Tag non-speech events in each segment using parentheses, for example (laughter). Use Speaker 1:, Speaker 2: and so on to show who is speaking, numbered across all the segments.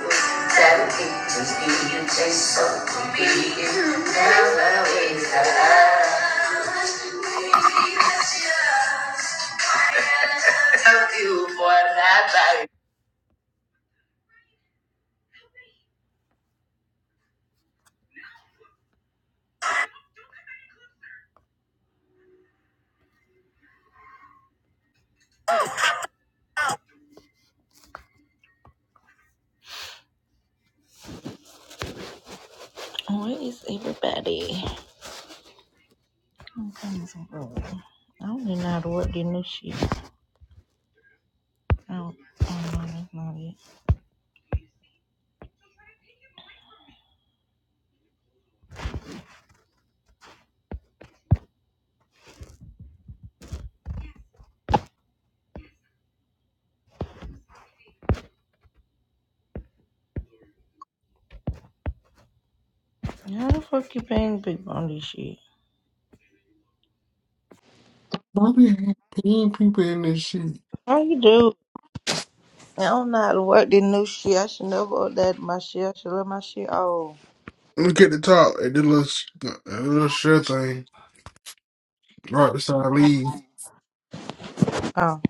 Speaker 1: Tell teachers, be you taste so convenient. Never (laughs) Thank you for that life. Where is everybody? I'm coming some early. I don't even know how to work this new shit. I don't, I don't know. That's not it. How the fuck you paying people on this shit?
Speaker 2: Why we have ten people in this shit?
Speaker 1: How you do? I don't know how to work this new shit. I should never update my shit. I should let my shit. Oh,
Speaker 2: Look at the top at the little, sh- uh, little shirt thing right beside Lee.
Speaker 1: oh,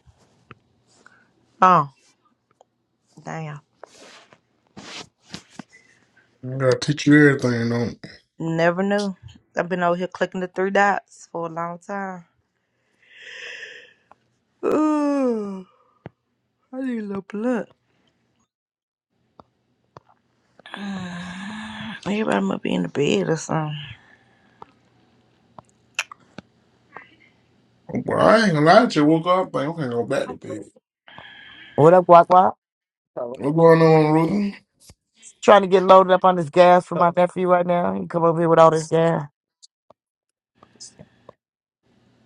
Speaker 1: oh. Damn.
Speaker 2: I gotta teach you everything, though.
Speaker 1: Never knew. I've been over here clicking the three dots for a long time. Ooh, I need a little blood. Everybody must be in the bed or something.
Speaker 2: Well, I ain't gonna lie to you. Woke up, like, okay, go back to bed.
Speaker 3: What up, Guac Guac? Oh,
Speaker 2: What's going on, Ruthie?
Speaker 3: Trying to get loaded up on this gas for my nephew right now. He come over here with all this gas.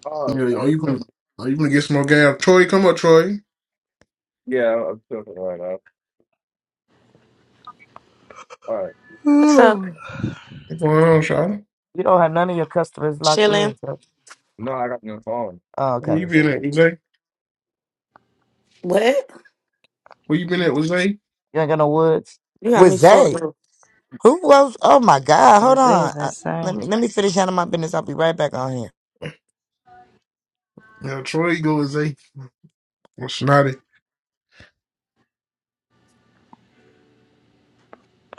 Speaker 3: Oh,
Speaker 2: Yeah, are
Speaker 3: I-
Speaker 2: you gonna, are you gonna get some more gas? Troy, come up, Troy.
Speaker 3: yeah, I'm talking right now. All right.
Speaker 4: What's up?
Speaker 1: Ooh,
Speaker 2: What's going on, Charlotte?
Speaker 3: You don't have none of your customers locked
Speaker 4: Chilling.
Speaker 3: in. So. No, I got your phone. Oh,
Speaker 2: Where
Speaker 3: okay.
Speaker 2: you
Speaker 3: Wanna say
Speaker 2: been
Speaker 3: what?
Speaker 2: at, with Zay?
Speaker 4: What?
Speaker 2: Where you been at, with Zay?
Speaker 3: You ain't got no woods.
Speaker 4: You got
Speaker 3: With
Speaker 4: me fucked
Speaker 3: Zay?
Speaker 4: up.
Speaker 3: Who was? Oh my God! Hold
Speaker 1: this
Speaker 3: on.
Speaker 1: is
Speaker 3: Uh, let
Speaker 1: insane.
Speaker 3: me let me finish handling my business. I'll be right back on here.
Speaker 2: Yeah, Troy, go with Zay. Well, Snotty.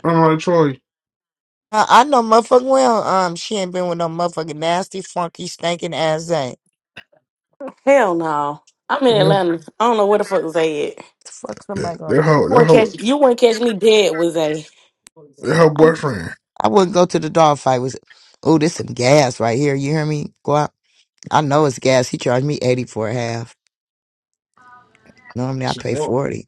Speaker 2: I'm like, Troy.
Speaker 3: I, I know motherfucking well. Um, she ain't been with no motherfucking nasty, funky, stinking ass Zay.
Speaker 4: Hell no. I'm in
Speaker 2: Yeah.
Speaker 4: Atlanta. I don't know where the fuck Zay at. You
Speaker 3: The fuck
Speaker 2: That,
Speaker 3: somebody
Speaker 2: that
Speaker 3: going?
Speaker 2: her, that
Speaker 4: wouldn't catch,
Speaker 2: her,
Speaker 4: you wouldn't catch me dead with Zay.
Speaker 2: that her boyfriend.
Speaker 3: I wouldn't go to the dog fight. Was oh, this some gas right here. You hear me? Go out. I know it's gas. He charged me eighty for a half. Normally I pay
Speaker 2: Chanel.
Speaker 3: forty.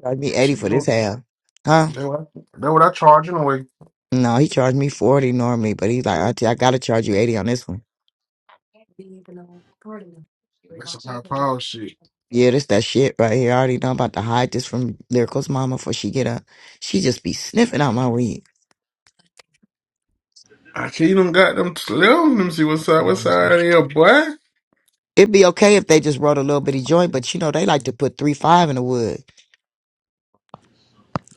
Speaker 3: Charged me eighty for this half. Huh?
Speaker 2: That what that what I charge anyway.
Speaker 3: No, he charged me forty normally, but he's like, Auntie, I gotta charge you eighty on this one.
Speaker 2: That's some high power shit.
Speaker 3: Yeah, this that shit right here. I already know I'm about to hide this from Lyrical's mama before she get up. She just be sniffing out my weed.
Speaker 2: I can't even got them slim. Let me see what side, what side of here, boy.
Speaker 3: It'd be okay if they just rolled a little bitty joint, but you know they like to put three five in the wood.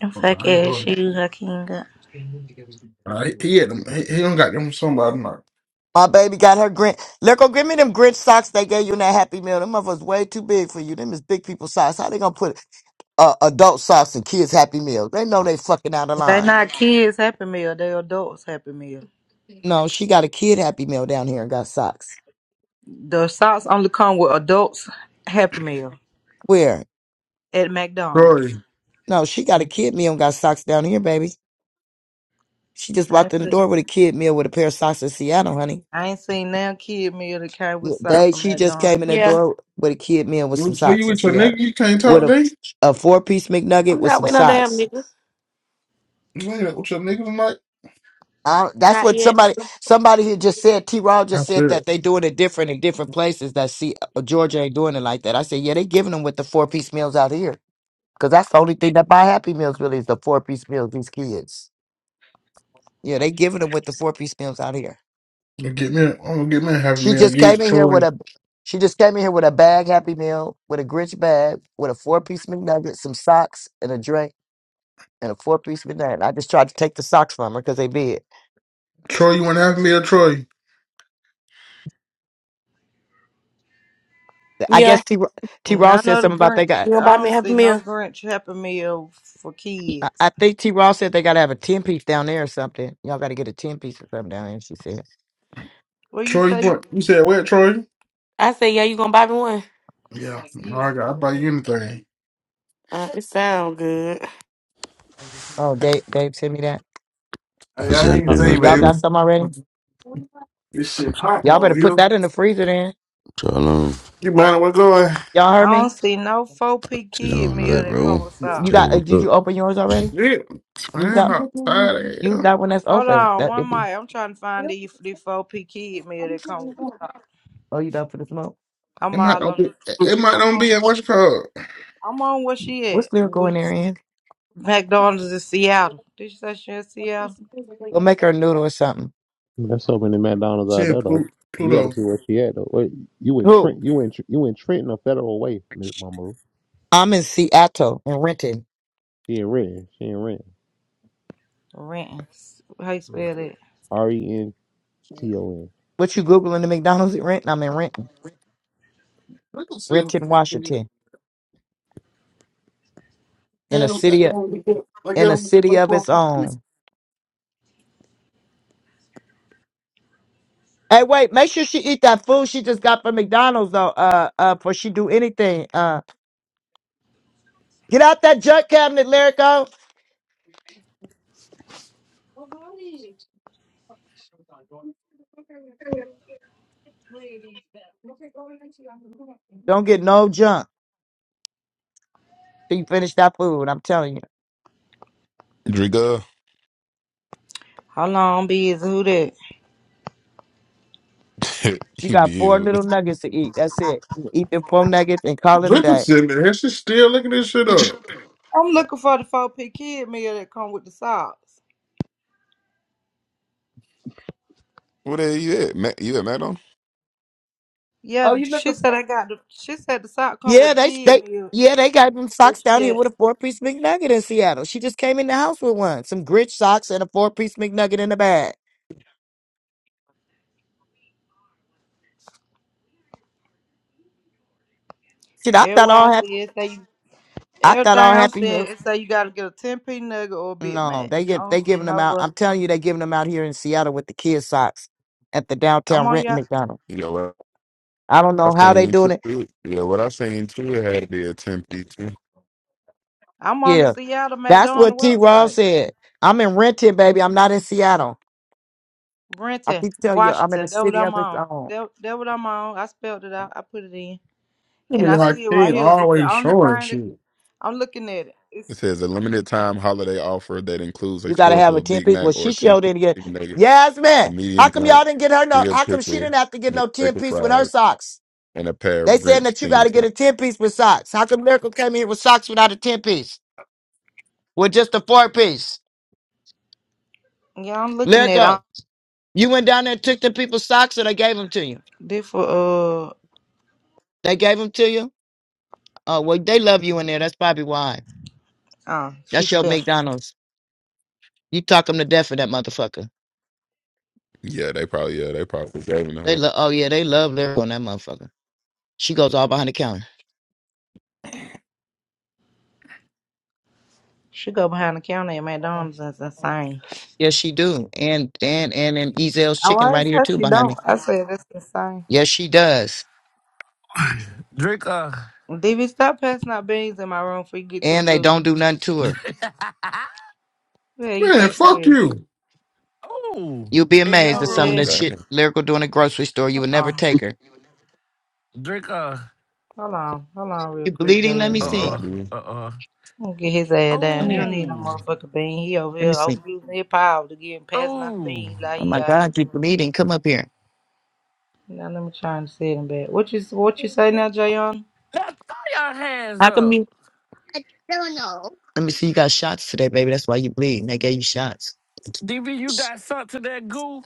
Speaker 1: And
Speaker 2: Oh, no,
Speaker 1: Fuck
Speaker 2: I ain't
Speaker 1: ass
Speaker 2: doing it.
Speaker 1: you, Hakeem. got-
Speaker 2: Uh, he, he had them. He, he don't got them. Somebody not.
Speaker 3: My baby got her Grinch. Lyrical, give me them Grinch socks they gave you in that Happy Meal. Them motherfuckers way too big for you. Them is big people socks. How they gonna put uh, adult socks in kids Happy Meals? They know they fucking out of
Speaker 1: They
Speaker 3: line.
Speaker 1: not kids Happy Meal. They adults Happy Meal.
Speaker 3: No, she got a kid Happy Meal down here and got socks.
Speaker 1: The socks only come with adults Happy Meal
Speaker 3: Where?
Speaker 1: at McDonald's.
Speaker 2: Sorry.
Speaker 3: No, she got a kid meal and got socks down here, baby. She just
Speaker 1: I
Speaker 3: walked
Speaker 1: ain't
Speaker 3: in the
Speaker 1: seen,
Speaker 3: door with a kid meal with a pair of socks in Seattle, honey.
Speaker 1: I ain't seen no kid meal that came with
Speaker 3: Yeah,
Speaker 1: salt
Speaker 3: They,
Speaker 1: from
Speaker 3: she just
Speaker 1: McDonald's.
Speaker 3: came in the
Speaker 4: Yeah.
Speaker 3: door with a kid meal with
Speaker 2: Who
Speaker 3: some
Speaker 2: who you
Speaker 3: socks in
Speaker 2: with your nigga?
Speaker 3: Seattle.
Speaker 2: You can't
Speaker 3: With
Speaker 2: talk
Speaker 3: a,
Speaker 2: today.
Speaker 3: a four piece McNugget
Speaker 4: I'm
Speaker 3: with
Speaker 4: not
Speaker 3: some
Speaker 4: with no damn
Speaker 3: socks.
Speaker 4: nigga.
Speaker 2: You ain't with your nigga tonight.
Speaker 3: I, that's
Speaker 4: Not
Speaker 3: what
Speaker 4: yet.
Speaker 3: somebody somebody here just said. T. Raw just
Speaker 2: That's
Speaker 3: said that
Speaker 2: it.
Speaker 3: they doing it different in different places. That see uh, Georgia ain't doing it like that. I said, yeah, they giving them with the four piece meals out here because that's the only thing that buy Happy Meals really is the four piece meals. These kids, yeah, they giving them with the four piece meals out here.
Speaker 2: You Get me. i am I'm gonna get me a happy
Speaker 3: She
Speaker 2: meal.
Speaker 3: just came
Speaker 2: Get
Speaker 3: in here with
Speaker 2: Troy.
Speaker 3: a she just came in here with a bag Happy Meal with a Grinch bag with a four piece McNugget, some socks, and a drink. And a four piece McNugget. I just tried to take the socks from her because they bid.
Speaker 2: Troy, you want a happy meal, Troy?
Speaker 3: I
Speaker 4: Yeah.
Speaker 3: guess T. Ra- T. Raw
Speaker 1: None
Speaker 3: said
Speaker 1: of the
Speaker 3: something about they got.
Speaker 1: Grinch.
Speaker 4: You gonna
Speaker 1: I
Speaker 4: buy
Speaker 1: don't
Speaker 4: me a
Speaker 1: see
Speaker 4: happy
Speaker 1: no
Speaker 4: meal?
Speaker 1: Grinch Happy Meal for
Speaker 3: I, I
Speaker 1: kids.
Speaker 3: think T. Ross said they got to have a 10 piece down there or something. Y'all got to get a 10 piece or something down there, she said.
Speaker 1: What you
Speaker 2: Troy, you
Speaker 1: say?
Speaker 2: want? You said where, Troy?
Speaker 4: I say yeah, you gonna buy me one?
Speaker 2: Yeah. All right, I'll buy you anything.
Speaker 4: Uh, it sound good.
Speaker 3: Oh, Dave, Dave sent me that.
Speaker 2: Hey,
Speaker 5: What's
Speaker 2: I ain't
Speaker 3: Uh,
Speaker 5: happening?
Speaker 2: say,
Speaker 5: What's
Speaker 3: y'all
Speaker 2: baby.
Speaker 5: happening?
Speaker 3: got some already?
Speaker 2: This shit popping
Speaker 3: Y'all
Speaker 2: over
Speaker 3: better put
Speaker 2: here.
Speaker 3: that in the freezer then.
Speaker 5: What's all on?
Speaker 2: You mind where going?
Speaker 3: Y'all heard
Speaker 1: I don't
Speaker 3: me?
Speaker 1: see no 4P
Speaker 5: Shit, I
Speaker 1: kid
Speaker 5: do
Speaker 1: meal
Speaker 5: that,
Speaker 1: that
Speaker 5: bro.
Speaker 1: come with
Speaker 3: You
Speaker 1: salt.
Speaker 5: Just
Speaker 3: got? Uh,
Speaker 5: woke
Speaker 3: did
Speaker 5: up.
Speaker 3: you open yours already?
Speaker 2: Yeah,
Speaker 3: Use
Speaker 2: I'm
Speaker 3: that.
Speaker 2: outside of
Speaker 3: Use
Speaker 2: hell.
Speaker 3: that one that's
Speaker 1: Hold
Speaker 3: open.
Speaker 1: on,
Speaker 3: That it
Speaker 1: one
Speaker 3: be.
Speaker 1: mic. I'm trying to find the the 4P kid meal that come with salt.
Speaker 3: Oh, you done for the smoke?
Speaker 2: It
Speaker 1: I'm
Speaker 2: might
Speaker 1: all
Speaker 2: not
Speaker 1: on.
Speaker 2: be. It might
Speaker 1: I'm
Speaker 2: not
Speaker 1: on.
Speaker 2: be in what's it called.
Speaker 1: I'm on where she at?
Speaker 3: What's lyrical in
Speaker 1: With
Speaker 3: there in?
Speaker 1: McDonald's in Seattle. Did you say she in Seattle?
Speaker 3: Go make her a noodle or something.
Speaker 6: There's so many McDonald's out
Speaker 2: Shit,
Speaker 6: there though.
Speaker 2: Plu-
Speaker 6: You got to
Speaker 2: Pluto.
Speaker 6: see where she at though. Wait, you in
Speaker 3: Who?
Speaker 6: Trent? You in Tr- you in Trenton or Federal Way, Miss Mama?
Speaker 3: I'm in Seattle in Renton.
Speaker 6: She in Renton. She in Renton.
Speaker 1: Renton. How you spell that?
Speaker 6: R E N T O
Speaker 3: What you googling the McDonald's in Renton? I'm in Renton,
Speaker 2: Listen,
Speaker 3: Renton,
Speaker 2: man,
Speaker 3: Washington, in a city. in a city of its own. Hey, wait, make sure she eat that food she just got from McDonald's though, uh uh before she do anything. Uh get out that junk cabinet, Lyrico. Don't get no junk. till you finish that food. I'm telling you.
Speaker 7: Driga,
Speaker 1: How long busy? Who that?
Speaker 7: (laughs)
Speaker 3: You
Speaker 7: you
Speaker 3: got four
Speaker 7: be
Speaker 3: little
Speaker 7: what
Speaker 3: nuggets to eat. That's it. You Eat the four nuggets and call it a day.
Speaker 2: That shit still looking this shit up.
Speaker 1: I'm looking for the 4P kid meal that come with the sauce.
Speaker 7: the hell you at? Ma- you at Madon?
Speaker 1: Yeah,
Speaker 3: Oh, you
Speaker 1: she
Speaker 3: looking
Speaker 1: said
Speaker 3: for?
Speaker 1: I got the. She said the sock come with
Speaker 3: Yeah,
Speaker 1: the
Speaker 3: they
Speaker 1: kid
Speaker 3: they
Speaker 1: meal.
Speaker 3: yeah they got them
Speaker 1: Where
Speaker 3: socks
Speaker 1: she
Speaker 3: down here
Speaker 1: at?
Speaker 3: with a four piece McNugget in Seattle. She just came in the house with one, some grit socks and a four piece McNugget in the bag. Shit, I thought I
Speaker 1: Everywhere I
Speaker 3: all had
Speaker 1: see it say you.
Speaker 3: I thought all
Speaker 1: Everything I'm seeing
Speaker 3: happiness.
Speaker 1: it say you gotta get a ten p nugget or a Big
Speaker 3: No,
Speaker 1: Mac.
Speaker 3: they
Speaker 1: I
Speaker 3: get
Speaker 1: don't
Speaker 3: they
Speaker 1: see
Speaker 3: giving them out. I'm
Speaker 1: nowhere.
Speaker 3: telling you, they giving them out here in Seattle with the kid socks at the
Speaker 1: I'm
Speaker 3: downtown
Speaker 1: on
Speaker 3: Renton
Speaker 1: y'all.
Speaker 3: McDonald.
Speaker 7: Yeah, well,
Speaker 3: I don't
Speaker 7: I
Speaker 3: know how
Speaker 7: seen
Speaker 3: they
Speaker 7: you
Speaker 3: doing
Speaker 7: too.
Speaker 3: it.
Speaker 7: Yeah, what I seen too had the attempt too.
Speaker 1: I'm on the
Speaker 3: Yeah,
Speaker 1: Seattle
Speaker 3: that's what
Speaker 1: McDonald
Speaker 3: T. Ross
Speaker 1: website.
Speaker 3: said. I'm in Renton, baby. I'm not in Seattle. I
Speaker 1: Brenton,
Speaker 3: keep telling you, I'm in a
Speaker 1: Washington. That what
Speaker 3: city
Speaker 1: I'm
Speaker 3: of its
Speaker 1: on.
Speaker 3: own.
Speaker 1: That that what I'm on. I spelled it out. I put it in,
Speaker 2: I
Speaker 1: and
Speaker 2: mean,
Speaker 1: I see
Speaker 2: like
Speaker 1: it
Speaker 2: he
Speaker 1: right
Speaker 2: ain't
Speaker 1: here. It's the
Speaker 2: always
Speaker 1: only
Speaker 2: showing
Speaker 1: thing that
Speaker 2: shit.
Speaker 1: I'm looking at it. It's
Speaker 7: It says a limited time holiday offer that includes a
Speaker 3: You gotta
Speaker 7: choice
Speaker 3: have
Speaker 7: of
Speaker 3: a
Speaker 7: a
Speaker 3: ten
Speaker 7: Big
Speaker 3: piece.
Speaker 7: Mac
Speaker 3: Well,
Speaker 7: or
Speaker 3: she
Speaker 7: a ten
Speaker 3: sure
Speaker 7: piece
Speaker 3: didn't get.
Speaker 7: nugget,
Speaker 3: Yes,
Speaker 7: a
Speaker 3: man.
Speaker 7: medium
Speaker 3: How come
Speaker 7: drink,
Speaker 3: y'all didn't get her no?
Speaker 7: bigger
Speaker 3: How come she
Speaker 7: pickle,
Speaker 3: didn't have to get no ten
Speaker 7: McPickle
Speaker 3: piece with her
Speaker 7: fries,
Speaker 3: socks?
Speaker 7: and a pair of
Speaker 3: They saying
Speaker 7: Grinch
Speaker 3: that you got
Speaker 7: themed.
Speaker 3: to get
Speaker 7: socks.
Speaker 3: a 10 piece with socks. How come Lyrical came here with socks without a 10 piece? With just a four piece?
Speaker 1: yeah, I'm looking at. It. I'm
Speaker 3: Lyrical, you went down there and took the people's socks or they gave them to you?
Speaker 1: different. Uh,
Speaker 3: They gave them to you? Oh, well, they love you in there. That's probably why.
Speaker 1: uh, she
Speaker 3: That's your
Speaker 1: spelled.
Speaker 3: McDonald's. You talk them to death for that motherfucker.
Speaker 7: Yeah, they probably yeah they probably gave them to
Speaker 3: They
Speaker 7: her.
Speaker 3: love, oh yeah, they love Lyrical on that motherfucker. She goes all behind the counter.
Speaker 1: She go behind the counter at McDonald's. That's insane.
Speaker 3: Yes, she do. And, and, and, and Ezel's
Speaker 1: I
Speaker 3: chicken right
Speaker 1: always
Speaker 3: here
Speaker 1: said
Speaker 3: too
Speaker 1: she
Speaker 3: behind me.
Speaker 1: don't. I said that's insane.
Speaker 3: Yes, she does.
Speaker 8: Drink a,
Speaker 1: DV, stop passing out beans in my room before you get to the
Speaker 3: And they
Speaker 1: goo.
Speaker 3: don't do nothing to
Speaker 8: (laughs)
Speaker 3: her.
Speaker 1: Where you
Speaker 2: Man,
Speaker 1: think you
Speaker 2: fuck
Speaker 1: is?
Speaker 2: you.
Speaker 8: Oh
Speaker 3: You'll be
Speaker 8: in
Speaker 3: amazed
Speaker 8: your
Speaker 3: at
Speaker 1: Over
Speaker 3: some of
Speaker 7: (laughs)
Speaker 1: here.
Speaker 3: the
Speaker 8: room.
Speaker 7: Damn,
Speaker 3: shit lyrical doing a grocery store. You
Speaker 1: Hold
Speaker 3: would never
Speaker 1: on.
Speaker 3: take her.
Speaker 8: Drink a,
Speaker 1: Hold on. Hold on real
Speaker 3: You
Speaker 1: quick,
Speaker 3: bleeding? Let
Speaker 7: you
Speaker 3: me
Speaker 8: uh
Speaker 1: JL.
Speaker 7: gonna drop
Speaker 3: see.
Speaker 8: uh
Speaker 7: me?
Speaker 8: uh uh
Speaker 1: I'm gonna get his ass
Speaker 3: Come
Speaker 1: down. He don't
Speaker 3: here.
Speaker 1: need no
Speaker 8: Oh
Speaker 1: motherfucking bean. He over
Speaker 3: Let me
Speaker 1: here
Speaker 3: see.
Speaker 1: overusing his power to get him passing out
Speaker 8: Oh
Speaker 1: beans like
Speaker 3: Oh
Speaker 1: he
Speaker 3: my
Speaker 1: out here
Speaker 3: God, you
Speaker 1: doing.
Speaker 3: bleeding. Come up here.
Speaker 1: Now let me try and say him back. What you what you say now, Jayon?
Speaker 8: Now throw your hands
Speaker 3: How come
Speaker 8: up.
Speaker 3: you? Let me see. You got shots today, baby. That's why you bleeding. They gave you shots.
Speaker 8: DB you got something to that goo?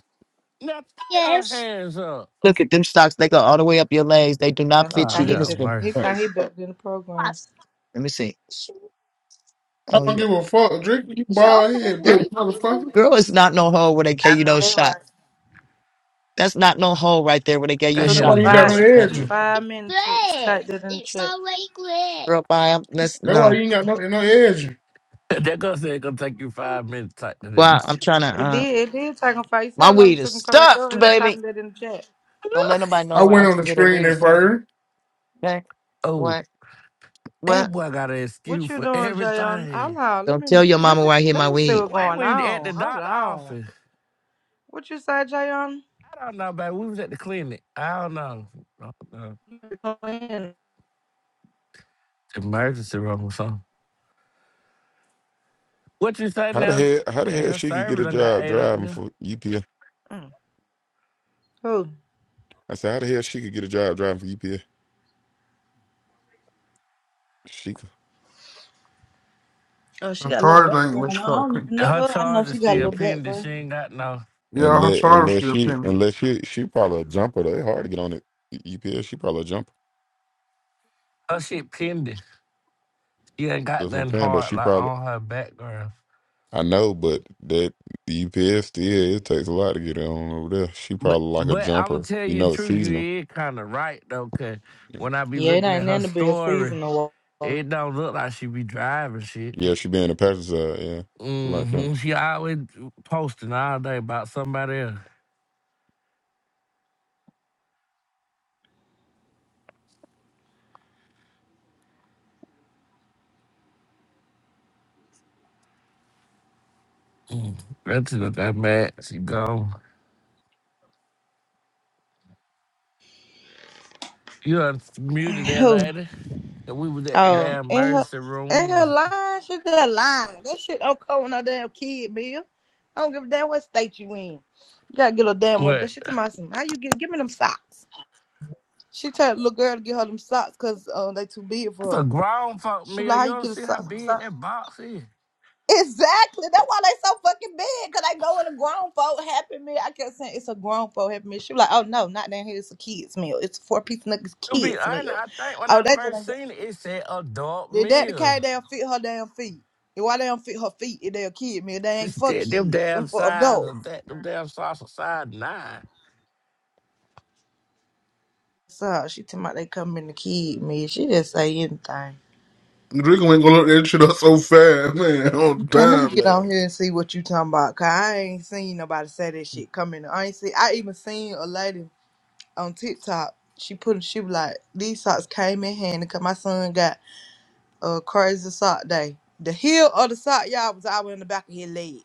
Speaker 8: Now throw your hands up.
Speaker 3: Look at them socks. They go all the way up your legs. They do not
Speaker 1: Now he
Speaker 3: fit
Speaker 8: Oh
Speaker 3: you.
Speaker 1: thought he
Speaker 3: This
Speaker 8: hell
Speaker 3: is
Speaker 1: better
Speaker 3: for
Speaker 1: he
Speaker 8: mercy.
Speaker 3: her.
Speaker 1: thought he better than the program.
Speaker 3: Let me see.
Speaker 2: I
Speaker 3: Oh
Speaker 2: don't
Speaker 3: yeah.
Speaker 2: give a fuck. Drink you bald head, black motherfucker.
Speaker 3: Girl, it's not no hole where they
Speaker 1: I
Speaker 3: gave you
Speaker 1: know
Speaker 3: no
Speaker 1: that
Speaker 3: shot.
Speaker 1: right.
Speaker 3: That's not no hole right there where they gave
Speaker 1: It
Speaker 3: you
Speaker 8: That
Speaker 3: a
Speaker 1: took
Speaker 2: That's
Speaker 1: you
Speaker 2: why
Speaker 8: here's
Speaker 3: shot.
Speaker 8: a
Speaker 2: you ain't got no
Speaker 1: five.
Speaker 8: joke.
Speaker 1: It took
Speaker 2: edge.
Speaker 1: you five minutes to type that in the chat.
Speaker 3: Girl, bye. I'm, let's
Speaker 2: That's why you
Speaker 3: no.
Speaker 2: ain't got no no edge.
Speaker 8: (laughs) that gonna say it gonna take you five minutes to type that in.
Speaker 3: Well,
Speaker 8: (laughs)
Speaker 3: I'm trying
Speaker 1: It
Speaker 3: to.
Speaker 1: did. It did take him five. You see
Speaker 3: My
Speaker 1: how long
Speaker 3: weed
Speaker 1: it took
Speaker 3: is
Speaker 1: him to come back up?
Speaker 3: stuffed,
Speaker 1: He was
Speaker 3: baby.
Speaker 1: typing that in the chat.
Speaker 3: Don't let nobody know
Speaker 2: I
Speaker 3: where I
Speaker 2: went on
Speaker 3: can
Speaker 2: the
Speaker 3: get a
Speaker 2: screen
Speaker 3: weed.
Speaker 2: at
Speaker 3: Okay?
Speaker 2: first.
Speaker 3: okay?
Speaker 8: Oh,
Speaker 3: What?
Speaker 8: that
Speaker 3: What?
Speaker 8: boy got an
Speaker 1: What
Speaker 8: excuse
Speaker 1: you
Speaker 8: for
Speaker 1: doing, Jayon? Hold
Speaker 8: everything.
Speaker 1: on. Let
Speaker 3: Don't
Speaker 1: me
Speaker 3: tell your
Speaker 1: let
Speaker 3: mama
Speaker 1: me
Speaker 3: where I hid
Speaker 1: let
Speaker 3: my
Speaker 1: me see
Speaker 3: weed.
Speaker 1: what's
Speaker 8: Why
Speaker 1: going
Speaker 8: we at
Speaker 1: on.
Speaker 8: the
Speaker 1: Hold
Speaker 8: doctor
Speaker 1: on.
Speaker 8: office?
Speaker 1: What you say, Jayon?
Speaker 8: I don't know, baby. We was at the clinic. I don't know. I don't know.
Speaker 1: Go in.
Speaker 8: Emergency room or something. What you say
Speaker 7: How the
Speaker 8: now?
Speaker 7: hell how the
Speaker 8: Yeah,
Speaker 7: hell
Speaker 8: your
Speaker 7: she could get
Speaker 8: server
Speaker 7: a
Speaker 8: done got
Speaker 7: job
Speaker 8: ate up
Speaker 7: driving
Speaker 8: now.
Speaker 7: for UPS?
Speaker 1: Mm. Who?
Speaker 7: I said how the hell she could get a job driving for UPS? She c-
Speaker 1: Oh, she
Speaker 2: I'm
Speaker 1: got a little
Speaker 2: tired of
Speaker 1: background. I
Speaker 2: language called
Speaker 1: don't
Speaker 2: creep.
Speaker 1: even know
Speaker 8: Her
Speaker 1: her. I know
Speaker 8: charge is
Speaker 1: she got a
Speaker 8: still
Speaker 1: little
Speaker 7: and
Speaker 8: pending. She
Speaker 1: background.
Speaker 8: ain't got no
Speaker 2: Yeah, her
Speaker 7: unless
Speaker 2: charter
Speaker 7: unless
Speaker 2: still
Speaker 7: she
Speaker 2: pending.
Speaker 7: unless she she probably a jumper. They hard to get on it. E- UPS she probably a jumper.
Speaker 8: her shit pending. She ain't got
Speaker 7: That's what I'm
Speaker 8: nothing
Speaker 7: saying. But
Speaker 8: hard
Speaker 7: she
Speaker 8: like
Speaker 7: probably
Speaker 8: on her background.
Speaker 7: I know, but that the UPS still it takes a lot to get her on over there. She
Speaker 8: But
Speaker 7: probably like a
Speaker 8: but I'ma
Speaker 7: jumper.
Speaker 8: tell
Speaker 7: You
Speaker 8: you the
Speaker 7: know, it's
Speaker 8: truth, you
Speaker 7: seasonal.
Speaker 8: is kinda right though, cause when I be
Speaker 1: Yeah, it
Speaker 8: looking at
Speaker 1: ain't
Speaker 8: her
Speaker 1: in the be
Speaker 8: story,
Speaker 1: a
Speaker 8: it don't look like she be driving shit.
Speaker 7: Yeah, she been in the passenger side. Yeah, like that.
Speaker 8: hmm She always posting all day about somebody else. That's what I'm at. She gone. You unmuted that
Speaker 1: Who?
Speaker 8: lady. That we was at the
Speaker 1: Oh,
Speaker 8: damn
Speaker 1: and her
Speaker 8: emergency room.
Speaker 1: and
Speaker 8: Or
Speaker 1: her
Speaker 8: some-
Speaker 1: lying, she just lying. That shit don't come with no damn kid, Bill. I don't give a damn what state you in. You gotta get a damn one.
Speaker 8: what?
Speaker 1: She tell my son, how you get give me them socks. She tell the little girl to get her them socks because uh they too big
Speaker 8: That's a
Speaker 1: for her.
Speaker 8: grown folk
Speaker 1: She be
Speaker 8: meal.
Speaker 1: like, how
Speaker 8: You
Speaker 1: you
Speaker 8: don't
Speaker 1: get a
Speaker 8: see how
Speaker 1: sock? some
Speaker 8: big
Speaker 1: sock?"
Speaker 8: that box is.
Speaker 1: Exactly. That's why they so fucking big. Cause I go in a grown folk happy meal. I kept saying it's a grown folk happy meal. She be like, oh no, not down here. It's a kids meal. It's a four piece niggas
Speaker 8: To be
Speaker 1: kids
Speaker 8: honest,
Speaker 1: meal.
Speaker 8: I think when
Speaker 1: Oh,
Speaker 8: I
Speaker 1: that
Speaker 8: first
Speaker 1: just
Speaker 8: seen it, it said adult
Speaker 1: Did that the
Speaker 8: meal.
Speaker 1: cat they'll fit her damn feet? And why they don't fit her feet if they'll kid me? They
Speaker 8: It's
Speaker 1: ain't for
Speaker 8: that, them
Speaker 1: kids. Them
Speaker 8: damn
Speaker 1: for
Speaker 8: size
Speaker 1: adults.
Speaker 8: of that, them damn sauce of size nine.
Speaker 1: So she talking about they come in the kid me. She just say anything.
Speaker 2: Drinker ain't gonna look that shit up so fast, man. (laughs) On
Speaker 1: And let
Speaker 2: time,
Speaker 1: me get on
Speaker 2: like.
Speaker 1: here and see what you talking about. Cause I ain't seen nobody say that shit come in. I ain't see I even seen a lady on TikTok. She put she was like, these socks came in handy cause my son got a crazy sock day. The heel of the sock, y'all, was always in the back of his leg.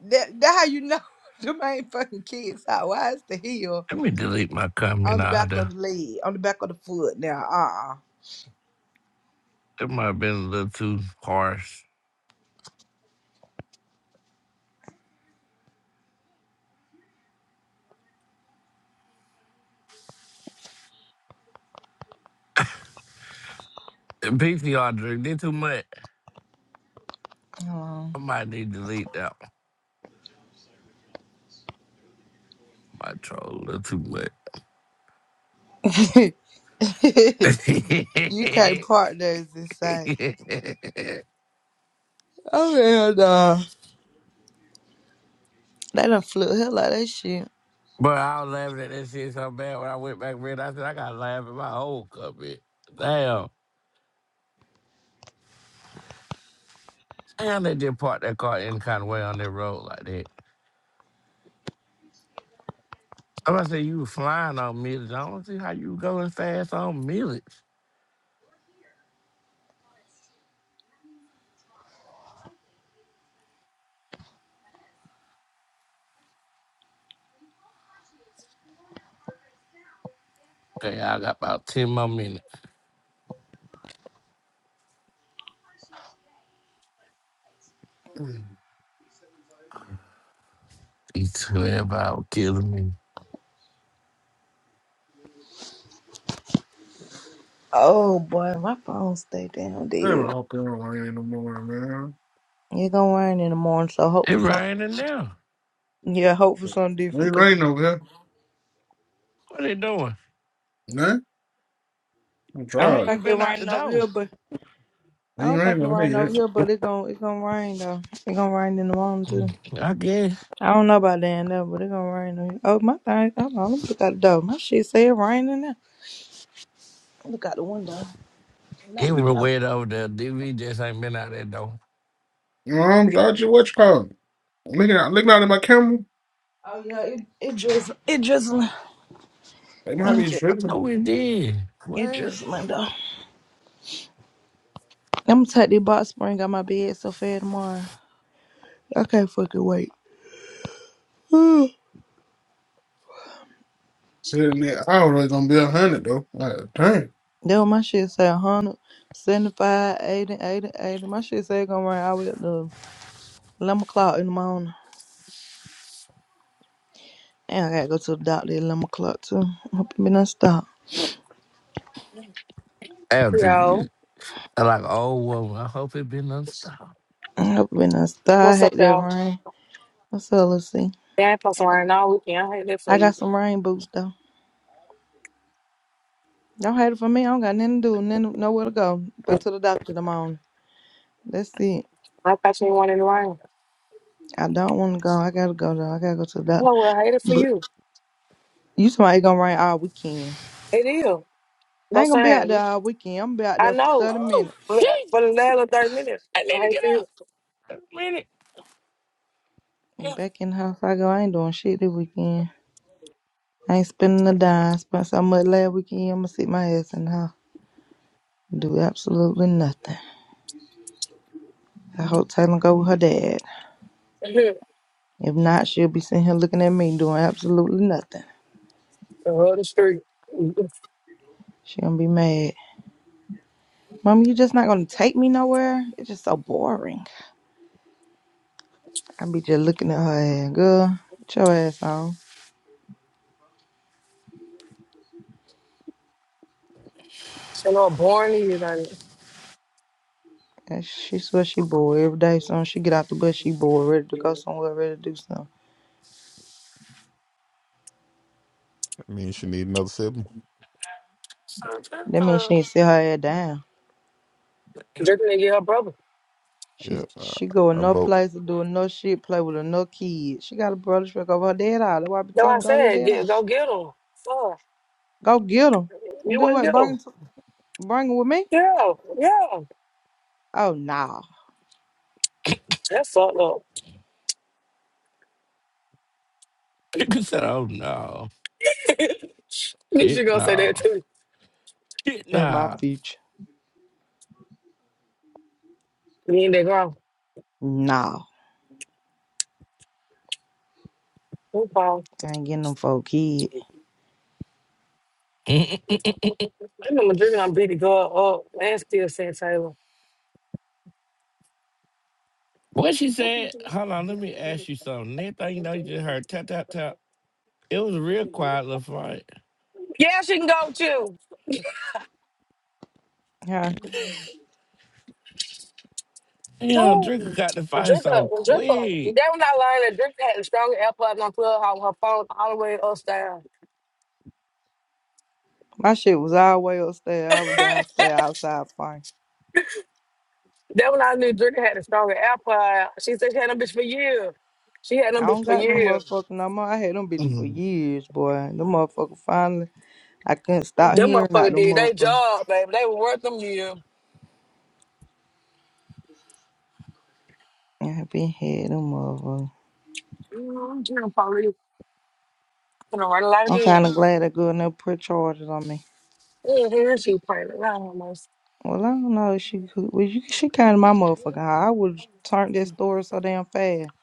Speaker 1: That that how you know (laughs) them ain't fucking kids sock. Why is the heel?
Speaker 8: Let me delete my comment
Speaker 1: on the
Speaker 8: out
Speaker 1: back of
Speaker 8: there.
Speaker 1: the leg, on the back of the foot. Now,
Speaker 8: That might have been a little too harsh. The PCR drink did too much. I
Speaker 1: uh,
Speaker 8: might need to delete that one. My troll a little too much.
Speaker 1: uh
Speaker 8: (laughs)
Speaker 1: (laughs)
Speaker 8: but
Speaker 1: you can't park there. It's insane. Oh hell no, they done flew the hell out of that shit.
Speaker 8: I was laughing at that shit so bad when I went back red. I said I gotta laugh at my old cuphead. Damn, damn, they just parked that car any kind of way on that road like that. Somebody said you were flying on millets. I don't see how you going fast on millets. Okay, I got about ten more minutes.
Speaker 2: Mm.
Speaker 8: These twelve hours killing me.
Speaker 1: Oh boy, my phone stay down
Speaker 2: Damn, I
Speaker 1: dead.
Speaker 2: hope they don't rain in the morning, man.
Speaker 1: It gonna rain in the morning, so hope
Speaker 8: It
Speaker 1: for some.
Speaker 8: raining now.
Speaker 1: Yeah, hope for
Speaker 2: It
Speaker 1: something
Speaker 2: ain't
Speaker 1: different. Cause
Speaker 2: rain over here.
Speaker 8: What they doing?
Speaker 2: Nah, I'm
Speaker 1: I
Speaker 8: How
Speaker 1: don't
Speaker 2: tired.
Speaker 8: you
Speaker 1: think it
Speaker 8: been out the
Speaker 1: raining over
Speaker 8: door?
Speaker 1: here, but
Speaker 2: It
Speaker 1: I
Speaker 2: ain't
Speaker 1: don't think
Speaker 2: rain
Speaker 1: it
Speaker 2: over
Speaker 1: raining
Speaker 2: here
Speaker 1: over
Speaker 2: yet.
Speaker 1: here, but it gonna it gonna rain though. It gonna rain in the morning too.
Speaker 8: Mm, I guess
Speaker 1: I don't know about down there, but it gonna rain. on- you. Oh my thing, hold on, let me look out the door. My shit say it raining now. Look out the window. Not,
Speaker 8: it
Speaker 2: It,
Speaker 8: was
Speaker 1: no.
Speaker 8: wet over there. DV just ain't been out that door.
Speaker 2: you know, I'm tired of what you call it. Looking out, looking out at my camera,
Speaker 1: Oh yeah, it it drizzling. It drizzling.
Speaker 2: they might be
Speaker 1: Ain't it right
Speaker 2: tripping.
Speaker 8: Oh, it did.
Speaker 1: It
Speaker 8: What?
Speaker 1: drizzling though. I'm gonna take this box spring out my bed so fair tomorrow. I can't fucking wait. (sighs)
Speaker 2: Sitting there, I was really gonna be a hundred though. Like, damn.
Speaker 1: That what my shit say 175, 80, 80, 80. My shit say it gonna rain all the way up to 11 o'clock in the morning. And I gotta go to the doctor at 11 o'clock too. Hope it been stop.
Speaker 8: After you,
Speaker 9: Yo,
Speaker 8: I like, oh, well, I hope it been unstopped.
Speaker 1: I hope it been stop. I
Speaker 9: what's up,
Speaker 1: hate that
Speaker 9: y'all?
Speaker 1: rain. What's up, let's see.
Speaker 9: They ain't supposed to rain all weekend. I hate it for
Speaker 1: I got
Speaker 9: you.
Speaker 1: some rain boots though. Don't hate it for me. I don't got nothing to do, nothing, nowhere to go but to the doctor tomorrow. That's it.
Speaker 9: I thought you ain't wanted to rain.
Speaker 1: I don't want to go. I gotta go though. I gotta go to the doctor.
Speaker 9: Oh, well, I hate it for
Speaker 1: But
Speaker 9: you.
Speaker 1: you somebody gonna rain all weekend.
Speaker 9: It is.
Speaker 1: I
Speaker 9: No
Speaker 1: ain't gonna be out there
Speaker 9: saying.
Speaker 1: all weekend. I'm gonna be out
Speaker 9: I
Speaker 1: there for
Speaker 9: know.
Speaker 1: thirty
Speaker 8: Oh,
Speaker 1: minutes
Speaker 9: But
Speaker 8: shit.
Speaker 9: For the last 30 minutes,
Speaker 8: I need to
Speaker 9: I hate
Speaker 8: get
Speaker 9: for
Speaker 8: up.
Speaker 9: you.
Speaker 8: Wait A minute.
Speaker 1: and
Speaker 8: Yeah.
Speaker 1: back in the house. I go. I ain't doing shit this weekend. I ain't spending a dime. I Spent so much last weekend. I'm gonna sit my ass in the house. and Do absolutely nothing. I hope Taylor go with her dad.
Speaker 9: (laughs) the
Speaker 1: If not, she'll be sitting here looking at me doing absolutely nothing.
Speaker 9: whole the street.
Speaker 1: She gonna be mad. Mom, you just not gonna take me nowhere? It's just so boring. I be just looking at her ass, girl, put your ass on.
Speaker 9: So no boring you like
Speaker 1: And she swear she bored every day. Soon as she get out the bus, she bored, ready to go somewhere, ready to do something.
Speaker 7: I mean, she need another sibling.
Speaker 1: That means she ain't sit her ass down.
Speaker 9: drinking to get her brother.
Speaker 1: She
Speaker 7: Yeah, I,
Speaker 1: she go in
Speaker 7: I
Speaker 1: no
Speaker 7: vote.
Speaker 1: place to do no shit, play with her no kid. She got a brother truck over her dead eye. That's why I be
Speaker 9: That's what
Speaker 1: telling
Speaker 9: I
Speaker 1: her, go over your
Speaker 9: said.
Speaker 1: dead eye.
Speaker 9: Get, go get him. Fuck.
Speaker 1: Go get him. And
Speaker 9: You
Speaker 1: do
Speaker 9: wouldn't
Speaker 1: what?
Speaker 9: get
Speaker 1: Bring
Speaker 9: him.
Speaker 1: him, to, bring him with me?
Speaker 9: Yeah, yeah.
Speaker 1: Oh, nah.
Speaker 9: That's fucked up.
Speaker 8: (laughs) People said, oh, no.
Speaker 9: (laughs) you
Speaker 8: Shit,
Speaker 9: should go say that
Speaker 8: no.
Speaker 9: too.
Speaker 8: Shit,
Speaker 1: In my
Speaker 8: no.
Speaker 1: future.
Speaker 9: You ain't that grown.
Speaker 1: Nah.
Speaker 9: No problem.
Speaker 1: I ain't getting them for a kid.
Speaker 9: I remember drinking on Baby Girl up and still saying Taylor.
Speaker 8: what she said, hold on, let me ask you something. Next thing you know, you just heard tap, tap, tap. It was a real quiet little fight.
Speaker 9: Yeah, she can go with you.
Speaker 1: Huh?
Speaker 8: You know, Drinker
Speaker 9: Who?
Speaker 8: got the fight
Speaker 9: Drinker,
Speaker 8: so
Speaker 9: Drinker,
Speaker 8: quick.
Speaker 9: they were not lying. That Drinker had the strongest AirPods on Clubhouse with her phone all the way upstairs.
Speaker 1: My shit was all
Speaker 9: (laughs)
Speaker 1: way upstairs. I was downstairs
Speaker 9: that
Speaker 1: outside fine.
Speaker 9: when I knew Drinker had the strongest AirPod. She said she had them bitch for years. She had them
Speaker 1: I
Speaker 9: bitch
Speaker 1: don't
Speaker 9: for
Speaker 1: got them
Speaker 9: years.
Speaker 1: motherfucker no more. I had them bitches for
Speaker 2: Come
Speaker 1: years, boy. Them motherfucker finally, I couldn't stop
Speaker 9: Them
Speaker 1: hearing out
Speaker 9: motherfucker
Speaker 1: them
Speaker 9: did they
Speaker 1: motherfucker.
Speaker 9: job, baby. They were worth them years.
Speaker 1: I been had them motherfucker.
Speaker 9: I'm gonna run it out
Speaker 1: I'm
Speaker 9: again.
Speaker 1: kind of glad that girl never put charges on me.
Speaker 9: Yeah, here's you praying around almost.
Speaker 1: Well, I don't know. if She could, well, you, she kind of my motherfucker. high. I would turned that
Speaker 9: No,
Speaker 1: story so damn fast.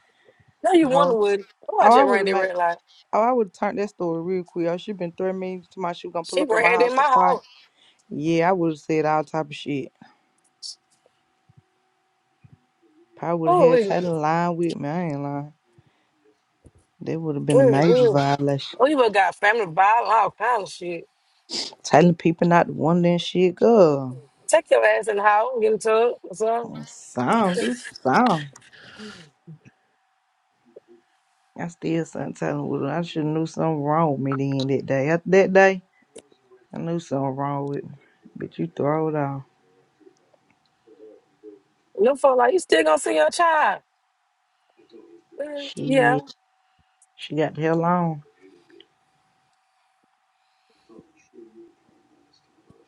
Speaker 9: you wonder
Speaker 1: How-
Speaker 9: what? Oh, I
Speaker 1: Oh, I
Speaker 9: just
Speaker 1: would
Speaker 9: ran
Speaker 1: have
Speaker 9: that
Speaker 1: made.
Speaker 9: red light.
Speaker 1: Oh, I would have turned that story real quick. Oh, she been threatening me to my she was gonna pull
Speaker 9: She
Speaker 1: up at my
Speaker 9: ran
Speaker 1: house
Speaker 9: in my
Speaker 1: to fight.
Speaker 9: house.
Speaker 1: Yeah, I would have said all type of shit. Probably would
Speaker 9: Oh,
Speaker 1: have
Speaker 9: we,
Speaker 1: had Taylor lying with me. I ain't lying. That would have been a
Speaker 9: we,
Speaker 1: major
Speaker 9: we.
Speaker 1: violation.
Speaker 9: Oh, you must got family violence, all kind of shit.
Speaker 1: Telling people not to wonder and shit, girl.
Speaker 9: Take your ass in the house, get into it, or something.
Speaker 1: Oh, Song, do song. I still something telling with her. I should have knew something wrong with me then that day. After that day, I knew something wrong with me. But you throw it off.
Speaker 9: Them folk like, you still gonna see your child? Mm, Yeah.
Speaker 1: Shit. She got the hell on.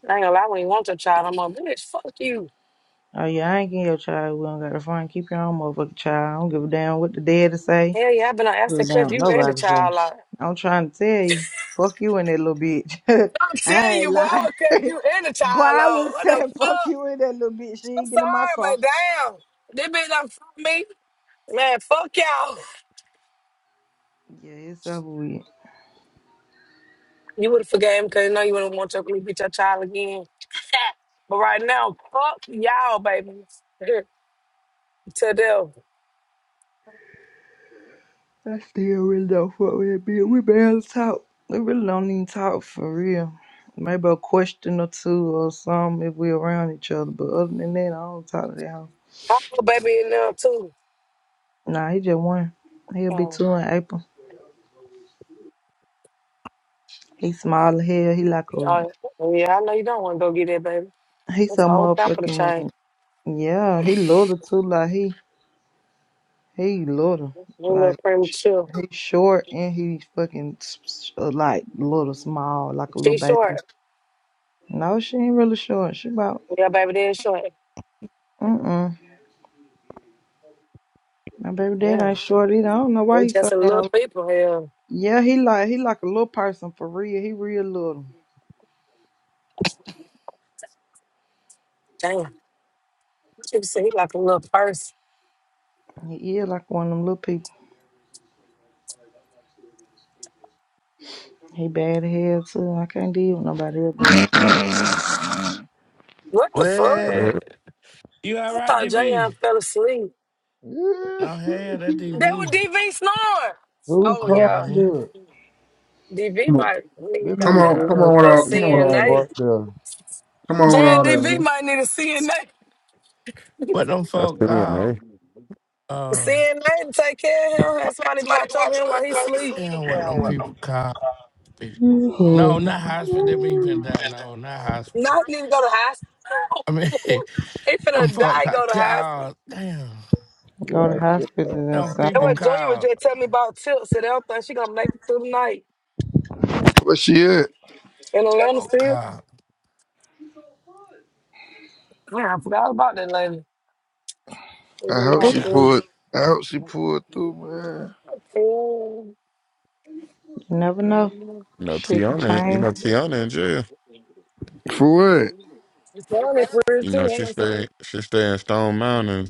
Speaker 9: I ain't gonna lie, when you want your child, I'm like, bitch, fuck you.
Speaker 1: Oh yeah, I ain't getting your child. We don't got a phone. Keep your own motherfucking child. I don't give a damn what the daddy say.
Speaker 9: Hell yeah, I've been on
Speaker 1: You
Speaker 9: acid cuss
Speaker 1: down
Speaker 9: you and the
Speaker 1: nobody say.
Speaker 9: child out.
Speaker 1: I'm trying to tell you, fuck you in that little bitch. (laughs)
Speaker 9: I'm
Speaker 1: I
Speaker 9: telling
Speaker 1: ain't
Speaker 9: you, boy,
Speaker 1: lying.
Speaker 9: because
Speaker 1: (laughs)
Speaker 9: you in the
Speaker 1: Boy,
Speaker 9: child
Speaker 1: I
Speaker 9: load.
Speaker 1: would have
Speaker 9: What the
Speaker 1: said fuck
Speaker 9: fuck?
Speaker 1: you in that little bitch. She
Speaker 9: I'm
Speaker 1: ain't get in my
Speaker 9: sorry, but
Speaker 1: car.
Speaker 9: damn. This bitch done fuck me. Man, fuck y'all.
Speaker 1: Yeah, it's over with.
Speaker 9: You would have forgave him because you know you wouldn't want your bitch your child again. (laughs) but right now, fuck y'all, baby. (laughs) to them.
Speaker 1: I still really don't fuck with that bitch. We barely talk. We really don't even talk for real. Maybe a question or two or something if we around each other. But other than that, I don't talk to that hoe.
Speaker 9: Papa baby in there too.
Speaker 1: Nah, he just one. He'll be
Speaker 9: Oh,
Speaker 1: two in April. He small as hell. He like a
Speaker 9: oh, yeah, I know you don't want to go get that baby.
Speaker 1: he
Speaker 9: That's a
Speaker 1: so
Speaker 9: whole pamper to
Speaker 1: motherfucking
Speaker 9: change.
Speaker 1: Yeah, he little too. Like he he little.
Speaker 9: You little
Speaker 1: Like sh-
Speaker 9: premature.
Speaker 1: he short and he fucking s- s- uh, like little small, like a little
Speaker 9: She short.
Speaker 1: baby. No, she ain't really short. She about
Speaker 9: Yeah, baby, they short.
Speaker 1: mm mm. My baby dad
Speaker 9: Yeah,
Speaker 1: ain't short either. I don't know why
Speaker 9: we
Speaker 1: he so
Speaker 9: just a little
Speaker 1: damn.
Speaker 9: people here.
Speaker 1: Yeah, he like he like a little person for real. He real little.
Speaker 9: Damn, you said he like a little purse.
Speaker 1: He is like one of them little people. He bad as hell too. I can't deal with nobody else bad.
Speaker 9: What the fuck?
Speaker 8: What?
Speaker 7: I
Speaker 8: You all
Speaker 9: I
Speaker 8: right,
Speaker 9: thought
Speaker 8: DB?
Speaker 9: Jayon fell asleep.
Speaker 10: Yeah.
Speaker 8: No, hell, that
Speaker 9: That was
Speaker 8: DB.
Speaker 9: DV snoring.
Speaker 10: Who
Speaker 9: Oh
Speaker 10: car
Speaker 9: yeah,
Speaker 8: Mm-hmm.
Speaker 10: flip?
Speaker 9: DV
Speaker 2: on,
Speaker 9: might need
Speaker 10: That
Speaker 2: come
Speaker 10: nigga
Speaker 2: on,
Speaker 10: Jay
Speaker 2: come
Speaker 9: goddamn
Speaker 2: on
Speaker 10: had
Speaker 2: with
Speaker 9: a
Speaker 2: all,
Speaker 10: somebody you
Speaker 2: come on with all
Speaker 10: can't
Speaker 2: that.
Speaker 9: CNA.
Speaker 10: park there.
Speaker 2: Come on with
Speaker 9: Jan
Speaker 2: all that,
Speaker 9: DV
Speaker 2: man.
Speaker 9: might need a CNA.
Speaker 8: But them folk,
Speaker 7: still
Speaker 9: A
Speaker 7: in
Speaker 8: got.
Speaker 7: there.
Speaker 8: Uh,
Speaker 9: CNA to take care of him. Have somebody to watch over him while he sleep.
Speaker 8: damn, what them people call it. No, not hospital. They mean even that. No, not hospital.
Speaker 9: Not need to go to
Speaker 8: I mean,
Speaker 9: hospital.
Speaker 8: (laughs)
Speaker 9: (laughs) he
Speaker 8: them
Speaker 9: finna
Speaker 8: folk
Speaker 9: die.
Speaker 8: got
Speaker 9: Go to hospital.
Speaker 8: called. Damn.
Speaker 1: Go to
Speaker 10: Yeah.
Speaker 1: hospital
Speaker 8: Them
Speaker 1: is
Speaker 9: That
Speaker 8: people
Speaker 1: insane.
Speaker 9: what Junior was
Speaker 8: called.
Speaker 9: just telling me about tilt. Said I don't think she gonna make it through the night
Speaker 10: Where she at?
Speaker 9: in Atlanta
Speaker 8: Oh,
Speaker 9: still.
Speaker 8: God.
Speaker 9: Yeah, I forgot about that lady. It
Speaker 10: I
Speaker 9: didn't
Speaker 10: hope
Speaker 1: But
Speaker 10: she
Speaker 1: You
Speaker 8: Damn.
Speaker 9: happen.
Speaker 10: pulled. I hope she
Speaker 9: Oh,
Speaker 10: pulled through, man.
Speaker 1: never know.
Speaker 7: You know,
Speaker 1: Shit can
Speaker 7: Tiana. You
Speaker 1: change.
Speaker 7: know, Tiana in jail.
Speaker 10: For what?
Speaker 9: It's done. they prayers
Speaker 7: You know,
Speaker 9: too. I'm
Speaker 7: she
Speaker 9: not saying.
Speaker 7: stay she stay in Stone Mountain.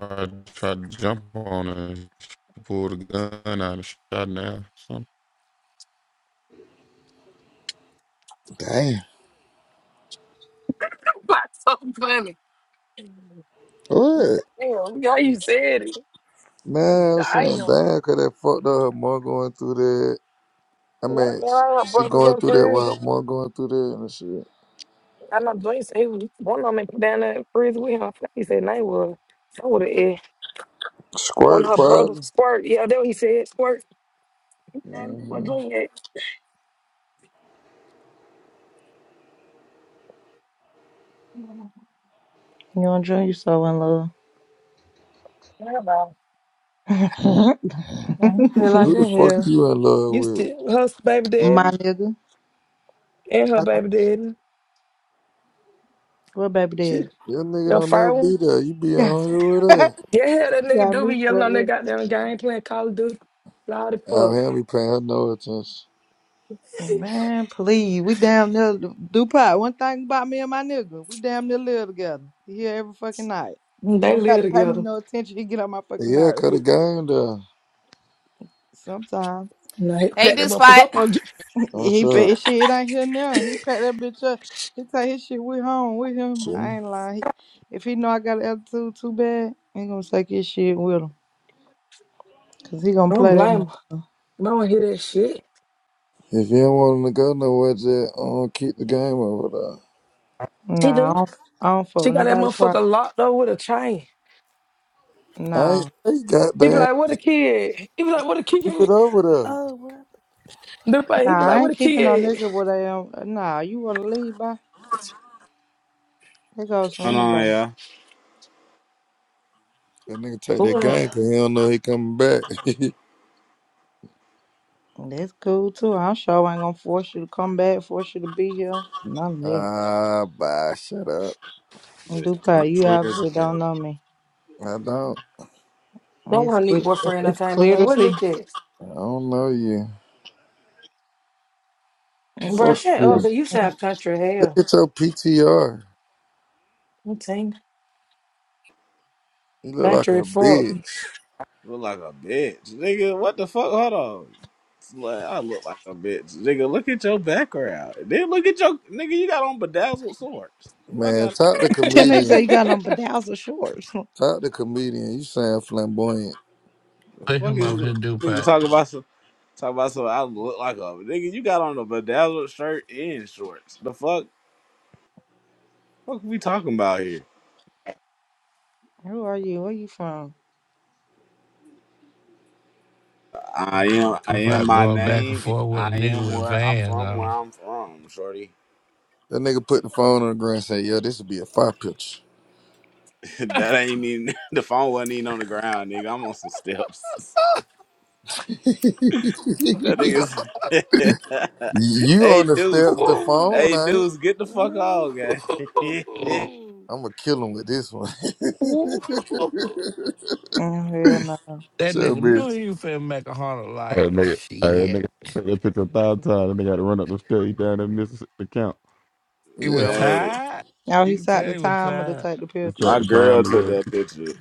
Speaker 7: I tried to jump on her. She pulled a gun out and shot now. Something.
Speaker 10: Damn.
Speaker 9: That's so funny.
Speaker 10: What?
Speaker 9: Damn, yeah, you said it.
Speaker 10: Man, I'm saying
Speaker 9: Damn.
Speaker 10: damn, cause that fucked up her mom going through that. I
Speaker 9: What
Speaker 10: mean,
Speaker 9: now? Her
Speaker 10: sh- she
Speaker 9: brother's
Speaker 10: going
Speaker 9: in
Speaker 10: through that while
Speaker 9: prison.
Speaker 10: her mom going through that and shit.
Speaker 9: I know Joyce said he was one of them put down there in prison with him. He said they was so would it one
Speaker 10: Squirt
Speaker 9: of her brothers
Speaker 10: probably.
Speaker 9: squirt. Yeah, that what he said squirt. And what
Speaker 10: hmm
Speaker 9: Joyce
Speaker 1: You enjoy yourself in love.
Speaker 9: had.
Speaker 1: (laughs)
Speaker 9: Yeah, I don't feel like
Speaker 10: Who the
Speaker 9: the
Speaker 10: fuck
Speaker 9: hell.
Speaker 10: you in love
Speaker 9: You
Speaker 10: with?
Speaker 9: still her baby daddy
Speaker 1: My nigga.
Speaker 9: and her
Speaker 1: Hello.
Speaker 9: baby daddy.
Speaker 1: Where baby
Speaker 9: She
Speaker 1: daddy?
Speaker 10: That nigga
Speaker 9: your
Speaker 10: don't never
Speaker 9: fire one.
Speaker 10: be there. You be
Speaker 1: Yeah.
Speaker 10: on here with her.
Speaker 9: Yeah, hell, that
Speaker 1: You
Speaker 9: nigga
Speaker 1: got
Speaker 9: do
Speaker 1: me
Speaker 9: be yelling
Speaker 1: fucked
Speaker 9: on that
Speaker 1: up.
Speaker 9: goddamn game playing Call of Duty. Loud as
Speaker 10: Out
Speaker 9: fuck. (laughs)
Speaker 10: here, we paying her no attention.
Speaker 1: Man, please. We damn near do pot. One thing about me and my nigga, we damn near live together. He here every fucking night. He
Speaker 9: They
Speaker 1: don't
Speaker 9: live
Speaker 1: gotta pay me
Speaker 9: together.
Speaker 1: no attention. He get on my
Speaker 10: But
Speaker 1: fucking
Speaker 10: yeah,
Speaker 1: nerves.
Speaker 10: cut a game down.
Speaker 1: Sometimes
Speaker 9: And I
Speaker 11: Hey,
Speaker 9: pack that
Speaker 11: Big
Speaker 9: motherfucker
Speaker 11: Spot.
Speaker 9: up on Dre.
Speaker 1: (laughs)
Speaker 10: I'm
Speaker 1: he
Speaker 10: sure.
Speaker 1: pay shit. It ain't here now. He pack that bitch up. He take his shit. We home with him.
Speaker 10: Shit.
Speaker 1: I ain't lying. He, if he know I got an attitude too bad, he gonna take his shit with him. Cause he gonna
Speaker 9: I don't
Speaker 1: play that
Speaker 9: blame her.
Speaker 1: motherfucker.
Speaker 9: No one hear that shit.
Speaker 10: If you don't want to go nowhere, just um, keep the game over
Speaker 9: She
Speaker 1: Nah, I
Speaker 9: do.
Speaker 1: don't, I don't fuck
Speaker 9: She
Speaker 1: with
Speaker 9: got that
Speaker 1: nobody. property.
Speaker 9: motherfucker locked up with a chain.
Speaker 10: there. I ain't
Speaker 1: No.
Speaker 10: say
Speaker 9: He be
Speaker 10: goddamn,
Speaker 9: like, what a kid. He be like, what a
Speaker 10: keep it
Speaker 9: kid.
Speaker 10: over
Speaker 9: The fight, he be
Speaker 1: Nah,
Speaker 9: like,
Speaker 1: I
Speaker 9: what
Speaker 1: ain't
Speaker 9: a
Speaker 1: keeping no
Speaker 9: kid.
Speaker 1: nigga with a um nah, you wanna leave by? That goes for
Speaker 12: Hold on,
Speaker 1: anybody.
Speaker 12: yeah.
Speaker 10: there. That nigga take
Speaker 9: Who
Speaker 10: that
Speaker 9: What?
Speaker 10: game
Speaker 9: That
Speaker 10: because he don't know he coming back. (laughs)
Speaker 1: That's cool too. I'm sure I ain't gonna force you to come back, force you to be here. None of that.
Speaker 10: Ah, bye. Shut up.
Speaker 12: Just
Speaker 1: Dupla, you
Speaker 12: country as
Speaker 1: obviously don't
Speaker 12: hell.
Speaker 1: know me.
Speaker 10: I don't.
Speaker 1: It's
Speaker 9: one
Speaker 1: clear
Speaker 9: Nick boyfriend I
Speaker 1: it's
Speaker 9: came in
Speaker 1: clear
Speaker 9: here.
Speaker 1: to
Speaker 9: What
Speaker 1: see.
Speaker 9: Nick is?
Speaker 10: I don't know you.
Speaker 1: It's
Speaker 9: Bro,
Speaker 10: Fuck
Speaker 1: clear
Speaker 9: shut
Speaker 1: to
Speaker 9: up,
Speaker 10: you.
Speaker 9: 'cause you
Speaker 1: see.
Speaker 9: sound country as
Speaker 10: Look
Speaker 9: hell.
Speaker 10: at your PTR.
Speaker 9: Okay.
Speaker 10: You look like a
Speaker 9: Patrick, fuck. (laughs)
Speaker 10: bitch.
Speaker 12: Look like a bitch. Nigga, what the fuck? Hold on. It's Like, I look like a bitch. Nigga, look at your background. Then look at your nigga, you got on bedazzled swords. The fuck
Speaker 10: Man,
Speaker 12: out
Speaker 10: talk to
Speaker 1: Ten niggas say you
Speaker 10: comedian.
Speaker 1: got on bedazzled shorts. (laughs)
Speaker 10: Talk to comedian. You sound flamboyant.
Speaker 12: the
Speaker 8: Put
Speaker 12: fuck
Speaker 8: him
Speaker 12: is
Speaker 8: up here,
Speaker 12: nigga
Speaker 8: Dupac.
Speaker 12: talking about some talk about some I look like a nigga, you got on a bedazzled shirt and shorts. The fuck fuck we talking about here?
Speaker 1: Who are you? Where you from?
Speaker 12: I am I am
Speaker 8: Dupac
Speaker 12: my
Speaker 8: going back and
Speaker 12: name and
Speaker 8: forth
Speaker 12: I
Speaker 8: with a nigga
Speaker 12: am
Speaker 8: with
Speaker 12: where I'm
Speaker 8: vans
Speaker 12: from
Speaker 8: on.
Speaker 12: where I'm from, Shorty.
Speaker 10: That nigga put the phone on the ground and said, "Yo, this would be a fire picture."
Speaker 12: (laughs) that ain't even (laughs) the phone wasn't even on the ground, nigga. I'm on some steps. (laughs)
Speaker 10: (laughs) you
Speaker 12: That nigga's (laughs) Hey
Speaker 10: on the
Speaker 12: Deuce.
Speaker 10: steps, the
Speaker 8: Ooh.
Speaker 10: phone,
Speaker 12: Hey
Speaker 10: I ain't.
Speaker 12: Deuce, get the fuck
Speaker 8: Ooh.
Speaker 12: off, gang.
Speaker 8: (laughs)
Speaker 12: (laughs)
Speaker 10: I'm gonna kill him with this one. (laughs)
Speaker 8: Ooh.
Speaker 1: Oh, hell no.
Speaker 8: That
Speaker 10: so
Speaker 8: nigga knew
Speaker 10: bitch,
Speaker 8: he was finna make a hundred like
Speaker 7: That nigga, hey, that
Speaker 8: shit.
Speaker 7: nigga took that picture a thousand times. That nigga had to run up the street down in Mississippi to count.
Speaker 8: He was
Speaker 10: yeah. I'm a,
Speaker 12: gang.
Speaker 8: tired.
Speaker 1: Oh,
Speaker 8: You
Speaker 1: he
Speaker 8: can
Speaker 1: set
Speaker 8: tell
Speaker 1: the
Speaker 8: he was
Speaker 1: timer to
Speaker 8: tired.
Speaker 1: take the
Speaker 7: It's
Speaker 1: picture.
Speaker 7: at
Speaker 12: My
Speaker 7: the
Speaker 12: girl
Speaker 7: time,
Speaker 12: took
Speaker 7: yeah,
Speaker 12: that picture.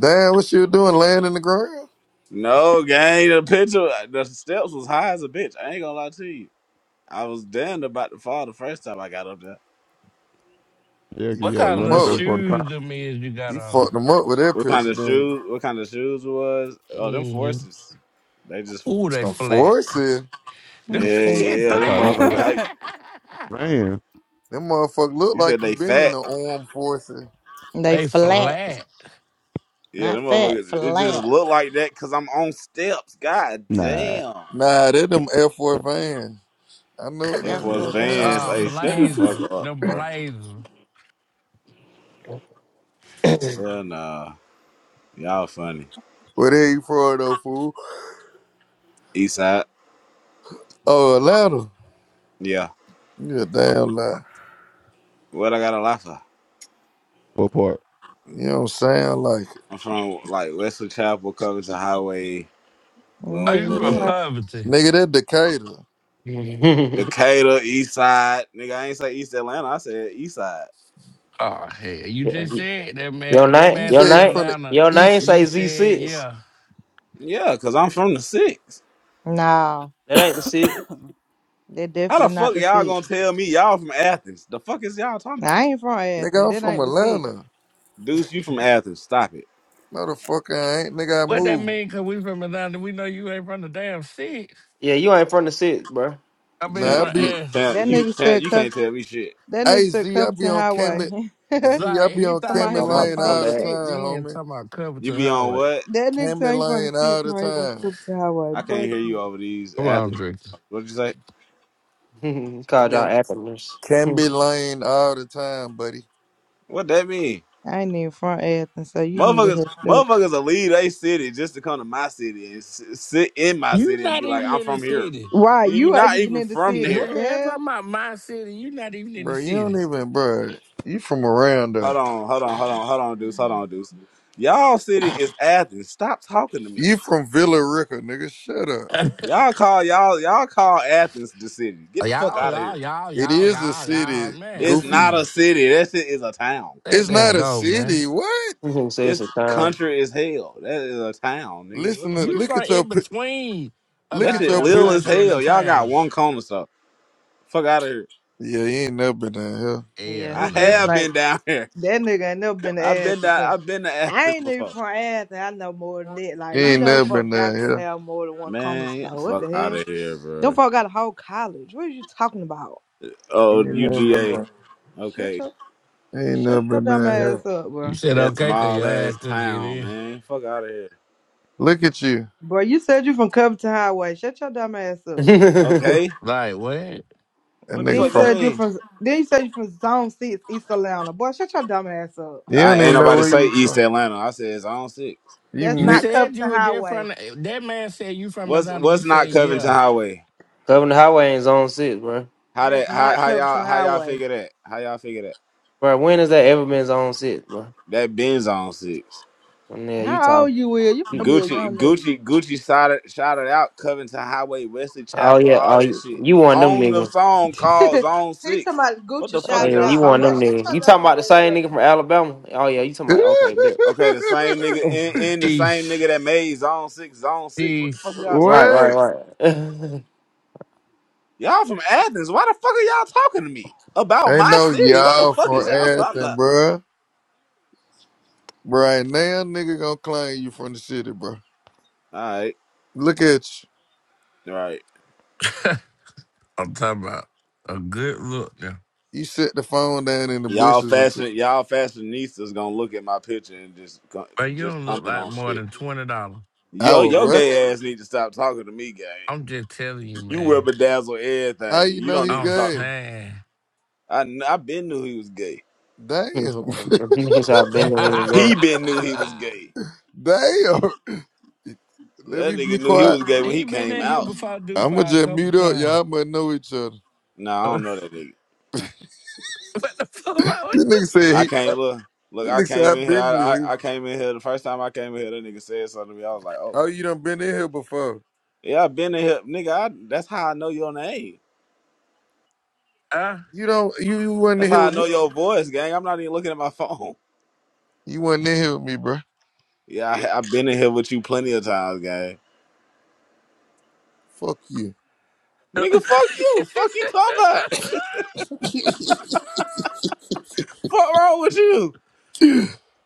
Speaker 10: damn, what you doing, laying in the ground?
Speaker 12: No, gang, the picture the steps was high as a bitch. I ain't gonna lie to you. I was damned about to fall the first time I got up there.
Speaker 7: yeah, 'cause
Speaker 10: You
Speaker 8: What
Speaker 7: you had to
Speaker 10: fucked
Speaker 8: kind of
Speaker 10: them
Speaker 7: run
Speaker 8: little
Speaker 7: up
Speaker 10: up
Speaker 7: there
Speaker 10: with.
Speaker 7: before the
Speaker 8: shoes
Speaker 7: time.
Speaker 8: them is you got
Speaker 10: You
Speaker 8: on?
Speaker 10: fucked them up with that
Speaker 12: What kind
Speaker 10: picture,
Speaker 12: of
Speaker 10: then.
Speaker 12: shoes what kind of shoes it was? Oh, them
Speaker 8: Mm-hmm.
Speaker 12: forces. They just
Speaker 8: Ooh, they
Speaker 10: Some
Speaker 8: flat. (laughs)
Speaker 10: forces.
Speaker 1: Let
Speaker 8: Them
Speaker 1: me
Speaker 12: Yeah,
Speaker 1: see.
Speaker 8: bitches
Speaker 12: yeah,
Speaker 7: I
Speaker 12: them
Speaker 7: thought I don't
Speaker 12: motherfuckers.
Speaker 7: van.
Speaker 12: I,
Speaker 8: flat.
Speaker 10: Them motherfucker look
Speaker 12: you
Speaker 10: like
Speaker 12: said
Speaker 10: you
Speaker 12: they
Speaker 10: been in
Speaker 12: fat.
Speaker 10: the armed forces.
Speaker 8: (laughs)
Speaker 1: They
Speaker 8: they
Speaker 1: flat.
Speaker 8: flat.
Speaker 12: Yeah, them
Speaker 1: Not fat,
Speaker 12: motherfuckers. It just
Speaker 1: flat.
Speaker 12: look like that because I'm on steps. God
Speaker 7: Nah,
Speaker 12: damn.
Speaker 10: Nah, they them Air Force vans. I know what
Speaker 12: Yeah,
Speaker 1: F
Speaker 10: them
Speaker 12: for us
Speaker 1: four vans
Speaker 12: Vans,
Speaker 10: is.
Speaker 8: Uh,
Speaker 1: is
Speaker 12: hey, shut the
Speaker 1: insane.
Speaker 12: fuck
Speaker 8: blazer.
Speaker 12: up,
Speaker 8: Them
Speaker 12: bro.
Speaker 8: blazer.
Speaker 13: (laughs) your
Speaker 12: Hell nah. Y'all funny.
Speaker 10: Where they from though, fool?
Speaker 12: Eastside.
Speaker 10: Oh, Atlanta.
Speaker 12: Yeah.
Speaker 10: You a damn lie.
Speaker 12: What I got a lot for?
Speaker 7: what part?
Speaker 10: You don't sound like it.
Speaker 12: I'm from like Wesley Chapel, Covington Highway,
Speaker 8: Are you
Speaker 1: Nigga,
Speaker 8: from
Speaker 1: you
Speaker 12: Glenwood,
Speaker 1: ain't.
Speaker 8: Covington?
Speaker 10: Nigga, that Decatur.
Speaker 13: name,
Speaker 12: Decatur, Eastside. Nigga, I ain't say East Atlanta. I said Eastside.
Speaker 8: Oh hell, you just said that man.
Speaker 13: your
Speaker 8: That
Speaker 13: name,
Speaker 10: You
Speaker 8: man
Speaker 10: say
Speaker 8: said
Speaker 10: you from the
Speaker 8: Atlanta.
Speaker 13: your name
Speaker 10: east.
Speaker 8: You
Speaker 13: say Z
Speaker 8: said
Speaker 13: six.
Speaker 8: yeah.
Speaker 12: Yeah, because I'm from the six.
Speaker 1: Nah,
Speaker 13: That ain't the six.
Speaker 1: that
Speaker 12: How the
Speaker 1: definitely not
Speaker 12: fuck
Speaker 1: the
Speaker 12: y'all
Speaker 1: seat.
Speaker 12: gonna tell me y'all from Athens? The fuck is y'all talking
Speaker 1: Nah,
Speaker 12: about?
Speaker 1: I ain't from Athens.
Speaker 10: Nigga, I'm
Speaker 1: That
Speaker 10: from
Speaker 1: ain't the seat.
Speaker 10: Atlanta.
Speaker 12: Deuce, you from Athens. Stop it.
Speaker 10: No the fuck I ain't. Nigga, I
Speaker 8: What that
Speaker 10: moved.
Speaker 8: mean? Cause we from Atlanta. We know you ain't from the damn six.
Speaker 13: Yeah, you ain't from the six, bro.
Speaker 8: I mean
Speaker 10: Nah, I
Speaker 12: Champ,
Speaker 8: from
Speaker 10: be,
Speaker 12: you
Speaker 8: S.
Speaker 12: champ,
Speaker 1: That
Speaker 12: you
Speaker 1: nigga
Speaker 12: champ,
Speaker 1: said
Speaker 12: you
Speaker 1: cut.
Speaker 12: can't tell me shit.
Speaker 1: That nigga
Speaker 10: hey
Speaker 1: said
Speaker 10: Z, I be
Speaker 1: Covington
Speaker 10: on
Speaker 13: Uh,
Speaker 1: Highway.
Speaker 10: Camet, Z, I
Speaker 8: Like
Speaker 10: be
Speaker 8: he
Speaker 10: on
Speaker 1: (laughs)
Speaker 8: thought he
Speaker 1: Somebody
Speaker 10: Camet
Speaker 1: he
Speaker 8: was
Speaker 13: oh my,
Speaker 1: from
Speaker 8: finna
Speaker 1: the
Speaker 10: Lane
Speaker 13: my
Speaker 8: pop
Speaker 10: all
Speaker 1: seat.
Speaker 10: the
Speaker 13: bad.
Speaker 8: shit.
Speaker 10: time,
Speaker 8: Then
Speaker 10: homie.
Speaker 8: talking about
Speaker 12: You
Speaker 8: Covington
Speaker 12: be on
Speaker 8: Highway.
Speaker 12: what?
Speaker 1: That nigga
Speaker 10: Camet
Speaker 1: tell he from the
Speaker 10: Lane
Speaker 1: seat.
Speaker 10: all the
Speaker 1: Somebody he from
Speaker 10: time.
Speaker 1: Covington Highway.
Speaker 12: I can't
Speaker 1: Boy,
Speaker 12: hear you over these
Speaker 8: Come on,
Speaker 12: Athens.
Speaker 8: Drake.
Speaker 12: What'd you say?
Speaker 13: (laughs)
Speaker 10: I
Speaker 13: Called
Speaker 10: be
Speaker 13: y'all
Speaker 10: on
Speaker 13: acronyms.
Speaker 10: Camet Lane all the time, buddy.
Speaker 12: What that mean?
Speaker 1: I ain't even from Athens, so you need to
Speaker 12: Motherfuckers,
Speaker 1: hush up.
Speaker 12: motherfuckers will leave they city just to come to my city and s- sit in my
Speaker 8: You
Speaker 12: city and
Speaker 8: not
Speaker 12: be like,
Speaker 8: even
Speaker 12: I'm
Speaker 8: in the
Speaker 12: from here.
Speaker 8: city.
Speaker 1: Why?
Speaker 12: Nigga, You
Speaker 1: You ain't
Speaker 12: not
Speaker 1: even
Speaker 12: even
Speaker 1: in the
Speaker 12: from
Speaker 1: city.
Speaker 8: The
Speaker 12: there.
Speaker 1: What the
Speaker 8: hands
Speaker 1: hell?
Speaker 8: on my my city? You're not even in the
Speaker 10: Bro, you don't
Speaker 8: city.
Speaker 10: even, bro. You from around
Speaker 12: Hold
Speaker 10: there.
Speaker 12: on, hold on, hold on, hold on, Deuce, hold on, Deuce. Y'all city is Athens. Stop talking to me.
Speaker 10: You from Villa Rica, nigga. Shut up.
Speaker 12: Y'all call y'all y'all call Athens the city. Get
Speaker 8: Oh,
Speaker 12: the fuck
Speaker 8: Y'all,
Speaker 12: out of here.
Speaker 8: y'all, y'all,
Speaker 10: It
Speaker 8: y'all,
Speaker 10: is a
Speaker 8: y'all,
Speaker 10: city,
Speaker 8: y'all, man,
Speaker 12: It's
Speaker 10: goofy.
Speaker 12: not a
Speaker 8: please
Speaker 12: city. That shit is a town.
Speaker 8: let
Speaker 10: It's
Speaker 8: that
Speaker 10: not a
Speaker 8: go, man.
Speaker 10: city. What?
Speaker 13: (laughs) say it's
Speaker 12: It's
Speaker 13: a town.
Speaker 12: country as hell. That is a town, nigga. What
Speaker 10: Listen,
Speaker 12: the
Speaker 10: to,
Speaker 12: fuck
Speaker 8: You
Speaker 12: is that?
Speaker 10: look
Speaker 8: from
Speaker 10: at your
Speaker 8: in
Speaker 10: pi-
Speaker 8: between a
Speaker 10: look
Speaker 12: That
Speaker 10: at
Speaker 12: shit
Speaker 10: your
Speaker 8: goddamn
Speaker 12: lil as
Speaker 8: country
Speaker 10: picture.
Speaker 8: and a
Speaker 12: hell. Y'all got
Speaker 8: town?
Speaker 12: one corner stuff. Fuck out of here.
Speaker 10: Yeah, he ain't never been down here.
Speaker 1: Yeah,
Speaker 8: Hell
Speaker 12: I
Speaker 1: he
Speaker 8: no.
Speaker 12: have
Speaker 1: definitely. ain't.
Speaker 12: been down here.
Speaker 1: That nigga ain't never been
Speaker 12: (laughs)
Speaker 1: to
Speaker 12: I've been down.
Speaker 1: Athens.
Speaker 12: I've been to
Speaker 1: I
Speaker 12: Athens
Speaker 1: ain't even
Speaker 12: before.
Speaker 1: from Athens. I know more than that.
Speaker 10: He
Speaker 1: Like, you
Speaker 10: ain't
Speaker 1: know,
Speaker 10: never been
Speaker 1: folks
Speaker 10: down
Speaker 1: got to
Speaker 10: here.
Speaker 1: have more than one corner
Speaker 12: Man, get the
Speaker 1: store. What the
Speaker 12: fuck out
Speaker 1: hell?
Speaker 12: of here,
Speaker 1: Them
Speaker 12: bro.
Speaker 1: folk got a whole college. What are you talking about?
Speaker 10: He
Speaker 12: Oh,
Speaker 10: ain't never been
Speaker 12: UGA.
Speaker 10: down.
Speaker 1: Shut
Speaker 12: Okay,
Speaker 1: your
Speaker 10: You ain't
Speaker 1: shut
Speaker 10: never
Speaker 1: your
Speaker 10: been
Speaker 1: dumb
Speaker 10: down here.
Speaker 1: ass up,
Speaker 8: You
Speaker 1: bro.
Speaker 8: said
Speaker 12: that
Speaker 8: okay, cause
Speaker 12: small
Speaker 8: your
Speaker 12: ass
Speaker 8: ass couldn't get
Speaker 12: town,
Speaker 8: in.
Speaker 12: man. Fuck out of here.
Speaker 10: Look at you,
Speaker 1: Bro, you said you from Covington Highway. Shut your dumb ass up.
Speaker 13: (laughs)
Speaker 12: Okay,
Speaker 8: Like what?
Speaker 10: that
Speaker 12: what the
Speaker 1: Then
Speaker 10: nigga
Speaker 1: you
Speaker 12: fuck that
Speaker 10: from.
Speaker 1: said you
Speaker 12: mean?
Speaker 1: from then you said you from Zone Six East Atlanta. Boy, shut your dumb ass
Speaker 10: You
Speaker 1: up.
Speaker 10: don't
Speaker 12: I ain't
Speaker 10: even know
Speaker 12: nobody
Speaker 10: where
Speaker 12: say
Speaker 10: you
Speaker 12: East
Speaker 10: from.
Speaker 12: Atlanta. I said it's on six.
Speaker 1: (laughs)
Speaker 10: You
Speaker 1: That's
Speaker 8: You
Speaker 1: not
Speaker 10: mixed.
Speaker 8: said you
Speaker 1: Covington
Speaker 8: were there
Speaker 1: Highway.
Speaker 8: from that man said you from
Speaker 12: What's
Speaker 8: Atlanta. You
Speaker 12: what's
Speaker 8: said
Speaker 12: not Covington
Speaker 8: yeah.
Speaker 12: Highway?
Speaker 13: Covering the highway ain't zone six, bro.
Speaker 12: How that?
Speaker 1: That's
Speaker 12: How
Speaker 1: not
Speaker 12: how
Speaker 1: Covington
Speaker 12: y'all how y'all
Speaker 1: Highway.
Speaker 12: figure that? How y'all figure that?
Speaker 13: Bro, when has that ever been zone six, bro?
Speaker 12: That Benz on six.
Speaker 13: When yeah, you
Speaker 1: How
Speaker 13: talk.
Speaker 1: old you is? You must
Speaker 13: you-
Speaker 1: be a
Speaker 12: Gucci,
Speaker 1: young nigga.
Speaker 12: Gucci, Gucci shouted, shouted out Covington Highway, Wesley
Speaker 13: Oh
Speaker 12: Chapel,
Speaker 13: yeah,
Speaker 12: all
Speaker 13: oh
Speaker 12: that
Speaker 13: you,
Speaker 12: shit
Speaker 13: you one of them
Speaker 12: on the
Speaker 13: niggas.
Speaker 12: song called Zone
Speaker 1: (laughs) He
Speaker 12: Six.
Speaker 1: talking about
Speaker 12: What the
Speaker 1: Gucci
Speaker 12: fuck
Speaker 13: Oh
Speaker 12: is
Speaker 1: shouted
Speaker 13: yeah,
Speaker 12: y'all
Speaker 13: you
Speaker 1: out.
Speaker 12: talking
Speaker 13: one
Speaker 1: Boy,
Speaker 13: of them
Speaker 12: about?
Speaker 1: shut
Speaker 13: niggas. You
Speaker 1: your
Speaker 13: talking
Speaker 1: dumb
Speaker 13: about the
Speaker 1: ass
Speaker 13: same
Speaker 1: up,
Speaker 13: nigga from Alabama? Oh yeah, you talking
Speaker 10: (laughs)
Speaker 13: about okay, bet.
Speaker 12: Okay, the same nigga in, in the same
Speaker 8: Peace,
Speaker 12: nigga that made Zone Six, Zone Six. What the fuck
Speaker 8: peace.
Speaker 12: is y'all
Speaker 13: Right,
Speaker 12: talking about?
Speaker 13: right,
Speaker 10: what?
Speaker 13: right. (laughs)
Speaker 12: Y'all from Athens. Why the fuck are y'all talking to me about
Speaker 10: Ain't
Speaker 12: my
Speaker 10: no
Speaker 12: city? What the
Speaker 10: y'all
Speaker 12: fuck is
Speaker 10: from
Speaker 12: y'all talking
Speaker 10: Athens,
Speaker 12: about?
Speaker 10: bruh. Right now, nigga gonna claim you from the city, bro.
Speaker 12: All right,
Speaker 10: Look at you.
Speaker 12: all right.
Speaker 8: I'm talking about a good look now,
Speaker 10: You set the phone down in the
Speaker 12: Y'all
Speaker 10: bushes and t-
Speaker 12: fashion, y'all fashionistas gonna look at my picture and just co-
Speaker 8: but you
Speaker 12: just
Speaker 8: don't look
Speaker 12: comment
Speaker 8: like
Speaker 12: on
Speaker 8: more
Speaker 12: shit.
Speaker 8: than twenty dollars.
Speaker 10: I
Speaker 12: Yo,
Speaker 10: was
Speaker 12: your
Speaker 10: what?
Speaker 12: gay ass need to stop talking to me, gay.
Speaker 8: I'm just telling you,
Speaker 12: You will
Speaker 8: man.
Speaker 12: bedazzle
Speaker 10: How
Speaker 12: everything.
Speaker 10: you
Speaker 12: You
Speaker 10: know
Speaker 12: don't
Speaker 10: he
Speaker 12: need to
Speaker 8: I'm
Speaker 12: talk.
Speaker 10: gay?
Speaker 8: saying.
Speaker 12: I kn- I been knew he was gay.
Speaker 10: Damn.
Speaker 13: He
Speaker 8: (laughs)
Speaker 13: I've
Speaker 8: he
Speaker 13: been to his way.
Speaker 12: He been knew he was gay.
Speaker 10: (laughs) Damn. Let
Speaker 12: That
Speaker 10: me be
Speaker 12: nigga knew he
Speaker 10: quiet.
Speaker 12: was gay when he
Speaker 8: been
Speaker 12: came
Speaker 8: in here
Speaker 12: out.
Speaker 8: before
Speaker 10: I'ma
Speaker 8: DuPont a
Speaker 10: just
Speaker 8: couple
Speaker 10: mute up.
Speaker 8: times.
Speaker 10: Y'all must know each other.
Speaker 12: Nah, I don't
Speaker 8: (laughs)
Speaker 12: know that nigga.
Speaker 8: Uh, what the fuck wrong
Speaker 10: This
Speaker 8: with
Speaker 10: nigga said
Speaker 12: I
Speaker 10: he
Speaker 8: DuPont?
Speaker 12: can't look. Look,
Speaker 10: this
Speaker 12: I
Speaker 10: nigga said
Speaker 12: came
Speaker 10: I
Speaker 12: in here.
Speaker 10: been knew
Speaker 12: I, I
Speaker 10: him.
Speaker 12: I came in here the first time I came in here. That nigga said something to me. I was like, oh
Speaker 10: Oh, you done been in here before.
Speaker 12: yeah, I been in here, nigga. I, that's how I know your name.
Speaker 10: You don't you, you wasn't
Speaker 12: That's
Speaker 10: in here
Speaker 12: how I
Speaker 10: with
Speaker 12: know
Speaker 10: me.
Speaker 12: your voice, gang. I'm not even looking at my phone.
Speaker 10: You wasn't in here with me, bruh.
Speaker 12: Yeah, I, I've been in here with you plenty of times, gang.
Speaker 10: Fuck you.
Speaker 12: Nigga, fuck you. Fuck you talking about.
Speaker 8: Uh,
Speaker 10: (laughs)
Speaker 12: Fuck wrong with you?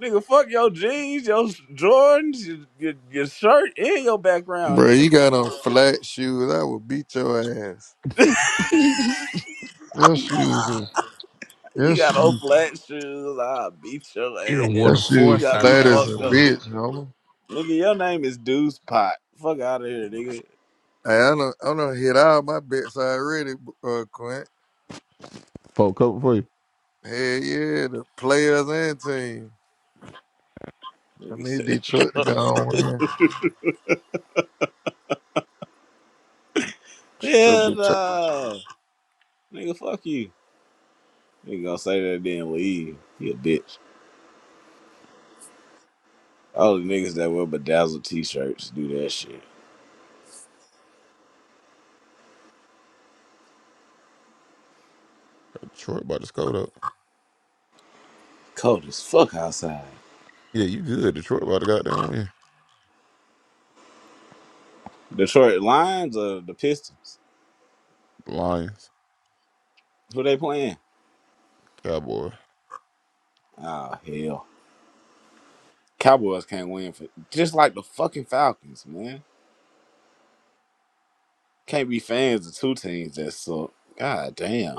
Speaker 12: Nigga, fuck your jeans, your Jordans, your, your, your shirt, and your background.
Speaker 10: bruh,
Speaker 12: Nigga,
Speaker 10: you got on flat shoes. I will beat your ass. Your shoes is- your
Speaker 12: you got old
Speaker 10: shoes.
Speaker 12: flat shoes. I'll beat your
Speaker 8: (laughs) he done wore
Speaker 12: ass.
Speaker 10: Your
Speaker 8: the
Speaker 12: You
Speaker 10: shoes
Speaker 8: force
Speaker 12: got
Speaker 8: out
Speaker 12: me
Speaker 8: the
Speaker 10: flat
Speaker 8: Air
Speaker 10: as a
Speaker 12: fucked up,
Speaker 8: Force.
Speaker 12: nigga.
Speaker 10: bitch, homie.
Speaker 12: Nigga, your name is Deuce Pot. Fuck out of here, nigga.
Speaker 10: Hey, I don't I don't hit all my bets already, uh Quint.
Speaker 7: Four cover for you.
Speaker 10: Hell yeah, the players and team. I
Speaker 12: Nigga
Speaker 10: need Detroit to
Speaker 12: (laughs)
Speaker 10: go on, man. Shut your
Speaker 12: Hell
Speaker 10: bitch
Speaker 12: no. Nigga, fuck you. Nigga gonna say that then leave. You a bitch. All the niggas that wear bedazzled t shirts do that shit.
Speaker 7: Detroit by the Scoto.
Speaker 12: Cold as fuck outside.
Speaker 7: Yeah, you good. Detroit by the goddamn win.
Speaker 12: Detroit Lions or the Pistons?
Speaker 7: Lions,
Speaker 12: Who they playing?
Speaker 7: Cowboys,
Speaker 12: Oh hell, Cowboys can't win for just like the fucking Falcons, man. Can't be fans of two teams that suck. God damn.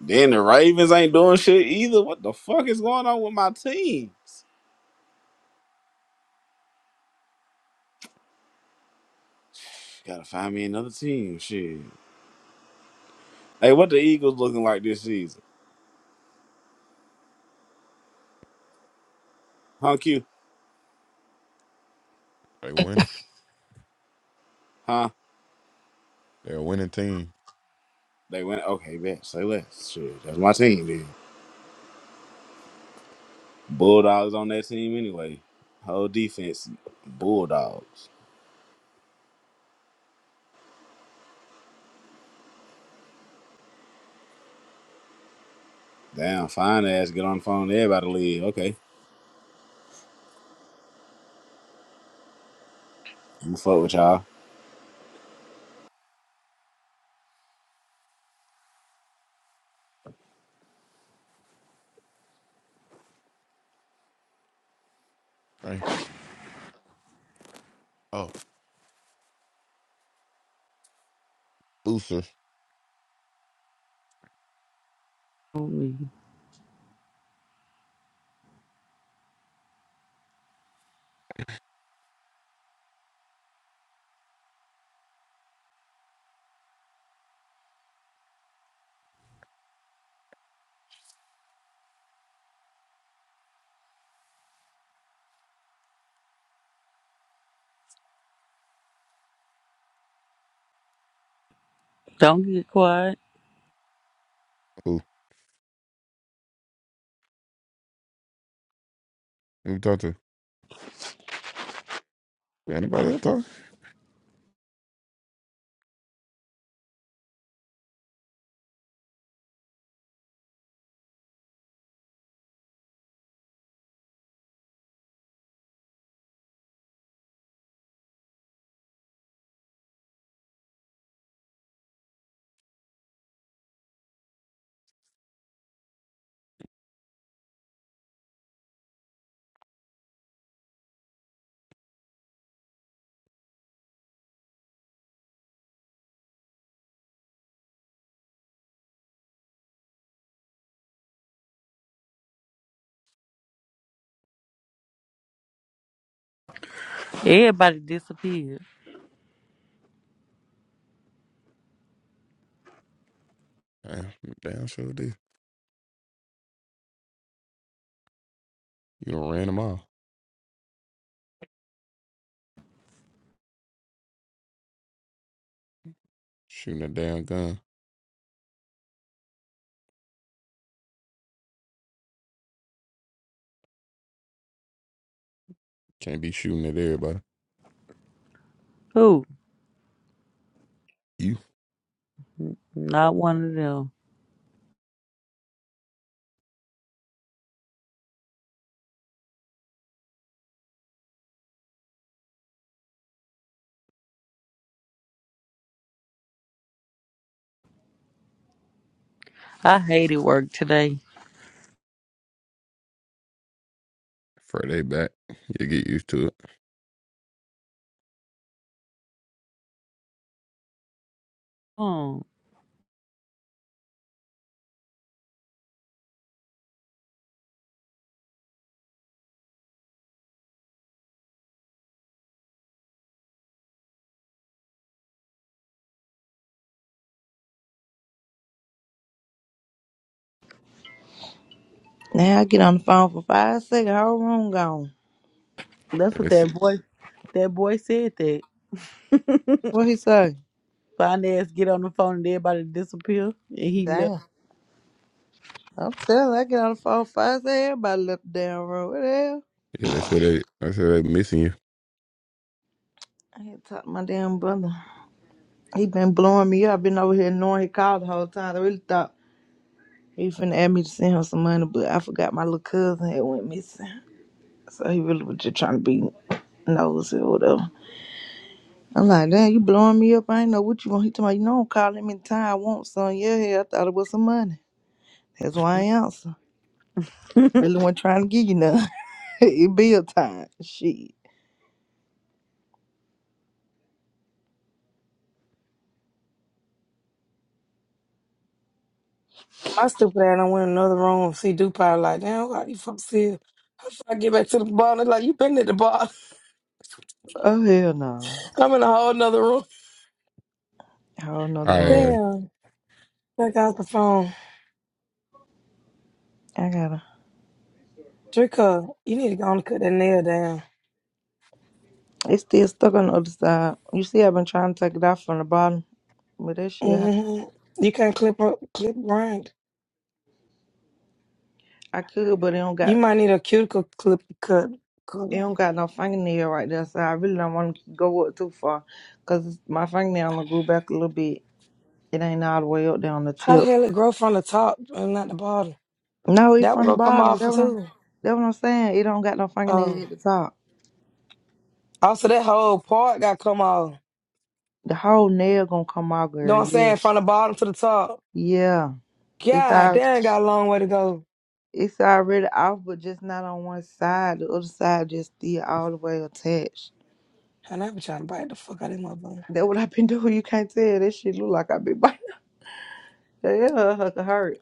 Speaker 12: Then the Ravens ain't doing shit either. What the fuck is going on with my teams? (sighs) Gotta find me another team. Shit. Hey, what the Eagles looking like this season? Huh, Q?
Speaker 7: they winning.
Speaker 12: Huh?
Speaker 7: They're a winning team.
Speaker 12: They went okay, bet. Say less. Shit, that's my team then. Bulldogs on that team anyway. Whole defense, Bulldogs. Damn, fine ass. Get on the phone. Everybody leave. Okay. I'm gonna fuck with y'all.
Speaker 7: Thanks. Oh, Booster.
Speaker 14: on me. Don't get quiet.
Speaker 7: Who? Who you talk to? Anybody else talk?
Speaker 14: Everybody disappeared.
Speaker 7: Damn, damn sure did. You done ran them off. Shooting a damn gun. Can't be shooting at everybody.
Speaker 14: Who?
Speaker 7: You.
Speaker 14: Not one of them. I hated work today.
Speaker 7: Friday back. You get used to it.
Speaker 14: Hmm.
Speaker 1: man. Now I get on the phone for five seconds, whole room gone.
Speaker 14: That's
Speaker 7: Yeah,
Speaker 14: what
Speaker 7: they say,
Speaker 14: that boy that boy said that.
Speaker 1: What he say?
Speaker 14: Find ass get on the phone and everybody disappear and he left.
Speaker 1: Damn. I'm telling you, I get on the phone for five seconds, everybody left the damn room. What the hell?
Speaker 7: yeah, they, say they, they say they missing you.
Speaker 1: I had to talk to my damn brother. He been blowing me up. been over here knowing he called the whole time. I really thought he finna ask me to send him some money, but I forgot my little cousin had went missing. So he really was just trying to be nosy or whatever. I'm like, damn, you blowing me up. I ain't know what you want. He told me, you know, I'm calling him in time. I want some. Yeah, yeah, I thought it was some money. That's why I ain't answer.
Speaker 14: (laughs) when,
Speaker 1: Really wasn't trying to give you none. (laughs) it be a time. Shit.
Speaker 9: My stupid ass, I went in another room and see Dupont like, damn, why you fuck here? How should I get back to the bar? And they like, you been at the bar.
Speaker 1: Oh, hell no.
Speaker 9: (laughs) I'm in a whole nother room.
Speaker 1: I don't know the
Speaker 7: I
Speaker 1: room.
Speaker 7: uh,
Speaker 9: Damn. I got the phone.
Speaker 1: I got to
Speaker 9: Drinker, you need to go and cut that nail down.
Speaker 1: It's still stuck on the other side. You see, I've been trying to take it off from the bottom, but that shit, hurt.
Speaker 9: hmm You can't clip up, clip right.
Speaker 1: I could, but it don't
Speaker 9: You
Speaker 1: got.
Speaker 9: might need a cuticle clip cut. cut.
Speaker 1: It don't got no fingernail right there, so I really don't want to go up too far, cause my fingernail going grew back a little bit. It ain't all the way up there on the
Speaker 9: How the
Speaker 1: tip.
Speaker 9: hell it grow from the top and not the bottom?
Speaker 1: No, it's
Speaker 9: That one
Speaker 1: from the
Speaker 9: gonna come
Speaker 1: bottom.
Speaker 9: off
Speaker 1: That what I'm,
Speaker 9: too.
Speaker 1: that what I'm saying. It don't got no
Speaker 9: Um,
Speaker 1: fingernail at the top.
Speaker 9: also, that whole part got come off.
Speaker 1: The whole nail gonna come out,
Speaker 9: Know what
Speaker 1: girl.
Speaker 9: I'm
Speaker 1: Yeah,
Speaker 9: saying? From the bottom to the top.
Speaker 1: yeah. It's
Speaker 9: God
Speaker 1: al
Speaker 9: damn, got a long way to go.
Speaker 1: it's already off, but just not on one side. The other side just still all the way attached.
Speaker 9: And I be trying to bite the fuck out of that motherfucker.
Speaker 1: That what I've been (laughs) doing. You can't tell. That shit look like I been biting. (laughs) Yeah, it hurt.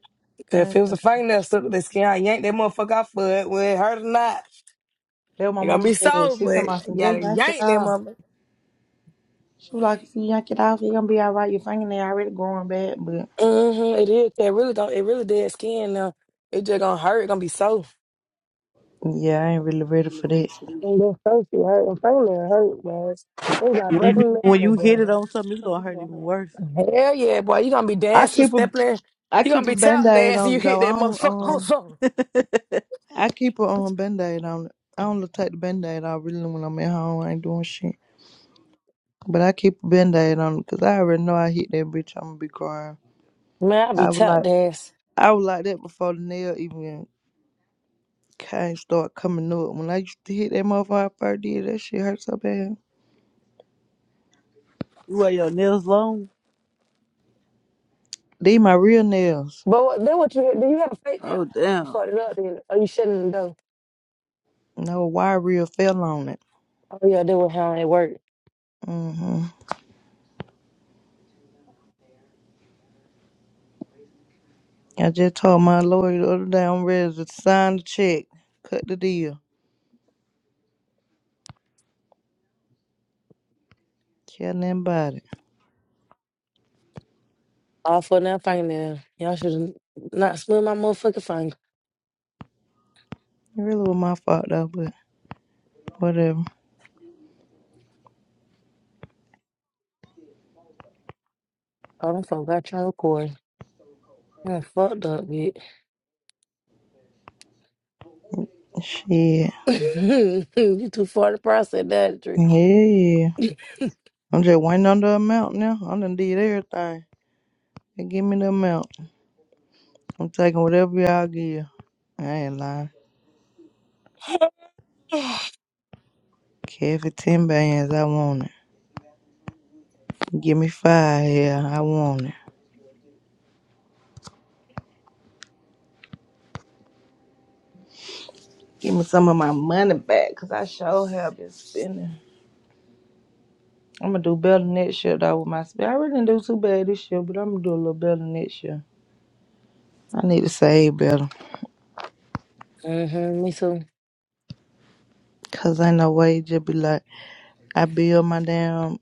Speaker 9: 'Cause
Speaker 1: Uh,
Speaker 9: if it was a
Speaker 1: That
Speaker 9: fingernail stuck to their skin, I yank that motherfucker out for it. Whether it hurt or not,
Speaker 1: what my
Speaker 9: it gonna
Speaker 1: mama
Speaker 9: be
Speaker 1: said.
Speaker 9: sore,
Speaker 1: She
Speaker 9: but
Speaker 1: told me, "Son,
Speaker 9: you gotta
Speaker 1: just yank it
Speaker 9: yank that
Speaker 1: off."
Speaker 9: motherfucker.
Speaker 1: She was like, "If you yank it off, you're gonna be all right. Your fingernail already growing back, but
Speaker 9: Mm-hmm, it is. It really don't. It really dead skin now. It just gonna hurt. It gonna be sore.
Speaker 1: yeah, I ain't really ready
Speaker 9: Really,
Speaker 1: for that."
Speaker 9: really city. And then first you hurt and first man hurt, boy. They got
Speaker 14: you,
Speaker 9: broken
Speaker 14: when
Speaker 9: nail,
Speaker 14: you
Speaker 9: boy.
Speaker 14: hit it on something it's gonna hurt even worse.
Speaker 9: Hell yeah, boy. You gonna be
Speaker 1: I
Speaker 9: dancing,
Speaker 1: keep a
Speaker 9: stepping.
Speaker 1: I
Speaker 9: You gonna
Speaker 1: keep a
Speaker 9: be
Speaker 1: band
Speaker 9: tap
Speaker 1: aid
Speaker 9: dancing.
Speaker 1: on
Speaker 9: You
Speaker 1: it,
Speaker 9: hit
Speaker 1: though.
Speaker 9: that
Speaker 1: I don't
Speaker 9: motherfucker on
Speaker 1: um
Speaker 9: something.
Speaker 14: (laughs)
Speaker 1: I keep a um band aid on it. I don't look take the band aid off really when I'm at home. I ain't doing shit. But I keep a band aid on it because I already know I hit that bitch. I'm gonna be crying.
Speaker 9: Man, I be
Speaker 1: I was
Speaker 9: tap
Speaker 1: like
Speaker 9: dance.
Speaker 1: I was like that before the nail even kind of start coming up. When I used to hit that motherfucker I first did that shit hurt so bad.
Speaker 14: You wear your nails long.
Speaker 1: These my real nails.
Speaker 9: But what, then what you Do you have a fake nail?
Speaker 14: Oh
Speaker 9: You
Speaker 14: damn.
Speaker 9: fucked it up then. Or you shouldn't though.
Speaker 1: No wire reel fell on it.
Speaker 9: Oh yeah, that was how it worked.
Speaker 1: hmm I just told my lawyer the other day I'm ready to sign the check, cut the deal. Tell them about it.
Speaker 9: All for that fingernail. Y'all should not split my motherfucking finger.
Speaker 1: It really was my fault though, but whatever.
Speaker 9: Oh, them folk got y'all recording. You done fucked up, bitch.
Speaker 1: Shit.
Speaker 9: (laughs) you too far to process, that
Speaker 1: Yeah, yeah. I'm just waiting on the amount now. I done did everything. They give me the amount. I'm taking whatever y'all give. I ain't lying. Care for 10 bands, I want it. Give me five here, I want it. Give me some of my money back, cause I sure have been spending. I'm gonna do better next year though with my spend. I really didn't do too bad this year, but I'm gonna do a little better next year. I need to save better,
Speaker 9: Mm-hmm, me too.
Speaker 1: cause ain't no way it just be like I build my damn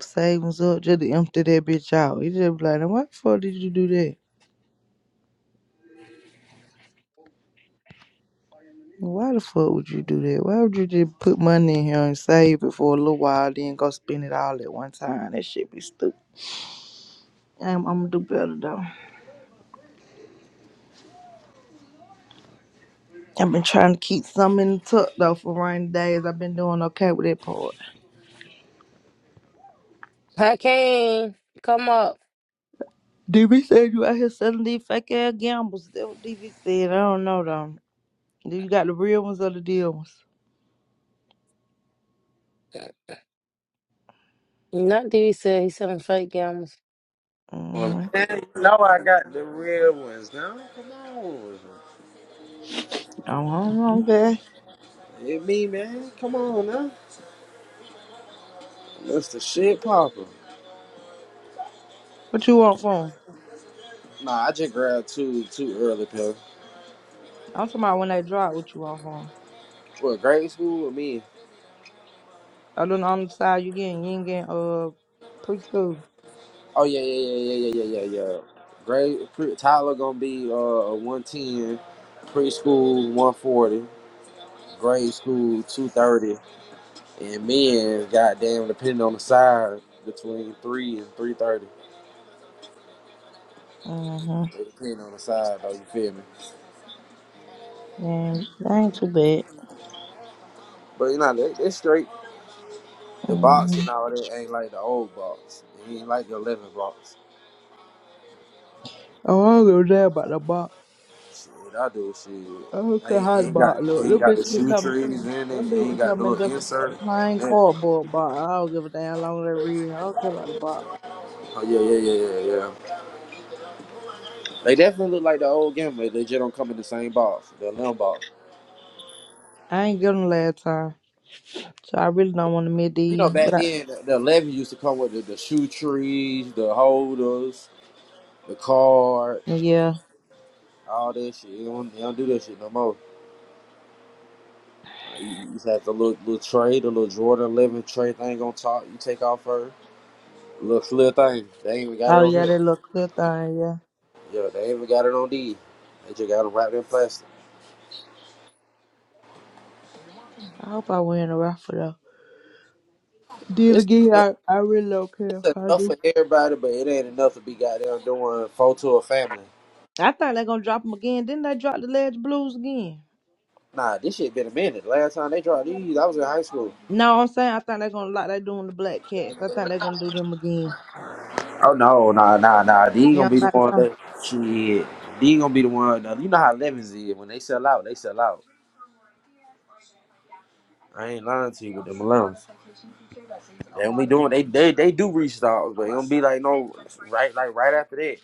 Speaker 1: savings up just to empty that bitch out. You just be like, "Now, why the fuck did you do that? Why the fuck would you do that? Why would you just put money in here and save it for a little while, then go spend it all at one time? That shit be stupid. I'm, I'm gonna do better though. I've been trying to keep some in the tuck though for rainy days. I've been doing okay with that part.
Speaker 9: Hakeem, come up.
Speaker 1: DV said you out here selling these fake ass gambles. That what DV said. I don't know though. Do you got the real ones or the deal ones?
Speaker 9: Not that he said he's selling fake gowns.
Speaker 15: Man,
Speaker 1: Mm-hmm.
Speaker 15: you know I got the real ones now. Come on.
Speaker 1: Oh, I don't know, okay.
Speaker 15: Hit me, man. Come on now. That's the shit popper.
Speaker 1: What you want from 'em?
Speaker 15: Nah, I just grabbed two two early, pal.
Speaker 1: I'm talking about when they drop what you off on.
Speaker 15: What, grade school or me?
Speaker 1: Other than on the side you getting, you ain't getting uh preschool.
Speaker 15: Oh, yeah, yeah, yeah, yeah, yeah, yeah, yeah, yeah. Grade, pre, Tyler gonna be uh, a 110, preschool 140, grade school 230, and men, goddamn, depending on the side, between 3 and 330.
Speaker 1: Mm-hmm.
Speaker 15: It depends on the side, though, you feel me?
Speaker 1: And that ain't too bad.
Speaker 15: But, you know, they, they straight. The
Speaker 1: Mm-hmm.
Speaker 15: boxing out there ain't like the old box. It ain't like the eleven box.
Speaker 1: Oh, I don't go there about the box.
Speaker 15: Shit, I do shit.
Speaker 1: I don't care
Speaker 15: Ain't,
Speaker 1: how the
Speaker 15: ain't got
Speaker 1: box look.
Speaker 15: ain't
Speaker 1: Little
Speaker 15: got the
Speaker 1: bitch could
Speaker 15: shoe
Speaker 1: come.
Speaker 15: trees in
Speaker 1: Little
Speaker 15: it.
Speaker 1: bitch
Speaker 15: Ain't
Speaker 1: can
Speaker 15: got
Speaker 1: come
Speaker 15: no
Speaker 1: in just a, a
Speaker 15: insert.
Speaker 1: plain
Speaker 15: Yeah.
Speaker 1: cardboard box. I don't give a damn how long they read. I don't care about the box.
Speaker 15: Oh yeah, yeah, yeah, yeah, yeah. They definitely look like the old game. They just don't come in the same box, the eleven box.
Speaker 1: I ain't give them last time, so I really don't want to meet
Speaker 15: You know,
Speaker 1: these. But
Speaker 15: back then the the eleven used to come with the, the shoe trees, the holders, the card,
Speaker 1: I, yeah,
Speaker 15: all that shit. They don't, they don't do that shit no more. Like, You you just have the little little tray, the little Jordan eleven tray thing on top. You take off first. Little little thing. They ain't even got it
Speaker 1: oh
Speaker 15: on
Speaker 1: yeah,
Speaker 15: here.
Speaker 1: that little clear thing. Yeah,
Speaker 15: Yeah, they ain't even got it on D. They just got them wrapped in plastic.
Speaker 1: I hope I win the raffle though. Did
Speaker 15: It's
Speaker 1: again,
Speaker 15: uh,
Speaker 1: I, I really don't care if
Speaker 15: it's
Speaker 1: I
Speaker 15: enough for
Speaker 1: do.
Speaker 15: everybody, but it ain't enough to be goddamn doing photo of family.
Speaker 1: I think they're gonna drop them again. Didn't they drop the Ledge Blues again?
Speaker 15: Nah, this shit been a minute. Last time they dropped these, I was in high school.
Speaker 1: No, I'm saying I think they're gonna like they doing the Black Cats. I think they're gonna do them again.
Speaker 15: Oh no, nah, nah, nah. These
Speaker 1: You know
Speaker 15: gonna be the
Speaker 1: what I'm saying?
Speaker 15: one
Speaker 1: So
Speaker 15: that shit. D gonna be the one. Now, you know how lemons is when they sell out, they sell out. I ain't lying to you with them lemons. They don't be doing. They they they do restock, but it don't be like no right like right after that.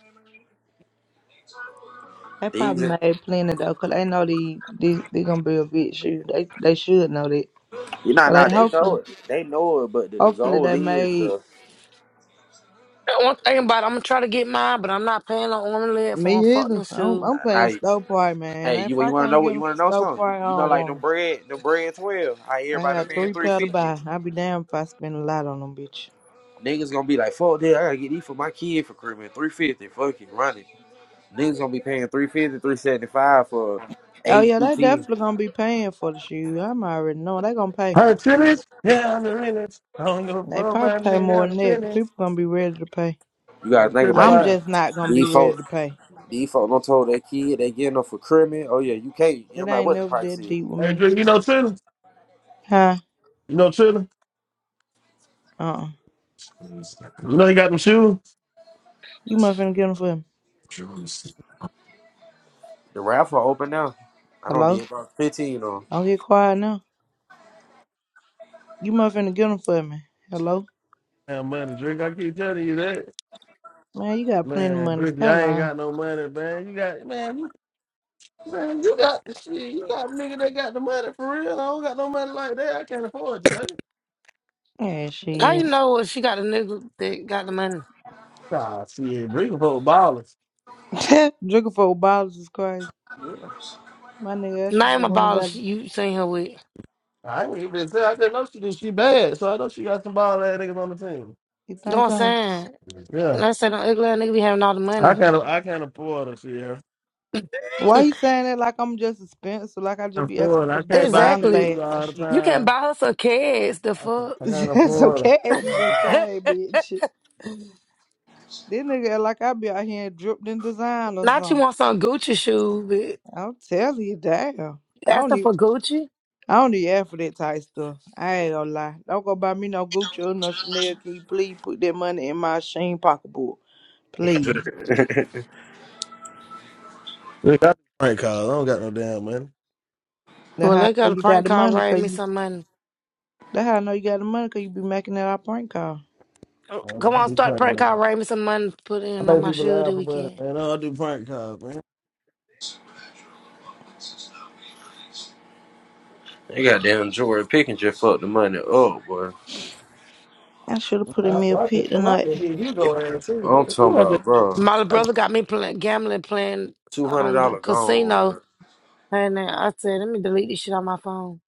Speaker 1: they
Speaker 15: These.
Speaker 1: probably made plenty though, 'cause they know they they they gonna be a big shoe. They they should know that.
Speaker 15: You know,
Speaker 1: So
Speaker 15: nah, nah,
Speaker 1: they
Speaker 15: they know
Speaker 1: hopefully
Speaker 15: it. They know it, but the, the
Speaker 1: hopefully
Speaker 15: goal
Speaker 1: they
Speaker 15: is
Speaker 1: made
Speaker 15: the
Speaker 9: One thing about it, I'm gonna try to get mine, but I'm not paying on one leg for a
Speaker 1: me either.
Speaker 9: fucking
Speaker 1: I'm
Speaker 9: shoe.
Speaker 1: I'm playing
Speaker 15: now.
Speaker 1: Stove Party, man.
Speaker 15: Hey, you
Speaker 1: If I
Speaker 15: you want to
Speaker 1: can't
Speaker 15: know what
Speaker 1: get
Speaker 15: you
Speaker 1: them
Speaker 15: want
Speaker 1: for
Speaker 15: to know?
Speaker 1: Stove
Speaker 15: Something
Speaker 1: Party, I
Speaker 15: you, you know,
Speaker 1: don't
Speaker 15: like
Speaker 1: want
Speaker 15: them
Speaker 1: 'em.
Speaker 15: bread, them bread twelve. I hear
Speaker 1: I
Speaker 15: everybody
Speaker 1: got
Speaker 15: paying
Speaker 1: three
Speaker 15: three
Speaker 1: pair to
Speaker 15: fifty.
Speaker 1: buy. I'll be damned if I spend a lot on them, bitch.
Speaker 15: Niggas gonna be like, fuck that. I gotta get these for my kid for Christmas. Three fifty, fucking running. Niggas gonna be paying three fifty, three seventy five for
Speaker 1: Oh
Speaker 15: eight
Speaker 1: yeah,
Speaker 15: through
Speaker 1: they
Speaker 15: ten.
Speaker 1: definitely gonna be paying for the shoes. I'm already knowing they gonna
Speaker 16: I'm
Speaker 1: pay.
Speaker 16: Her finish? Yeah, I'm the finish. I don't give a
Speaker 1: They
Speaker 16: fuck
Speaker 1: probably
Speaker 16: about
Speaker 1: pay
Speaker 16: me.
Speaker 1: more
Speaker 16: I'm
Speaker 1: than
Speaker 16: the
Speaker 1: that.
Speaker 16: finish.
Speaker 1: People gonna be ready to pay.
Speaker 15: You gotta
Speaker 16: I'm
Speaker 15: think
Speaker 16: the
Speaker 15: about
Speaker 1: I'm
Speaker 16: by
Speaker 15: it.
Speaker 16: boy.
Speaker 1: just not gonna be
Speaker 15: These
Speaker 1: ready
Speaker 15: folks,
Speaker 1: to pay.
Speaker 15: these folks don't told their kid they getting them for Christmas. Oh yeah, you can't. You know, no
Speaker 1: It
Speaker 15: matter
Speaker 1: ain't
Speaker 15: what the
Speaker 1: never
Speaker 15: price
Speaker 1: that
Speaker 15: is.
Speaker 1: deep with
Speaker 16: Hey,
Speaker 1: me.
Speaker 16: Drew, you know Tiller?
Speaker 1: Huh?
Speaker 16: You know Tiller?
Speaker 1: Uh. uh
Speaker 16: You know he got them shoes?
Speaker 1: You must finna get them for me.
Speaker 15: The raffle open now. I don't
Speaker 1: Hello?
Speaker 15: did about fifteen on.
Speaker 1: Don't get quiet now. You must finna get them for me. Hello?
Speaker 16: Man, money, Drake. I keep telling you that.
Speaker 1: Man, you got plenty of
Speaker 16: Man,
Speaker 1: money.
Speaker 16: Drinky,
Speaker 1: Stop
Speaker 16: I ain't
Speaker 1: lying.
Speaker 16: got no money, man. You got, man, you, man, you got the shit. You got nigga that got the money for real. I don't got no money like that. I can't afford you, baby.
Speaker 1: Yeah,
Speaker 9: How you
Speaker 1: shit.
Speaker 9: know if she got a nigga that got the money?
Speaker 16: Nah, shit, Drinky for ballers.
Speaker 1: (laughs) Drinking for bottles is crazy.
Speaker 16: Yeah.
Speaker 1: My nigga, that's what
Speaker 9: Name
Speaker 1: just
Speaker 9: a
Speaker 1: went and
Speaker 9: baller
Speaker 1: got.
Speaker 9: she- you seen her with. You
Speaker 16: I ain't even say I didn't know she did. She bad, so I know she got some ball ass niggas on the team.
Speaker 1: You
Speaker 9: know what
Speaker 1: think
Speaker 9: I'm
Speaker 1: so?
Speaker 9: saying?
Speaker 16: Yeah.
Speaker 9: I said, an ugly ass nigga be having all the
Speaker 16: I
Speaker 9: money.
Speaker 16: can't. I can't afford it, Sierra.
Speaker 1: Why you
Speaker 9: (laughs)
Speaker 1: saying that like I'm just expensive? Like I
Speaker 16: I
Speaker 1: just
Speaker 16: can't
Speaker 1: be asking
Speaker 16: afford it.
Speaker 1: for
Speaker 16: I
Speaker 1: the
Speaker 16: can't buy
Speaker 1: designer
Speaker 16: shoes
Speaker 9: exactly.
Speaker 1: bags and
Speaker 16: all the
Speaker 1: shit.
Speaker 9: You can
Speaker 16: time.
Speaker 9: buy her some kids, the
Speaker 16: I can't.
Speaker 9: fuck.
Speaker 16: I can't
Speaker 1: (laughs) so
Speaker 16: afford it.
Speaker 1: cash is
Speaker 9: (laughs)
Speaker 1: insane, bitch. This nigga act like I be out here and dripped in design or
Speaker 9: Not you
Speaker 1: something.
Speaker 9: want some Gucci shoe,
Speaker 1: I'm telling you, damn.
Speaker 9: but
Speaker 1: I
Speaker 9: ask
Speaker 1: don't
Speaker 9: her
Speaker 1: even
Speaker 9: for Gucci.
Speaker 1: I don't even ask for that type stuff. I ain't gonna lie. Don't go buy me no Gucci or no Chanel. Can you please put that money in my Sheen pocketbook? Please.
Speaker 15: (laughs)
Speaker 16: Look, I do prank calls. I don't got no damn money.
Speaker 1: That's
Speaker 9: Well,
Speaker 1: how
Speaker 9: they
Speaker 1: I
Speaker 9: got
Speaker 1: know
Speaker 9: a
Speaker 1: you got
Speaker 9: prank
Speaker 1: the
Speaker 9: call,
Speaker 1: money,
Speaker 9: raise
Speaker 1: cause
Speaker 9: me
Speaker 1: you
Speaker 9: some money.
Speaker 1: that's how I know you got the money, cause you be making that our prank call.
Speaker 16: Man,
Speaker 9: Come
Speaker 16: I
Speaker 9: on,
Speaker 16: do
Speaker 9: start
Speaker 16: prank
Speaker 9: praying. Call
Speaker 16: calls.
Speaker 9: Ray me some money to put in
Speaker 16: I
Speaker 9: on
Speaker 16: make
Speaker 9: my
Speaker 16: people
Speaker 9: shoe
Speaker 16: laugh
Speaker 9: that
Speaker 16: for money,
Speaker 9: weekend.
Speaker 16: man. I don't do prank calls, man.
Speaker 15: They got damn Jordan Pickens just fucked the money up, boy.
Speaker 1: I should have put
Speaker 16: I,
Speaker 1: in me a
Speaker 16: I, just,
Speaker 1: pit
Speaker 16: I
Speaker 1: tonight.
Speaker 16: just hit Hugo ass too.
Speaker 15: I'm
Speaker 16: You
Speaker 15: talking
Speaker 16: know,
Speaker 15: about, bro.
Speaker 9: My little
Speaker 16: I just,
Speaker 9: brother got me playing gambling, playing
Speaker 15: Two hundred
Speaker 9: on the
Speaker 15: dollar gone,
Speaker 9: casino,
Speaker 15: bro.
Speaker 9: and then I said, "Let me delete this shit on my phone."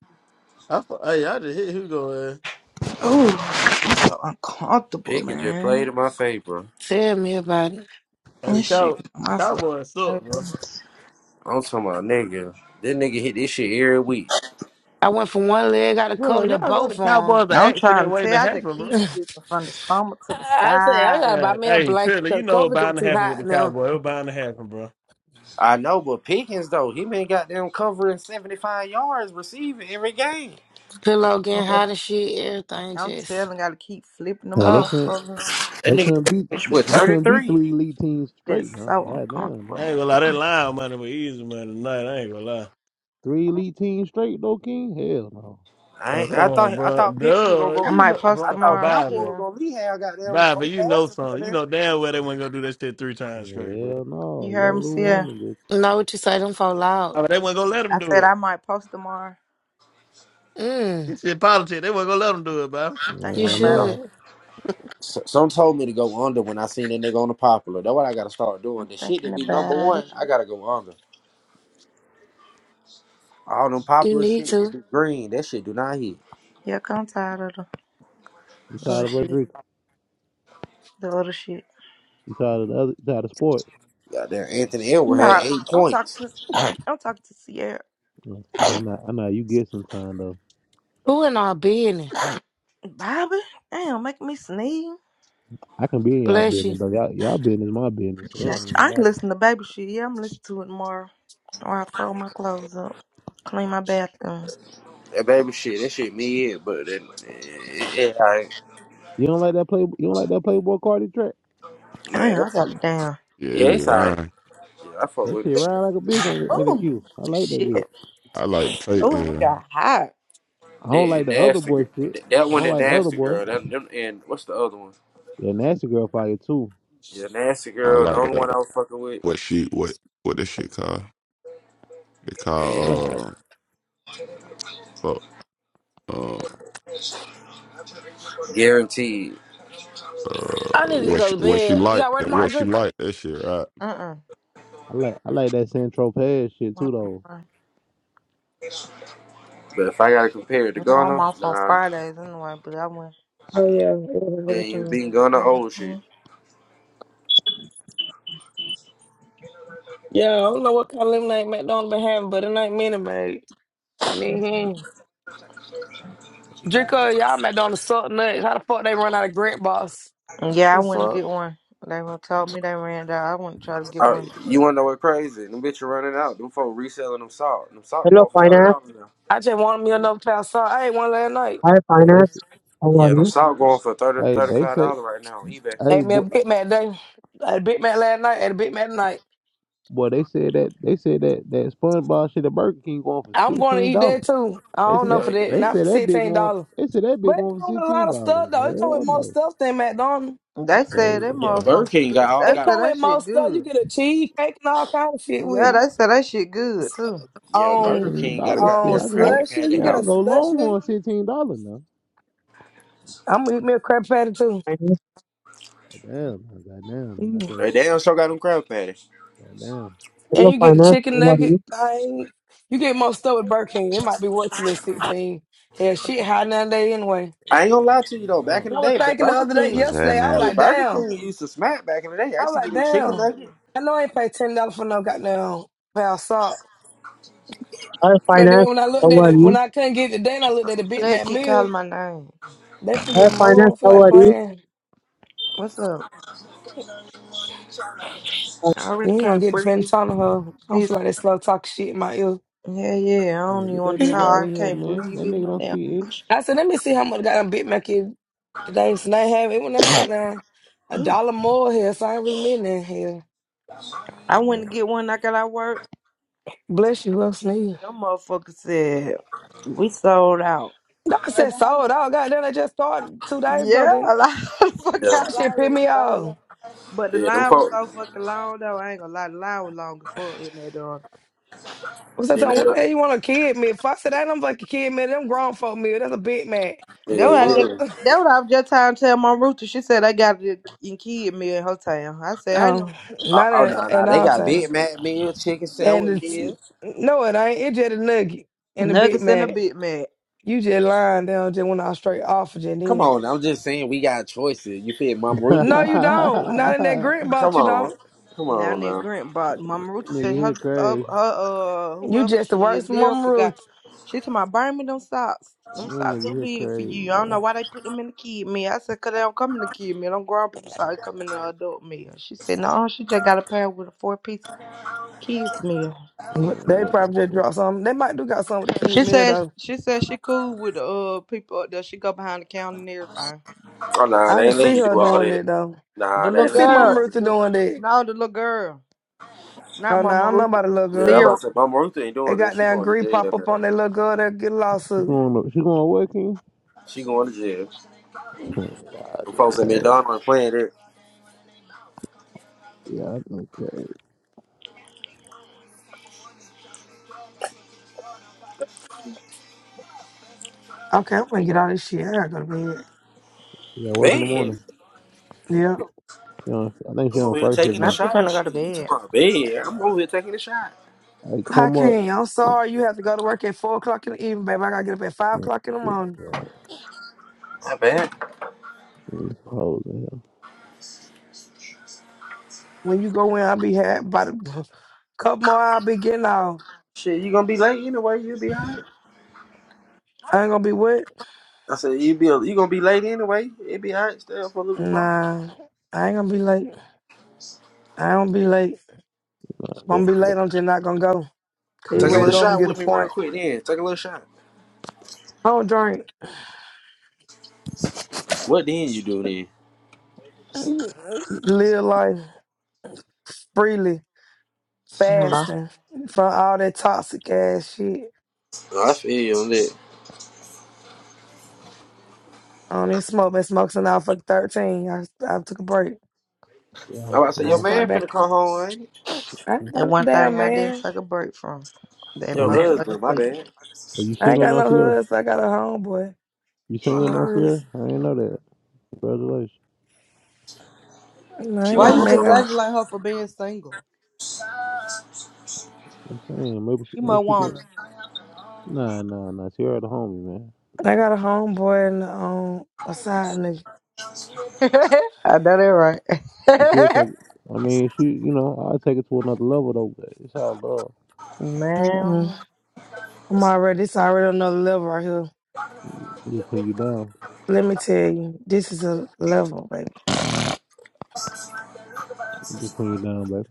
Speaker 16: I, I, hey, I just hit Hugo ass.
Speaker 1: Ooh. so uncomfortable,
Speaker 15: Pickens just played
Speaker 1: man.
Speaker 15: in my favor.
Speaker 9: Tell me about it.
Speaker 16: Hey, the
Speaker 1: This shit,
Speaker 16: cow,
Speaker 1: get on my fucking
Speaker 16: Cowboys suck,
Speaker 1: nerves.
Speaker 16: bro.
Speaker 15: I'm talking about, nigga. This nigga hit this shit every week.
Speaker 9: I went from one leg, got to
Speaker 16: Bro,
Speaker 9: cover to
Speaker 16: y'all know
Speaker 9: both
Speaker 16: the
Speaker 9: on.
Speaker 16: Cowboys are
Speaker 1: I'm
Speaker 16: accident
Speaker 1: trying to
Speaker 16: waiting to
Speaker 1: tell. I just
Speaker 16: happen,
Speaker 9: (laughs)
Speaker 16: bro.
Speaker 1: keep flipping from the stomach to the
Speaker 9: I said, "I
Speaker 1: side.
Speaker 9: gotta buy
Speaker 16: Yeah.
Speaker 9: me a
Speaker 16: Hey,
Speaker 9: blanket.
Speaker 16: Triller,
Speaker 9: 'cause
Speaker 16: you
Speaker 9: The
Speaker 16: know what
Speaker 9: covers are
Speaker 16: bound to
Speaker 9: too
Speaker 16: happen with the
Speaker 9: hot now.
Speaker 16: Cowboys. It was bound to happen, bro.
Speaker 15: I know, but Pickens though, he been goddamn covering seventy five yards receiving every game.
Speaker 9: Pillow getting
Speaker 16: (laughs)
Speaker 9: hot and shit. Everything
Speaker 1: I'm
Speaker 9: just
Speaker 1: telling, gotta keep flipping
Speaker 6: N.
Speaker 1: them
Speaker 6: Yeah, they
Speaker 9: ugh.
Speaker 1: up.
Speaker 6: couldn't.
Speaker 15: That
Speaker 6: They
Speaker 15: nigga
Speaker 6: couldn't beat.
Speaker 15: finished
Speaker 6: They,
Speaker 15: with
Speaker 6: they
Speaker 15: thirty
Speaker 6: couldn't beat
Speaker 15: three.
Speaker 6: three elite teams straight
Speaker 1: It's
Speaker 6: now.
Speaker 1: so
Speaker 6: Goddamn. Man.
Speaker 1: uncomfortable,
Speaker 16: I ain't gonna lie, that
Speaker 1: man.
Speaker 16: line money was easy money tonight. I ain't gonna lie.
Speaker 6: Three elite teams straight though, King. Hell no.
Speaker 15: I
Speaker 16: Oh,
Speaker 15: ain't, I
Speaker 16: come on,
Speaker 15: thought I
Speaker 16: bro.
Speaker 15: thought Pickens was gonna
Speaker 16: Duh,
Speaker 1: I
Speaker 15: go.
Speaker 16: you
Speaker 1: might
Speaker 16: know,
Speaker 1: post
Speaker 15: I I
Speaker 16: bro,
Speaker 15: thought
Speaker 1: tomorrow,
Speaker 15: Cowboy
Speaker 16: Bobby,
Speaker 15: was
Speaker 1: Sierra.
Speaker 15: gonna lead have goddamn
Speaker 16: Bobby,
Speaker 15: four
Speaker 16: you know
Speaker 15: passes for
Speaker 16: something. You
Speaker 15: them.
Speaker 16: know damn well they weren't gonna do that shit three times straight, bro.
Speaker 6: Hell no.
Speaker 1: You
Speaker 6: You got to
Speaker 1: heard
Speaker 6: lose
Speaker 1: me,
Speaker 6: one of
Speaker 1: Sierra?
Speaker 6: them,
Speaker 9: Know what you say? Them fall loud.
Speaker 16: I mean, they weren't gonna let
Speaker 1: I
Speaker 16: them do
Speaker 1: said
Speaker 16: it.
Speaker 1: I might post tomorrow.
Speaker 9: Mm,
Speaker 16: It's in politics. They weren't gonna let them do it, Bobby.
Speaker 1: I'm
Speaker 9: you
Speaker 6: bitch.
Speaker 1: thinking
Speaker 6: Hell
Speaker 1: about
Speaker 15: Yeah.
Speaker 1: it.
Speaker 6: no.
Speaker 9: should.
Speaker 15: S- Some told me to go under when I seen that nigga on the popular. That's what I gotta start doing.
Speaker 1: I'm
Speaker 15: The shit
Speaker 1: thinking
Speaker 15: that be number
Speaker 1: about
Speaker 15: one,
Speaker 1: it.
Speaker 15: I gotta go under. All them
Speaker 9: You
Speaker 15: popular
Speaker 9: need
Speaker 15: shit that
Speaker 9: to.
Speaker 15: be green, that shit do not hit.
Speaker 1: Yeah, 'cause I'm tired of
Speaker 6: You
Speaker 1: the
Speaker 6: tired
Speaker 1: other
Speaker 6: of what
Speaker 1: shit.
Speaker 6: Drake?
Speaker 1: The other shit.
Speaker 6: You tired of the other? You tired of sports?
Speaker 15: Goddamn, Anthony Edwards had
Speaker 1: No,
Speaker 15: eight
Speaker 1: I'm
Speaker 15: points.
Speaker 1: talking to (coughs) I'm talking to Sierra.
Speaker 6: No, nah, nah, nah. You get some time though.
Speaker 9: Who in our business?
Speaker 1: Bobby, damn, making me sneeze.
Speaker 6: I can be in y'all
Speaker 9: Bless you.
Speaker 6: business, but y'all y'all business my business, so it don't
Speaker 1: Appreciate you.
Speaker 6: even
Speaker 1: I ain't
Speaker 6: matter.
Speaker 1: listening to baby shit. Yeah, I'm listening to it tomorrow while I fold my clothes up, clean my bathroom.
Speaker 15: That baby shit, that shit me in, but that, yeah, alright,
Speaker 6: You don't like that play you don't like that Playboy Cardi track?
Speaker 15: man.
Speaker 1: Damn, I
Speaker 15: That's,
Speaker 1: got it down.
Speaker 7: yeah,
Speaker 15: yeah,
Speaker 7: it be
Speaker 15: it's alright.
Speaker 7: lying.
Speaker 15: Yeah, I fuck
Speaker 6: That
Speaker 15: with it.
Speaker 6: shit ride like a bitch ain't ain't it
Speaker 1: Oh,
Speaker 6: cute. I like that bitch.
Speaker 1: shit.
Speaker 7: I like to take
Speaker 1: Oh, I
Speaker 7: uh,
Speaker 1: got hot.
Speaker 6: I don't
Speaker 15: That
Speaker 6: like
Speaker 15: and
Speaker 6: the other
Speaker 15: nasty,
Speaker 6: boy
Speaker 15: Gir-
Speaker 6: shit.
Speaker 15: that, that
Speaker 6: I
Speaker 15: one
Speaker 6: don't
Speaker 15: and
Speaker 6: like other
Speaker 15: nasty
Speaker 6: boy.
Speaker 15: girl. That them and what's the other one?
Speaker 6: Yeah, nasty girl fire too.
Speaker 15: Yeah, nasty
Speaker 7: I
Speaker 15: girl. The
Speaker 7: like
Speaker 15: only
Speaker 7: uh,
Speaker 15: one I was fucking with,
Speaker 7: what she what what this shit called? It
Speaker 6: I
Speaker 15: and
Speaker 6: like
Speaker 7: called uh fuck uh,
Speaker 15: guaranteed.
Speaker 9: I
Speaker 7: uh
Speaker 9: need to
Speaker 7: what she
Speaker 9: go to
Speaker 7: what she
Speaker 9: bed. You
Speaker 7: like
Speaker 9: got ready tomorrow,
Speaker 7: what she
Speaker 9: drink?
Speaker 7: like that shit right
Speaker 1: Uh-uh.
Speaker 6: I like I like that San Tropez shit too
Speaker 1: Not
Speaker 6: though.
Speaker 1: tomorrow.
Speaker 15: But if I gotta compare it to
Speaker 1: You know, I'm
Speaker 15: Ghana,
Speaker 1: off on
Speaker 15: nah.
Speaker 1: Fridays anyway, but I went.
Speaker 9: Oh yeah, it was
Speaker 15: Yeah, you
Speaker 9: overtime.
Speaker 15: been on the
Speaker 1: I went
Speaker 15: old shit.
Speaker 1: mm.
Speaker 9: Yeah, I don't know what kind of lemonade McDonald's been having, but it ain't mini made. And then hmm.
Speaker 6: Come on,
Speaker 9: Drinker, y'all McDonald's salt nuts. How the fuck they run out of Grant Boss?
Speaker 1: yeah, I
Speaker 9: The
Speaker 1: went and
Speaker 9: fuck?
Speaker 1: get one. They were told me they ran out. I went to try to get
Speaker 15: All right,
Speaker 1: one.
Speaker 15: you wanna know what crazy? Them bitch are running out. Them folk reselling them salt. Them salt
Speaker 17: Hello,
Speaker 15: going for thirty
Speaker 17: finance.
Speaker 15: dollars now.
Speaker 9: I just wanted me another pound of salt. I ate one last night.
Speaker 17: Hi,
Speaker 6: Boy, they say,
Speaker 17: finance. How are
Speaker 15: Yeah, them
Speaker 17: you?
Speaker 15: salt going for 30
Speaker 6: hey
Speaker 15: thirty
Speaker 6: they
Speaker 15: five
Speaker 6: say
Speaker 15: dollars right now on eBay.
Speaker 6: hey
Speaker 9: Ate me a
Speaker 6: boy,
Speaker 9: Big Mac day. I had a Big Mac last night. Ate a Big Mac tonight.
Speaker 6: boy they said that they said that that SpongeBob shit at Burger King going for
Speaker 9: I'm going to
Speaker 6: sixteen
Speaker 9: eat
Speaker 6: dollars.
Speaker 9: that too. I
Speaker 6: They
Speaker 9: don't
Speaker 6: said
Speaker 9: know
Speaker 6: that
Speaker 15: Oh
Speaker 9: for
Speaker 15: yeah,
Speaker 9: that.
Speaker 6: they
Speaker 15: yeah.
Speaker 9: Not for
Speaker 6: said that big
Speaker 9: sixteen
Speaker 6: one
Speaker 9: dollars.
Speaker 6: they said that big
Speaker 9: But it
Speaker 6: one for
Speaker 9: come with a
Speaker 6: sixteen
Speaker 9: lot of stuff
Speaker 6: dollars.
Speaker 9: though. It come
Speaker 6: Hell
Speaker 9: with more
Speaker 6: no.
Speaker 9: stuff than McDonald's.
Speaker 1: They said that
Speaker 15: Yeah,
Speaker 6: Crazy.
Speaker 15: Burger
Speaker 1: motherfucker
Speaker 15: King
Speaker 1: good.
Speaker 15: got all
Speaker 1: They
Speaker 9: It
Speaker 15: got.
Speaker 1: said
Speaker 9: come
Speaker 1: that
Speaker 9: with
Speaker 1: shit
Speaker 9: most stuff. You
Speaker 1: good.
Speaker 9: get a cheesecake and all kind of shit with
Speaker 1: Yeah,
Speaker 9: it.
Speaker 1: they said that shit good, too.
Speaker 15: Yeah, Burger
Speaker 9: On
Speaker 6: Ten
Speaker 15: King got a
Speaker 6: dollars shit.
Speaker 9: on
Speaker 15: goddamn
Speaker 6: I go
Speaker 15: Krabby
Speaker 9: slushy,
Speaker 15: Patty
Speaker 9: you
Speaker 6: and
Speaker 9: get
Speaker 6: I
Speaker 9: a
Speaker 15: house.
Speaker 6: go
Speaker 9: slushy.
Speaker 6: Longhorn sixteen dollars now.
Speaker 9: I'm gonna eat me a crab patty too.
Speaker 17: Finance.
Speaker 6: Damn, goddamn. I
Speaker 9: Mm.
Speaker 15: They
Speaker 6: go
Speaker 15: damn sure got them Krabby Patties.
Speaker 6: goddamn.
Speaker 9: And
Speaker 17: Hello,
Speaker 9: you get the
Speaker 17: finance.
Speaker 9: chicken
Speaker 17: How are
Speaker 9: nugget
Speaker 17: you?
Speaker 9: thing. You get most stuff with Burger King. It might be worth a little sixteen. Hell, shit high nowadays anyway.
Speaker 15: I ain't gonna lie to you though. Back
Speaker 6: Oh.
Speaker 15: in the
Speaker 9: I was
Speaker 15: day, but
Speaker 9: thinking the
Speaker 15: Burger
Speaker 9: other day,
Speaker 15: King,
Speaker 18: What's
Speaker 9: yesterday, I was
Speaker 18: happening?
Speaker 15: hey,
Speaker 9: like,
Speaker 15: Burger
Speaker 9: damn.
Speaker 15: King used to smack back in the day. I
Speaker 9: I
Speaker 15: used
Speaker 9: was
Speaker 15: to get
Speaker 9: like,
Speaker 15: them chicken
Speaker 9: damn.
Speaker 15: nuggets.
Speaker 9: I know I ain't paid ten dollars for no goddamn pound salt.
Speaker 17: Hi,
Speaker 9: But
Speaker 17: finance.
Speaker 9: then when I
Speaker 17: How
Speaker 9: looked at
Speaker 17: are
Speaker 9: it,
Speaker 17: you?
Speaker 9: when I couldn't get it today, and I looked at the Big
Speaker 1: They
Speaker 9: Mac
Speaker 1: keep
Speaker 9: meal,
Speaker 1: calling my name.
Speaker 9: they finna get
Speaker 17: Hi,
Speaker 9: removed. I
Speaker 17: finance.
Speaker 9: don't feel
Speaker 17: How
Speaker 9: like
Speaker 17: are you?
Speaker 9: playing.
Speaker 1: What's up? I already
Speaker 9: You ain't gonna
Speaker 1: can't
Speaker 9: get the friend
Speaker 1: breathe.
Speaker 9: talking to her. I don't feel
Speaker 1: He's,
Speaker 9: like that slow talk shit in my ear.
Speaker 1: yeah, yeah. I don't
Speaker 6: man,
Speaker 1: even
Speaker 6: Get that
Speaker 1: want to
Speaker 9: (laughs)
Speaker 6: nigga out
Speaker 1: talk.
Speaker 6: of
Speaker 1: I
Speaker 6: here,
Speaker 1: can't
Speaker 6: man.
Speaker 1: breathe
Speaker 6: That
Speaker 1: in
Speaker 6: nigga
Speaker 1: my
Speaker 6: don't
Speaker 1: damn
Speaker 6: speak English.
Speaker 1: nostrils.
Speaker 9: I said, let me see how much goddamn Big Mac is today. So they have it when them goddamn a dollar more here, so I ain't really mean that here.
Speaker 1: I went to get one. I got out of work.
Speaker 9: Bless you, who else need?
Speaker 1: Them motherfuckers said we sold out.
Speaker 9: No, I
Speaker 1: Baby,
Speaker 9: said
Speaker 1: how the-
Speaker 9: sold out. Goddamn, they just started two days ago,
Speaker 1: yeah,
Speaker 9: then.
Speaker 1: a lot (laughs) of the fuck
Speaker 15: Yeah,
Speaker 1: y'all
Speaker 9: That shit pissed
Speaker 1: already
Speaker 9: me
Speaker 1: sold
Speaker 9: off.
Speaker 1: out. But the
Speaker 15: yeah, them
Speaker 1: line was
Speaker 15: folk.
Speaker 1: so fucking long though. I ain't gonna lie, the line was long before it made on.
Speaker 9: What's that
Speaker 15: Then they,
Speaker 9: time? What the hell you want a kid meal? If I said that, I'm like a kid meal. Them grown folk meal. That's a Big Mac.
Speaker 1: That
Speaker 9: The
Speaker 1: what I
Speaker 15: yeah, yeah.
Speaker 1: just.
Speaker 9: fuck?
Speaker 1: That what I was just trying to tell my rooster. She said I got it in kid me in her town. I
Speaker 9: (laughs)
Speaker 1: said I
Speaker 9: oh,
Speaker 1: know
Speaker 15: Oh,
Speaker 9: not
Speaker 15: oh no,
Speaker 9: at,
Speaker 15: no,
Speaker 9: at
Speaker 15: they
Speaker 9: all
Speaker 15: got
Speaker 9: time.
Speaker 15: Big Mac meal, chicken
Speaker 9: And
Speaker 15: sandwich
Speaker 9: it's,
Speaker 15: meal.
Speaker 9: no, it ain't. It's just a nugget and a Big
Speaker 1: nuggets in a
Speaker 9: Mac.
Speaker 1: bit, man.
Speaker 9: You just lying down just went out straight off of
Speaker 15: Come
Speaker 9: Janine.
Speaker 15: on, I'm just saying we got choices. You fit Mom
Speaker 6: (laughs)
Speaker 15: Ruthie
Speaker 9: No, you
Speaker 15: line.
Speaker 9: don't. Not in that grant
Speaker 6: that
Speaker 15: Come
Speaker 9: box, you
Speaker 15: on,
Speaker 9: don't.
Speaker 15: come
Speaker 1: Now
Speaker 15: on
Speaker 1: that
Speaker 15: now.
Speaker 1: Grant bought Mama Ruta
Speaker 6: nigga
Speaker 1: said
Speaker 6: here
Speaker 1: her uh, her
Speaker 6: crazy.
Speaker 1: uh
Speaker 9: You
Speaker 1: whoever
Speaker 9: just the
Speaker 1: she
Speaker 9: worst
Speaker 1: is,
Speaker 9: mama
Speaker 1: lyrical guy.
Speaker 9: Ruth.
Speaker 1: She told my buy me them socks.
Speaker 6: That
Speaker 1: Them socks too
Speaker 6: nigga here
Speaker 1: big for
Speaker 6: crazy,
Speaker 1: you. I don't
Speaker 6: boy.
Speaker 1: know why they put them in the kid meal. I said, 'Cause they don't come in the kid meal. Them grown people socks come in the adult meal. She said, No, she just got a pair with a four piece kids meal.
Speaker 9: But
Speaker 6: Man,
Speaker 9: They
Speaker 6: what the
Speaker 9: probably just
Speaker 6: fuck?
Speaker 9: dropped something. They might do got something with the kid
Speaker 1: She
Speaker 9: meal
Speaker 1: said
Speaker 9: though.
Speaker 1: she said she cool with the uh people up there. She go behind the counter and everything.
Speaker 15: Oh no,
Speaker 9: I
Speaker 15: they
Speaker 9: can
Speaker 15: ain't letting
Speaker 9: see
Speaker 15: you
Speaker 9: her
Speaker 15: do all
Speaker 9: doing
Speaker 15: that.
Speaker 9: that though.
Speaker 1: The
Speaker 15: Nah,
Speaker 9: I
Speaker 15: they
Speaker 1: little
Speaker 9: can
Speaker 15: ain't
Speaker 9: see
Speaker 15: letting you do
Speaker 1: girl,
Speaker 9: Mama
Speaker 15: all that.
Speaker 9: Ruth
Speaker 1: the
Speaker 9: doing that.
Speaker 1: no, the little girl. Not
Speaker 9: Oh no, I
Speaker 1: Mama
Speaker 9: don't know
Speaker 1: Ruth.
Speaker 9: about the little
Speaker 15: Yeah, I'm
Speaker 9: girl.
Speaker 15: about
Speaker 1: Lyrical.
Speaker 15: to say Mama Ruth ain't
Speaker 9: They
Speaker 15: doing this.
Speaker 9: got
Speaker 15: She
Speaker 9: down
Speaker 15: going to
Speaker 9: green
Speaker 15: jail
Speaker 9: pop up
Speaker 15: now.
Speaker 9: on that little girl that get a
Speaker 6: She
Speaker 9: lawsuit.
Speaker 6: going to, she going to work in?
Speaker 15: She going to jail. The folks at McDonald's playing it.
Speaker 6: Yeah, okay.
Speaker 9: Okay, I'm gonna get all this shit. I gotta go to bed.
Speaker 6: She got work in the
Speaker 15: Bad.
Speaker 6: morning.
Speaker 9: Yeah.
Speaker 6: She on, I think she
Speaker 15: I'm
Speaker 6: on
Speaker 15: over here
Speaker 6: first shift
Speaker 15: taking a
Speaker 1: Not
Speaker 6: now.
Speaker 1: she
Speaker 15: shot and
Speaker 1: finna go to
Speaker 15: shit. You
Speaker 1: bed.
Speaker 15: talking about bad? I'm over here taking a shot.
Speaker 6: Hey, come up.
Speaker 9: Hakeem, I'm sorry you have to go to work at four o'clock in the evening, baby. I gotta get up at five o'clock in the morning.
Speaker 6: Oh,
Speaker 15: Not bad.
Speaker 6: these hoes in here.
Speaker 9: When you go in, I'll be happy. About a (laughs) couple more, I'll be getting off.
Speaker 15: Shit, you gonna be late anyway. You'll be alright.
Speaker 9: I ain't gonna be wet.
Speaker 15: I said you be you gonna be late anyway. It be alright. Stay up for a little bit more.
Speaker 9: Nah, I ain't gonna be late. I don't be late. If I'm be late, I'm just not gonna go. Cause either
Speaker 6: Yeah,
Speaker 15: Take a
Speaker 9: way
Speaker 6: got
Speaker 15: little
Speaker 9: go,
Speaker 6: the,
Speaker 9: I'm gonna
Speaker 15: shot
Speaker 9: get a
Speaker 15: with me real
Speaker 9: point.
Speaker 15: quick then. Take a little shot.
Speaker 9: I don't drink.
Speaker 15: What then you do then?
Speaker 9: Mm, Live life freely,
Speaker 1: Hello.
Speaker 9: fasting from all that toxic ass shit.
Speaker 15: Oh, I feel you on that.
Speaker 9: I don't even smoke. Been smoking since I was fucking 13. I, I took a break.
Speaker 6: yeah,
Speaker 15: I about to say,
Speaker 9: I
Speaker 15: your
Speaker 6: yeah.
Speaker 15: man
Speaker 9: start
Speaker 15: finna
Speaker 9: back.
Speaker 15: come home, ain't it?
Speaker 9: I ain't got
Speaker 1: That
Speaker 9: no
Speaker 1: one
Speaker 9: damn
Speaker 1: thing I didn't
Speaker 9: man.
Speaker 1: take a break from. That
Speaker 6: Are
Speaker 15: Your
Speaker 6: you,
Speaker 1: motherfucking
Speaker 15: husband, my
Speaker 1: weed.
Speaker 15: bad.
Speaker 6: are you
Speaker 9: I ain't
Speaker 6: single
Speaker 9: got
Speaker 6: now,
Speaker 9: no
Speaker 6: Sierra?
Speaker 9: husband. I got a homeboy.
Speaker 6: You single
Speaker 9: in
Speaker 6: now,
Speaker 15: Nah,
Speaker 9: Paris.
Speaker 6: Sierra? I ain't know that. Congratulations.
Speaker 9: No, I
Speaker 15: she
Speaker 9: ain't
Speaker 15: know
Speaker 1: Why
Speaker 9: got a
Speaker 15: what
Speaker 1: you
Speaker 15: I'm talking
Speaker 9: manga.
Speaker 15: about.
Speaker 1: congratulate her for being single?
Speaker 6: I'm saying maybe she
Speaker 1: You might
Speaker 6: maybe she
Speaker 1: want
Speaker 6: can Nah nah nah. Sierra the homie, man.
Speaker 9: I got a homeboy and um a side nigga.
Speaker 1: her. (laughs) I know that
Speaker 6: You could
Speaker 1: right.
Speaker 6: take I mean she you know, I'll take it to another level though, but it's all love.
Speaker 1: (laughs)
Speaker 9: Mm-mm.
Speaker 1: Man.
Speaker 9: I'm already this already another level right here.
Speaker 6: I'm just putting you down.
Speaker 9: Let me tell you, this is a level, baby.
Speaker 6: I'm just putting you down, baby.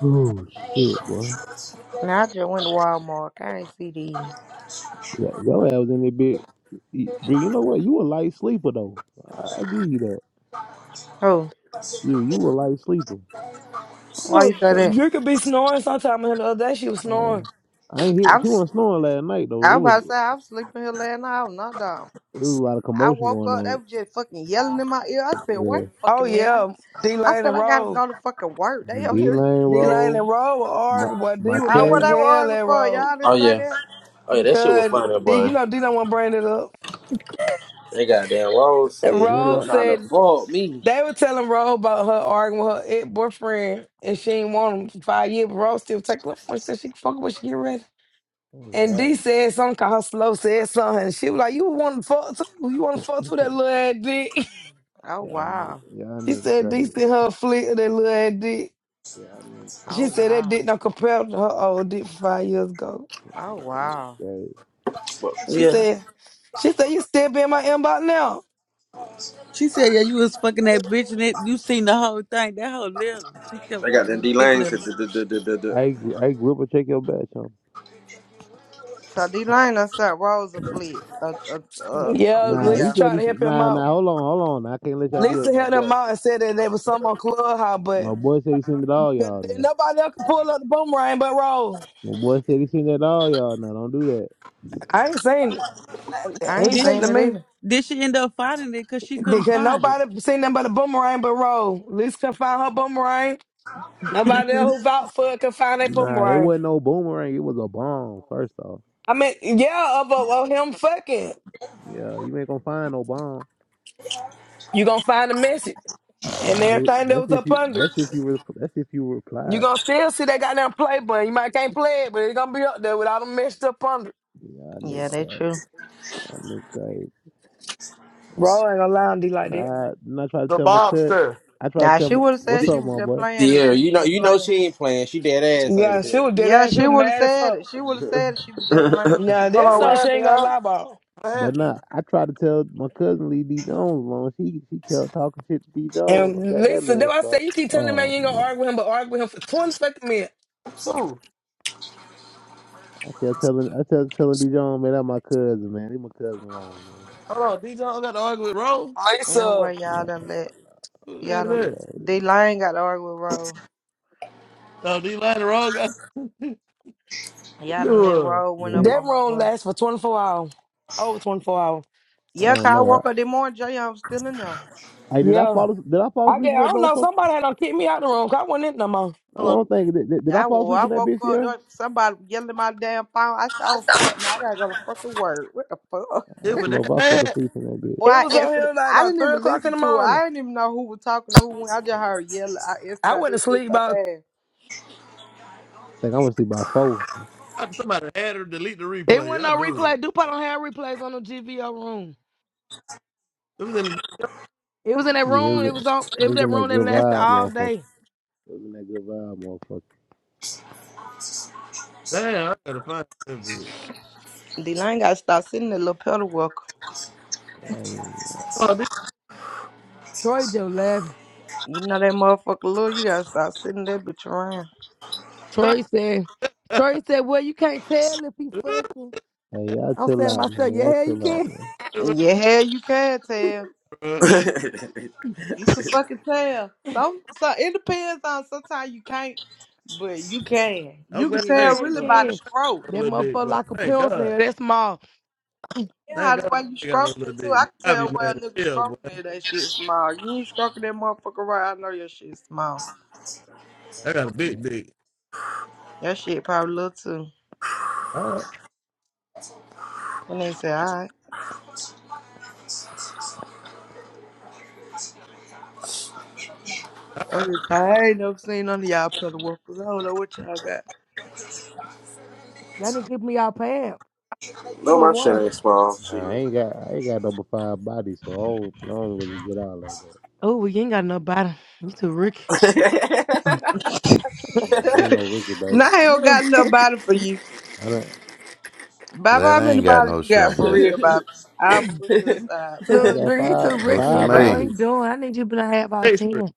Speaker 6: Oh shit, boy.
Speaker 1: Now I just went to Walmart. I ain't see these.
Speaker 6: Yo, your ass was in that bit. You you know what? You a light sleeper though. I I give you that.
Speaker 1: Oh,
Speaker 6: You you a light sleeper.
Speaker 9: (sighs)
Speaker 1: why you
Speaker 9: Ugh,
Speaker 1: say that?
Speaker 9: You could be snoring sometime and the other day she was snoring.
Speaker 6: Um I ain't hear
Speaker 1: I'm
Speaker 6: she
Speaker 1: s-
Speaker 6: wasn't snoring last night though. It
Speaker 1: I'm
Speaker 6: was
Speaker 1: about to say
Speaker 6: it
Speaker 1: I was sleeping here last night. I was knocked out.
Speaker 6: was a lot of
Speaker 1: I
Speaker 6: commotion
Speaker 1: woke
Speaker 6: going
Speaker 1: up, they
Speaker 6: on.
Speaker 1: was just fucking yelling in my ear. I said, wait
Speaker 6: Yeah.
Speaker 1: a
Speaker 9: Oh
Speaker 1: fucking minute.
Speaker 9: yeah.
Speaker 1: I,
Speaker 9: D
Speaker 1: I
Speaker 9: Lane and
Speaker 1: said I gotta
Speaker 9: Roll.
Speaker 1: go to fucking work. They out
Speaker 6: D
Speaker 1: here.
Speaker 6: lane
Speaker 1: (laughs)
Speaker 9: D Lane
Speaker 6: roll.
Speaker 9: and Roll were
Speaker 6: My
Speaker 9: arguing, boy. D
Speaker 6: my
Speaker 9: was
Speaker 1: I,
Speaker 9: mad
Speaker 1: what
Speaker 9: as
Speaker 1: they
Speaker 6: cousin,
Speaker 1: were
Speaker 9: hell at
Speaker 1: arguing for?
Speaker 9: Roll.
Speaker 1: Y'all
Speaker 15: Oh,
Speaker 1: didn't say
Speaker 15: yeah.
Speaker 1: that?
Speaker 15: Oh, yeah, that shit was
Speaker 9: Good.
Speaker 15: funny,
Speaker 9: D you
Speaker 15: boy.
Speaker 9: know D don't wanna bring it up.
Speaker 15: They got that Rose said, you
Speaker 6: then
Speaker 15: been
Speaker 9: Roll
Speaker 6: my
Speaker 15: trying to
Speaker 9: said
Speaker 15: fault me.
Speaker 9: They were telling Ro about her arguing with her ex boyfriend and she ain't want him for five years, but Ro still take love for She said she can fuck him when she get ready.
Speaker 6: oh
Speaker 9: And D
Speaker 6: god,
Speaker 9: said something called her slow, said something. And she was like, You wanna fuck too? You wanna fuck too that little ass dick?
Speaker 1: Oh
Speaker 6: y'all niggas,
Speaker 1: wow.
Speaker 6: y'all
Speaker 9: (laughs) she
Speaker 6: niggas
Speaker 9: said D
Speaker 6: crazy,
Speaker 9: sent her a flick of that little ass dick.
Speaker 6: y'all niggas
Speaker 1: Oh
Speaker 9: She
Speaker 6: crazy,
Speaker 9: said that
Speaker 1: wow.
Speaker 9: dick not compared to her old dick from five years ago.
Speaker 1: Oh
Speaker 6: y'all niggas
Speaker 1: wow.
Speaker 6: crazy.
Speaker 15: But
Speaker 9: She
Speaker 14: Yeah.
Speaker 9: said, She said, You still be in my inbox now.
Speaker 14: She said, "Yeah, you was fucking that bitch, and it, you seen the whole thing. That whole letter. She kept
Speaker 15: they got that
Speaker 14: calling it dick
Speaker 15: D-Lane said,
Speaker 14: letter.
Speaker 15: duh, duh, duh, duh, duh, duh.
Speaker 6: Hey, Gr- hey, Gripper, check your badge, huh?
Speaker 1: So D Line done sent Rose a fleet a, a a a
Speaker 9: Yeah,
Speaker 6: Nah, he
Speaker 9: Lisa
Speaker 1: video.
Speaker 6: said
Speaker 9: tried
Speaker 6: he
Speaker 9: to
Speaker 6: s-
Speaker 9: help him
Speaker 6: nah, nah.
Speaker 9: out.
Speaker 6: Hold on, hold on. I can't let y'all do that, to
Speaker 9: Lisa
Speaker 6: my
Speaker 9: helped him
Speaker 6: boy.
Speaker 9: out and said that there was some on Clubhouse, but
Speaker 6: My boy said he sent it all
Speaker 9: 'Cause
Speaker 6: y'all now.
Speaker 9: Nobody else can pull up the boomerang but Roll.
Speaker 6: My boy said he sent it all y'all now. Don't do that.
Speaker 9: I ain't seen, he
Speaker 1: I ain't
Speaker 9: ain't
Speaker 14: Did
Speaker 9: sent
Speaker 14: she,
Speaker 1: seen
Speaker 9: to
Speaker 1: it
Speaker 9: me.
Speaker 1: either.
Speaker 14: did she end up finding it because she couldn't
Speaker 9: Because
Speaker 14: find it?
Speaker 9: nobody seen nothing but a boomerang but Roll. Lisa can find her boomerang. Nobody else who vouched for it can find their
Speaker 6: Nah, it
Speaker 9: boomerang.
Speaker 6: wasn't no boomerang. It was a bomb. First off,
Speaker 9: I mean, yeah, of, of, of him fucking.
Speaker 6: yeah, you ain't gonna find no bomb.
Speaker 9: You gonna find the message and
Speaker 6: That's
Speaker 9: everything that
Speaker 6: that's
Speaker 9: was
Speaker 6: if
Speaker 9: up
Speaker 6: you.
Speaker 9: under.
Speaker 6: That's if you. Re- that's if you
Speaker 9: You
Speaker 6: replied.
Speaker 9: gonna still see that goddamn play button. You might can't play it, but it's gonna be up there with all them messed up under.
Speaker 6: Y'all niggas
Speaker 1: Yeah, they
Speaker 6: crazy.
Speaker 1: true.
Speaker 6: Y'all niggas crazy.
Speaker 9: Roll ain't gonna lie on D like that.
Speaker 6: Nah, and I try to
Speaker 16: The
Speaker 6: tell my cousin.
Speaker 16: Bobster.
Speaker 6: I try to
Speaker 1: Now
Speaker 6: tell
Speaker 1: she
Speaker 6: my
Speaker 1: would have
Speaker 6: what's
Speaker 1: said she
Speaker 6: up,
Speaker 1: was
Speaker 6: my
Speaker 1: just
Speaker 6: boy.
Speaker 1: playing that
Speaker 15: Sierra,
Speaker 1: she
Speaker 15: you
Speaker 1: was
Speaker 15: know,
Speaker 1: just
Speaker 15: you know
Speaker 1: playing.
Speaker 15: she ain't playing. She dead ass ain't
Speaker 9: Yeah, she
Speaker 15: here.
Speaker 9: was dead
Speaker 1: Yeah,
Speaker 9: ass. She
Speaker 1: she
Speaker 9: was
Speaker 1: would have
Speaker 9: mad as
Speaker 1: said it.
Speaker 9: fuck.
Speaker 1: She would have said it. She was just playing. She
Speaker 9: Now
Speaker 1: would have
Speaker 16: Hold
Speaker 9: that's
Speaker 16: on, what
Speaker 9: something
Speaker 1: said,
Speaker 9: she
Speaker 16: happened,
Speaker 9: ain't gonna
Speaker 16: y'all?
Speaker 9: lie about.
Speaker 16: What
Speaker 6: But
Speaker 16: happened?
Speaker 6: nah, I try to tell my cousin Lee D Jones alone. She she kept talking shit to D Jones. I
Speaker 9: And
Speaker 6: got that
Speaker 9: Lisa, that
Speaker 6: man
Speaker 9: I
Speaker 6: start.
Speaker 9: say you keep telling the
Speaker 6: Oh
Speaker 9: man you ain't gonna
Speaker 6: man,
Speaker 9: argue with him, but argue with him for 20 fucking minutes.
Speaker 16: Who?
Speaker 6: I kept telling I kept telling D Jones, man, that my cousin, man. He my cousin alone, man.
Speaker 16: Hold on, D. Jones got to argue with Rowe.
Speaker 1: "No
Speaker 9: Lisa,
Speaker 1: way, y'all done let
Speaker 16: Who the
Speaker 1: y'all
Speaker 16: hell is
Speaker 1: done."
Speaker 16: that?
Speaker 6: Like,
Speaker 1: D Line got to argue with Rose.
Speaker 16: Oh, D. Line and Rowe got (laughs) to
Speaker 1: Y'all done let
Speaker 16: do it.
Speaker 1: Rose went up
Speaker 6: man,
Speaker 9: that
Speaker 1: on my
Speaker 9: room
Speaker 1: boy.
Speaker 9: lasts for 24 hours. Over 24 hours.
Speaker 6: I
Speaker 1: Yeah, 'cause
Speaker 6: don't
Speaker 1: I
Speaker 6: know.
Speaker 1: woke up this morning, Jay, I'm still in there.
Speaker 6: I, hey, did I
Speaker 9: Yeah.
Speaker 6: fall did I fall
Speaker 9: I
Speaker 6: asleep
Speaker 9: get
Speaker 6: in
Speaker 9: I
Speaker 6: that
Speaker 9: don't know.
Speaker 6: motherfucker?
Speaker 9: Somebody had to kick me out the room 'cause I wasn't in no more.
Speaker 16: Hold
Speaker 6: No, I
Speaker 16: on,
Speaker 6: don't think did, did, did I
Speaker 1: I,
Speaker 6: fall
Speaker 1: wo-
Speaker 6: asleep
Speaker 1: I
Speaker 6: in that
Speaker 1: woke
Speaker 6: bitch
Speaker 1: up, there
Speaker 6: here?
Speaker 1: was somebody yelling my damn phone. I said, oh, fuck, no, I gotta go to fucking work. What the fuck?
Speaker 6: I
Speaker 16: it
Speaker 6: don't
Speaker 16: was
Speaker 6: know if
Speaker 16: that
Speaker 6: I fell asleep
Speaker 16: bad.
Speaker 6: in that
Speaker 1: (laughs)
Speaker 6: bitch.
Speaker 1: Boy,
Speaker 6: I
Speaker 9: It
Speaker 1: I
Speaker 9: was on
Speaker 1: answered,
Speaker 9: here like
Speaker 1: I
Speaker 9: about
Speaker 1: didn't
Speaker 9: three
Speaker 1: even
Speaker 9: o'clock in
Speaker 1: listen
Speaker 9: the
Speaker 1: to it.
Speaker 9: morning.
Speaker 1: I didn't even know who was talking to who. went. I just heard yelling. I answered
Speaker 9: I
Speaker 1: out
Speaker 9: went to
Speaker 1: this shit
Speaker 9: sleep
Speaker 1: so
Speaker 9: about
Speaker 1: fast.
Speaker 6: think I went to sleep by four.
Speaker 16: I- Somebody had her delete the
Speaker 9: it wasn't
Speaker 16: replay. I
Speaker 9: no
Speaker 16: knew
Speaker 9: replay.
Speaker 16: it.
Speaker 9: DuPont don't have replays on the GVO room.
Speaker 16: It was in the. D Jones.
Speaker 9: It was in that
Speaker 6: Yeah, it was
Speaker 9: room, it was on
Speaker 6: it
Speaker 9: it was
Speaker 6: was
Speaker 9: that
Speaker 6: in that
Speaker 9: room that
Speaker 6: good
Speaker 9: lasted
Speaker 6: vibe,
Speaker 9: all
Speaker 6: motherfucker.
Speaker 9: day.
Speaker 6: Living that good vibe, motherfucker.
Speaker 16: Damn, I gotta find that video.
Speaker 1: D-Line gotta stop sitting there, little pedal walker.
Speaker 6: Hey,
Speaker 16: Oh, this
Speaker 9: Troy just laughed.
Speaker 1: You know that motherfucker, little, you gotta stop sitting that bitch around.
Speaker 16: (laughs)
Speaker 9: Troy said, Troy said, Well, you can't tell if he fucking
Speaker 6: hey, y'all
Speaker 9: I'm
Speaker 6: chill
Speaker 9: saying to
Speaker 6: out, man.
Speaker 9: myself, yeah,
Speaker 6: Y'all
Speaker 9: hell you
Speaker 6: chill out,
Speaker 9: can.
Speaker 6: man.
Speaker 1: Yeah, hell, you can tell.
Speaker 15: (laughs)
Speaker 1: You can fucking tell. Some, so it depends on. Sometimes you can't, but you can.
Speaker 16: I'm
Speaker 1: You can
Speaker 16: glad
Speaker 9: Shit,
Speaker 16: I
Speaker 1: tell
Speaker 16: ain't
Speaker 9: yeah, he
Speaker 16: got
Speaker 1: really
Speaker 16: no, I'm
Speaker 1: by the
Speaker 16: glad
Speaker 9: can.
Speaker 1: scroll.
Speaker 16: I got no
Speaker 9: That
Speaker 16: little dick,
Speaker 9: motherfucker
Speaker 16: boy.
Speaker 9: like a
Speaker 16: Thank
Speaker 9: pencil.
Speaker 16: God.
Speaker 9: That small.
Speaker 16: Thank
Speaker 1: Yeah, the
Speaker 16: God
Speaker 1: way you
Speaker 16: I ain't got no
Speaker 1: stroking
Speaker 16: little
Speaker 1: it too.
Speaker 16: dick,
Speaker 1: I
Speaker 16: boy.
Speaker 1: can
Speaker 16: I be
Speaker 1: tell
Speaker 16: mad
Speaker 1: where a
Speaker 16: as
Speaker 1: nigga
Speaker 16: hell, boy.
Speaker 1: stroking it, that shit small. You ain't stroking that motherfucker right, I know your shit small.
Speaker 16: I got a big dick.
Speaker 1: Your shit probably little too.
Speaker 16: All right.
Speaker 1: And they say, alright. I'm just tired. I ain't never seen none of y'all pedal whoopers. I don't know what y'all got.
Speaker 9: Y'all didn't give me y'all pants
Speaker 15: no,
Speaker 9: for
Speaker 15: my shit
Speaker 9: one.
Speaker 15: ain't small. Shit. (laughs)
Speaker 6: Nah, I ain't got I ain't got number five body, so I don't, I don't really get out like that.
Speaker 9: Oh, we ain't got no bottom. You too Ricky.
Speaker 15: I
Speaker 6: Nah, I ain't no Ricky, baby.
Speaker 1: Nah, I don't
Speaker 9: You
Speaker 1: got no
Speaker 9: too-
Speaker 1: body for you.
Speaker 6: I done,
Speaker 1: Bobby,
Speaker 18: Glad
Speaker 1: how
Speaker 18: I
Speaker 1: many
Speaker 18: ain't got
Speaker 1: bodies
Speaker 18: no
Speaker 1: you got
Speaker 18: shrimp
Speaker 1: for real,
Speaker 18: biscuit.
Speaker 1: Bobby? I'll
Speaker 9: (laughs)
Speaker 1: bullshit aside,
Speaker 6: I
Speaker 1: Bobby.
Speaker 9: Look,
Speaker 6: got
Speaker 9: Dre, he too
Speaker 6: five
Speaker 18: Oh,
Speaker 9: Ricky. He
Speaker 6: five
Speaker 16: My
Speaker 9: don't know what
Speaker 18: Shemay.
Speaker 9: he
Speaker 6: bodies.
Speaker 9: doing. I need you to be like, have about
Speaker 16: face for it.
Speaker 9: ten.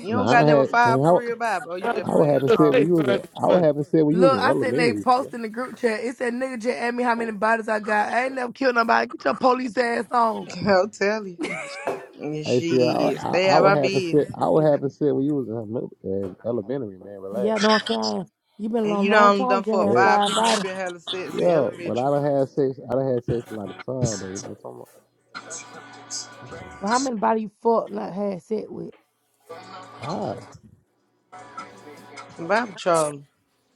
Speaker 1: You don't
Speaker 6: Nah, I
Speaker 1: got
Speaker 6: done
Speaker 1: number
Speaker 6: had. I
Speaker 1: five
Speaker 6: mean, I,
Speaker 1: for real, Bobby. Oh, you
Speaker 16: Trying to
Speaker 1: just
Speaker 6: I
Speaker 16: keep my
Speaker 6: would
Speaker 1: playing
Speaker 6: have
Speaker 16: little
Speaker 6: said
Speaker 1: trauma.
Speaker 6: when
Speaker 16: face
Speaker 6: you was
Speaker 16: for
Speaker 6: in,
Speaker 16: it.
Speaker 6: I would
Speaker 16: Come
Speaker 6: have said when you was
Speaker 9: Look,
Speaker 6: in
Speaker 9: I said they
Speaker 6: elementary
Speaker 9: post
Speaker 6: school.
Speaker 9: in the group chat. It said nigga just asked me how many bodies I got. I ain't never killed nobody. Get your police ass on.
Speaker 1: (laughs) I'll tell you.
Speaker 9: yeah,
Speaker 1: And
Speaker 6: Hey, see, I,
Speaker 1: shit,
Speaker 6: I,
Speaker 1: stay
Speaker 6: I
Speaker 1: out
Speaker 6: would
Speaker 1: my
Speaker 6: have
Speaker 1: bed.
Speaker 6: said I would have said when you was in, mil- in elementary, man. Relax.
Speaker 9: know what I'm saying? You been
Speaker 1: And
Speaker 9: alone a
Speaker 1: you
Speaker 9: long
Speaker 1: done
Speaker 9: time,
Speaker 1: done
Speaker 9: just
Speaker 1: fuck
Speaker 9: had
Speaker 6: Yeah,
Speaker 1: five
Speaker 9: five
Speaker 1: people you
Speaker 9: bodies.
Speaker 1: been having sex in
Speaker 6: Yo, But I
Speaker 1: elementary.
Speaker 6: done had sex. I done had sex a lot of time, though. You know what I'm talking about?
Speaker 9: Well, how many bodies you fucked not had sex with?
Speaker 6: Why?
Speaker 1: Bob Charlie.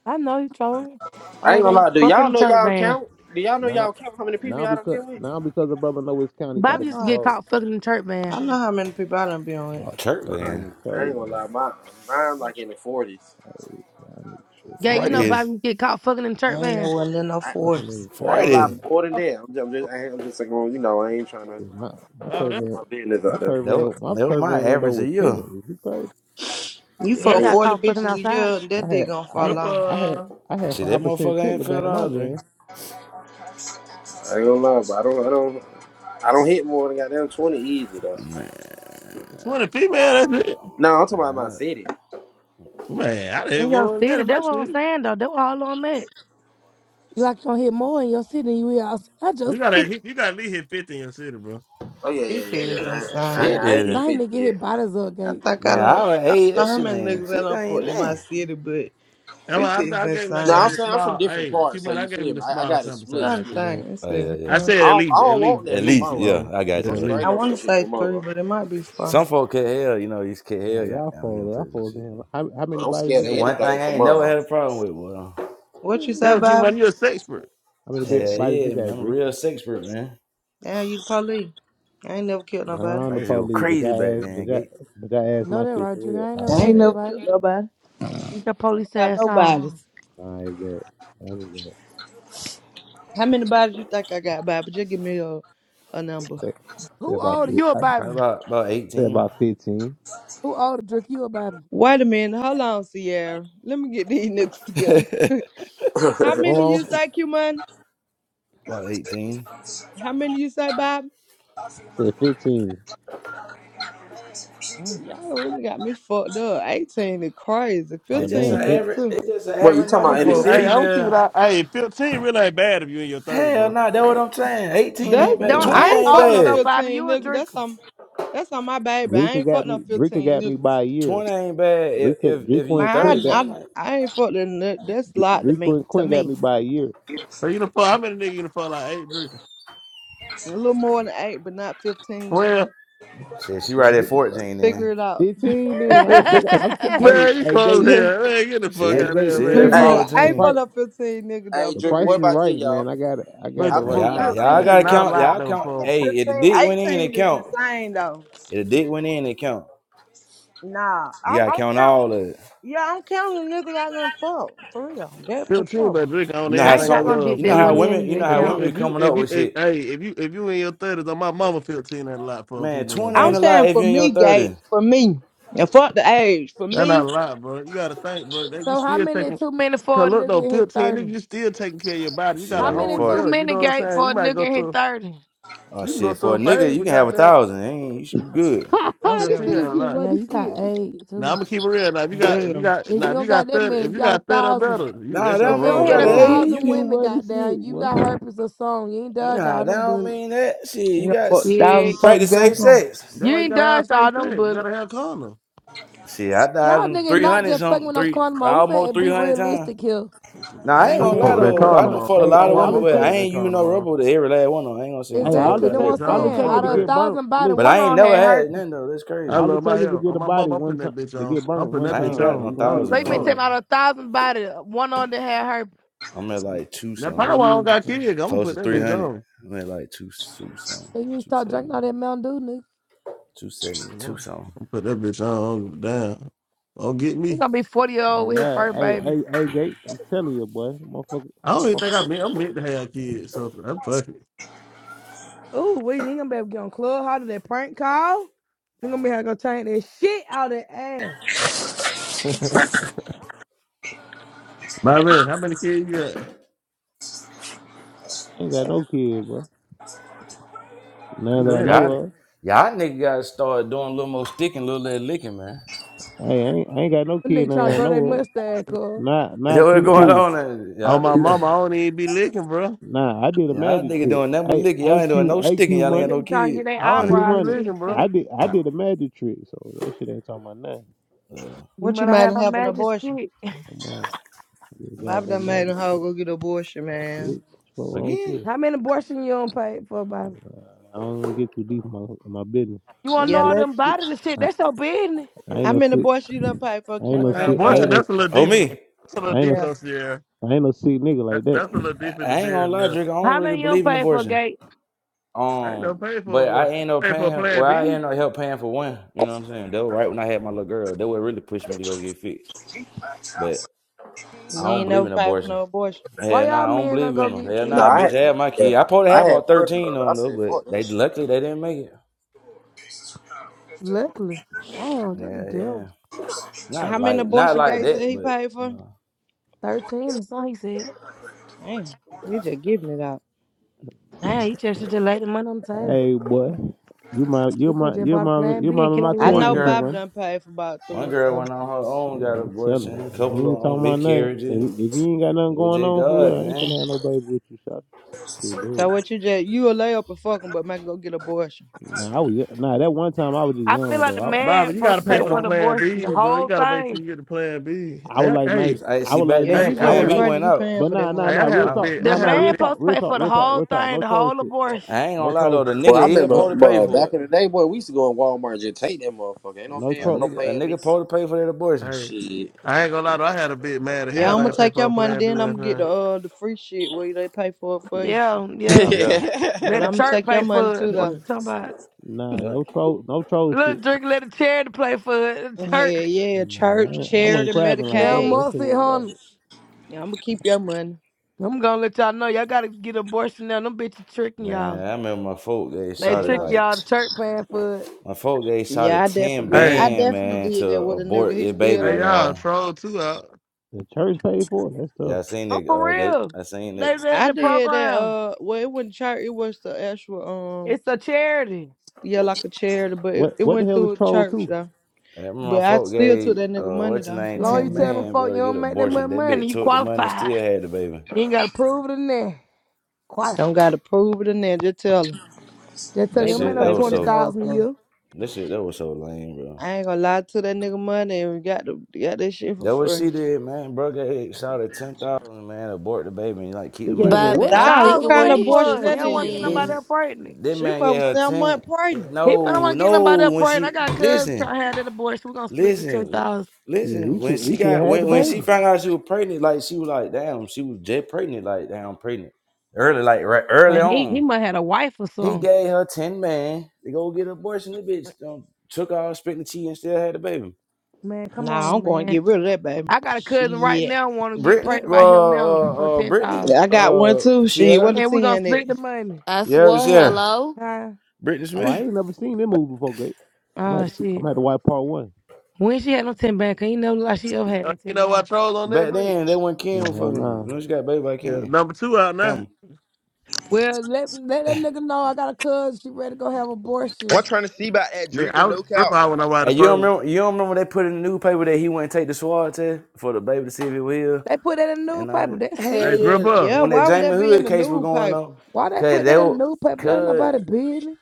Speaker 9: I know you trolling. Oh,
Speaker 15: ain't gonna
Speaker 9: they
Speaker 15: lie, dude. Y'all
Speaker 9: fucking
Speaker 15: know
Speaker 9: church
Speaker 15: y'all
Speaker 9: van.
Speaker 15: count? Do y'all know
Speaker 6: Now,
Speaker 15: y'all count how many people
Speaker 6: now
Speaker 15: y'all done
Speaker 6: because
Speaker 15: been with?
Speaker 6: now because the brother know his county got
Speaker 1: I
Speaker 6: to
Speaker 9: Bobby
Speaker 6: be
Speaker 9: used to
Speaker 1: know
Speaker 9: get
Speaker 6: trolled.
Speaker 9: caught fucking in church van.
Speaker 1: I know how many people I done been with.
Speaker 6: Oh,
Speaker 18: Chirp
Speaker 6: fucking in
Speaker 18: then.
Speaker 6: the
Speaker 15: I ain't
Speaker 6: turban,
Speaker 15: gonna lie,
Speaker 6: baby.
Speaker 15: my mine like in the forties.
Speaker 6: Y'all need trip.
Speaker 9: Yeah,
Speaker 1: I
Speaker 9: you
Speaker 1: ain't
Speaker 9: know
Speaker 1: know
Speaker 18: 40s.
Speaker 9: Bobby used to get caught fucking in
Speaker 1: I
Speaker 9: church
Speaker 1: ain't
Speaker 9: van.
Speaker 1: know what in no
Speaker 15: I,
Speaker 6: Fucking in
Speaker 1: forties.
Speaker 6: the
Speaker 15: I ain't gonna lie,
Speaker 18: 40s.
Speaker 6: turban.
Speaker 15: more than that. I'm just, I'm
Speaker 16: on.
Speaker 15: just, I ain't- I'm just like, well, you know, I ain't trying to
Speaker 6: Dude, My my
Speaker 16: Baba, that's
Speaker 15: put
Speaker 6: turban,
Speaker 15: my business
Speaker 6: my
Speaker 15: out there.
Speaker 18: That was,
Speaker 6: turban, my
Speaker 18: that was my
Speaker 6: turban window
Speaker 18: average a
Speaker 6: was
Speaker 18: year.
Speaker 6: tinted. Is you crazy?
Speaker 1: You
Speaker 15: Yeah, I
Speaker 9: Yeah,
Speaker 1: fuck
Speaker 15: ain't,
Speaker 9: got
Speaker 1: forty
Speaker 9: caught fucking
Speaker 1: bitches a
Speaker 9: outside.
Speaker 1: year and
Speaker 6: I
Speaker 1: that dick
Speaker 6: had
Speaker 1: gonna
Speaker 16: a
Speaker 6: I
Speaker 1: fall
Speaker 6: had
Speaker 16: group
Speaker 1: off.
Speaker 6: I had
Speaker 16: of
Speaker 6: I had
Speaker 18: Shit, that
Speaker 6: five percent
Speaker 18: motherfucker
Speaker 6: tint in
Speaker 18: ain't
Speaker 6: the back
Speaker 18: felt
Speaker 6: of my
Speaker 18: Audrey.
Speaker 6: van.
Speaker 15: I ain't gonna lie, but I don't, I don't, I don't hit more than goddamn twenty easy though.
Speaker 18: Man.
Speaker 16: 20 female, that's it.
Speaker 15: No, I'm talking about my
Speaker 18: man
Speaker 15: city.
Speaker 16: Man, I
Speaker 9: In
Speaker 16: didn't
Speaker 9: your
Speaker 16: want that
Speaker 9: city,
Speaker 16: in my
Speaker 9: that's what I'm
Speaker 16: city.
Speaker 9: saying though. That's what all on am You like you gonna hit more in your city than you will outside your
Speaker 16: You gotta,
Speaker 9: city.
Speaker 16: you gotta at least hit 50 in your city, bro.
Speaker 15: Oh yeah,
Speaker 1: This
Speaker 15: yeah, yeah,
Speaker 1: is
Speaker 15: yeah.
Speaker 18: I,
Speaker 15: I, I,
Speaker 1: insane.
Speaker 18: 50.
Speaker 15: I ain't hit
Speaker 9: I ain't
Speaker 15: fifty
Speaker 9: nigga hit
Speaker 15: yet.
Speaker 9: bodies up,
Speaker 1: I
Speaker 9: gate.
Speaker 1: think I
Speaker 18: Man,
Speaker 1: done
Speaker 18: I was
Speaker 1: I don't
Speaker 18: eight.
Speaker 1: know
Speaker 18: that
Speaker 1: how
Speaker 18: shit
Speaker 1: many
Speaker 18: ain't
Speaker 1: niggas I
Speaker 18: 50
Speaker 1: done
Speaker 18: ain't
Speaker 1: fucked in my
Speaker 18: there.
Speaker 1: city, but
Speaker 16: And I,
Speaker 1: fifty is
Speaker 16: I, I gave him, I
Speaker 15: No,
Speaker 16: gave
Speaker 15: I'm
Speaker 16: him
Speaker 1: insane.
Speaker 16: the
Speaker 15: saying I'm from
Speaker 16: smile.
Speaker 15: different
Speaker 16: Hey, Q
Speaker 15: parts, so
Speaker 16: man, I
Speaker 15: you
Speaker 16: gave him
Speaker 15: feel me?
Speaker 16: the
Speaker 15: I, I
Speaker 16: smile
Speaker 15: got it split,
Speaker 1: trying
Speaker 16: sometimes.
Speaker 1: to
Speaker 15: split.
Speaker 16: Q-Man.
Speaker 1: think. Let's
Speaker 18: Oh,
Speaker 1: see.
Speaker 18: yeah,
Speaker 16: I
Speaker 18: yeah.
Speaker 1: One,
Speaker 15: I
Speaker 16: said at
Speaker 15: don't, I
Speaker 16: least, at
Speaker 15: don't want
Speaker 16: least, at
Speaker 15: that
Speaker 18: At
Speaker 15: from
Speaker 16: least,
Speaker 18: least,
Speaker 16: Q
Speaker 15: Monroe.
Speaker 18: yeah,
Speaker 16: man.
Speaker 18: I got
Speaker 16: Yeah,
Speaker 18: you,
Speaker 15: I'm
Speaker 16: at
Speaker 18: though.
Speaker 16: least.
Speaker 15: straight
Speaker 1: I
Speaker 15: on some
Speaker 1: wanna
Speaker 15: shit
Speaker 1: say
Speaker 15: from
Speaker 1: three,
Speaker 15: Monroe.
Speaker 1: but it might be four.
Speaker 18: Some folk can't hell, you know, these can't hell
Speaker 6: Hey,
Speaker 18: got
Speaker 6: y'all
Speaker 18: down getting
Speaker 6: folded.
Speaker 18: put
Speaker 6: Y'all
Speaker 18: and
Speaker 6: folded
Speaker 18: shit.
Speaker 6: him. How, how many
Speaker 15: I'm
Speaker 6: bodies
Speaker 15: scared
Speaker 6: you
Speaker 15: of
Speaker 18: That
Speaker 6: guys
Speaker 18: one thing
Speaker 6: feel?
Speaker 15: anything
Speaker 18: I
Speaker 15: from
Speaker 18: ain't never
Speaker 15: Monroe.
Speaker 18: had a problem with, well.
Speaker 1: What you say,
Speaker 16: Tell him, Q
Speaker 1: Bob?
Speaker 16: man, you're a sexpert.
Speaker 6: How many bear-
Speaker 18: Hell
Speaker 6: bodies you
Speaker 18: yeah, man.
Speaker 6: guys
Speaker 18: I'm a
Speaker 6: drink?
Speaker 18: real sexpert, man.
Speaker 1: Damn, you the police. I ain't never killed nobody.
Speaker 6: Nah, I'm
Speaker 18: I
Speaker 6: the
Speaker 18: used to go
Speaker 6: police, but
Speaker 18: crazy back
Speaker 6: y'all ask, but
Speaker 18: then,
Speaker 6: y'all,
Speaker 18: Gate.
Speaker 6: but y'all ask
Speaker 9: No,
Speaker 6: my
Speaker 9: that
Speaker 6: shit for
Speaker 9: Rodrigo.
Speaker 6: real.
Speaker 9: I ain't
Speaker 1: I
Speaker 6: All
Speaker 9: no kill
Speaker 1: ain't
Speaker 6: right,
Speaker 1: never
Speaker 6: bet.
Speaker 9: nobody.
Speaker 1: killed nobody.
Speaker 9: Get your
Speaker 1: I don't
Speaker 9: police
Speaker 1: got
Speaker 9: ass on.
Speaker 1: nobody.
Speaker 6: All right, bet.
Speaker 1: How many bodies you think I got, Bobby? Just give me a, a number.
Speaker 6: Say, say
Speaker 9: Who
Speaker 1: How
Speaker 6: about
Speaker 9: older?
Speaker 1: many?
Speaker 6: fif-
Speaker 9: You a
Speaker 6: I
Speaker 18: Probably
Speaker 9: Bobby?
Speaker 18: about about
Speaker 6: say
Speaker 18: eighteen.
Speaker 6: about fifteen.
Speaker 9: Who older, Drake? You a Bobby?
Speaker 1: Wait a minute. Hold on, Sierra. Let me get these niggas
Speaker 18: (laughs)
Speaker 1: together. (laughs) How
Speaker 15: (laughs)
Speaker 1: many you
Speaker 6: Oh,
Speaker 1: say, Q-Money?
Speaker 18: about eighteen.
Speaker 1: How many you say, Bobby?
Speaker 6: say fifteen.
Speaker 9: Mm.
Speaker 1: Y'all really got me fucked up. 18 is crazy.
Speaker 6: Oh
Speaker 18: It's just
Speaker 6: man,
Speaker 18: an
Speaker 1: 15
Speaker 6: he,
Speaker 1: is
Speaker 18: average.
Speaker 1: too.
Speaker 18: It's just an
Speaker 15: Wait, you
Speaker 18: average
Speaker 15: talking
Speaker 16: I'm
Speaker 18: number
Speaker 16: gonna
Speaker 15: about in the
Speaker 16: keep.
Speaker 18: for a
Speaker 16: I,
Speaker 15: city?
Speaker 16: I'm gonna keep it
Speaker 18: female.
Speaker 16: out. Hey, fifteen really ain't bad if you in your thirties,
Speaker 18: Hell no,
Speaker 16: bro.
Speaker 18: nah, that's what I'm saying. Eighteen
Speaker 6: I'm
Speaker 1: That's,
Speaker 18: ain't bad.
Speaker 9: Don't,
Speaker 6: saying
Speaker 1: I
Speaker 18: Twenty
Speaker 9: who
Speaker 1: ain't
Speaker 18: ain't
Speaker 1: fuck
Speaker 9: older
Speaker 1: no
Speaker 9: go
Speaker 18: bad.
Speaker 9: Bobby?
Speaker 1: 15
Speaker 9: You a
Speaker 1: niggas. That's
Speaker 9: drinker.
Speaker 1: on, that's on my baby. I
Speaker 6: Drika
Speaker 1: ain't fuck
Speaker 6: got me.
Speaker 1: no
Speaker 6: Drika
Speaker 1: 15
Speaker 6: got me
Speaker 1: niggas.
Speaker 6: by a year.
Speaker 18: Twenty ain't bad. If
Speaker 6: Drika,
Speaker 18: if, if
Speaker 6: Drika
Speaker 1: My,
Speaker 18: you
Speaker 6: and
Speaker 1: I,
Speaker 18: thirty
Speaker 6: Quint got
Speaker 18: something,
Speaker 1: I,
Speaker 18: like
Speaker 1: I ain't fuck that. That's a
Speaker 6: Dr-
Speaker 1: lot to
Speaker 6: Drika
Speaker 1: me.
Speaker 6: and
Speaker 1: To
Speaker 6: Quint got
Speaker 1: me.
Speaker 6: me by a year.
Speaker 16: So you know, how many niggas you done fuck like eight drinking?
Speaker 1: A little more than 8, but not 15.
Speaker 16: Well,
Speaker 18: shit, she
Speaker 6: Man,
Speaker 18: right at
Speaker 6: get the fuck
Speaker 18: fourteen
Speaker 1: Figure
Speaker 18: then.
Speaker 1: it out.
Speaker 6: fifteen. Then
Speaker 16: (laughs)
Speaker 6: I, I got- I'm t-
Speaker 9: (laughs)
Speaker 1: (laughs)
Speaker 6: hey
Speaker 16: man, you
Speaker 6: hey
Speaker 1: (laughs)
Speaker 16: close
Speaker 6: gate
Speaker 1: Figure
Speaker 16: here. Man, get the fuck
Speaker 6: hey
Speaker 18: Shit,
Speaker 16: out of
Speaker 6: gate
Speaker 16: here,
Speaker 18: she at
Speaker 6: gate.
Speaker 16: man.
Speaker 6: I,
Speaker 15: Hey,
Speaker 1: that I
Speaker 6: the
Speaker 1: ain't
Speaker 18: fourteen.
Speaker 6: price
Speaker 1: fucked up 15 nigga
Speaker 15: Hey,
Speaker 1: though,
Speaker 6: the
Speaker 1: for
Speaker 15: Drake,
Speaker 6: price
Speaker 15: what
Speaker 6: is
Speaker 1: real.
Speaker 15: about
Speaker 6: right,
Speaker 15: this, y'all?
Speaker 6: man. I got it. I got it
Speaker 16: But
Speaker 15: How
Speaker 18: Now
Speaker 15: many of
Speaker 16: but
Speaker 6: right,
Speaker 18: y'all
Speaker 15: y'all
Speaker 6: man.
Speaker 15: don't
Speaker 18: y'all
Speaker 6: Price
Speaker 16: fifteen is
Speaker 15: had?
Speaker 6: is
Speaker 18: gotta
Speaker 6: right.
Speaker 16: not a
Speaker 18: count.
Speaker 16: lot
Speaker 18: Y'all
Speaker 16: though.
Speaker 1: I
Speaker 18: count.
Speaker 1: ain't
Speaker 16: For,
Speaker 18: Hey,
Speaker 16: for
Speaker 18: if the dick
Speaker 1: that
Speaker 18: went in,
Speaker 1: 15.
Speaker 18: it
Speaker 1: 18 is
Speaker 18: count.
Speaker 1: insane though.
Speaker 18: If the dick went in, it count.
Speaker 1: Nah. I
Speaker 18: You
Speaker 1: don't, I
Speaker 18: gotta
Speaker 1: don't
Speaker 18: count
Speaker 1: count.
Speaker 18: all of it.
Speaker 1: Yeah, I don't count the niggas I done fuck. For real. That for
Speaker 16: fifteen,
Speaker 1: sure.
Speaker 16: but drinking on
Speaker 18: You know how
Speaker 9: I ain't
Speaker 16: everything I
Speaker 9: got
Speaker 18: some.
Speaker 9: no
Speaker 16: love,
Speaker 9: dick
Speaker 18: You know
Speaker 9: that
Speaker 18: how
Speaker 9: went
Speaker 16: drinking.
Speaker 9: in
Speaker 18: women. You
Speaker 9: the
Speaker 18: know
Speaker 16: If
Speaker 18: how
Speaker 16: you
Speaker 18: women
Speaker 9: account.
Speaker 18: be
Speaker 16: if you
Speaker 18: coming up
Speaker 16: if you
Speaker 18: with
Speaker 16: if,
Speaker 18: shit.
Speaker 16: hey if you if you in your thirties, on my mama fifteen ain't a lot for a
Speaker 18: Man,
Speaker 16: female,
Speaker 18: twenty
Speaker 1: I'm
Speaker 18: ain't
Speaker 16: bro.
Speaker 18: a lot
Speaker 1: saying
Speaker 18: if
Speaker 1: for
Speaker 18: you are in your
Speaker 1: me, gay,
Speaker 18: thirty.
Speaker 1: for me. And fuck the age. For
Speaker 16: That's not a
Speaker 1: me,
Speaker 16: lot, bro. You gotta think, bro. That you
Speaker 9: So how
Speaker 16: still taking.
Speaker 9: many too many for
Speaker 16: Cause
Speaker 9: a
Speaker 16: look
Speaker 9: nigga
Speaker 16: though,
Speaker 9: in his
Speaker 16: fifteen,
Speaker 9: thirty?
Speaker 16: nigga, you still taking care of your body. You got a
Speaker 9: How
Speaker 18: Shit,
Speaker 9: many
Speaker 16: whole
Speaker 9: too
Speaker 18: for
Speaker 16: year. You
Speaker 9: many
Speaker 16: know what I'm
Speaker 9: gate
Speaker 16: saying? You
Speaker 9: for a
Speaker 16: might
Speaker 9: nigga
Speaker 16: go
Speaker 9: in his
Speaker 16: through.
Speaker 9: thirty?
Speaker 18: oh
Speaker 16: You can go
Speaker 18: shit,
Speaker 16: through
Speaker 18: for
Speaker 16: a
Speaker 18: a
Speaker 16: phase,
Speaker 18: nigga, you
Speaker 16: but
Speaker 18: can have a
Speaker 16: goddamn,
Speaker 18: thousand. Ain't you sh- you good?
Speaker 1: I don't
Speaker 6: (laughs) this
Speaker 1: give a
Speaker 16: fifteen ain't
Speaker 6: nigga
Speaker 16: a
Speaker 1: damn.
Speaker 6: cute
Speaker 16: lot.
Speaker 9: Yeah,
Speaker 6: money
Speaker 9: you got
Speaker 6: shit.
Speaker 9: eight
Speaker 16: Now I'm
Speaker 9: too.
Speaker 16: gonna keep it real. Now if you got, if you
Speaker 1: Yeah. You
Speaker 16: got,
Speaker 9: If
Speaker 16: now
Speaker 9: you
Speaker 16: if you
Speaker 9: don't got
Speaker 16: got
Speaker 9: that
Speaker 16: thirty,
Speaker 9: many,
Speaker 16: if
Speaker 9: you
Speaker 16: you
Speaker 9: got a
Speaker 16: got thirty or
Speaker 9: thousand.
Speaker 16: better,
Speaker 18: Nah,
Speaker 16: you
Speaker 18: that
Speaker 16: that's
Speaker 9: If
Speaker 16: not
Speaker 18: don't
Speaker 9: you
Speaker 18: mean
Speaker 9: don't
Speaker 16: wrong.
Speaker 6: This
Speaker 18: you
Speaker 16: That's
Speaker 9: hit
Speaker 18: got
Speaker 9: a
Speaker 18: an
Speaker 16: wrong.
Speaker 18: eight.
Speaker 6: nigga
Speaker 18: You
Speaker 9: thousand
Speaker 18: can.
Speaker 6: cute
Speaker 9: women,
Speaker 6: money
Speaker 9: goddamn,
Speaker 6: shit.
Speaker 9: you got
Speaker 6: What?
Speaker 9: herpes or something. You ain't dodge
Speaker 18: Nah,
Speaker 9: all
Speaker 18: that
Speaker 9: them
Speaker 18: don't
Speaker 9: bullets.
Speaker 18: mean that. Shit, you
Speaker 1: know,
Speaker 18: got.
Speaker 1: fuck
Speaker 18: You
Speaker 1: thousand
Speaker 18: can
Speaker 9: Shit.
Speaker 1: folk, you
Speaker 18: practice
Speaker 1: got
Speaker 18: safe
Speaker 1: some.
Speaker 18: sex.
Speaker 16: That's
Speaker 9: You
Speaker 16: why you
Speaker 9: ain't
Speaker 16: gotta have
Speaker 9: dodged all
Speaker 16: safe
Speaker 9: them
Speaker 16: sex. You
Speaker 9: bullets.
Speaker 16: gotta have condom.
Speaker 18: Shit, I died
Speaker 9: Y'all
Speaker 18: in
Speaker 9: niggas
Speaker 18: three
Speaker 9: not
Speaker 18: hundred
Speaker 9: just fucking
Speaker 18: some
Speaker 9: with no
Speaker 18: three
Speaker 9: condom on. We
Speaker 18: almost
Speaker 9: finna
Speaker 18: three
Speaker 9: be
Speaker 18: hundred times.
Speaker 9: realistic here.
Speaker 18: Now I
Speaker 6: One
Speaker 18: ain't
Speaker 16: I'm
Speaker 6: nigga
Speaker 16: gonna
Speaker 18: gonna
Speaker 16: fuck
Speaker 18: lie
Speaker 6: ain't
Speaker 16: with
Speaker 6: fucking
Speaker 16: that
Speaker 6: with
Speaker 18: though,
Speaker 6: a
Speaker 18: I
Speaker 16: condom
Speaker 6: con.
Speaker 18: done
Speaker 16: on.
Speaker 18: fought a
Speaker 6: Hey,
Speaker 16: My
Speaker 18: lot
Speaker 6: hey,
Speaker 18: of
Speaker 6: all
Speaker 16: mama,
Speaker 18: women,
Speaker 16: I'm
Speaker 6: it
Speaker 18: but
Speaker 16: fucking
Speaker 18: I
Speaker 6: take.
Speaker 16: with that
Speaker 18: ain't used
Speaker 16: condom
Speaker 18: no
Speaker 16: on.
Speaker 18: rubber to every last one. Of them. I ain't gonna say
Speaker 16: I'm
Speaker 6: Hey,
Speaker 18: into
Speaker 16: fucking
Speaker 18: that
Speaker 6: all
Speaker 16: with
Speaker 9: Exactly.
Speaker 6: it
Speaker 18: like
Speaker 16: that
Speaker 9: That's what
Speaker 6: take
Speaker 9: I'm
Speaker 16: bitch
Speaker 18: either.
Speaker 6: all it
Speaker 16: on.
Speaker 9: saying.
Speaker 6: take is
Speaker 9: Out
Speaker 16: Fuck
Speaker 6: to
Speaker 9: of a
Speaker 6: get
Speaker 16: that.
Speaker 6: burnt.
Speaker 9: thousand body,
Speaker 18: But
Speaker 6: Listen,
Speaker 9: one
Speaker 18: I ain't
Speaker 9: on
Speaker 18: never
Speaker 9: had
Speaker 18: had
Speaker 9: herpes.
Speaker 18: none though. That's
Speaker 16: I
Speaker 18: crazy.
Speaker 6: all it
Speaker 16: love my
Speaker 6: take is to
Speaker 16: hair.
Speaker 6: get
Speaker 16: On
Speaker 6: a
Speaker 16: my
Speaker 6: body
Speaker 16: bum, I'm
Speaker 6: one
Speaker 16: putting
Speaker 6: time
Speaker 16: that bitch
Speaker 6: to
Speaker 16: on.
Speaker 6: get
Speaker 16: I'm
Speaker 6: burnt
Speaker 16: putting
Speaker 6: one
Speaker 16: that
Speaker 18: I
Speaker 16: bitch
Speaker 18: ain't
Speaker 6: time,
Speaker 18: got
Speaker 6: man.
Speaker 18: no
Speaker 16: on.
Speaker 6: You
Speaker 16: I
Speaker 6: gonna
Speaker 16: don't
Speaker 6: use
Speaker 16: give
Speaker 6: a
Speaker 18: thousand
Speaker 9: So
Speaker 16: a
Speaker 9: you
Speaker 18: though.
Speaker 9: may
Speaker 18: I'm
Speaker 6: condom.
Speaker 16: fuck.
Speaker 9: take
Speaker 18: at
Speaker 9: out
Speaker 6: Man.
Speaker 9: of a thousand bodies, one on that had herpes.
Speaker 18: I'm at like two
Speaker 16: That
Speaker 6: You
Speaker 18: some.
Speaker 6: gonna
Speaker 16: power I don't
Speaker 6: use
Speaker 16: got kids. I'm
Speaker 6: huh?
Speaker 16: gonna
Speaker 18: Close
Speaker 16: put
Speaker 18: to
Speaker 16: that bitch
Speaker 18: 300.
Speaker 16: on.
Speaker 18: I made like two, two something,
Speaker 9: So you need to
Speaker 18: two
Speaker 9: start drinking all
Speaker 18: seventy,
Speaker 9: that Mountain Dew, nigga.
Speaker 18: two seventy,
Speaker 16: Oh,
Speaker 18: two 270,
Speaker 16: Well,
Speaker 18: something.
Speaker 16: I'm put that bitch on down. Don't give a damn. Don't get
Speaker 9: He
Speaker 16: me.
Speaker 9: gonna be forty year old
Speaker 6: oh
Speaker 9: with his
Speaker 6: god.
Speaker 9: first
Speaker 6: Hey,
Speaker 9: baby.
Speaker 6: hey, hey, gate. I'm telling you, boy, motherfucker,
Speaker 16: I don't even
Speaker 6: motherfucker
Speaker 16: think I meant, I'm meant to have kids, so I'm fucking.
Speaker 9: Ooh, we ain't gonna be able to get on club how that prank call. They gonna be able to change that shit out of their ass.
Speaker 16: (laughs) my man, how many kids you got?
Speaker 6: I ain't got no kid, bro.
Speaker 16: You
Speaker 6: None that I
Speaker 16: winning.
Speaker 6: know
Speaker 18: Got it.
Speaker 6: of.
Speaker 18: Y'all nigga gotta start doing a little more sticking, a little less licking, man.
Speaker 6: Hey, I ain't, I ain't got no
Speaker 9: Them
Speaker 6: kid.
Speaker 9: nigga
Speaker 6: None
Speaker 9: trying
Speaker 6: that
Speaker 9: to
Speaker 6: I
Speaker 9: grow their
Speaker 6: know of.
Speaker 9: mustache, cuz.
Speaker 6: Nah,
Speaker 18: Is
Speaker 6: nah,
Speaker 18: that what's
Speaker 6: Q. I,
Speaker 18: going
Speaker 16: Cute.
Speaker 18: on? in-
Speaker 16: Oh,
Speaker 18: Y'all
Speaker 16: my
Speaker 6: Q-
Speaker 16: mama,
Speaker 18: nigga,
Speaker 16: I don't even be licking, bro.
Speaker 6: nah, I did a
Speaker 18: y'all
Speaker 6: magic
Speaker 18: nigga
Speaker 6: trick.
Speaker 18: doing nothing but
Speaker 6: Hey,
Speaker 18: licking. Y'all ain't doing no
Speaker 6: AQ,
Speaker 18: sticking.
Speaker 6: AQ
Speaker 18: Y'all ain't
Speaker 9: These
Speaker 6: money,
Speaker 18: got no
Speaker 9: niggas trying to get
Speaker 18: kid.
Speaker 9: their
Speaker 16: I don't
Speaker 18: Huh.
Speaker 6: Q
Speaker 16: even
Speaker 9: eyebrows
Speaker 16: be
Speaker 9: and
Speaker 6: money.
Speaker 9: shit
Speaker 16: licking, bro.
Speaker 6: I
Speaker 9: fit.
Speaker 6: did, I
Speaker 16: I,
Speaker 6: did a magic trick. So that shit ain't talking about nothing.
Speaker 9: You
Speaker 1: What
Speaker 9: might
Speaker 1: you
Speaker 9: not
Speaker 1: made
Speaker 9: have
Speaker 1: him
Speaker 9: a
Speaker 1: have an
Speaker 9: magic
Speaker 1: abortion?
Speaker 9: stick.
Speaker 6: Come on, you
Speaker 1: Bobby
Speaker 6: goddamn
Speaker 1: done made him
Speaker 6: magic.
Speaker 1: hoe go get an abortion, man.
Speaker 6: What's
Speaker 18: But
Speaker 6: wrong with
Speaker 18: Again,
Speaker 6: you?
Speaker 9: How many abortions you don't pay for, Bobby?
Speaker 6: Uh, I don't get too deep in my, in my business.
Speaker 9: You wanna know
Speaker 6: Uh,
Speaker 1: Yeah,
Speaker 9: all
Speaker 1: let's.
Speaker 9: them bodies and shit?
Speaker 6: I,
Speaker 9: That's your business.
Speaker 6: I ain't
Speaker 1: How
Speaker 6: no
Speaker 1: many
Speaker 6: sick.
Speaker 1: abortions you done pay for,
Speaker 6: I
Speaker 1: Key
Speaker 6: ain't
Speaker 18: one
Speaker 6: no
Speaker 1: Money?
Speaker 16: I,
Speaker 18: thing
Speaker 6: sick. I
Speaker 16: boy,
Speaker 18: about
Speaker 16: so
Speaker 6: ain't
Speaker 18: it.
Speaker 6: no.
Speaker 16: that's a little
Speaker 18: Oh
Speaker 16: deeper, though.
Speaker 18: me,
Speaker 16: That's a little
Speaker 6: I ain't no.
Speaker 16: deeper,
Speaker 1: Yeah.
Speaker 16: though, Sierra.
Speaker 6: I ain't no sick nigga
Speaker 16: That,
Speaker 6: like that.
Speaker 16: that's a little
Speaker 18: I
Speaker 16: deeper to
Speaker 18: I
Speaker 16: be
Speaker 18: ain't gonna
Speaker 16: in
Speaker 18: lie,
Speaker 16: there.
Speaker 18: Drake. I don't
Speaker 9: How
Speaker 18: really
Speaker 9: many you done
Speaker 18: believe in
Speaker 9: paid for,
Speaker 18: abortion.
Speaker 9: Gate?
Speaker 16: I ain't no
Speaker 18: Um,
Speaker 16: pay for a
Speaker 18: but
Speaker 16: boy.
Speaker 18: I ain't
Speaker 16: I
Speaker 18: no
Speaker 16: pay for a
Speaker 18: paying.
Speaker 16: plan
Speaker 18: Well, I
Speaker 16: B.
Speaker 18: ain't no help paying for one. You know what I'm saying? That was right when I had my little girl. That what really pushed me to go get fixed. But I
Speaker 1: You
Speaker 18: don't
Speaker 1: ain't
Speaker 18: believe
Speaker 1: never
Speaker 18: in
Speaker 1: paid for
Speaker 18: abortion.
Speaker 1: no abortion.
Speaker 9: Why
Speaker 18: Hell nah,
Speaker 9: y'all
Speaker 18: I don't
Speaker 9: men don't
Speaker 18: believe
Speaker 9: go
Speaker 18: in them.
Speaker 9: get
Speaker 18: Hell
Speaker 9: fit?
Speaker 15: No,
Speaker 18: nah,
Speaker 15: I
Speaker 18: bitch,
Speaker 15: had,
Speaker 18: I had my
Speaker 15: yeah,
Speaker 18: kid. I probably had
Speaker 15: I had
Speaker 18: about
Speaker 15: one
Speaker 18: thirteen
Speaker 15: girl. I
Speaker 18: on though,
Speaker 15: said,
Speaker 18: but
Speaker 15: fuck
Speaker 18: they
Speaker 15: that shit.
Speaker 18: luckily they didn't make it.
Speaker 9: Luckily. Damn, that a
Speaker 18: Yeah, yeah.
Speaker 9: devil.
Speaker 1: How
Speaker 18: Not
Speaker 1: many
Speaker 18: like not
Speaker 1: abortion
Speaker 18: like
Speaker 1: gates that
Speaker 18: that,
Speaker 1: he
Speaker 18: but
Speaker 1: paid
Speaker 18: you
Speaker 1: for?
Speaker 18: know,
Speaker 9: 13 or something, he said.
Speaker 1: Damn, he just giving it out.
Speaker 9: Damn, he just should just laid the money on the table.
Speaker 6: Hey boy, you my you
Speaker 9: She could
Speaker 6: my
Speaker 9: just
Speaker 6: you
Speaker 9: bought a
Speaker 6: my
Speaker 9: plan
Speaker 6: you
Speaker 9: B
Speaker 6: my
Speaker 9: and kept
Speaker 6: my
Speaker 9: the
Speaker 1: I
Speaker 9: rest
Speaker 18: one
Speaker 9: of
Speaker 1: know
Speaker 6: cousin
Speaker 9: it.
Speaker 6: too
Speaker 18: girl,
Speaker 1: Bob
Speaker 6: man.
Speaker 1: done paid for about three
Speaker 18: one
Speaker 1: or
Speaker 18: girl
Speaker 1: four.
Speaker 18: went on her own,
Speaker 6: Shit,
Speaker 18: got
Speaker 6: I'm
Speaker 18: abortion.
Speaker 6: telling
Speaker 18: A
Speaker 6: you, if
Speaker 18: couple
Speaker 6: you ain't
Speaker 18: of
Speaker 6: talking
Speaker 18: them
Speaker 6: about nothing,
Speaker 18: miscarriages.
Speaker 6: if, if you ain't got nothing
Speaker 18: It was
Speaker 6: going
Speaker 18: just
Speaker 6: on for real,
Speaker 18: God,
Speaker 6: I ain't
Speaker 18: man.
Speaker 6: finna have no baby with you, shot. Shit,
Speaker 1: So
Speaker 6: dude.
Speaker 1: what you just you a lay up and fucking, but man go get abortion.
Speaker 6: Nah, I was yo- nah. That one time I was just
Speaker 9: I feel
Speaker 6: young
Speaker 9: like the
Speaker 6: though.
Speaker 9: man
Speaker 16: Bobby, you
Speaker 9: supposed
Speaker 16: gotta
Speaker 9: to
Speaker 16: pay
Speaker 9: pay
Speaker 18: That
Speaker 16: for the
Speaker 9: for
Speaker 18: one,
Speaker 9: the
Speaker 16: plan
Speaker 9: abortion,
Speaker 16: B,
Speaker 9: the
Speaker 16: bro. You
Speaker 9: whole
Speaker 16: gotta make sure
Speaker 9: thing.
Speaker 16: you get the plan B.
Speaker 6: I would
Speaker 16: Hey,
Speaker 6: like night.
Speaker 16: hey,
Speaker 18: I
Speaker 6: I
Speaker 18: see
Speaker 6: would
Speaker 18: back
Speaker 6: like
Speaker 1: Yeah,
Speaker 6: night.
Speaker 18: then,
Speaker 1: you
Speaker 16: hey, I
Speaker 6: I
Speaker 1: give
Speaker 6: would
Speaker 1: me
Speaker 18: Plan
Speaker 16: had
Speaker 18: B
Speaker 6: like,
Speaker 1: pardon,
Speaker 18: went
Speaker 1: you
Speaker 18: out.
Speaker 1: paying
Speaker 6: but
Speaker 1: for that
Speaker 6: nah, nah,
Speaker 16: Hey, I
Speaker 6: nah.
Speaker 1: motherfucker.
Speaker 18: When
Speaker 16: had
Speaker 6: Real
Speaker 16: a
Speaker 18: I,
Speaker 6: talk.
Speaker 18: was-
Speaker 16: big, I
Speaker 9: The
Speaker 6: Nah, nah.
Speaker 16: had a
Speaker 9: man
Speaker 6: Real
Speaker 16: big.
Speaker 6: talk.
Speaker 9: supposed to
Speaker 6: Real
Speaker 9: pay
Speaker 6: talk.
Speaker 9: for the
Speaker 6: Real talk.
Speaker 9: whole
Speaker 6: Real talk.
Speaker 9: thing,
Speaker 6: No
Speaker 9: the
Speaker 6: troll
Speaker 9: whole
Speaker 6: shit. No,
Speaker 9: abortion.
Speaker 18: I ain't gonna
Speaker 6: no
Speaker 18: lie
Speaker 6: troll.
Speaker 18: though, the
Speaker 6: Shit.
Speaker 15: Well,
Speaker 18: nigga
Speaker 15: I
Speaker 18: is
Speaker 6: No,
Speaker 15: remember,
Speaker 18: supposed to pay
Speaker 15: bro,
Speaker 18: for
Speaker 15: back
Speaker 18: it.
Speaker 15: in the day, boy, we used to go in Walmart and just take that motherfucker. Ain't no
Speaker 6: no
Speaker 15: paying
Speaker 18: A
Speaker 15: for
Speaker 6: troll.
Speaker 15: no
Speaker 18: nigga, a
Speaker 15: plan
Speaker 18: nigga
Speaker 15: B.
Speaker 18: supposed to pay for that abortion.
Speaker 16: Hey,
Speaker 15: Shit.
Speaker 16: I ain't gonna lie though, I had a bit mad as
Speaker 1: Yeah,
Speaker 18: I,
Speaker 16: hell.
Speaker 1: I'm
Speaker 16: I
Speaker 1: gonna
Speaker 16: ain't
Speaker 18: re-
Speaker 16: pay
Speaker 1: take
Speaker 16: for
Speaker 1: your
Speaker 16: a
Speaker 1: money,
Speaker 16: plan
Speaker 1: then
Speaker 16: do
Speaker 1: I'm
Speaker 16: that
Speaker 1: gonna get the
Speaker 16: time.
Speaker 1: uh the free shit where they pay for it for you.
Speaker 9: Yeah, yeah.
Speaker 18: yeah,
Speaker 9: Let
Speaker 1: But
Speaker 9: the
Speaker 15: (laughs)
Speaker 1: I'm gonna
Speaker 9: church
Speaker 1: take your
Speaker 9: pay
Speaker 1: money
Speaker 9: for it.
Speaker 1: too
Speaker 9: Fuck
Speaker 1: though.
Speaker 9: you talking about.
Speaker 6: Nah,
Speaker 18: yeah.
Speaker 6: no troll. No troll
Speaker 9: Let
Speaker 6: shit.
Speaker 9: drink, let the charity pay for it.
Speaker 1: Yeah,
Speaker 9: The church.
Speaker 1: yeah,
Speaker 6: Nah,
Speaker 1: church,
Speaker 6: I, ain't- I
Speaker 1: charity,
Speaker 6: wasn't crabbing like
Speaker 9: Now,
Speaker 6: that.
Speaker 1: Medicaid.
Speaker 6: That shit
Speaker 9: Muncie,
Speaker 6: wasn't that.
Speaker 9: hon.
Speaker 1: Yeah, I'm gonna keep your money.
Speaker 9: I'm gonna let y'all know y'all gotta get abortion now. Them bitches tricking
Speaker 18: Man,
Speaker 9: y'all.
Speaker 18: I remember my folk they
Speaker 1: I
Speaker 9: They
Speaker 18: shot
Speaker 1: ain't
Speaker 18: it
Speaker 9: trick
Speaker 1: gonna.
Speaker 18: like
Speaker 9: y'all. The church paying for it.
Speaker 18: my folk they shot a
Speaker 1: Yeah, I
Speaker 18: ten
Speaker 1: definitely,
Speaker 16: Hey,
Speaker 1: I
Speaker 18: band
Speaker 1: definitely
Speaker 18: man
Speaker 1: did
Speaker 18: to
Speaker 1: that with a nigga.
Speaker 18: abort
Speaker 1: He
Speaker 18: their
Speaker 1: still
Speaker 18: baby,
Speaker 16: hey
Speaker 1: don't
Speaker 16: y'all,
Speaker 1: know.
Speaker 18: y'all.
Speaker 16: troll two out.
Speaker 6: The church paid for it. That's tough.
Speaker 18: Yeah, I seen
Speaker 9: I'm
Speaker 18: it,
Speaker 9: for
Speaker 18: uh gate.
Speaker 9: real.
Speaker 18: I seen it.
Speaker 9: They did
Speaker 1: I
Speaker 9: the
Speaker 1: did that.
Speaker 9: program.
Speaker 1: Uh, well, it wasn't church. It was the actual
Speaker 9: It's
Speaker 1: um,
Speaker 9: a charity.
Speaker 1: yeah, like a charity, but it,
Speaker 6: What?
Speaker 1: it
Speaker 6: What the
Speaker 1: went
Speaker 6: hell is
Speaker 1: through a
Speaker 6: troll
Speaker 1: church
Speaker 6: too?
Speaker 1: though.
Speaker 18: I remember
Speaker 1: But
Speaker 18: my
Speaker 1: I
Speaker 18: folk
Speaker 1: still took
Speaker 18: gave
Speaker 1: that nigga
Speaker 18: uh
Speaker 1: money
Speaker 18: what's
Speaker 1: though.
Speaker 18: your
Speaker 1: I ain't
Speaker 18: name,
Speaker 9: Long you
Speaker 18: ten
Speaker 1: gonna lie.
Speaker 9: tell them
Speaker 18: band,
Speaker 9: folk
Speaker 18: bro,
Speaker 9: you
Speaker 18: to get
Speaker 9: don't
Speaker 18: an
Speaker 9: make that much
Speaker 18: abortion. That
Speaker 9: money,
Speaker 18: bitch
Speaker 9: you
Speaker 18: took the money and
Speaker 9: qualified.
Speaker 18: still had the baby.
Speaker 9: You ain't gotta prove it in there. Qualified.
Speaker 1: Don't gotta prove it in there. Just tell them
Speaker 9: Just tell
Speaker 18: That
Speaker 9: you
Speaker 1: they
Speaker 9: don't
Speaker 1: gonna
Speaker 9: make
Speaker 18: shit
Speaker 9: no
Speaker 18: that
Speaker 1: pay for
Speaker 18: was
Speaker 9: twenty
Speaker 1: that
Speaker 18: so
Speaker 9: thousand a
Speaker 1: motherfucker.
Speaker 9: year.
Speaker 18: that shit that was so lame, bro.
Speaker 1: I ain't gonna lie to that nigga money and we got the got that shit for
Speaker 18: That what
Speaker 1: free.
Speaker 18: she did, man. Bro gave shot her ten thousand, man, abort the baby and like keep
Speaker 6: He
Speaker 18: the money
Speaker 6: gave
Speaker 18: or
Speaker 6: her
Speaker 1: Ten
Speaker 19: Bobby,
Speaker 18: whatever.
Speaker 6: what?
Speaker 19: I'm
Speaker 1: thousand. What
Speaker 19: thinking
Speaker 9: Thousand what
Speaker 19: we
Speaker 1: kind of
Speaker 9: he
Speaker 19: need to shoot
Speaker 1: abortion
Speaker 9: was.
Speaker 19: for
Speaker 9: He
Speaker 1: that
Speaker 9: don't want to
Speaker 1: is?
Speaker 9: get nobody
Speaker 18: Listen,
Speaker 9: up
Speaker 19: twins.
Speaker 9: pregnant.
Speaker 18: that
Speaker 1: She
Speaker 18: man gave
Speaker 1: about
Speaker 18: her
Speaker 1: seven
Speaker 18: ten.
Speaker 1: months pregnant.
Speaker 9: He might not
Speaker 18: No,
Speaker 9: want to get nobody
Speaker 18: no,
Speaker 9: up
Speaker 18: when
Speaker 9: pregnant. I
Speaker 18: she
Speaker 9: got cuz
Speaker 18: listen.
Speaker 9: trying to have that abortion. We're gonna split the ten
Speaker 18: Listen,
Speaker 9: thousand.
Speaker 6: Yeah,
Speaker 18: listen.
Speaker 6: he
Speaker 18: When
Speaker 6: should.
Speaker 18: she
Speaker 6: He should have
Speaker 18: got
Speaker 6: had the
Speaker 18: when when
Speaker 1: Yeah.
Speaker 18: she
Speaker 6: baby.
Speaker 18: found out she was pregnant, like she was like, damn, she was jet pregnant, like damn, pregnant early, like right early
Speaker 9: And he he
Speaker 18: on.
Speaker 9: might had a wife or
Speaker 18: He
Speaker 9: something.
Speaker 18: gave her ten man to go get an abortion. The bitch um, took all, spit the tea, and still had the baby.
Speaker 9: Man, come
Speaker 1: Nah,
Speaker 9: on,
Speaker 1: I'm gonna
Speaker 9: man.
Speaker 1: get rid of that baby.
Speaker 9: I got a cousin right
Speaker 1: Shit.
Speaker 9: now want to get
Speaker 18: Brittany,
Speaker 9: pregnant
Speaker 18: uh,
Speaker 9: by him now for
Speaker 18: uh, uh
Speaker 9: ten
Speaker 18: Brittany,
Speaker 9: thousand,
Speaker 1: I got one
Speaker 18: uh,
Speaker 1: too. Shit, what a
Speaker 18: Sierra,
Speaker 9: and we're gonna
Speaker 1: ten
Speaker 9: split
Speaker 1: it.
Speaker 9: the money.
Speaker 19: I
Speaker 18: yeah,
Speaker 19: swear,
Speaker 18: Sierra,
Speaker 19: hello.
Speaker 9: Huh?
Speaker 18: Brittany
Speaker 6: Oh, I
Speaker 18: Smith.
Speaker 6: ain't never seen them movie before, great. I'm gonna
Speaker 9: Oh
Speaker 6: have to see. I'm
Speaker 9: shit.
Speaker 6: gonna have to watch part one.
Speaker 9: When she had them ten band, cause you never like she ever had
Speaker 16: Uh,
Speaker 9: them
Speaker 16: you
Speaker 9: ten
Speaker 16: know what
Speaker 9: band.
Speaker 16: trolls on
Speaker 18: Back
Speaker 16: Netflix?
Speaker 18: then, that when Ken
Speaker 6: Nah,
Speaker 18: was
Speaker 6: hell
Speaker 18: fucking her. You
Speaker 6: nah.
Speaker 18: know, she got a baby by
Speaker 16: Yeah,
Speaker 18: Ken.
Speaker 16: number two out now.
Speaker 18: Campbell.
Speaker 9: Well, let, let that nigga know I got a cousin. She ready to go have
Speaker 20: I'm
Speaker 9: abortion.
Speaker 20: trying to see about
Speaker 16: Man, I
Speaker 20: Adrica,
Speaker 16: was at
Speaker 20: no
Speaker 16: Grip
Speaker 20: count.
Speaker 16: High when I watched the
Speaker 18: Hey, you
Speaker 16: first
Speaker 18: don't
Speaker 16: one.
Speaker 18: remember? You don't remember they put in the newspaper that he wouldn't take the swab test for the baby to see if it was his?
Speaker 9: They put that in the
Speaker 18: and all
Speaker 9: newspaper.
Speaker 18: that.
Speaker 9: That's
Speaker 18: Hell
Speaker 16: Hey,
Speaker 9: serious.
Speaker 18: yeah!
Speaker 16: Grip Up.
Speaker 1: Yeah,
Speaker 18: When that
Speaker 1: why would
Speaker 18: Jamie
Speaker 1: that be in
Speaker 18: Hood
Speaker 1: the
Speaker 18: case was going
Speaker 1: newspaper?
Speaker 18: on,
Speaker 9: Why they
Speaker 18: cause
Speaker 9: put that
Speaker 18: they
Speaker 9: in
Speaker 18: were,
Speaker 9: the newspaper? That ain't
Speaker 18: cause,
Speaker 9: nobody business.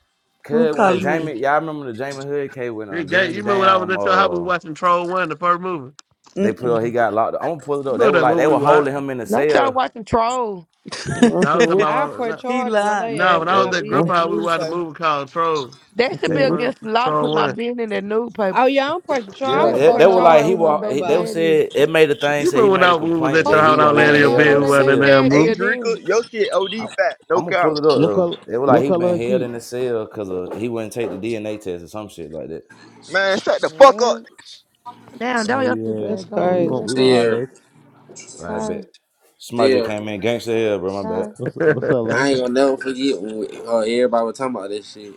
Speaker 14: Who
Speaker 18: cause when the
Speaker 14: calling me?
Speaker 18: Jamie, y'all remember the Jamie Hood case when uh,
Speaker 16: Big gang,
Speaker 18: then
Speaker 16: you
Speaker 18: the
Speaker 16: remember when I was
Speaker 18: damn
Speaker 16: at your house, we
Speaker 18: uh
Speaker 16: watching Troll One, the first movie.
Speaker 18: they put up, he
Speaker 14: Mm-mm.
Speaker 18: got locked. up. I'm gonna pull it
Speaker 16: You
Speaker 18: up. They
Speaker 16: remember
Speaker 18: were
Speaker 16: that
Speaker 18: like
Speaker 16: movie
Speaker 18: they
Speaker 16: we
Speaker 18: were holding
Speaker 16: watched?
Speaker 18: him in the
Speaker 9: Don't y'all
Speaker 18: cell.
Speaker 9: watching trolls.
Speaker 6: I'm
Speaker 16: Now I was
Speaker 6: saying
Speaker 16: talking
Speaker 6: what?
Speaker 1: I put
Speaker 14: (laughs)
Speaker 16: about
Speaker 14: he
Speaker 1: charges on
Speaker 14: lying.
Speaker 16: no,
Speaker 1: their ass,
Speaker 16: when I
Speaker 1: put
Speaker 18: They
Speaker 1: my
Speaker 16: was at
Speaker 1: business in
Speaker 6: Huh?
Speaker 16: Grip
Speaker 1: the
Speaker 16: High, we watched a
Speaker 1: newspaper.
Speaker 16: movie called Troll,
Speaker 6: I'm
Speaker 9: That should
Speaker 16: the
Speaker 9: be
Speaker 18: they
Speaker 6: saying what?
Speaker 16: first
Speaker 9: against the law to
Speaker 16: Troll
Speaker 9: put my
Speaker 16: One.
Speaker 9: business in that newspaper.
Speaker 1: Oh yeah, I'm pressing charge. I
Speaker 18: yeah
Speaker 9: Let
Speaker 1: want to
Speaker 18: it,
Speaker 9: folk
Speaker 18: they
Speaker 1: put
Speaker 18: were
Speaker 9: know,
Speaker 18: like
Speaker 9: know
Speaker 18: he
Speaker 9: who
Speaker 1: charges
Speaker 9: my
Speaker 1: on
Speaker 18: was
Speaker 9: baby
Speaker 18: they were
Speaker 1: somebody.
Speaker 9: daddy is.
Speaker 18: said it
Speaker 9: Shit.
Speaker 18: made a thing
Speaker 16: You
Speaker 18: said
Speaker 16: remember
Speaker 18: he
Speaker 16: when
Speaker 18: made
Speaker 16: I
Speaker 18: a
Speaker 16: we was
Speaker 18: complaint
Speaker 16: at your
Speaker 18: that
Speaker 9: Folk
Speaker 16: house
Speaker 18: he
Speaker 9: get
Speaker 16: and I
Speaker 9: a
Speaker 16: was
Speaker 18: was
Speaker 16: laying
Speaker 9: thing
Speaker 18: being
Speaker 16: in
Speaker 9: and they
Speaker 16: your
Speaker 9: don't
Speaker 18: held
Speaker 9: know
Speaker 16: bed,
Speaker 9: who
Speaker 18: in
Speaker 16: we
Speaker 18: the
Speaker 9: their
Speaker 16: watched
Speaker 9: baby
Speaker 16: that
Speaker 18: cell.
Speaker 16: damn
Speaker 9: daddy is then.
Speaker 20: Adrica, your shit OD
Speaker 18: I,
Speaker 20: fat, no
Speaker 18: I'm gonna
Speaker 20: count.
Speaker 18: pull it up
Speaker 6: What color?
Speaker 18: though. They were like
Speaker 6: What
Speaker 18: he been
Speaker 6: color her
Speaker 18: held
Speaker 6: sheep?
Speaker 18: in the cell because uh, he wouldn't take the DNA test or some shit like that.
Speaker 20: Man, shut the fuck up.
Speaker 1: What?
Speaker 9: Damn, that
Speaker 6: Oh
Speaker 9: was your Stupid
Speaker 6: yeah,
Speaker 9: ass
Speaker 1: That's
Speaker 6: yeah.
Speaker 9: gone,
Speaker 6: We
Speaker 9: just
Speaker 1: crazy.
Speaker 6: gon'
Speaker 9: that
Speaker 6: we gonna
Speaker 9: fast.
Speaker 15: yeah,
Speaker 6: holler. At you.
Speaker 18: I
Speaker 9: Hi,
Speaker 18: bet. Somebody just
Speaker 15: yeah.
Speaker 18: came in gangster hell, bro. My
Speaker 9: hi.
Speaker 18: bad.
Speaker 6: What's what's up,
Speaker 15: I
Speaker 6: Lane?
Speaker 15: ain't gonna never forget when we, uh, everybody was talking about this shit.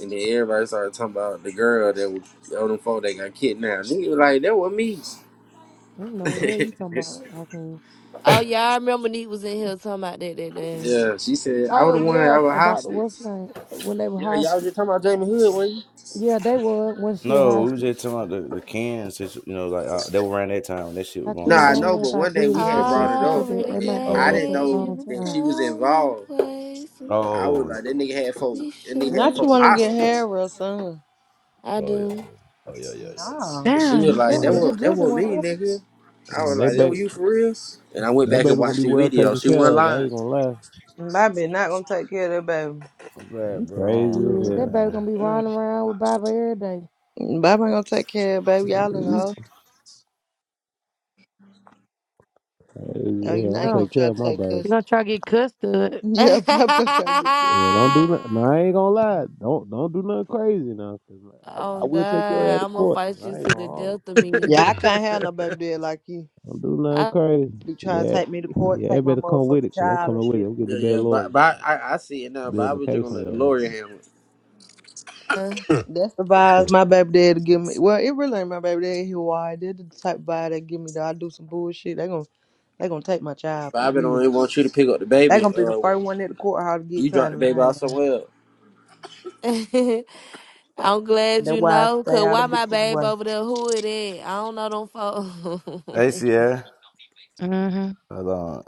Speaker 15: And then everybody started talking about the girl that was on them phone that got kidnapped. Nigga, was like, that was me.
Speaker 9: I don't know what the hell
Speaker 15: (laughs)
Speaker 9: you talking about. I can't.
Speaker 19: Oh yeah, I remember Neat was in here talking about that that day.
Speaker 15: yeah, she said, I was
Speaker 9: Oh
Speaker 15: the one, I
Speaker 9: yeah,
Speaker 15: was
Speaker 9: about the
Speaker 15: hostage.
Speaker 9: what's name when they were
Speaker 15: Yeah, y'all
Speaker 9: hostage.
Speaker 15: just talking about Jamie Hood, when you?
Speaker 9: Yeah, they were when she was
Speaker 18: No, we was
Speaker 9: hostage.
Speaker 18: just talking about the, the cans. you know, like uh, they were around that time when that shit
Speaker 9: I
Speaker 18: was going
Speaker 9: can't
Speaker 15: Nah, I
Speaker 9: dang
Speaker 18: on.
Speaker 15: know,
Speaker 9: know
Speaker 15: but
Speaker 9: about
Speaker 15: one day
Speaker 9: Bill and
Speaker 15: we
Speaker 18: I put it
Speaker 15: had
Speaker 18: in
Speaker 9: she's
Speaker 18: the
Speaker 15: brought
Speaker 18: paper.
Speaker 15: it
Speaker 9: sensitive to
Speaker 15: up,
Speaker 9: that.
Speaker 19: Already
Speaker 9: They
Speaker 15: and
Speaker 9: might
Speaker 18: Oh,
Speaker 9: bring
Speaker 15: I
Speaker 9: it up
Speaker 18: oh,
Speaker 15: didn't
Speaker 9: at the
Speaker 19: gave
Speaker 15: know
Speaker 19: you
Speaker 9: wrong
Speaker 19: the
Speaker 15: that she
Speaker 9: time.
Speaker 15: was
Speaker 19: time and
Speaker 15: involved.
Speaker 19: place.
Speaker 15: I was
Speaker 18: oh,
Speaker 15: like, that nigga had folk,
Speaker 19: we
Speaker 15: that nigga had
Speaker 1: Not you
Speaker 15: folk
Speaker 19: should.
Speaker 1: want to get hair
Speaker 15: hostage,
Speaker 1: real soon.
Speaker 19: I
Speaker 18: oh, yeah, yeah.
Speaker 19: do.
Speaker 18: oh, yeah, yeah, yeah, yeah.
Speaker 1: No.
Speaker 15: and she
Speaker 9: Damn,
Speaker 6: Yeah,
Speaker 15: was
Speaker 9: he-
Speaker 6: I'm
Speaker 9: they
Speaker 15: like,
Speaker 6: like
Speaker 15: that
Speaker 9: want
Speaker 6: that.
Speaker 9: to get
Speaker 15: was that
Speaker 9: just
Speaker 15: was me,
Speaker 9: one.
Speaker 15: nigga. I
Speaker 6: Yeah,
Speaker 15: was
Speaker 6: that
Speaker 15: like, that
Speaker 6: baby,
Speaker 15: was you for real? And I went
Speaker 6: that
Speaker 15: back
Speaker 6: baby
Speaker 15: and
Speaker 6: gonna
Speaker 15: watched
Speaker 6: be
Speaker 15: the
Speaker 6: well
Speaker 15: video.
Speaker 6: taken
Speaker 15: She
Speaker 6: care
Speaker 15: wasn't
Speaker 6: of. I
Speaker 15: lying.
Speaker 6: ain't gonna lie.
Speaker 1: Bobby not gonna take care of that
Speaker 18: I'm glad,
Speaker 6: You
Speaker 18: bro.
Speaker 6: crazy
Speaker 18: Hold on,
Speaker 6: as
Speaker 18: though,
Speaker 9: Yeah, that
Speaker 6: hell.
Speaker 9: baby
Speaker 18: man.
Speaker 9: gonna be
Speaker 1: baby.
Speaker 9: running around with Baba every day.
Speaker 1: Mm. Bobby ain't gonna take care of that baby. Y'all in the
Speaker 6: You
Speaker 1: hole.
Speaker 6: crazy
Speaker 1: Oh,
Speaker 6: as
Speaker 1: you
Speaker 6: hell.
Speaker 1: think
Speaker 6: I'm gonna
Speaker 1: he
Speaker 9: Yeah,
Speaker 1: gonna
Speaker 6: take care
Speaker 1: try
Speaker 6: of
Speaker 1: to
Speaker 6: my
Speaker 1: take
Speaker 6: baby.
Speaker 9: you gonna
Speaker 1: custody?
Speaker 9: try to get custard.
Speaker 1: (laughs)
Speaker 19: (laughs)
Speaker 1: Yeah,
Speaker 19: oh
Speaker 1: Bobby gonna try to get
Speaker 6: Yeah,
Speaker 1: custody of the
Speaker 6: don't do
Speaker 1: baby.
Speaker 6: nothing. No, I ain't gonna lie. Don't don't do nothing crazy now. 'cause I, I
Speaker 19: God,
Speaker 6: will take your ass to
Speaker 19: I'm gonna
Speaker 6: court.
Speaker 19: fight you
Speaker 6: I ain't
Speaker 19: to
Speaker 6: gonna.
Speaker 19: the
Speaker 6: hold you.
Speaker 19: death of me.
Speaker 1: Yeah, I
Speaker 16: movie?
Speaker 1: can't
Speaker 16: (laughs)
Speaker 1: have no baby dead like you.
Speaker 6: Don't do nothing
Speaker 19: I,
Speaker 6: crazy.
Speaker 1: Be trying to
Speaker 6: Yeah,
Speaker 1: take me to court,
Speaker 6: yeah.
Speaker 1: take my
Speaker 6: Better come with it,
Speaker 1: motherfucking
Speaker 6: cause I'm
Speaker 1: child and
Speaker 6: coming with it.
Speaker 1: shit.
Speaker 6: I'm getting the
Speaker 15: Yeah,
Speaker 6: best
Speaker 15: yeah,
Speaker 6: lawyer,
Speaker 15: but, but I, I see it now.
Speaker 6: building a
Speaker 15: Bobby just
Speaker 6: case
Speaker 15: gonna
Speaker 6: on
Speaker 15: let
Speaker 6: your
Speaker 15: the
Speaker 6: ass.
Speaker 15: lawyer handle it.
Speaker 19: (laughs)
Speaker 1: That's the vibes my baby daddy give me. Well, it really ain't my baby daddy. He wild. That's the type of vibe they give me. Though I do some bullshit, they gon' they gonna take my child for
Speaker 15: Bobby don't
Speaker 1: real.
Speaker 15: even want you to pick up the
Speaker 1: They
Speaker 15: baby.
Speaker 1: gonna be the
Speaker 15: Uh,
Speaker 1: first one at the courthouse to
Speaker 15: you
Speaker 1: get
Speaker 15: drop
Speaker 1: tied
Speaker 15: the
Speaker 1: in
Speaker 15: baby off
Speaker 1: line. now.
Speaker 15: somewhere else.
Speaker 19: I'm glad
Speaker 1: That's
Speaker 19: you
Speaker 1: why I
Speaker 19: know,
Speaker 1: stay
Speaker 19: cause
Speaker 1: out of
Speaker 19: why my
Speaker 1: bitches'
Speaker 19: babe
Speaker 1: way.
Speaker 19: over there? Who it is? I don't know them folks.
Speaker 18: Hey,
Speaker 19: (laughs)
Speaker 18: Sierra.
Speaker 9: Mm-hmm.
Speaker 18: Hold on.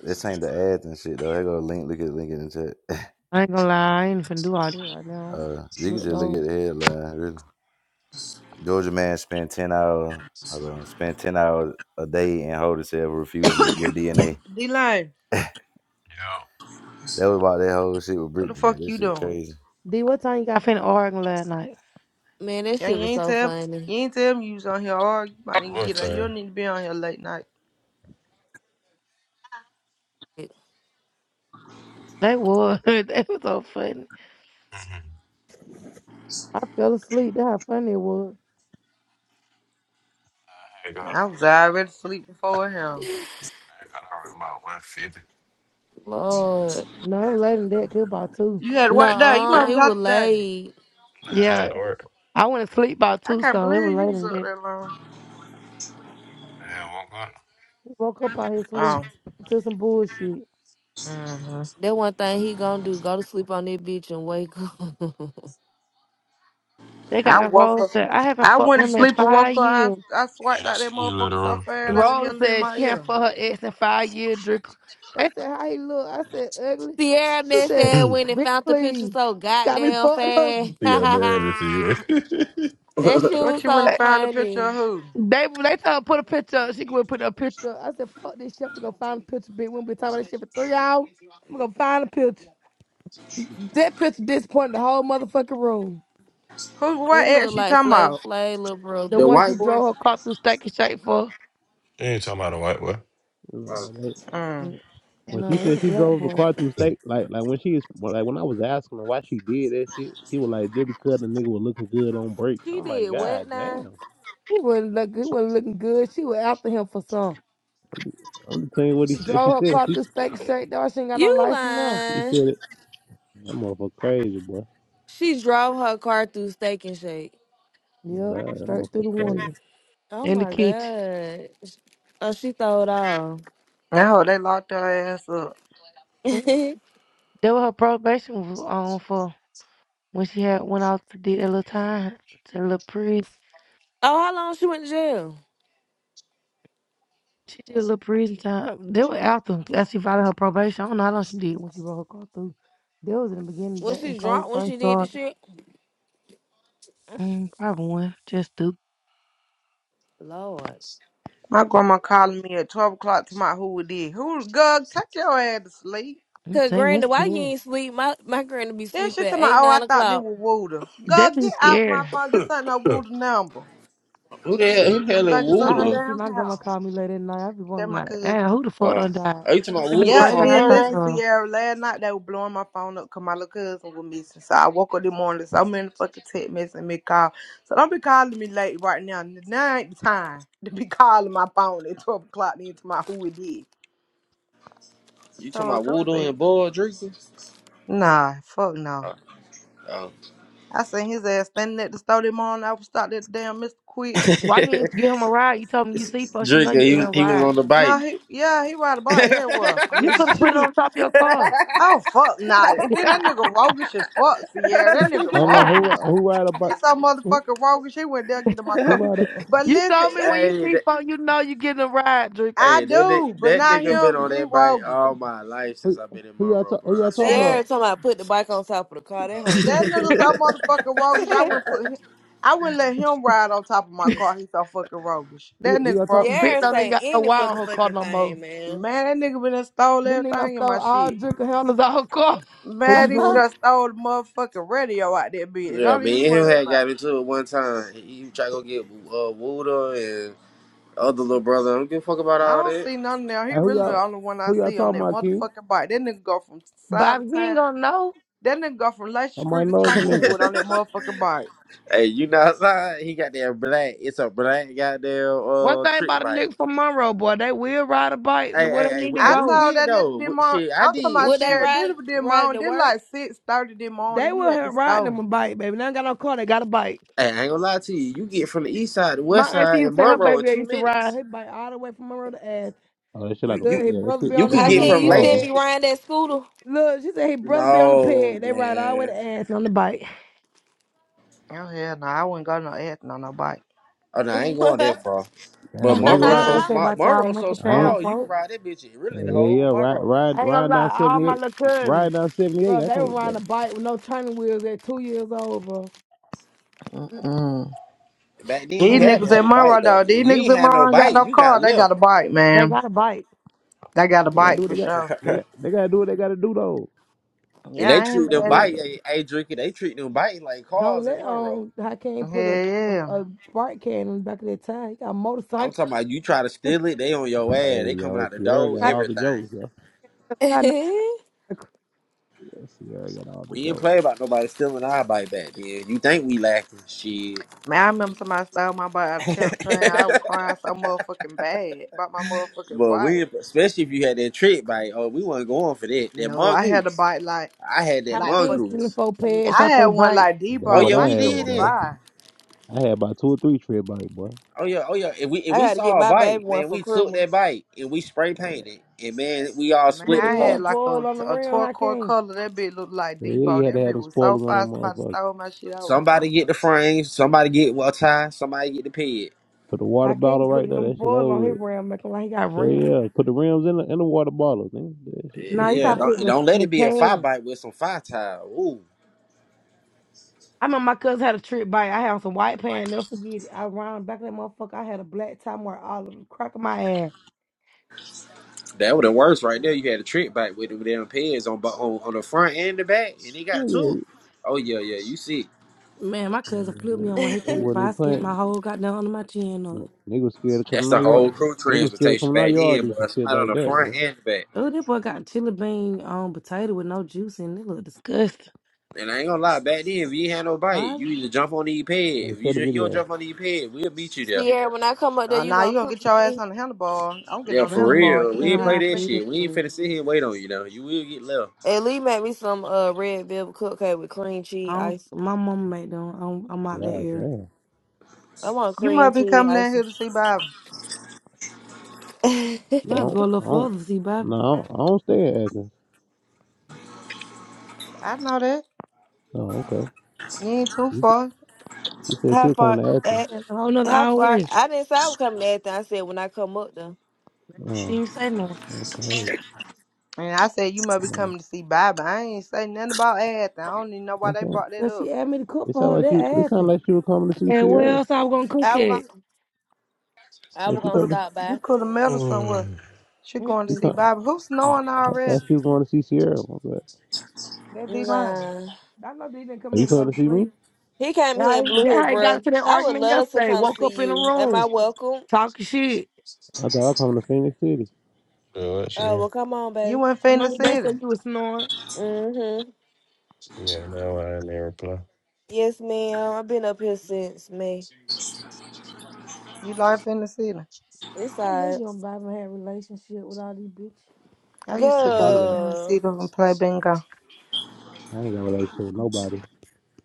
Speaker 18: This ain't the ads and shit though. They go link. Look at link in the chat. (laughs)
Speaker 9: I ain't gonna lie, I ain't finna do all that right now.
Speaker 18: Uh, you can
Speaker 9: Look
Speaker 18: just look
Speaker 9: though,
Speaker 18: at the headline. Really. Georgia man spent ten hours. Hold on. Spent ten hours a day and hold himself refusing to give DNA
Speaker 1: D line,
Speaker 18: That was about that whole shit with
Speaker 1: what the
Speaker 18: Brick to me.
Speaker 1: fuck
Speaker 18: That
Speaker 1: you
Speaker 18: shit
Speaker 1: doing?
Speaker 18: crazy.
Speaker 9: D, what time you got finna Oregon last night?
Speaker 19: Man, that
Speaker 1: Yeah,
Speaker 19: shit
Speaker 1: you
Speaker 19: was
Speaker 1: ain't
Speaker 19: so
Speaker 1: tell
Speaker 19: funny.
Speaker 1: you ain't tell me you was on here or you might even get up. You don't need to be on here late night.
Speaker 9: They was, (laughs) they was so funny. I fell asleep. That's how funny it was.
Speaker 1: I was already asleep before him.
Speaker 21: About 150.
Speaker 19: Lord.
Speaker 9: No, it was later than that. Good about two.
Speaker 1: You had to work day. You
Speaker 19: Nah,
Speaker 1: might have
Speaker 19: it was
Speaker 1: got today.
Speaker 19: late.
Speaker 21: Nah, I
Speaker 9: Yeah,
Speaker 21: had to work.
Speaker 9: I went to sleep about
Speaker 1: I
Speaker 9: two,
Speaker 1: can't
Speaker 9: so it was
Speaker 1: believe you
Speaker 9: later
Speaker 1: was
Speaker 9: than
Speaker 1: up
Speaker 9: that.
Speaker 1: that long.
Speaker 21: I had woke up.
Speaker 9: He woke up out his sleep
Speaker 1: Oh.
Speaker 9: to some bullshit.
Speaker 1: mm-hmm.
Speaker 19: That one thing he gonna do, go to sleep on that bitch and wake up.
Speaker 9: They got
Speaker 1: I
Speaker 9: that
Speaker 1: woke up.
Speaker 9: Rose said, I haven't
Speaker 1: I
Speaker 9: fucked
Speaker 1: went to
Speaker 9: him in
Speaker 1: sleep and woke
Speaker 9: five
Speaker 1: up. I,
Speaker 9: years.
Speaker 1: I swiped
Speaker 21: Yeah, I
Speaker 1: out that
Speaker 21: seen you later
Speaker 1: motherfucker so
Speaker 21: on.
Speaker 1: fast
Speaker 21: You
Speaker 1: they were
Speaker 9: Rose
Speaker 1: yelling in
Speaker 9: said
Speaker 1: my
Speaker 9: she
Speaker 1: ear.
Speaker 9: hadn't fucked her ex in five years. Drake. They said, how he look? I said,
Speaker 19: (laughs)
Speaker 9: ugly.
Speaker 19: Sierra
Speaker 9: She
Speaker 19: man
Speaker 9: said,
Speaker 19: said when they
Speaker 9: bitch,
Speaker 19: found the picture
Speaker 9: please.
Speaker 19: so
Speaker 9: Got me
Speaker 19: goddamn
Speaker 9: fucked up.
Speaker 19: fast. (laughs) that shit
Speaker 1: What
Speaker 19: was
Speaker 1: you went
Speaker 19: so
Speaker 1: and
Speaker 9: They,
Speaker 1: found a picture of
Speaker 19: funny.
Speaker 1: who?
Speaker 9: they, they told her put a picture up. She could put a picture. up. I said, fuck this shit. We gonna find a picture, bitch. We gonna be talking about this shit for three hours. We gonna find a picture. That picture disappointed the whole motherfucking room.
Speaker 1: Who?
Speaker 19: He
Speaker 1: What ex
Speaker 19: looked
Speaker 1: she
Speaker 19: like
Speaker 1: talking
Speaker 19: Flav
Speaker 1: about?
Speaker 19: Flav, little
Speaker 9: The
Speaker 19: brother.
Speaker 15: The
Speaker 9: one she
Speaker 15: white boy?
Speaker 9: drove her car through Stanky Shape for.
Speaker 21: ain't talking about a white boy.
Speaker 15: Uh,
Speaker 6: You know,
Speaker 1: Mm.
Speaker 9: Mm,
Speaker 6: When she
Speaker 9: Nah, it's
Speaker 6: said
Speaker 9: a
Speaker 6: she
Speaker 9: black
Speaker 6: drove the
Speaker 9: boy.
Speaker 6: car through state, like like when she is well, like when I was asking her why she did that shit, she was like, "Just because the nigga was looking good on break."
Speaker 19: She
Speaker 6: I'm
Speaker 19: did
Speaker 6: like,
Speaker 19: what
Speaker 6: "God
Speaker 19: now?
Speaker 6: damn!"
Speaker 9: He wasn't look he wasn't looking good. She was after him for some.
Speaker 6: I'm just telling you what he what she
Speaker 9: Drove her
Speaker 6: said.
Speaker 9: car
Speaker 6: She
Speaker 9: through Stanky Shape, dog. She ain't got no
Speaker 19: You
Speaker 9: license now.
Speaker 6: she
Speaker 19: lying.
Speaker 6: said it. That motherfucker crazy, boy.
Speaker 19: She drove her car through Steak and Shake.
Speaker 6: Oh,
Speaker 9: Yep,
Speaker 6: God, that
Speaker 9: straight through
Speaker 6: motherfucker
Speaker 9: the
Speaker 6: crazy.
Speaker 9: window.
Speaker 19: Oh
Speaker 9: In the
Speaker 19: my
Speaker 9: kitchen.
Speaker 19: God. Oh, she thought off.
Speaker 1: I hope they locked her ass up.
Speaker 9: Mm,
Speaker 19: (laughs)
Speaker 9: That was her probation was on for when she had went off to do that little time to the little priest.
Speaker 19: Oh, how long she went to jail?
Speaker 9: She did a little prison time. They were after as she filed her probation. I don't know how long she did when she wrote her car through. They was in the beginning
Speaker 19: Was
Speaker 9: back when
Speaker 19: she drunk
Speaker 9: COVID
Speaker 19: when she
Speaker 9: first
Speaker 19: did the
Speaker 9: started.
Speaker 19: shit?
Speaker 9: Mm, probably one. Just do.
Speaker 19: Lord.
Speaker 1: My grandma calling me at 12 o'clock to my who it is. Who, Gug, take your ass to sleep.
Speaker 9: I'm
Speaker 19: Cause
Speaker 9: saying
Speaker 19: granny,
Speaker 9: that's
Speaker 19: why you
Speaker 9: scary.
Speaker 19: ain't sleep? My my granny be
Speaker 1: Then
Speaker 19: sleep
Speaker 1: she tell
Speaker 19: at
Speaker 1: me,
Speaker 19: eight,
Speaker 1: oh, I
Speaker 19: nine
Speaker 1: thought this
Speaker 19: o'clock.
Speaker 1: was Wooter. Gug,
Speaker 9: Definitely
Speaker 1: get off my
Speaker 9: scary.
Speaker 1: phone. This ain't no
Speaker 21: (laughs)
Speaker 1: Wooter number.
Speaker 15: who the hell? Who the
Speaker 1: I'm
Speaker 15: hell is
Speaker 1: thinking
Speaker 9: I
Speaker 1: something
Speaker 9: hate
Speaker 15: Wooter?
Speaker 9: to see
Speaker 1: damn
Speaker 9: my grandma
Speaker 1: hell.
Speaker 9: call me late at night. I be
Speaker 1: That
Speaker 9: wondering
Speaker 1: my
Speaker 9: like,
Speaker 1: cousin.
Speaker 9: damn, who the fuck
Speaker 15: Uh,
Speaker 9: done died?
Speaker 15: are you talking about
Speaker 9: That be the
Speaker 15: Woodle
Speaker 1: Yeah,
Speaker 9: first
Speaker 1: and
Speaker 9: thing
Speaker 15: from
Speaker 9: I
Speaker 1: then
Speaker 9: think
Speaker 15: Monroe?
Speaker 1: listen,
Speaker 9: of.
Speaker 1: Sierra, last night they were blowing my phone up because my little cousin was missing. So I woke up this morning, so I'm in the fucking text message and me call. So don't be calling me late right now. Now ain't the time (laughs) to be calling my phone at 12 o'clock into my who it is.
Speaker 15: You
Speaker 1: So
Speaker 15: talking
Speaker 1: I
Speaker 15: about
Speaker 1: go to
Speaker 15: Woodle
Speaker 1: bed.
Speaker 15: and Boy Drinker?
Speaker 1: Nah, fuck no.
Speaker 15: Oh, oh.
Speaker 1: I seen his ass standing at the store this morning. I was stopped at the damn Mr.
Speaker 15: (laughs)
Speaker 1: Quick.
Speaker 9: Why you didn't give him a ride? You told me you see folks, you know
Speaker 15: Drinker,
Speaker 9: you
Speaker 15: he was
Speaker 9: can't
Speaker 15: he was
Speaker 9: ride.
Speaker 15: on the
Speaker 1: No,
Speaker 15: bike.
Speaker 1: he, yeah, he ride a
Speaker 15: (laughs) hey,
Speaker 1: bike everywhere.
Speaker 9: You
Speaker 1: (laughs)
Speaker 9: could have put it
Speaker 1: Shit.
Speaker 9: on top of your car.
Speaker 1: Oh, fuck nah. And
Speaker 9: (laughs)
Speaker 1: then that nigga roguish as fuck, Sierra. That nigga
Speaker 6: Hold
Speaker 19: (laughs)
Speaker 6: on, who
Speaker 1: roguish.
Speaker 6: who ride about
Speaker 1: He's so motherfucking roguish. He went there get in my
Speaker 6: who
Speaker 1: car.
Speaker 6: ride a,
Speaker 1: But
Speaker 9: you
Speaker 1: listen,
Speaker 9: told me
Speaker 1: it's
Speaker 9: when you see
Speaker 15: that,
Speaker 9: folks, you know you getting a ride, Drake.
Speaker 1: I
Speaker 15: hey, that ni-
Speaker 1: do, but
Speaker 15: that
Speaker 1: not
Speaker 15: nigga been
Speaker 1: him.
Speaker 15: on
Speaker 1: He
Speaker 15: that bike
Speaker 1: roguish.
Speaker 15: all my life since
Speaker 6: who
Speaker 15: I've been in
Speaker 6: who y'all
Speaker 15: Monroe,
Speaker 6: ta- who
Speaker 15: bro. I
Speaker 6: y'all talking
Speaker 1: That
Speaker 15: swear.
Speaker 6: about?
Speaker 19: Sierra told me I put the bike on top of the car. That hoe so
Speaker 1: that nigga
Speaker 9: (laughs)
Speaker 1: so
Speaker 15: (laughs)
Speaker 19: stupid.
Speaker 1: motherfucking roguish. I
Speaker 19: (laughs)
Speaker 1: wouldn't put him. I wouldn't let him ride on top of my car. He's so fucking roguish.
Speaker 6: Who, y-
Speaker 1: That
Speaker 6: who y'all
Speaker 1: nigga
Speaker 6: talk
Speaker 1: roguish is
Speaker 9: Bitch
Speaker 19: Sierra
Speaker 9: don't even
Speaker 1: hell.
Speaker 19: say
Speaker 9: got no
Speaker 19: any
Speaker 9: wire on her car
Speaker 19: motherfucking
Speaker 9: no more.
Speaker 19: thing, man.
Speaker 1: Man, that nigga been done stole
Speaker 9: This nigga
Speaker 1: everything in
Speaker 9: stole
Speaker 1: my
Speaker 9: all
Speaker 1: shit.
Speaker 9: drinker handles (laughs) out her car.
Speaker 6: who
Speaker 19: (laughs)
Speaker 6: be
Speaker 1: Man, he been
Speaker 6: doing? it?
Speaker 1: done stole the motherfucking radio out that bitch.
Speaker 15: yeah,
Speaker 1: Don't even
Speaker 15: me and him
Speaker 1: worry
Speaker 15: had
Speaker 1: about
Speaker 15: got
Speaker 1: it.
Speaker 15: into it one time. He tried to go get uh, Woodle and other little brother. I don't give a fuck about
Speaker 1: I
Speaker 15: all
Speaker 1: don't see nothing now. He
Speaker 6: Hey, who
Speaker 1: really the
Speaker 6: y'all
Speaker 1: only one I
Speaker 6: who y'all
Speaker 1: see on
Speaker 6: talking
Speaker 1: that
Speaker 6: about, King?
Speaker 1: motherfucking bike. That nigga go from side
Speaker 9: Bobby,
Speaker 1: of
Speaker 9: we ain't
Speaker 1: town.
Speaker 9: gonna know.
Speaker 1: That nigga go from
Speaker 6: I
Speaker 1: Luscious Street
Speaker 6: might
Speaker 1: to
Speaker 6: know the nigga.
Speaker 1: Tanglewood on that
Speaker 15: that. (laughs)
Speaker 1: motherfucking bike.
Speaker 15: Hey, you know outside, he got that black. It's a black goddamn
Speaker 9: One
Speaker 15: uh
Speaker 9: thing
Speaker 15: trick
Speaker 9: about a
Speaker 15: bike.
Speaker 9: nigga from Monroe, boy, they will ride a bike
Speaker 15: Hey,
Speaker 9: to where
Speaker 15: hey,
Speaker 9: they
Speaker 15: hey,
Speaker 9: need
Speaker 15: we-
Speaker 9: to
Speaker 15: hey,
Speaker 1: I
Speaker 15: we
Speaker 9: go.
Speaker 1: told
Speaker 15: did
Speaker 1: that nigga
Speaker 15: though.
Speaker 1: did
Speaker 15: We-
Speaker 1: my
Speaker 15: Shit, I
Speaker 1: I'm talking
Speaker 15: did.
Speaker 1: about
Speaker 19: Would they
Speaker 15: Shit,
Speaker 1: Sarah did
Speaker 19: ride
Speaker 1: did my
Speaker 19: ride it
Speaker 1: own
Speaker 19: to
Speaker 1: did
Speaker 19: work?
Speaker 1: like six thirty this
Speaker 9: They
Speaker 1: morning. He
Speaker 9: will
Speaker 1: at the
Speaker 9: have- ride them
Speaker 1: store.
Speaker 9: a bike, baby. They ain't got no car, they got a bike.
Speaker 15: hey, I ain't gonna lie to you. You get from the east side to
Speaker 9: My
Speaker 15: west
Speaker 9: auntie
Speaker 15: side
Speaker 9: used
Speaker 15: and
Speaker 9: to say her
Speaker 15: Monroe
Speaker 9: baby
Speaker 15: in
Speaker 9: they
Speaker 15: two
Speaker 9: used to ride
Speaker 15: minutes.
Speaker 9: his bike all the way from Monroe to Ash.
Speaker 6: Oh, that shit like
Speaker 15: You
Speaker 6: a
Speaker 9: Look,
Speaker 15: you
Speaker 6: fu-
Speaker 9: his
Speaker 6: yeah, that
Speaker 9: brother
Speaker 6: shit
Speaker 9: be
Speaker 15: you
Speaker 9: on the
Speaker 6: that
Speaker 15: could
Speaker 19: How
Speaker 6: shit
Speaker 9: handle
Speaker 15: get
Speaker 9: on the
Speaker 6: is
Speaker 19: can
Speaker 15: from
Speaker 19: you
Speaker 6: small
Speaker 19: still
Speaker 15: Lacey
Speaker 9: peg.
Speaker 6: though.
Speaker 19: be
Speaker 15: Street.
Speaker 19: riding that scooter?
Speaker 9: Look, she said his brother be on the
Speaker 15: No
Speaker 9: peg. They ride all the way
Speaker 15: man.
Speaker 9: to Ash on the bike.
Speaker 1: Oh hell no, I wouldn't go no acting on no bike.
Speaker 15: Oh no, I ain't going
Speaker 19: (laughs)
Speaker 15: that far. But
Speaker 6: Damn, a nigga
Speaker 9: You
Speaker 15: Monroe
Speaker 9: know
Speaker 1: That
Speaker 6: ride.
Speaker 15: so
Speaker 1: too.
Speaker 9: what they say
Speaker 15: small.
Speaker 9: about y'all
Speaker 15: Monroe so
Speaker 9: monkey
Speaker 6: I ain't.
Speaker 9: town
Speaker 15: small. You can
Speaker 9: folks?
Speaker 15: ride that bitch. in Really,
Speaker 6: Yeah,
Speaker 15: the
Speaker 6: yeah,
Speaker 15: whole
Speaker 6: yeah. ride,
Speaker 15: Monroe.
Speaker 6: ride,
Speaker 9: I ain't gonna
Speaker 6: ride down
Speaker 9: lie, all
Speaker 6: seventy
Speaker 9: my
Speaker 6: eight,
Speaker 9: little cousins,
Speaker 6: ride down seventy eight.
Speaker 9: bro,
Speaker 6: I
Speaker 9: they were
Speaker 6: can't. That,
Speaker 9: riding a bike with no turning wheels at two years old, bro.
Speaker 1: Mm-mm.
Speaker 15: Back then, you
Speaker 1: These
Speaker 9: Mm,
Speaker 15: had to
Speaker 1: niggas
Speaker 15: have
Speaker 1: in
Speaker 15: a bike
Speaker 1: Monroe
Speaker 15: though.
Speaker 1: though,
Speaker 15: If
Speaker 1: these
Speaker 15: you ain't
Speaker 1: niggas in
Speaker 15: had no
Speaker 1: Monroe ain't got
Speaker 15: bike,
Speaker 1: no
Speaker 15: you got
Speaker 1: car. They got
Speaker 15: left.
Speaker 1: a bike,
Speaker 9: They
Speaker 1: man.
Speaker 9: got a bike.
Speaker 1: They got a
Speaker 6: they gotta do
Speaker 1: bike
Speaker 6: what
Speaker 1: for
Speaker 6: they got.
Speaker 1: sure.
Speaker 15: (laughs)
Speaker 6: They got, they gotta do what they gotta do though.
Speaker 15: And
Speaker 1: Yeah,
Speaker 15: they
Speaker 1: I ain't
Speaker 15: treat
Speaker 6: They gotta
Speaker 15: them
Speaker 6: do
Speaker 1: mad
Speaker 6: what they
Speaker 1: at.
Speaker 15: bike, hey,
Speaker 6: gotta.
Speaker 15: hey drinking, they treat them bike like
Speaker 9: Don't
Speaker 15: cars in
Speaker 9: let
Speaker 15: Monroe.
Speaker 9: on I can't
Speaker 1: Hell
Speaker 9: put a
Speaker 1: yeah.
Speaker 9: a, a spark can in the back of their tire. He got a
Speaker 15: I'm
Speaker 9: motorcycle.
Speaker 15: talking about you try to steal it, they on your
Speaker 6: do.
Speaker 15: ass. They
Speaker 6: Hey
Speaker 15: coming
Speaker 6: yo,
Speaker 15: out the
Speaker 6: Sierra
Speaker 15: door,
Speaker 6: got all the
Speaker 15: everything.
Speaker 6: jokes. Yo, Yo, Sierra got all the
Speaker 15: We didn't
Speaker 6: jokes.
Speaker 15: play about nobody stealing our bike back then. You think we lacking shit.
Speaker 1: Man, I remember somebody stole my bike out
Speaker 15: (laughs)
Speaker 1: of camp saying I was crying so motherfucking bad about my motherfucking
Speaker 15: but we,
Speaker 1: bike.
Speaker 15: especially if you had that trick bike, oh, we wasn't going for that. That
Speaker 1: No, I had a
Speaker 15: mongoose.
Speaker 1: bike like
Speaker 15: I had
Speaker 9: I
Speaker 15: that
Speaker 1: Like
Speaker 9: can't
Speaker 1: fucking,
Speaker 9: stealing
Speaker 15: mongoose.
Speaker 9: four pads
Speaker 1: I
Speaker 9: off
Speaker 1: had
Speaker 9: their
Speaker 1: one
Speaker 9: bike.
Speaker 1: like
Speaker 6: That
Speaker 15: Oh,
Speaker 1: Debo.
Speaker 6: what
Speaker 15: yeah,
Speaker 6: I
Speaker 1: My
Speaker 15: we
Speaker 1: shit
Speaker 6: had,
Speaker 15: did
Speaker 1: was
Speaker 6: boy.
Speaker 15: it.
Speaker 1: fire.
Speaker 6: I had about two or three trip bike, boy.
Speaker 15: Oh, yeah, oh, yeah. If we, if
Speaker 19: I
Speaker 15: we
Speaker 19: gotta get
Speaker 15: saw a
Speaker 19: my baby
Speaker 15: bike,
Speaker 19: one
Speaker 15: man,
Speaker 19: for
Speaker 15: we took
Speaker 19: Christmas.
Speaker 15: that bike and we spray painted. And, man, we all
Speaker 1: Man,
Speaker 15: split
Speaker 9: With a
Speaker 15: the
Speaker 1: I
Speaker 15: parts.
Speaker 1: had
Speaker 9: lemon
Speaker 1: like
Speaker 9: foil
Speaker 1: a,
Speaker 9: on the
Speaker 1: a
Speaker 9: rim, I
Speaker 1: turquoise
Speaker 9: can't.
Speaker 1: color. That bitch looked like
Speaker 6: Yeah, yeah, you
Speaker 1: Debo.
Speaker 6: had to
Speaker 1: That
Speaker 6: have
Speaker 1: bitch
Speaker 6: them
Speaker 1: was so
Speaker 6: spoilers on that
Speaker 1: fire. Somebody
Speaker 6: motherfucker.
Speaker 1: stole my shit. I was
Speaker 15: Somebody
Speaker 1: crying.
Speaker 15: get the frame. Somebody get well tie. Somebody get the peg.
Speaker 6: Put the water
Speaker 9: I can't
Speaker 6: bottle
Speaker 9: put
Speaker 6: right
Speaker 9: a
Speaker 6: there.
Speaker 9: lemon
Speaker 6: That shit
Speaker 9: foil on
Speaker 6: over
Speaker 9: his
Speaker 6: with.
Speaker 9: rim, making like he got
Speaker 6: Yeah,
Speaker 9: rim.
Speaker 6: yeah. Put the rims in the in the water bottle. Man. That shit,
Speaker 15: Eh,
Speaker 6: that
Speaker 9: No, you
Speaker 6: shit a
Speaker 15: Yeah,
Speaker 9: gotta
Speaker 6: mo.
Speaker 9: put
Speaker 15: don't
Speaker 9: the,
Speaker 15: don't let it
Speaker 9: the
Speaker 15: be a fire
Speaker 9: can.
Speaker 15: bite with some fire tie. Ooh,
Speaker 9: I remember my cousin had a trip bike. I had some white pants. Never forget it. I round back of that motherfucker. I had a black time where all of the crack of my ass.
Speaker 15: that would have worse right there. You had a trick bite with them damn pads on, bo- on on the front and the back, and he got
Speaker 6: Yeah,
Speaker 15: two. Oh yeah, yeah. You see,
Speaker 9: Man, my
Speaker 6: yeah.
Speaker 9: cousin flipped me on one of his
Speaker 6: They
Speaker 9: trip
Speaker 6: wasn't even
Speaker 9: bikes. I skint
Speaker 6: playing.
Speaker 9: my whole goddamn under my chin up.
Speaker 6: Niggas scared of
Speaker 15: that's
Speaker 6: coming
Speaker 15: the
Speaker 6: out y'all.
Speaker 15: whole crew
Speaker 6: Niggas scared of
Speaker 15: transportation
Speaker 6: coming out
Speaker 15: back
Speaker 6: y'all
Speaker 15: then,
Speaker 6: do
Speaker 15: boy.
Speaker 6: some shit
Speaker 15: Somebody on
Speaker 6: like
Speaker 15: the
Speaker 6: that,
Speaker 15: front
Speaker 6: boy.
Speaker 15: and the back.
Speaker 9: Oh, that boy got chili bean um potato with no juice in it. It look disgusting.
Speaker 15: And I ain't gonna lie, back then, if you ain't had no bite,
Speaker 9: Right?
Speaker 15: you either jump on the pad.
Speaker 6: I
Speaker 15: If
Speaker 6: share
Speaker 15: you,
Speaker 6: the
Speaker 15: ju- you don't
Speaker 6: video.
Speaker 15: jump on the pad, we'll meet you there.
Speaker 19: Sierra, when I come up there,
Speaker 1: Uh,
Speaker 19: you
Speaker 1: now you
Speaker 19: gonna
Speaker 1: gonna
Speaker 19: cook
Speaker 1: get
Speaker 19: for
Speaker 1: your ass
Speaker 19: me?
Speaker 1: on the handlebar. I'm getting
Speaker 15: Yeah,
Speaker 1: on the
Speaker 15: for
Speaker 9: Mm-hmm.
Speaker 1: handlebar.
Speaker 15: real.
Speaker 1: You
Speaker 9: Depending
Speaker 15: We
Speaker 1: ain't
Speaker 9: on
Speaker 15: ain't play
Speaker 9: how I
Speaker 1: leaving
Speaker 15: that
Speaker 1: me.
Speaker 9: feel.
Speaker 15: shit. We ain't finna sit here and wait on you, though. You will get left.
Speaker 19: Hey, Lee made me some uh red velvet cupcake with cream cheese
Speaker 9: I don't,
Speaker 19: ice.
Speaker 9: my mama made them. I'm, I'm out that
Speaker 6: God
Speaker 9: area.
Speaker 6: damn.
Speaker 19: I want
Speaker 1: You
Speaker 19: cream
Speaker 1: must be
Speaker 19: cheese
Speaker 1: coming down
Speaker 19: icing.
Speaker 1: here to see Bob.
Speaker 9: She
Speaker 6: I
Speaker 9: gonna have to
Speaker 6: don't.
Speaker 9: go
Speaker 19: (laughs)
Speaker 9: a little
Speaker 6: I don't.
Speaker 9: further, see, Bobby.
Speaker 6: No, I don't, I don't stay at Athens.
Speaker 1: I know that.
Speaker 6: Oh, okay.
Speaker 1: You ain't too
Speaker 6: You s-
Speaker 1: far.
Speaker 6: She said she
Speaker 19: how
Speaker 6: was coming
Speaker 19: far?
Speaker 6: to Athens.
Speaker 19: At,
Speaker 9: That's A whole nother
Speaker 19: how
Speaker 9: hour
Speaker 19: far?
Speaker 9: away.
Speaker 19: I didn't say I was coming to Athens. I said when I come up though.
Speaker 9: Didn't
Speaker 6: Oh,
Speaker 9: even say no.
Speaker 6: okay.
Speaker 1: And I said you must be
Speaker 6: Yeah.
Speaker 1: coming to see Bob. I ain't say nothing about anything. I don't even know why they
Speaker 6: Okay.
Speaker 1: brought that
Speaker 9: Cause she
Speaker 1: up.
Speaker 9: asked me to cook
Speaker 6: It sounded
Speaker 9: for her
Speaker 6: like she. It
Speaker 9: that ass.
Speaker 6: sounded like she was coming to see
Speaker 9: And where
Speaker 6: Sierra.
Speaker 9: else I was gonna cook
Speaker 19: I was
Speaker 9: it?
Speaker 19: gonna, I was
Speaker 1: You
Speaker 6: And she
Speaker 19: gonna
Speaker 1: could have
Speaker 6: coming. To,
Speaker 19: stop by.
Speaker 1: you could have met her
Speaker 21: Huh.
Speaker 1: somewhere. She going to
Speaker 6: she
Speaker 1: see
Speaker 9: Mm-mm.
Speaker 6: come,
Speaker 1: Bobby. Who's snowing
Speaker 6: I thought
Speaker 1: already?
Speaker 6: she was going to see Sierra. My bad.
Speaker 1: That be mine.
Speaker 19: Nah,
Speaker 9: I know they didn't come
Speaker 6: Are
Speaker 9: here
Speaker 6: you
Speaker 9: to go
Speaker 6: coming
Speaker 9: to
Speaker 6: to see me?
Speaker 9: sleep.
Speaker 19: he came here and
Speaker 9: I,
Speaker 19: blew here,
Speaker 9: I got
Speaker 19: bro.
Speaker 9: into that
Speaker 19: I would
Speaker 9: argument
Speaker 19: love to
Speaker 9: yesterday.
Speaker 19: come
Speaker 9: Woke
Speaker 19: see
Speaker 9: up in the
Speaker 19: you. Am
Speaker 9: room
Speaker 19: I welcome?
Speaker 9: talking shit.
Speaker 6: I thought I was coming to Phoenix City.
Speaker 21: Oh, that's
Speaker 19: Uh,
Speaker 21: yeah.
Speaker 19: well, come on, baby.
Speaker 1: You in
Speaker 9: I
Speaker 1: Fender
Speaker 9: know they
Speaker 1: City.
Speaker 9: said you was snoring.
Speaker 19: Mm-hmm.
Speaker 21: Yeah, no, I ain't never reply.
Speaker 19: Yes, ma'am. I've been up here since May.
Speaker 1: You like Fender City.
Speaker 19: It's
Speaker 9: I knew
Speaker 19: alright.
Speaker 9: you don't buy my relationship with all these bitches.
Speaker 1: I used to
Speaker 6: I
Speaker 1: go to
Speaker 6: ain't got.
Speaker 1: Fender
Speaker 19: Good.
Speaker 1: City and play bingo.
Speaker 6: I ain't got a relationship with nobody.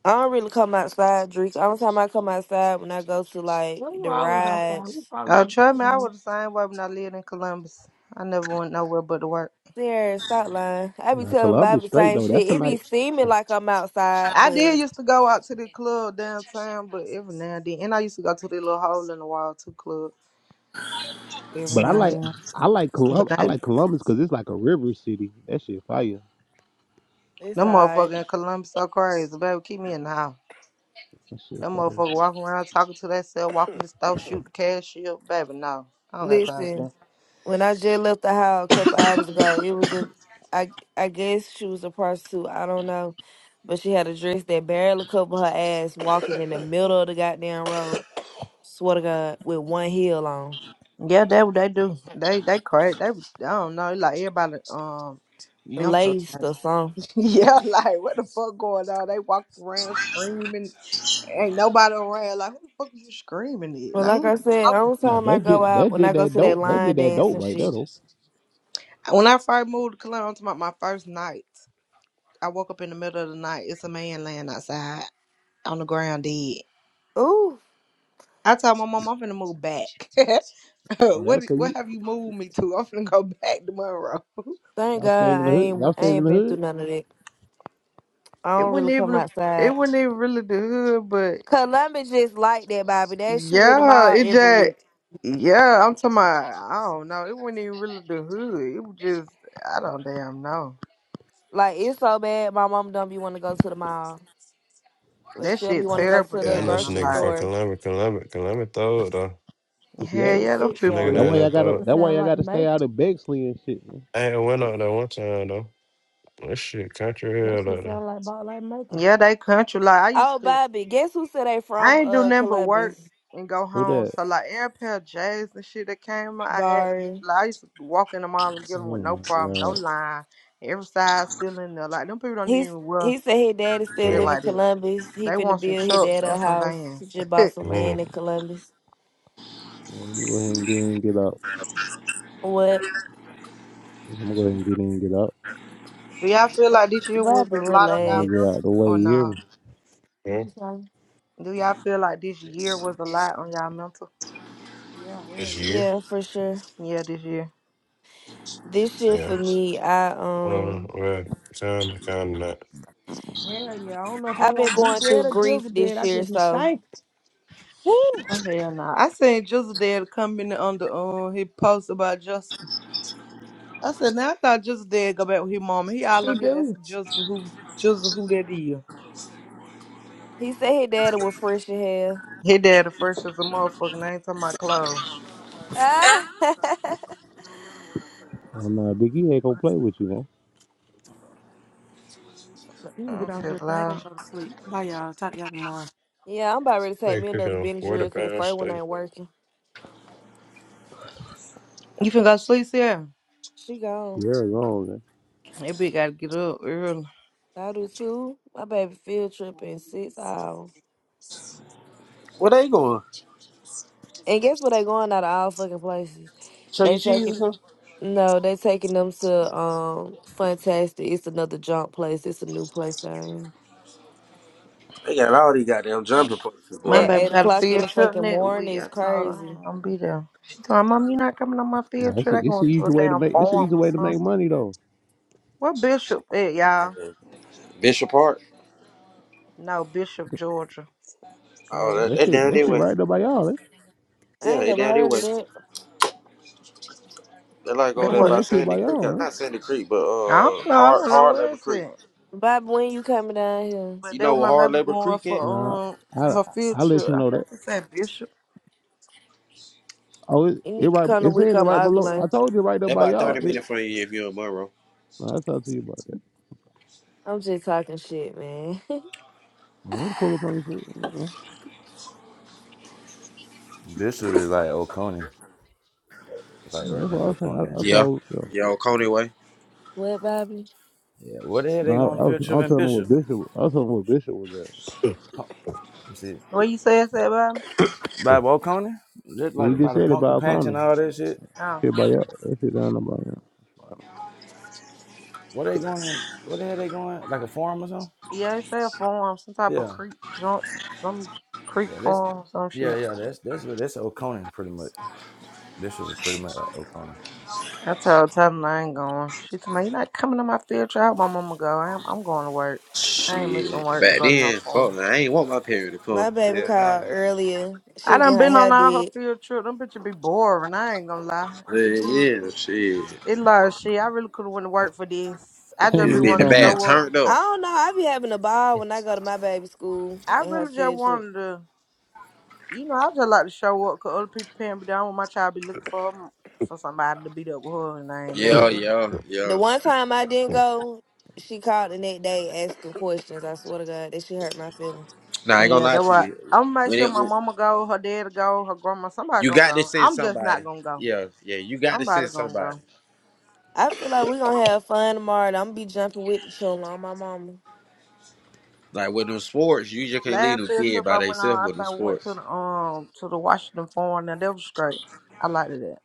Speaker 19: I don't really come outside, Drake. Only time I come outside when I go to like
Speaker 9: Well, you
Speaker 19: the
Speaker 9: always outside. We
Speaker 19: rides.
Speaker 9: probably
Speaker 1: Oh,
Speaker 9: gonna
Speaker 1: trust me,
Speaker 9: you
Speaker 1: I
Speaker 9: know,
Speaker 1: was the same way when I lived in Columbus. I never went nowhere but to work.
Speaker 19: Serious, stop lying. I be
Speaker 6: Now
Speaker 19: telling Bobby
Speaker 6: Columbus
Speaker 19: the
Speaker 6: straight
Speaker 19: same
Speaker 6: though.
Speaker 19: shit.
Speaker 6: That's a
Speaker 19: It
Speaker 6: nice.
Speaker 19: be seeming like I'm outside,
Speaker 1: I did
Speaker 19: but
Speaker 1: used to go out to the club downtown, but every now and then. And I used to go to the little hole in the wall two club every
Speaker 6: But I
Speaker 1: now and
Speaker 6: like
Speaker 1: then.
Speaker 6: I like Colum
Speaker 1: But
Speaker 6: I
Speaker 1: that, them
Speaker 6: like Columbus because it's like a river city. That shit fire.
Speaker 19: it's alright.
Speaker 1: motherfucker in Columbus so crazy. Baby, keep me in the house.
Speaker 6: That shit
Speaker 1: Them
Speaker 6: fire.
Speaker 1: motherfucker walking around talking to themselves, walking the store, shooting the cashier. Baby, no. I don't got time for that.
Speaker 19: Listen, when I just left the house a couple hours ago, it was a I I guess she was a prostitute. I don't know, but she had a dress that barely covered her ass, walking in the middle of the goddamn road. Swear to God, with one heel on,
Speaker 1: Yeah, they they do. They they crazy. They I don't know. It's Like everybody um mental.
Speaker 19: laced
Speaker 1: (laughs)
Speaker 19: or something.
Speaker 1: yeah, like what the fuck going on? They walk around screaming. Ain't nobody around. Like who the fuck is you screaming at?
Speaker 19: Well,
Speaker 1: Like
Speaker 19: like
Speaker 1: who
Speaker 19: I
Speaker 1: you
Speaker 19: said,
Speaker 1: talking
Speaker 19: every
Speaker 6: Oh,
Speaker 1: to?
Speaker 19: time I
Speaker 6: that
Speaker 19: go
Speaker 6: just
Speaker 19: out,
Speaker 6: that
Speaker 19: when
Speaker 6: just
Speaker 19: I go
Speaker 6: that
Speaker 19: to that
Speaker 6: dope. That
Speaker 19: line
Speaker 6: just that
Speaker 19: dance
Speaker 6: dope
Speaker 19: and
Speaker 6: right there
Speaker 19: shit,
Speaker 6: though.
Speaker 1: When I first moved to Columbus, my my first night, I woke up in the middle of the night. It's a man laying outside on the ground dead.
Speaker 19: ooh,
Speaker 1: I told my mom I'm finna move back. (laughs)
Speaker 6: Oh,
Speaker 1: what
Speaker 6: that's cause
Speaker 1: what
Speaker 6: you
Speaker 1: have you moved me to? I'm finna go back tomorrow. (laughs)
Speaker 19: thank
Speaker 6: y'all staying
Speaker 19: God
Speaker 6: in
Speaker 19: I
Speaker 6: the hood.
Speaker 19: ain't
Speaker 6: Y'all
Speaker 19: I
Speaker 6: staying in
Speaker 19: ain't
Speaker 6: the
Speaker 19: been through
Speaker 6: hood.
Speaker 19: none of that. I
Speaker 1: It
Speaker 19: don't
Speaker 1: wasn't
Speaker 19: really come
Speaker 1: even it
Speaker 19: outside.
Speaker 1: wasn't even really the hood,
Speaker 19: Columbus just like that, Bobby. They shoot in the
Speaker 1: Yeah,
Speaker 19: mall
Speaker 1: it
Speaker 19: every
Speaker 1: just
Speaker 19: week.
Speaker 1: yeah, I'm talking about I don't know. It wasn't even really the hood. It was just I don't damn know.
Speaker 19: Like it's so bad, my mom don't be want to go to the mall, but
Speaker 1: That
Speaker 19: she don't be
Speaker 1: shit
Speaker 19: want to go
Speaker 1: terrible
Speaker 19: to
Speaker 21: Yeah,
Speaker 19: the
Speaker 21: I know
Speaker 1: damn.
Speaker 21: some
Speaker 19: grocery
Speaker 1: I'm
Speaker 21: nigga
Speaker 1: like,
Speaker 21: from
Speaker 19: store
Speaker 21: Columbia. Columbia, Columbia throw it, though.
Speaker 6: You see that?
Speaker 1: hell
Speaker 19: for
Speaker 1: yeah, Those
Speaker 19: shit
Speaker 21: Some
Speaker 1: people
Speaker 21: nigga
Speaker 19: show.
Speaker 6: That
Speaker 21: down
Speaker 1: is
Speaker 6: why
Speaker 21: there
Speaker 6: y'all
Speaker 9: That
Speaker 21: throw
Speaker 6: gotta.
Speaker 9: shit
Speaker 21: it.
Speaker 9: would
Speaker 6: That why
Speaker 9: sound
Speaker 6: y'all
Speaker 9: like
Speaker 6: gotta stay out
Speaker 9: making.
Speaker 6: of Bexley and shit. Man.
Speaker 21: I ain't went out there one time, though. That shit country
Speaker 9: That
Speaker 21: hell,
Speaker 9: shit
Speaker 21: out there.
Speaker 9: sound like about like making.
Speaker 1: yeah, they country. Like I used
Speaker 19: Oh,
Speaker 1: to
Speaker 19: Bobby, guess who said they from
Speaker 1: I ain't do
Speaker 19: uh
Speaker 1: nothing but work
Speaker 19: Columbus?
Speaker 1: and go
Speaker 6: Who
Speaker 1: home.
Speaker 6: that?
Speaker 1: So like every pair of J's and shit that came out, I had them bitch
Speaker 19: Barry.
Speaker 1: like I used to walk in the mall and get them with
Speaker 6: Oh
Speaker 1: no
Speaker 6: my
Speaker 1: problem, no
Speaker 6: god.
Speaker 1: line. Every size still in there. Like them people don't
Speaker 19: He's
Speaker 1: even wear
Speaker 19: he said his daddy still
Speaker 1: shit
Speaker 21: Yeah.
Speaker 19: live in
Speaker 1: like that.
Speaker 19: Columbus. He
Speaker 1: They
Speaker 19: finna
Speaker 1: want some
Speaker 19: build his
Speaker 1: trucks
Speaker 19: dad a
Speaker 1: and some
Speaker 19: house. He
Speaker 1: vans.
Speaker 19: just bought some land in
Speaker 21: Mm-hmm.
Speaker 19: Columbus.
Speaker 6: Yeah, let me go ahead and get in and get out.
Speaker 19: What?
Speaker 6: I'm gonna go ahead and get in and get out.
Speaker 1: Do y'all feel like this year was
Speaker 19: Bobby,
Speaker 1: a lot on
Speaker 6: I'm
Speaker 1: y'all
Speaker 6: gonna get
Speaker 19: relax.
Speaker 1: mental
Speaker 6: out the way.
Speaker 1: or
Speaker 6: You hear
Speaker 1: nah?
Speaker 6: me?
Speaker 9: what
Speaker 21: yeah.
Speaker 9: you say?
Speaker 1: Do y'all feel like this year was a lot on y'all mental?
Speaker 9: Yeah,
Speaker 21: This
Speaker 9: hell yeah.
Speaker 21: year?
Speaker 19: Yeah, for sure.
Speaker 1: Yeah, this year.
Speaker 19: This year
Speaker 21: Yeah.
Speaker 19: for me, I
Speaker 21: Well,
Speaker 19: um
Speaker 21: well, time to kind of not.
Speaker 9: Hell yeah. I don't know if I
Speaker 19: I've been
Speaker 9: want D
Speaker 19: going
Speaker 9: dead
Speaker 19: through
Speaker 9: or
Speaker 19: grief
Speaker 9: Jizzle dead.
Speaker 19: this
Speaker 9: I
Speaker 19: year,
Speaker 9: just be
Speaker 19: so
Speaker 9: thankful. Woo!
Speaker 1: Oh, hell nah. I seen Just Dad come in on the um his post about Jessica. I said, now I thought Just Dad go back with his mama. He all
Speaker 9: he
Speaker 1: on here
Speaker 9: do.
Speaker 1: asking Jessica who Jessica who that is.
Speaker 19: he said his daddy was fresh in hell.
Speaker 1: His daddy fresh as a motherfucker. and I ain't talking about clothes.
Speaker 19: Ah (laughs)
Speaker 6: I'm not Big E ain't gonna play with you, man.
Speaker 9: You can
Speaker 1: I
Speaker 9: get
Speaker 1: don't
Speaker 9: off
Speaker 1: feel
Speaker 9: your thing and
Speaker 1: loud.
Speaker 9: go to sleep. Bye, y'all. Talk to y'all tomorrow.
Speaker 19: Yeah, I'm about ready to take
Speaker 21: They
Speaker 19: me
Speaker 21: cooking
Speaker 19: another
Speaker 21: a
Speaker 19: Benadryl
Speaker 21: 40
Speaker 19: because the
Speaker 21: pound
Speaker 19: first one
Speaker 21: steak.
Speaker 19: ain't working.
Speaker 1: You finna go to sleep, Sarah?
Speaker 19: She gone.
Speaker 6: You're wrong, man.
Speaker 1: That bitch gotta get up early.
Speaker 19: I do too. My baby field trip in six hours.
Speaker 15: Where they going?
Speaker 19: And guess what? They going out of all fucking places.
Speaker 15: Chuck
Speaker 19: They
Speaker 15: E. Cheese or
Speaker 19: taking
Speaker 15: something?
Speaker 19: no, they taking them to um Fantastic. It's another junk place. It's a new place down
Speaker 15: They got all these goddamn jumping places,
Speaker 19: here.
Speaker 1: My
Speaker 15: boy.
Speaker 19: At
Speaker 1: baby
Speaker 19: eight
Speaker 1: got a
Speaker 19: o'clock in the
Speaker 1: field trip
Speaker 19: fucking
Speaker 1: next
Speaker 19: morning
Speaker 1: week. I
Speaker 19: is
Speaker 1: told her I
Speaker 19: crazy.
Speaker 1: ain't gonna be there. She told me, Mom, you not coming on my
Speaker 6: Nah,
Speaker 1: field
Speaker 6: it's,
Speaker 1: trip.
Speaker 6: a,
Speaker 1: I
Speaker 6: it's an
Speaker 1: going to
Speaker 6: easy
Speaker 1: a
Speaker 6: way to
Speaker 1: damn
Speaker 6: make. It's an
Speaker 1: farm
Speaker 6: easy
Speaker 1: or
Speaker 6: way to make
Speaker 1: something.
Speaker 6: money though.
Speaker 1: What Bishop at,
Speaker 15: Man.
Speaker 1: y'all?
Speaker 15: Bishop Park.
Speaker 1: No, Bishop, Georgia,
Speaker 15: Oh,
Speaker 1: nigga.
Speaker 15: that,
Speaker 6: That
Speaker 15: that
Speaker 6: shit,
Speaker 15: down
Speaker 6: that
Speaker 15: their
Speaker 6: shit
Speaker 15: way.
Speaker 6: right there by y'all. eh?
Speaker 19: I
Speaker 15: Yeah,
Speaker 19: ain't
Speaker 15: they
Speaker 19: never
Speaker 15: down their
Speaker 19: heard of
Speaker 15: way.
Speaker 19: that.
Speaker 15: They like over
Speaker 1: That
Speaker 6: I
Speaker 15: there
Speaker 6: think
Speaker 1: what?
Speaker 15: by
Speaker 6: that shit
Speaker 15: Sandy
Speaker 6: by
Speaker 15: Creek.
Speaker 6: y'all,
Speaker 15: uh,
Speaker 6: right?
Speaker 15: Not Sandy Creek, but
Speaker 1: I don't
Speaker 15: uh,
Speaker 1: know. I
Speaker 15: Hard
Speaker 1: don't know
Speaker 15: Hard
Speaker 1: where
Speaker 15: Labor
Speaker 1: it's
Speaker 15: Creek.
Speaker 1: at.
Speaker 19: Bobby, when you coming down here?
Speaker 1: But
Speaker 15: You
Speaker 1: that
Speaker 15: know
Speaker 1: was
Speaker 15: where
Speaker 1: my
Speaker 15: Hard
Speaker 1: baby
Speaker 15: Labor
Speaker 1: going
Speaker 15: Creek at?
Speaker 1: for
Speaker 6: Nah,
Speaker 1: um for
Speaker 6: I
Speaker 1: her field
Speaker 6: I let
Speaker 1: trip.
Speaker 6: you
Speaker 1: I
Speaker 6: know that.
Speaker 1: think it said Bishop.
Speaker 6: Oh, it,
Speaker 19: You
Speaker 6: it
Speaker 19: need to
Speaker 6: right.
Speaker 19: come the
Speaker 6: It's
Speaker 19: week
Speaker 6: saying it
Speaker 19: I'm
Speaker 6: right below. I
Speaker 19: ovulating.
Speaker 6: told you right there
Speaker 15: They
Speaker 6: by
Speaker 15: about
Speaker 6: y'all.
Speaker 15: thirty
Speaker 6: It,
Speaker 15: minutes from you if you're in Monroe.
Speaker 6: nah, I talked to you about that.
Speaker 19: I'm just talking shit, man.
Speaker 6: I'm gonna pull up on you. shit, you know.
Speaker 18: Bishop is like Oconee. It's like
Speaker 6: Yeah,
Speaker 18: right
Speaker 6: That's
Speaker 18: now,
Speaker 6: what I was saying.
Speaker 18: Oconee
Speaker 6: I,
Speaker 18: and
Speaker 6: I
Speaker 18: shit.
Speaker 15: Yeah.
Speaker 6: thought. You
Speaker 15: Yeah, on Coney Way.
Speaker 19: (laughs) what, Bobby?
Speaker 18: Yeah, what the hell
Speaker 6: No,
Speaker 18: they
Speaker 6: nah, I
Speaker 18: going to
Speaker 6: was.
Speaker 18: picture of
Speaker 6: I'm
Speaker 18: in
Speaker 6: telling him what
Speaker 18: Bishop?
Speaker 6: Bishop. I was telling him what Bishop was at.
Speaker 18: Pump, let me see.
Speaker 1: What you say it's at, baby?
Speaker 18: By Oconee? Just
Speaker 6: He
Speaker 18: like by
Speaker 6: just
Speaker 18: the
Speaker 6: said
Speaker 18: pumpkin
Speaker 6: about
Speaker 18: patch and
Speaker 6: Connie.
Speaker 18: all that shit.
Speaker 6: That
Speaker 1: Oh,
Speaker 6: shit by y'all. That shit down there by y'all.
Speaker 18: What they going in? What the hell they going? Like a farm or something?
Speaker 1: yeah, it said farm, some type of
Speaker 18: Yeah.
Speaker 1: creek junk, some j- creek
Speaker 18: Yeah, that's,
Speaker 1: farm or some
Speaker 18: yeah,
Speaker 1: shit.
Speaker 18: yeah, that's, that's, that's Oconee pretty much. Bishop is pretty much like Oconee.
Speaker 1: I told Tana I ain't going. She told me, You're not coming to my field trip. I hope my mama go. I'm, I'm going to work. I ain't missing
Speaker 15: Shit.
Speaker 1: work to
Speaker 15: Back
Speaker 1: go to no
Speaker 15: then,
Speaker 1: phone.
Speaker 15: fuck, man, I ain't want my parents to
Speaker 19: My
Speaker 15: come.
Speaker 19: baby
Speaker 15: Yeah, no.
Speaker 19: called earlier. She
Speaker 1: I
Speaker 19: was
Speaker 1: done
Speaker 19: getting her
Speaker 1: been
Speaker 19: hair
Speaker 1: on all her
Speaker 19: did.
Speaker 1: field trip. Them bitches be boring. I ain't gonna lie. It
Speaker 19: She,
Speaker 1: really,
Speaker 15: Yeah, yeah, shit.
Speaker 1: it like shit. I really could have went to work for this. I
Speaker 6: Ten
Speaker 1: just
Speaker 15: Used to
Speaker 1: be
Speaker 15: be
Speaker 6: niggas
Speaker 15: in the
Speaker 1: wanting to
Speaker 6: talking about.
Speaker 1: show
Speaker 15: back,
Speaker 1: up.
Speaker 15: turned
Speaker 19: I
Speaker 15: up.
Speaker 19: don't know. I be having a ball when I go to my baby school
Speaker 1: I
Speaker 19: and her
Speaker 1: really just
Speaker 19: field trip.
Speaker 1: wanted to, you know, I just like to show up 'cause other people paying me down when my child to be looking for her, for somebody to beat up with her and I ain't there.
Speaker 15: Yeah,
Speaker 19: Yeah.
Speaker 1: But
Speaker 15: yeah,
Speaker 19: The
Speaker 15: yeah.
Speaker 19: one time I didn't go, she called the next day asking questions. I swear to God, that she hurt my feelings.
Speaker 15: Nah, I ain't gonna
Speaker 1: yeah,
Speaker 15: lie
Speaker 1: that
Speaker 15: to
Speaker 1: what.
Speaker 15: you.
Speaker 1: I'm gonna make
Speaker 15: When
Speaker 1: sure
Speaker 15: it
Speaker 1: my mama go, her dad go, her grandma, somebody
Speaker 15: You
Speaker 1: gonna
Speaker 15: got to
Speaker 1: go.
Speaker 15: send
Speaker 1: I'm just not
Speaker 15: somebody.
Speaker 1: gonna go.
Speaker 15: Yeah, yeah, you got to
Speaker 1: Somebody
Speaker 15: send
Speaker 1: gonna
Speaker 15: somebody.
Speaker 1: go.
Speaker 19: I feel like we gonna have fun tomorrow. I'm gonna be jumping with the children on my mama.
Speaker 15: Like with them sports, you just can't leave
Speaker 1: Last
Speaker 15: them
Speaker 1: field
Speaker 15: kid
Speaker 1: trip
Speaker 15: by
Speaker 1: I went on,
Speaker 15: themselves
Speaker 1: I
Speaker 15: with them
Speaker 1: think we went to
Speaker 15: sports.
Speaker 1: the um to the Washington Farm. Now that was great. I liked it. That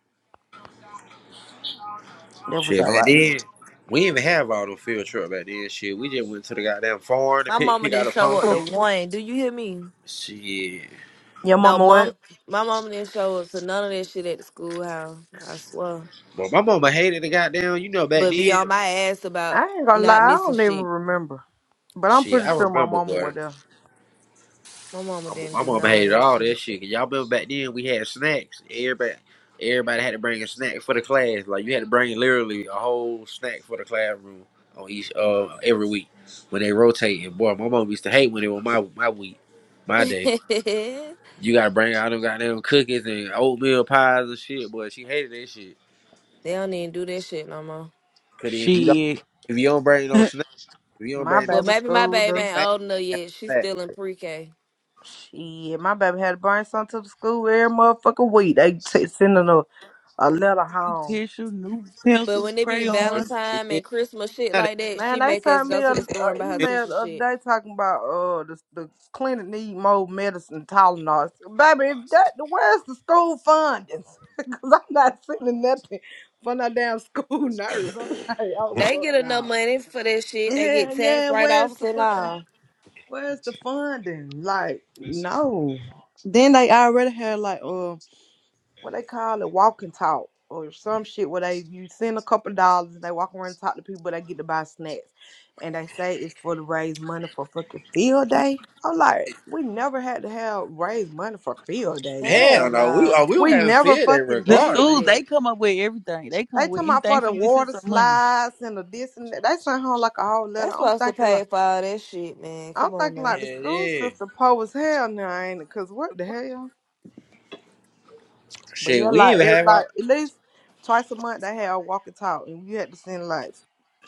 Speaker 1: That was
Speaker 15: Shit, back
Speaker 1: alright.
Speaker 15: then, we didn't even have all them field trip back then. Shit, we just went to the goddamn farm to
Speaker 19: My
Speaker 15: pick
Speaker 19: mama
Speaker 15: pick out
Speaker 19: didn't
Speaker 15: a
Speaker 19: show up to
Speaker 15: pumpkin.
Speaker 19: one. Do you hear me?
Speaker 15: Shit,
Speaker 1: Your
Speaker 19: No,
Speaker 1: mama
Speaker 19: mom.
Speaker 1: what?
Speaker 19: My mama didn't show up to none of that shit at the schoolhouse. I swear.
Speaker 15: but my mama hated the goddamn. You know, back
Speaker 19: But be
Speaker 15: then,
Speaker 19: on my ass
Speaker 1: I
Speaker 19: about
Speaker 1: ain't gonna lie,
Speaker 19: not
Speaker 1: I
Speaker 19: missing
Speaker 1: don't even
Speaker 19: shit.
Speaker 1: remember, but I'm
Speaker 15: shit,
Speaker 1: pretty
Speaker 15: I
Speaker 1: sure my
Speaker 15: remember,
Speaker 1: mama
Speaker 15: boy.
Speaker 1: was there.
Speaker 19: My mama
Speaker 15: My,
Speaker 19: didn't
Speaker 15: my
Speaker 19: do
Speaker 15: mama
Speaker 19: none of
Speaker 15: hated
Speaker 19: that
Speaker 15: all that
Speaker 19: shit.
Speaker 15: shit. you all remember back then we had snacks. Everybody, everybody had to bring a snack for the class. Like you had to bring literally a whole snack for the classroom on each uh every week when they rotated. Boy, my mom used to hate when it was my my week,
Speaker 19: (laughs)
Speaker 15: my day.
Speaker 19: they
Speaker 15: You gotta bring out them goddamn cookies and oatmeal pies and shit. Boy, she hated that shit.
Speaker 19: don't even do that shit no more.
Speaker 15: Cause if you don't,
Speaker 14: Shit.
Speaker 15: if you don't bring
Speaker 14: (laughs)
Speaker 15: no snack, if you don't
Speaker 1: My
Speaker 15: bring no
Speaker 19: Well,
Speaker 15: snack,
Speaker 1: baby
Speaker 19: maybe my
Speaker 1: school
Speaker 19: baby
Speaker 15: the
Speaker 1: though.
Speaker 19: ain't
Speaker 15: class
Speaker 19: old enough
Speaker 15: have
Speaker 19: yet. She's
Speaker 15: no snack.
Speaker 19: still in pre-K.
Speaker 1: Shit, my baby had to bring something to the school every motherfucking week. They t- sending a, a letter home.
Speaker 14: Tissue, new
Speaker 19: But
Speaker 14: pencils,
Speaker 19: when it be
Speaker 14: crayons.
Speaker 15: and-
Speaker 19: Valentine
Speaker 15: and
Speaker 19: and Christmas shit
Speaker 15: now they-
Speaker 19: like that,
Speaker 1: Man,
Speaker 19: she
Speaker 1: they
Speaker 19: make us
Speaker 1: sent me
Speaker 19: go
Speaker 1: a,
Speaker 19: to the store
Speaker 1: a
Speaker 19: and buy her
Speaker 1: email
Speaker 19: teacher
Speaker 1: the other
Speaker 19: shit.
Speaker 1: day talking about uh the the clinic need more medicine Tylenol. I Baby, if that the where's the school fundings? (laughs) Cause I'm not sending nothing for no damn school (laughs) nurse. I'm like, oh
Speaker 19: They
Speaker 1: fuck
Speaker 19: get
Speaker 21: (laughs)
Speaker 19: enough
Speaker 1: no.
Speaker 19: money for that shit. They get
Speaker 1: Yeah,
Speaker 19: tax
Speaker 1: yeah.
Speaker 19: write
Speaker 1: Where's
Speaker 19: offs
Speaker 1: the
Speaker 19: and
Speaker 1: fucking
Speaker 19: all.
Speaker 1: where's the funding? Like no. Then they already had like uh what they call it, walk and talk or some shit where they you send a couple dollars and they walk around and talk to people they get to buy snacks. And they say it's for to raise money for fucking field day. I'm like, we never had to have raise money for field day. Like
Speaker 19: Hell
Speaker 15: Hell no, we uh,
Speaker 19: no.
Speaker 15: we would
Speaker 1: we
Speaker 15: have
Speaker 1: never
Speaker 15: said that
Speaker 1: fucking
Speaker 14: The
Speaker 1: did that.
Speaker 15: regardless.
Speaker 14: schools, they
Speaker 1: They
Speaker 14: come up with everything. They come up
Speaker 1: talking
Speaker 14: with
Speaker 1: about
Speaker 14: anything
Speaker 1: for
Speaker 14: for
Speaker 1: the
Speaker 14: you to send
Speaker 1: water
Speaker 14: some money.
Speaker 1: slides and the this and that. They sent home like a whole letter.
Speaker 19: That's
Speaker 1: I'm
Speaker 19: supposed to
Speaker 1: thinking like
Speaker 19: pay for all that shit, man.
Speaker 1: I'm
Speaker 19: Come on
Speaker 1: thinking
Speaker 19: now.
Speaker 1: like the
Speaker 15: Yeah,
Speaker 1: school
Speaker 15: yeah.
Speaker 1: system poor as hell now, ain't it? Cause what the hell? But
Speaker 15: Shit,
Speaker 1: yeah,
Speaker 15: we
Speaker 1: like
Speaker 15: even
Speaker 1: every
Speaker 15: have
Speaker 1: like
Speaker 15: our.
Speaker 1: at least twice a month they had a walk and talk, and we had to send like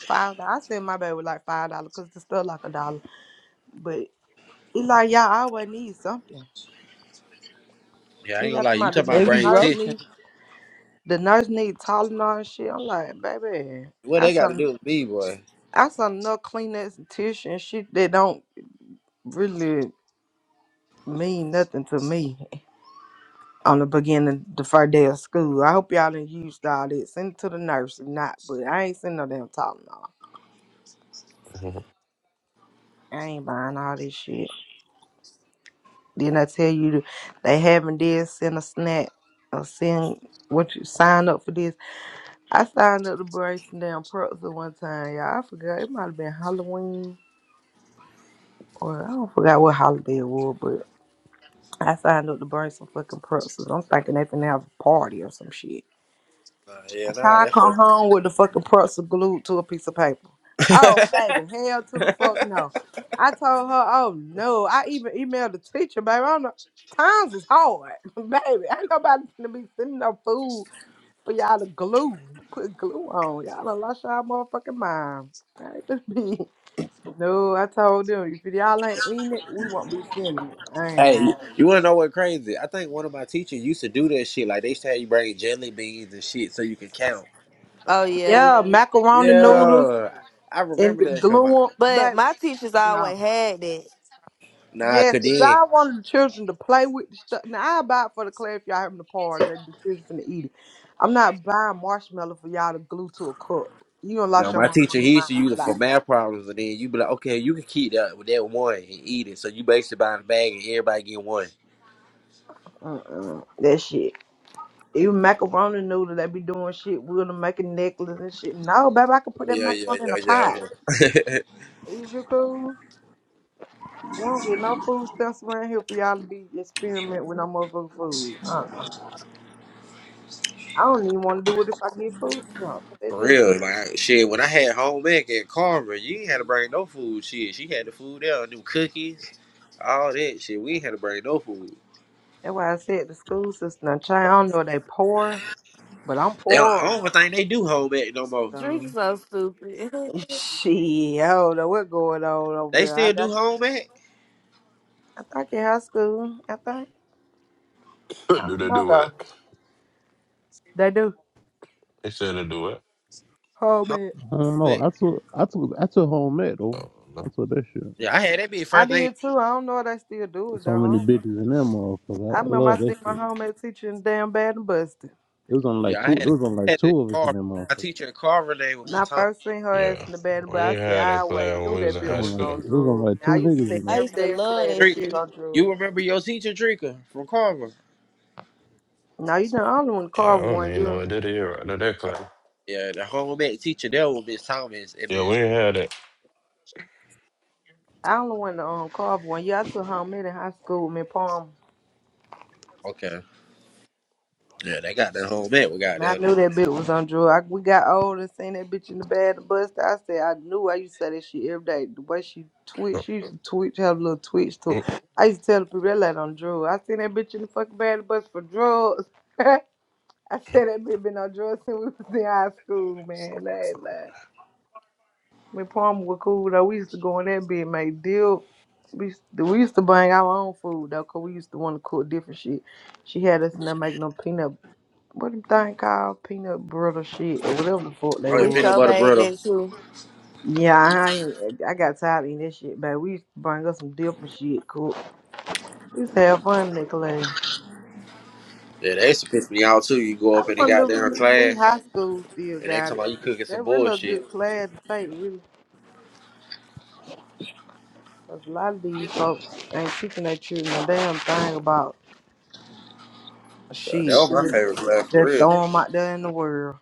Speaker 1: five. dollars. I sent my baby like five dollars because it's still like a dollar. But it's like y'all always need something.
Speaker 15: Yeah, I ain't
Speaker 1: And y'all
Speaker 15: gonna lie.
Speaker 1: come
Speaker 15: You
Speaker 1: out the,
Speaker 15: talking about
Speaker 14: They
Speaker 1: the
Speaker 14: be
Speaker 15: brain
Speaker 1: nurse
Speaker 15: tea?
Speaker 14: roaching.
Speaker 1: need the nurse need Tylenol and shit. I'm like, baby,
Speaker 15: What
Speaker 1: I
Speaker 15: they got to
Speaker 1: some
Speaker 15: do with me, boy?
Speaker 1: I some enough Kleenex and tissue and shit that don't really mean nothing to me. On the beginning, the first day of school. I hope y'all didn't use all that. Send it to the nurse, if not, but I ain't send no damn Tylenol. I ain't buying all this shit. Then I tell you to- they haven't did send a snack or send what you sign up for this. I signed up to bring some damn pretzel one time, y'all. I forgot it might have been Halloween or I don't forgot what holiday it was, but I signed up to bring some fucking pretzels. I'm thinking they finna have a party or some shit.
Speaker 15: Uh, yeah,
Speaker 1: I
Speaker 15: nah,
Speaker 1: tried to
Speaker 15: that's
Speaker 1: come
Speaker 15: for.
Speaker 1: home with the fucking pretzel glued to a piece of paper. Oh,
Speaker 15: the.
Speaker 1: baby, hell to the fuck no. I told her, oh no. I even emailed the teacher, baby. I'm times is hard, (laughs) baby. Ain't nobody gonna be sending no food for y'all to glue. Put glue on. Y'all done lost y'all motherfucking mind. I ain't just be. (laughs) No, I told them, if y'all ain't eating it, we won't be sending it.
Speaker 15: (laughs)
Speaker 1: I ain't
Speaker 15: hey, you,
Speaker 1: lying.
Speaker 15: wanna know what crazy? I think one of my teachers used to do that shit. Like they used to have you bring jelly beans and shit so you can count.
Speaker 19: Oh yeah.
Speaker 1: Yeah, macaroni noodles
Speaker 15: Yeah, I
Speaker 1: and
Speaker 15: remember
Speaker 1: the
Speaker 15: that. Cause
Speaker 1: glue
Speaker 15: my,
Speaker 1: on,
Speaker 19: But
Speaker 1: baby.
Speaker 19: my teachers
Speaker 1: No.
Speaker 19: always had that.
Speaker 15: nah,
Speaker 1: Yes,
Speaker 15: cause
Speaker 1: if
Speaker 15: then.
Speaker 1: y'all wanted the children to play with the stuff, now I buy it for the class if y'all having a party, let the children finna eat it. I'm not buying marshmallow for y'all to glue to a cup. You gonna
Speaker 15: No,
Speaker 1: lost your
Speaker 15: my teacher
Speaker 1: motherfucking
Speaker 15: he used to use
Speaker 1: mind,
Speaker 15: it for
Speaker 1: like
Speaker 15: math problems, and then you be like, okay, you can keep that with that one and eat it. So you basically buy a bag and everybody get one.
Speaker 1: uh-uh, that shit. Even macaroni noodle, they be doing shit. We're gonna make a necklace and shit. No, baby, I can put
Speaker 15: Oh
Speaker 1: that
Speaker 15: yeah, yeah,
Speaker 1: macaroni in a pot.
Speaker 15: yeah, yeah. (laughs)
Speaker 1: Is you cool? We don't get no food stamps around here for y'all to be experiment with no motherfucking food. Uh, I don't even want to do it if I get food
Speaker 15: For
Speaker 1: stamps.
Speaker 15: real, like shit. When I had home ec at Carver, you ain't had to bring no food. Shit, she had the food there, do cookies, all that shit. We ain't had to bring no food.
Speaker 1: That's why I said the school system. Now, child, I don't know they poor, but I'm
Speaker 15: They don't, I
Speaker 1: poorer.
Speaker 15: don't think they do home ec no more.
Speaker 19: Drink
Speaker 1: So,
Speaker 19: so stupid.
Speaker 1: (laughs) shit, I don't know what's going on over
Speaker 15: They
Speaker 1: there. I,
Speaker 15: still do
Speaker 1: I,
Speaker 15: home ec.
Speaker 1: I think in high school, I think. I don't know, though. They do.
Speaker 15: Home
Speaker 1: Homemade.
Speaker 6: I don't know.
Speaker 15: ec.
Speaker 6: I took. I took. I took home metal. I took that shit.
Speaker 15: Yeah, I had that be
Speaker 1: I
Speaker 15: first thing.
Speaker 1: did, too. I don't know if they still do it, though. I
Speaker 6: So many
Speaker 1: don't know.
Speaker 6: bitches in that motherfucker.
Speaker 1: I
Speaker 6: I
Speaker 1: remember
Speaker 6: love
Speaker 1: I
Speaker 6: that
Speaker 1: seen my
Speaker 6: shit.
Speaker 1: homemade teacher in damn Bad and Busted.
Speaker 6: It was on like
Speaker 15: Yeah, I
Speaker 6: two.
Speaker 15: had
Speaker 6: It
Speaker 15: it.
Speaker 6: was on
Speaker 15: I
Speaker 6: like
Speaker 15: had it at
Speaker 6: two of us in
Speaker 15: Carver.
Speaker 6: that
Speaker 15: My
Speaker 6: motherfucker.
Speaker 15: teacher at Carver name would
Speaker 1: When
Speaker 15: be
Speaker 1: I
Speaker 15: Tom
Speaker 1: first seen her ass
Speaker 21: Yeah.
Speaker 1: in the Bad and
Speaker 21: We ain't
Speaker 1: Busted, I said,
Speaker 21: had
Speaker 1: I
Speaker 21: that
Speaker 1: always
Speaker 21: class when
Speaker 1: knew
Speaker 21: we was
Speaker 1: that
Speaker 21: in
Speaker 6: It
Speaker 1: bitch
Speaker 6: was
Speaker 21: high
Speaker 1: was
Speaker 6: on like
Speaker 21: school.
Speaker 1: on
Speaker 6: it was on
Speaker 1: drugs.
Speaker 6: like
Speaker 1: And I
Speaker 6: two
Speaker 1: used to
Speaker 6: niggas
Speaker 1: say
Speaker 6: in
Speaker 19: (laughs) I
Speaker 1: every
Speaker 19: used
Speaker 6: there.
Speaker 19: to
Speaker 1: day in
Speaker 19: love
Speaker 1: class
Speaker 19: that
Speaker 1: that
Speaker 15: Drinker.
Speaker 1: bitch
Speaker 19: shit.
Speaker 1: on
Speaker 15: You
Speaker 1: drugs.
Speaker 15: remember your teacher Drinker from Carver?
Speaker 1: Now, you know, I only went to
Speaker 21: Yeah, I
Speaker 1: Carver
Speaker 21: don't
Speaker 1: one
Speaker 21: even
Speaker 1: year.
Speaker 21: know what did it right there, that class.
Speaker 15: Yeah, the home ec teacher there was Miss Thomas and
Speaker 21: Yeah, we
Speaker 15: Miss.
Speaker 21: ain't had
Speaker 1: I only went to um, Carver one year. I took home in high school with me, Palm.
Speaker 15: Okay. Yeah, they got that home ec. We got
Speaker 1: And I
Speaker 15: down there.
Speaker 1: knew that bitch was on drugs. I, we got old and seen that bitch in the bed, the bus. I said, I knew. I used to say that shit every day. The way she twitch,
Speaker 21: that.
Speaker 1: she used to twitch, have a little twitch to
Speaker 21: Mm,
Speaker 1: it. I used to tell the people that lady on drugs. I seen that bitch in the fucking bed, the bus for drugs. (laughs) I said that bitch been on drugs since we was in high school, man. That
Speaker 21: mm.
Speaker 1: ain't Me and Palmer were cool though. We used to go in that bed, make deal. We used to, we used to bring our own food though, 'cause we used to want to cook different shit. She had us in there making them peanut, what them thing called peanut butter shit or whatever the fuck they
Speaker 15: Oh yeah,
Speaker 19: We
Speaker 1: were.
Speaker 15: peanut
Speaker 19: sure
Speaker 15: butter
Speaker 19: made
Speaker 15: brother.
Speaker 19: that too.
Speaker 1: Yeah, I ain't, I got tired of eating that shit, baby. We used to bring us some different shit, cook. We used to have fun in that class.
Speaker 15: Yeah, they used to piss me off too. You go up
Speaker 1: I
Speaker 15: in the
Speaker 1: wonder
Speaker 15: goddamn
Speaker 1: if
Speaker 15: class
Speaker 1: these high schools still
Speaker 15: and they talking
Speaker 1: got
Speaker 15: about
Speaker 1: it.
Speaker 15: you cooking some
Speaker 1: That really a
Speaker 15: bullshit.
Speaker 1: good class to take, really. 'Cause a lot of these folks ain't teaching their children a damn thing about
Speaker 15: Uh, that
Speaker 1: Shit,
Speaker 15: was my
Speaker 1: just,
Speaker 15: favorite class for
Speaker 1: just
Speaker 15: real.
Speaker 1: throw them out there in the world.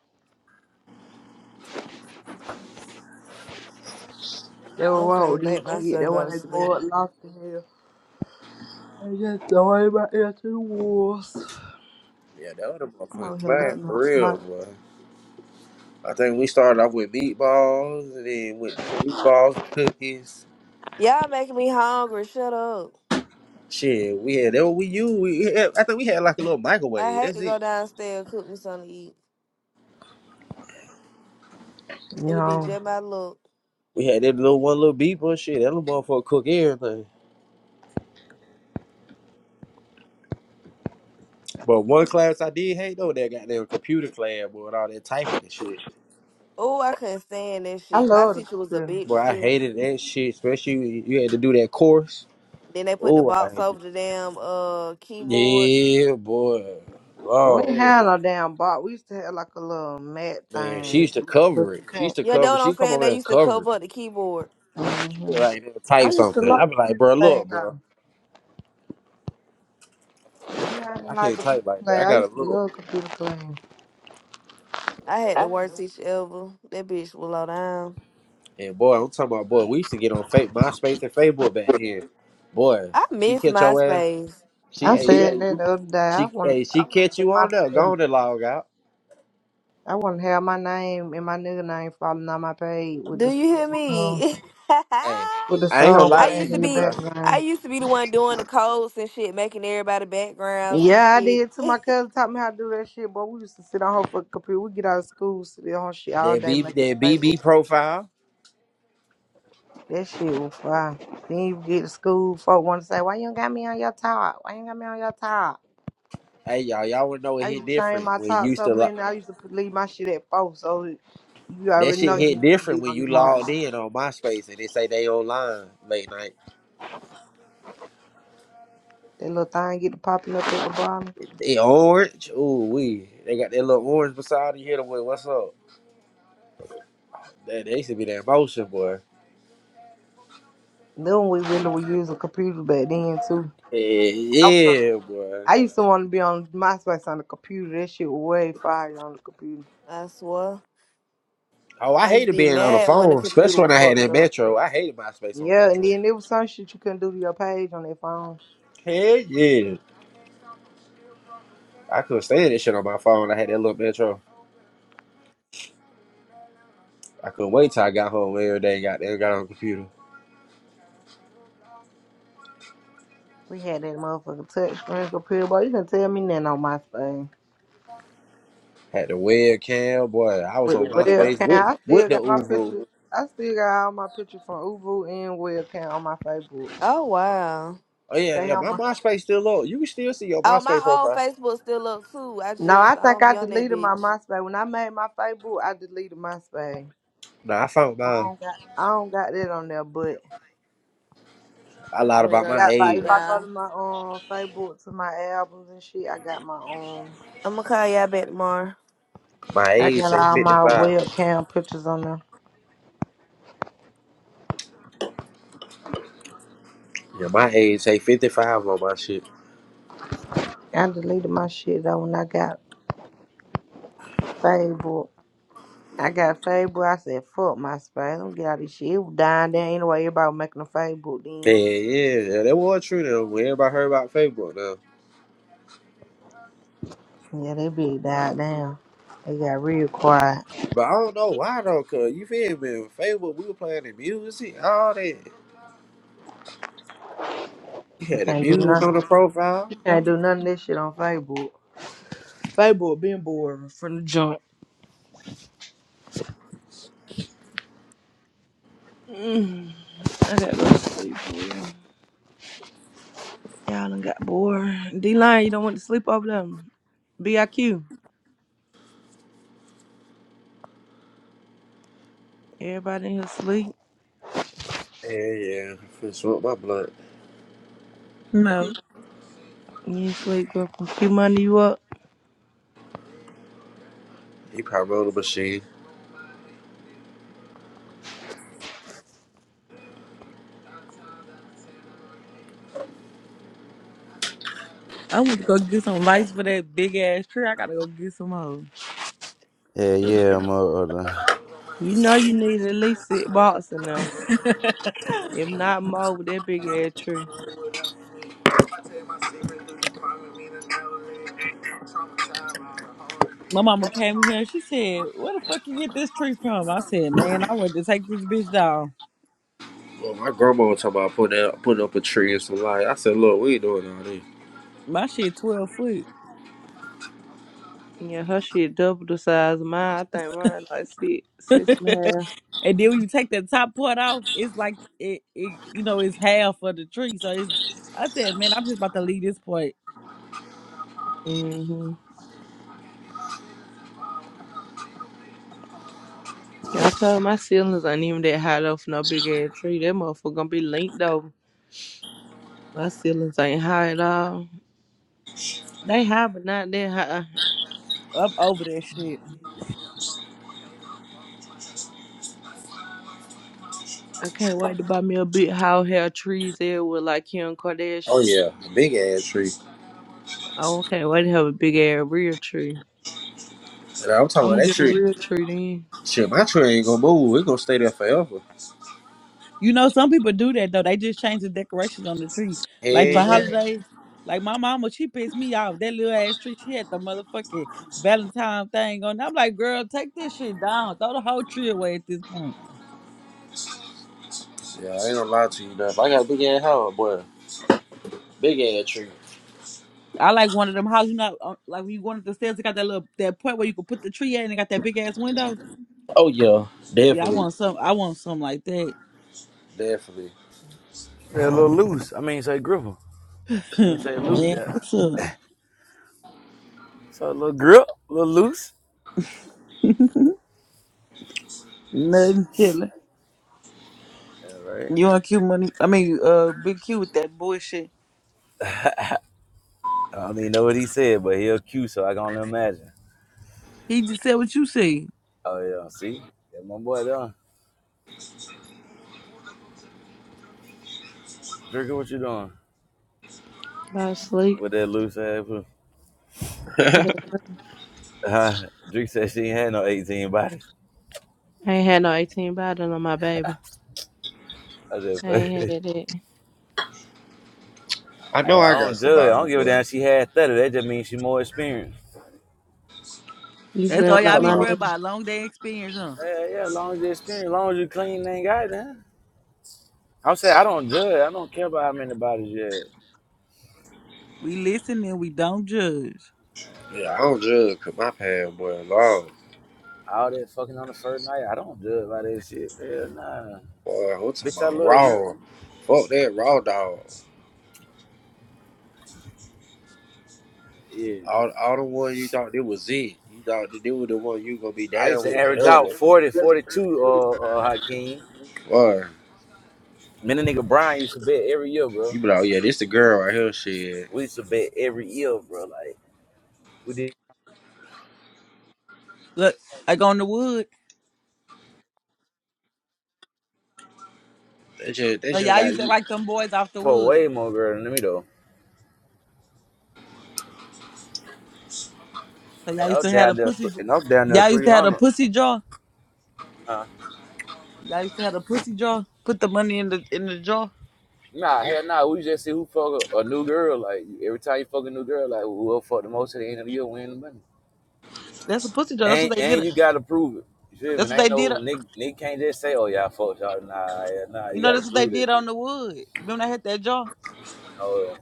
Speaker 1: They
Speaker 19: I'm
Speaker 1: were all
Speaker 19: finna
Speaker 1: these
Speaker 19: make
Speaker 1: kids. They
Speaker 19: myself
Speaker 1: That
Speaker 19: go
Speaker 1: when
Speaker 19: to
Speaker 1: they
Speaker 19: sleep.
Speaker 1: grow up lost in hell. And just throw everybody out to the walls.
Speaker 15: Yeah, that was the
Speaker 1: I'm over
Speaker 15: motherfucking
Speaker 1: here
Speaker 15: class
Speaker 19: What?
Speaker 1: looking
Speaker 15: for
Speaker 1: up
Speaker 15: real,
Speaker 1: like,
Speaker 15: boy. I think we started off with meatballs and then with meatballs and cookies.
Speaker 19: Y'all making me hungry. Shut up.
Speaker 15: Shit, we had that what we used. We had, I think we had like a little
Speaker 19: I
Speaker 15: microwave.
Speaker 19: hate
Speaker 15: That's
Speaker 19: to
Speaker 15: it.
Speaker 19: go downstairs and cook me something to eat.
Speaker 1: you
Speaker 19: It'll be
Speaker 1: know,
Speaker 19: just my look.
Speaker 15: We had that little one little beeper. Shit, that little motherfucker cook everything. But one class I did hate though, that goddamn computer class, boy, and all that typing and shit.
Speaker 19: Oh, I couldn't stand that
Speaker 1: I
Speaker 19: shit. My
Speaker 1: love the
Speaker 19: teacher was a
Speaker 1: computer.
Speaker 15: Boy,
Speaker 19: bitch
Speaker 15: I
Speaker 19: too.
Speaker 15: hated that shit, especially when you had to do that course.
Speaker 19: Then they put the
Speaker 15: Oh, I
Speaker 19: box
Speaker 15: hate
Speaker 19: over
Speaker 15: it.
Speaker 19: the damn uh keyboard.
Speaker 15: Yeah, boy.
Speaker 1: We ain't
Speaker 15: Oh,
Speaker 1: had no damn box. We used to have like a little mat
Speaker 15: man. She
Speaker 1: thing,
Speaker 15: used to
Speaker 1: but
Speaker 15: cover it.
Speaker 1: you
Speaker 15: She used
Speaker 1: can't.
Speaker 15: to
Speaker 19: Yeah, know
Speaker 15: cover.
Speaker 19: what I'm
Speaker 15: She'd come
Speaker 19: saying?
Speaker 15: over
Speaker 19: They
Speaker 15: there and
Speaker 19: used to
Speaker 15: cover it.
Speaker 19: cover up the keyboard.
Speaker 15: She
Speaker 1: hmm
Speaker 15: would like "Nigga,
Speaker 1: I
Speaker 15: type
Speaker 1: used to
Speaker 15: something.
Speaker 1: like
Speaker 15: I'd be like,
Speaker 1: computer
Speaker 15: bro,
Speaker 1: playing
Speaker 15: look, bro.
Speaker 1: though.
Speaker 15: I can't,
Speaker 1: Yeah, I
Speaker 15: I
Speaker 1: didn't like
Speaker 15: can't type
Speaker 1: computer
Speaker 15: like that. I
Speaker 1: playing. I
Speaker 15: gotta
Speaker 1: used to
Speaker 15: look.
Speaker 1: love computer playing.
Speaker 19: I had the worst teacher ever. That bitch was low down.
Speaker 15: And boy, I'm talking about boy. We used to get on fake MySpace and Facebook back then. Boy,
Speaker 19: I
Speaker 15: she
Speaker 19: miss
Speaker 15: catch your ass.
Speaker 19: MySpace.
Speaker 15: She,
Speaker 1: I
Speaker 15: hey, she,
Speaker 1: said that the other day. I
Speaker 15: she,
Speaker 1: want,
Speaker 15: hey, she
Speaker 1: I want to
Speaker 15: catch
Speaker 1: do
Speaker 15: you
Speaker 1: my
Speaker 15: on there. Go
Speaker 1: thing.
Speaker 15: on there, log out.
Speaker 1: I want to have my name and my nigga name falling on my page with
Speaker 19: Do
Speaker 1: the
Speaker 19: you hear
Speaker 1: with the song,
Speaker 19: me? (laughs)
Speaker 15: Hey,
Speaker 19: I
Speaker 1: with the
Speaker 15: I ain't gonna
Speaker 1: song
Speaker 15: lie to
Speaker 1: playing
Speaker 19: used to
Speaker 1: in the
Speaker 15: you,
Speaker 19: be
Speaker 15: bro.
Speaker 19: I
Speaker 1: background.
Speaker 19: used to be the one doing the codes and shit, making everybody backgrounds and
Speaker 1: Yeah, I
Speaker 19: shit.
Speaker 1: did too. My cousin taught me how to do that shit, boy. We used to sit on her fucking computer. We get out of school, sit on her shit all
Speaker 15: That
Speaker 1: day,
Speaker 15: BB,
Speaker 1: making
Speaker 15: that BB
Speaker 1: Facebook.
Speaker 15: profile.
Speaker 1: That shit was fire. Then you get to school, folk want to say, "Why you ain't got me on your top? Why you ain't got me on your top?"
Speaker 15: Hey, y'all, y'all would know it
Speaker 1: I
Speaker 15: hit
Speaker 1: used to change
Speaker 15: different
Speaker 1: my
Speaker 15: when you
Speaker 1: top
Speaker 15: used
Speaker 1: so
Speaker 15: to. Lo-
Speaker 1: many. I used to put- leave my shit at four, so you
Speaker 15: That
Speaker 1: already
Speaker 15: shit
Speaker 1: know you
Speaker 15: hit
Speaker 1: ain't gonna
Speaker 15: different
Speaker 1: be
Speaker 15: when
Speaker 1: on
Speaker 15: you
Speaker 1: them.
Speaker 15: logged
Speaker 1: motherfuckers.
Speaker 15: in on MySpace and they say they online late night.
Speaker 1: That little thing get to popping up at the bottom.
Speaker 15: They orange, ooh wee. They got that little orange beside you. Hit them with what's up? That they used to be that motion, boy.
Speaker 1: Then we really would use a computer back then too.
Speaker 15: Yeah,
Speaker 1: I, was on-
Speaker 15: yeah, boy.
Speaker 1: I used to want to be on MySpace on the computer. That shit was way fire on the computer.
Speaker 19: (laughs) I swear.
Speaker 15: Oh, I
Speaker 19: I used
Speaker 15: hated
Speaker 19: to be
Speaker 15: being on the
Speaker 19: mad when the
Speaker 15: phone,
Speaker 19: computer
Speaker 15: especially when
Speaker 19: was
Speaker 15: I had
Speaker 19: fucked
Speaker 15: that
Speaker 19: up.
Speaker 15: Metro. I hated MySpace on
Speaker 1: Yeah,
Speaker 15: Metro.
Speaker 1: and then there was some shit you couldn't do to your page on that phone.
Speaker 15: Hell yeah, I couldn't stand that shit on my phone. I had that little Metro. I couldn't wait till I got home every day. and Got there, got on the computer.
Speaker 1: We had that motherfucking touch screen computer, boy. You can tell me nothing on MySpace.
Speaker 15: Had the webcam, boy. I was
Speaker 1: The
Speaker 15: on MySpace
Speaker 1: webcam,
Speaker 15: with
Speaker 1: I
Speaker 15: with
Speaker 1: still
Speaker 15: the
Speaker 1: got my
Speaker 15: Uvu.
Speaker 1: picture. I still got all my pictures from Uvu and webcam on my Facebook.
Speaker 19: Oh wow.
Speaker 15: Oh yeah,
Speaker 1: They
Speaker 15: yeah.
Speaker 1: on
Speaker 15: My
Speaker 1: my.
Speaker 15: MySpace still up. You can still see your
Speaker 19: Oh,
Speaker 15: MySpace
Speaker 19: my old
Speaker 15: profile.
Speaker 19: Facebook still up too. I
Speaker 1: No, I
Speaker 19: just I
Speaker 1: think
Speaker 19: don't
Speaker 1: I
Speaker 19: be on that
Speaker 1: deleted my
Speaker 19: bitch.
Speaker 1: MySpace. When I made my Facebook, I deleted MySpace.
Speaker 15: Nah, I found
Speaker 1: Well, I
Speaker 15: mine.
Speaker 1: don't got I don't got that on there, but
Speaker 15: I
Speaker 19: I'm
Speaker 1: I
Speaker 15: lied
Speaker 19: finna
Speaker 15: about
Speaker 1: do
Speaker 19: go to
Speaker 15: my
Speaker 1: got like
Speaker 19: sleep,
Speaker 15: age.
Speaker 1: if I go
Speaker 19: y'all.
Speaker 1: to my um Facebook to my albums and shit, I got my um
Speaker 19: I'm gonna call y'all back tomorrow.
Speaker 15: My
Speaker 1: I
Speaker 15: age
Speaker 1: got
Speaker 15: say
Speaker 1: all
Speaker 15: fifty
Speaker 1: my
Speaker 15: five.
Speaker 1: webcam pictures on there.
Speaker 15: Yeah, my age say fifty five on my shit.
Speaker 1: I deleted my shit though when I got Facebook. I got Facebook. I said fuck my space. Don't get out of this shit. It was dying down anyway. Everybody was making a Facebook
Speaker 15: Man,
Speaker 1: then.
Speaker 15: yeah, yeah, that was true though. When everybody heard about Facebook though.
Speaker 1: Yeah, they big died down. They got real quiet.
Speaker 15: But I don't know why though, cause you feel me? Facebook, we were playing the music, all that. You
Speaker 1: You
Speaker 15: had the
Speaker 1: can't do
Speaker 15: music on
Speaker 1: nothing.
Speaker 15: the profile.
Speaker 1: You can't do none of this shit on Facebook. Facebook been boring from the joint. Mm, I gotta go to sleep. For real. Y'all done got bored. D line, you don't want to sleep over them. BIQ. Everybody in here sleep.
Speaker 15: Yeah, yeah. Finna smoke my blunt.
Speaker 14: No.
Speaker 1: You ain't sleep, girl. From Q money you up.
Speaker 15: He probably on the machine.
Speaker 14: I went to go get some lights for that big ass tree. I gotta go get some more.
Speaker 18: Yeah, yeah, mother.
Speaker 1: You know you need at least six boxes in there.
Speaker 14: (laughs)
Speaker 1: If not more with that big ass tree.
Speaker 14: My mama came here and she said, Where the fuck you get this tree from? I said, Man, I went to take this bitch down.
Speaker 15: Well, my grandma was talking about putting out, putting up a tree and some light. I said, look, we ain't doing all this.
Speaker 14: My shit twelve foot.
Speaker 1: Yeah, her shit double the size of mine. I think mine like six,
Speaker 14: (laughs)
Speaker 1: six and a
Speaker 14: and
Speaker 1: half.
Speaker 14: then when you take that top part off, it's like it, it you know, it's half of the tree. So it's I said, man, I'm just about to leave this part.
Speaker 1: Mm-hmm. Yeah, I told my ceilings ain't even that high though for no big ass tree. That motherfucker gonna be linked over. My ceilings ain't high at all. They high, but not that high.
Speaker 14: I'm over that shit.
Speaker 1: I can't wait to buy me a big how hair trees there with like Kim Kardashian.
Speaker 15: Oh yeah, the big ass tree.
Speaker 1: Oh, I can't wait to have a big ass real tree.
Speaker 15: And I'm talking about
Speaker 1: I'm gonna
Speaker 15: that
Speaker 1: get a
Speaker 15: tree.
Speaker 1: real tree then.
Speaker 15: Shit, my tree ain't gonna move. It's gonna stay there forever.
Speaker 14: You know, some people do that though. They just change the decorations on the tree.
Speaker 15: Hell
Speaker 14: Like for
Speaker 15: yeah.
Speaker 1: Yeah,
Speaker 14: holidays, like my mama, she pissed me off. That little ass tree, she had the motherfucking Valentine thing on. I'm like, girl, take this shit down. Throw the whole tree away at this point.
Speaker 15: Yeah, I ain't gonna lie to you now. If I got a big ass house, boy, big ass tree.
Speaker 14: I like one of them houses, you know, uh, like when you go up the stairs, it got that little that point where you can put the tree at and it got that big ass window.
Speaker 15: Oh yeah,
Speaker 14: Yeah, I
Speaker 15: definitely,
Speaker 14: want some. I want something like that.
Speaker 15: definitely.
Speaker 18: Yeah, a little loose. I mean, say gripper. I mean,
Speaker 14: (laughs)
Speaker 18: say loose.
Speaker 14: Man,
Speaker 18: Yeah.
Speaker 14: what's up?
Speaker 18: So a little grip, a little loose.
Speaker 14: Nothing chilling.
Speaker 18: Yeah, right.
Speaker 14: You want Q money? I mean, uh, Big Q with that bullshit.
Speaker 18: I don't even know what he said, but he'll cue, so I can only imagine.
Speaker 14: He just said what you said.
Speaker 18: Oh yeah, see, yeah, my boy done. Drinker, what you doing
Speaker 1: by sleep.
Speaker 18: with that loose ass? poo-
Speaker 1: Whatever.
Speaker 18: Uh, Drake said she ain't had no eighteen bodies.
Speaker 1: I ain't had no 18 bottle on my baby.
Speaker 18: I said,
Speaker 1: I ain't
Speaker 18: (laughs)
Speaker 1: had it.
Speaker 15: I know
Speaker 18: hey, I
Speaker 15: I got
Speaker 18: don't judge. I
Speaker 15: somebody,
Speaker 18: don't give a
Speaker 15: boy.
Speaker 18: damn. She had thirty. That just means she more experienced.
Speaker 1: You
Speaker 14: That's
Speaker 15: And
Speaker 14: all
Speaker 15: I'm
Speaker 1: sound
Speaker 14: y'all
Speaker 1: like
Speaker 15: talking
Speaker 14: be
Speaker 1: my
Speaker 14: worried
Speaker 15: about,
Speaker 1: nigga.
Speaker 14: about. Long day experience, huh?
Speaker 18: Yeah, yeah. As long as you experienced, as long as you clean, ain't got that. I'm saying I don't judge. I don't care about how many bodies you had.
Speaker 14: We listen and we don't judge.
Speaker 15: yeah, I
Speaker 18: Yeah.
Speaker 15: don't judge 'cause my pad, boy, long.
Speaker 18: All that fucking on the first night, I don't judge by that shit. Hell nah,
Speaker 15: Boy, I'm talking
Speaker 18: bitch, I
Speaker 15: about
Speaker 18: love you.
Speaker 15: raw. Fuck that raw dog.
Speaker 18: Yeah.
Speaker 15: All, all the one you thought it was it. You thought that they were the one you gonna be
Speaker 18: I used
Speaker 15: down
Speaker 18: to
Speaker 15: with
Speaker 18: average out
Speaker 15: forever.
Speaker 18: 40, 42. uh, uh, Hakeem.
Speaker 15: Boy,
Speaker 18: Me and the nigga Brian used to bet every year,
Speaker 15: you
Speaker 18: bro.
Speaker 15: be like, oh yeah, this the girl right here. Shit.
Speaker 18: We used to bet every year, bro. Like, we did
Speaker 14: Look, like on the wood.
Speaker 15: That shit, that
Speaker 14: So
Speaker 15: shit
Speaker 14: y'all
Speaker 15: like,
Speaker 14: used to
Speaker 15: you-
Speaker 14: act like them boys off the
Speaker 18: for
Speaker 14: wood.
Speaker 18: way more girl than me, though.
Speaker 14: So y'all
Speaker 18: And I
Speaker 14: used
Speaker 18: was
Speaker 14: to have a
Speaker 18: down there,
Speaker 14: pussy.
Speaker 18: th-
Speaker 14: j-
Speaker 18: and I was down there
Speaker 14: Y'all used to have a
Speaker 18: 300,
Speaker 14: pussy jaw.
Speaker 18: huh?
Speaker 14: Y'all used to have a pussy jaw. Put the money in the in the jar.
Speaker 18: Nah, hell nah. We just see who fuck a, a new girl. Like, every time you fuck a new girl, like, whoever fuck the most at the end of the year win the money.
Speaker 14: That's a pussy jaw. That's
Speaker 18: And,
Speaker 14: what they did.
Speaker 18: and you gotta prove it. You feel me?
Speaker 14: That's what they
Speaker 18: ain't
Speaker 14: did.
Speaker 18: no, Nick, Nick can't just say, oh, y'all fuck y'all. Nah, yeah, nah,
Speaker 14: You
Speaker 18: you
Speaker 14: know,
Speaker 18: gotta
Speaker 14: that's what they
Speaker 18: prove this.
Speaker 14: did on
Speaker 18: shit.
Speaker 14: the wood. Remember they had that jar?
Speaker 18: Oh,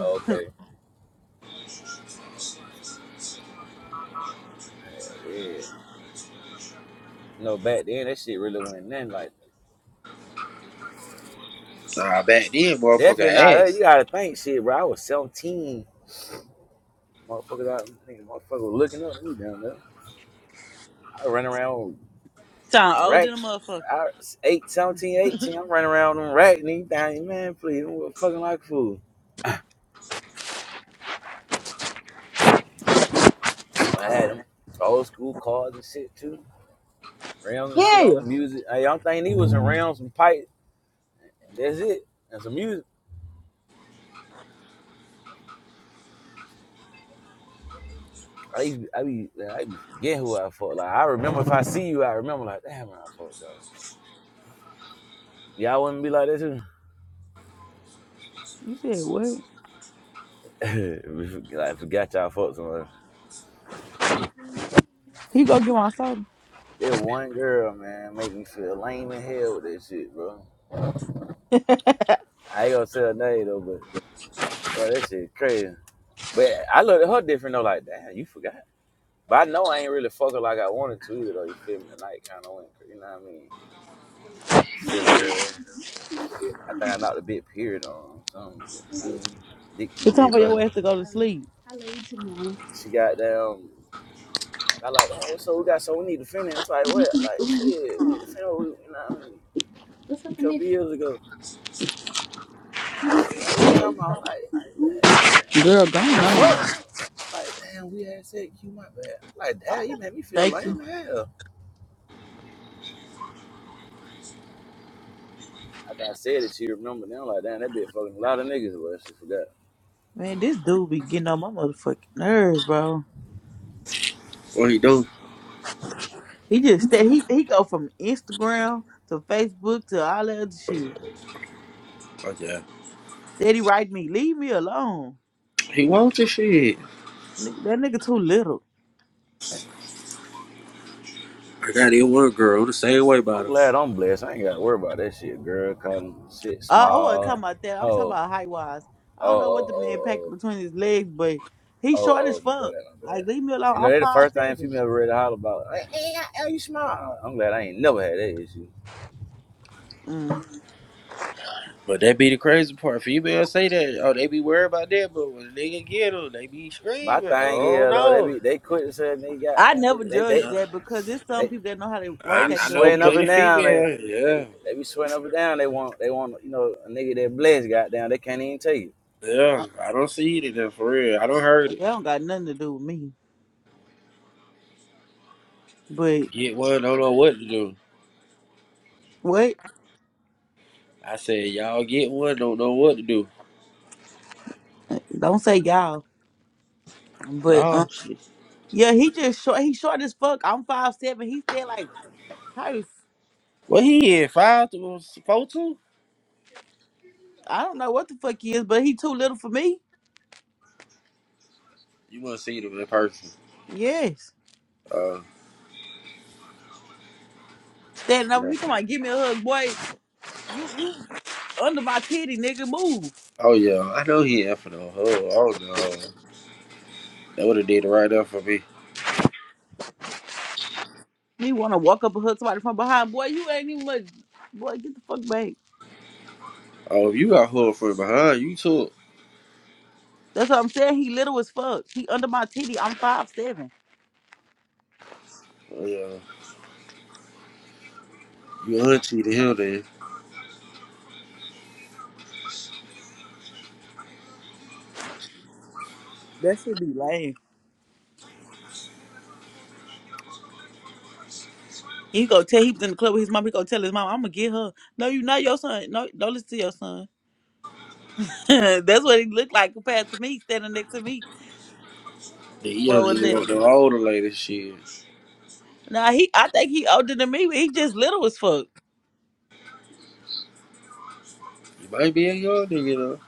Speaker 18: okay. Yeah. You know, back then that shit really wasn't nothing like
Speaker 15: nah, back then,
Speaker 18: that. Definitely not
Speaker 15: motherfucker
Speaker 18: us. You
Speaker 15: ass.
Speaker 18: gotta think shit, bro. I was 17. Motherfuckers out nigga, motherfucker was looking up at me down there. I run around
Speaker 14: Sound
Speaker 18: with
Speaker 14: old than a
Speaker 18: racks.
Speaker 14: motherfucker.
Speaker 18: I eight, seventeen, eighteen, I'm running around with them racks and anything, man, please, I'm fucking like a fool. I had them old school cars and shit too. Realms and shit on the
Speaker 14: Yeah.
Speaker 18: music. Hey, I'm thinking he was in realms and pipe and that's it. And some music. I used to be, I be, I be forget who I fought. Like I remember if I see you, I remember like, damn, I fought y'all. Y'all wouldn't be like that too.
Speaker 14: You said what?
Speaker 18: (laughs) we forgot, forgot y'all folks on her.
Speaker 14: He go get my soda.
Speaker 18: That one girl, man, make me feel lame in hell with that shit, bro. I ain't gonna tell her name though, but bro, that shit crazy. But I looked at her different though, like, damn, you forgot. But I know I ain't really fucking like I wanted to either though. You feel me? The night kind of went, cra- you know what I mean? Silly hell. I think I knocked a big period on something, bit bleeding, dick too
Speaker 14: It's time
Speaker 18: big,
Speaker 14: for
Speaker 18: bro.
Speaker 14: your ass to go to sleep.
Speaker 18: She got down. I like, damn, what's up? We got so we need to finish. It's like what? Like shit, we need to finish. You know what I mean? A couple years ago. Shit, like what you talking about? Like, damn,
Speaker 14: Girl, go
Speaker 18: we fucked.
Speaker 14: on.
Speaker 18: Like, damn, we had sex. You my bad. Like, damn, you made me feel
Speaker 14: Thank you.
Speaker 18: lame as hell. After I said it, she remembered. Now, I'm like, damn, that bitch fucking a lot of niggas, but she forgot.
Speaker 14: Man, this dude be getting on my motherfucking nerves, bro.
Speaker 15: What he do?
Speaker 14: He just steady he he go from Instagram to Facebook to all that other shit.
Speaker 15: Fuck yeah.
Speaker 14: Steady write me, leave me alone.
Speaker 15: He wants this shit.
Speaker 14: Nigga- That nigga too little.
Speaker 15: I got it one girl the same way about
Speaker 18: I'm
Speaker 15: her.
Speaker 18: glad I'm blessed. I ain't got to worry about that shit, girl. Calling shit
Speaker 14: Uh, I wasn't talking
Speaker 18: small.
Speaker 14: about that. I'm talking
Speaker 18: Oh,
Speaker 14: about height wise.
Speaker 18: oh,
Speaker 14: I don't know what
Speaker 18: oh,
Speaker 14: the man packed
Speaker 18: oh, oh,
Speaker 14: between his legs, but
Speaker 18: oh,
Speaker 14: he's short as
Speaker 18: oh, my bad,
Speaker 14: fuck.
Speaker 18: my
Speaker 14: Like
Speaker 18: bad.
Speaker 14: leave me alone.
Speaker 18: You know,
Speaker 14: I'm
Speaker 18: they the
Speaker 14: five
Speaker 18: first thing
Speaker 14: seven.
Speaker 18: people ever read to holler about. Like, hey, how you small? I'm glad I ain't never had that issue.
Speaker 14: Mm.
Speaker 15: But that be the crazy part. Females say that, oh, they be worried about that, but when a nigga get them, they be
Speaker 18: My
Speaker 15: screaming.
Speaker 18: thing
Speaker 15: Oh
Speaker 18: is though, they
Speaker 15: no.
Speaker 18: be they quit to say they got
Speaker 14: I
Speaker 18: damn
Speaker 14: never
Speaker 18: they
Speaker 14: judge
Speaker 18: they,
Speaker 15: Yeah.
Speaker 14: that because there's some
Speaker 18: they,
Speaker 14: people that know how to
Speaker 18: They
Speaker 14: work
Speaker 15: I,
Speaker 18: be
Speaker 14: that
Speaker 15: I
Speaker 14: little
Speaker 15: know
Speaker 18: sweating
Speaker 14: meat.
Speaker 18: up
Speaker 15: plenty
Speaker 18: and down. They
Speaker 15: females.
Speaker 18: they
Speaker 15: Yeah.
Speaker 18: be, they be sweating up and down. They want they want you know a nigga that blessed. Goddamn, they can't even tell you.
Speaker 15: Yeah. I don't see it in there for real. I don't heard
Speaker 14: They
Speaker 15: it.
Speaker 14: don't got nothing to do with me. But
Speaker 15: Get one, don't know what to do.
Speaker 14: what?
Speaker 15: I said, y'all get one, don't know what to do.
Speaker 14: Don't say y'all. But
Speaker 15: Oh,
Speaker 14: um,
Speaker 15: shit.
Speaker 14: yeah, he just short. He short as fuck. I'm five seven. He stand like probably
Speaker 15: What he is? Five to four two?
Speaker 14: I don't know what the fuck he is, but he too little for me.
Speaker 15: You want to see them in person?
Speaker 14: Yes,
Speaker 15: Uh,
Speaker 14: standing over.
Speaker 15: yeah.
Speaker 14: He come on, give me a hug, boy, under my titty, nigga, move.
Speaker 15: Oh yeah, I know he infidel. Oh, oh no, that would have did it right up for me.
Speaker 14: He wanna walk up and hug somebody from behind. Boy, you ain't even much. Boy, get the fuck back.
Speaker 15: Oh, if you got hood from behind, you took.
Speaker 14: That's what I'm saying. He little as fuck. He under my titty. I'm five seven.
Speaker 15: Oh, yeah, you auntie to him then.
Speaker 14: That should be lame. He go tell he was in the club with his mom. He go tell his mom, I'm gonna get her. No, you not your son. No, don't listen to your son. (laughs) That's what he looked like compared to me standing next to me.
Speaker 15: The young
Speaker 14: Four
Speaker 15: nigga want the
Speaker 14: eleven.
Speaker 15: older lady shit.
Speaker 14: Now he. I think he older than me, but he just little as fuck.
Speaker 15: You might be a young nigga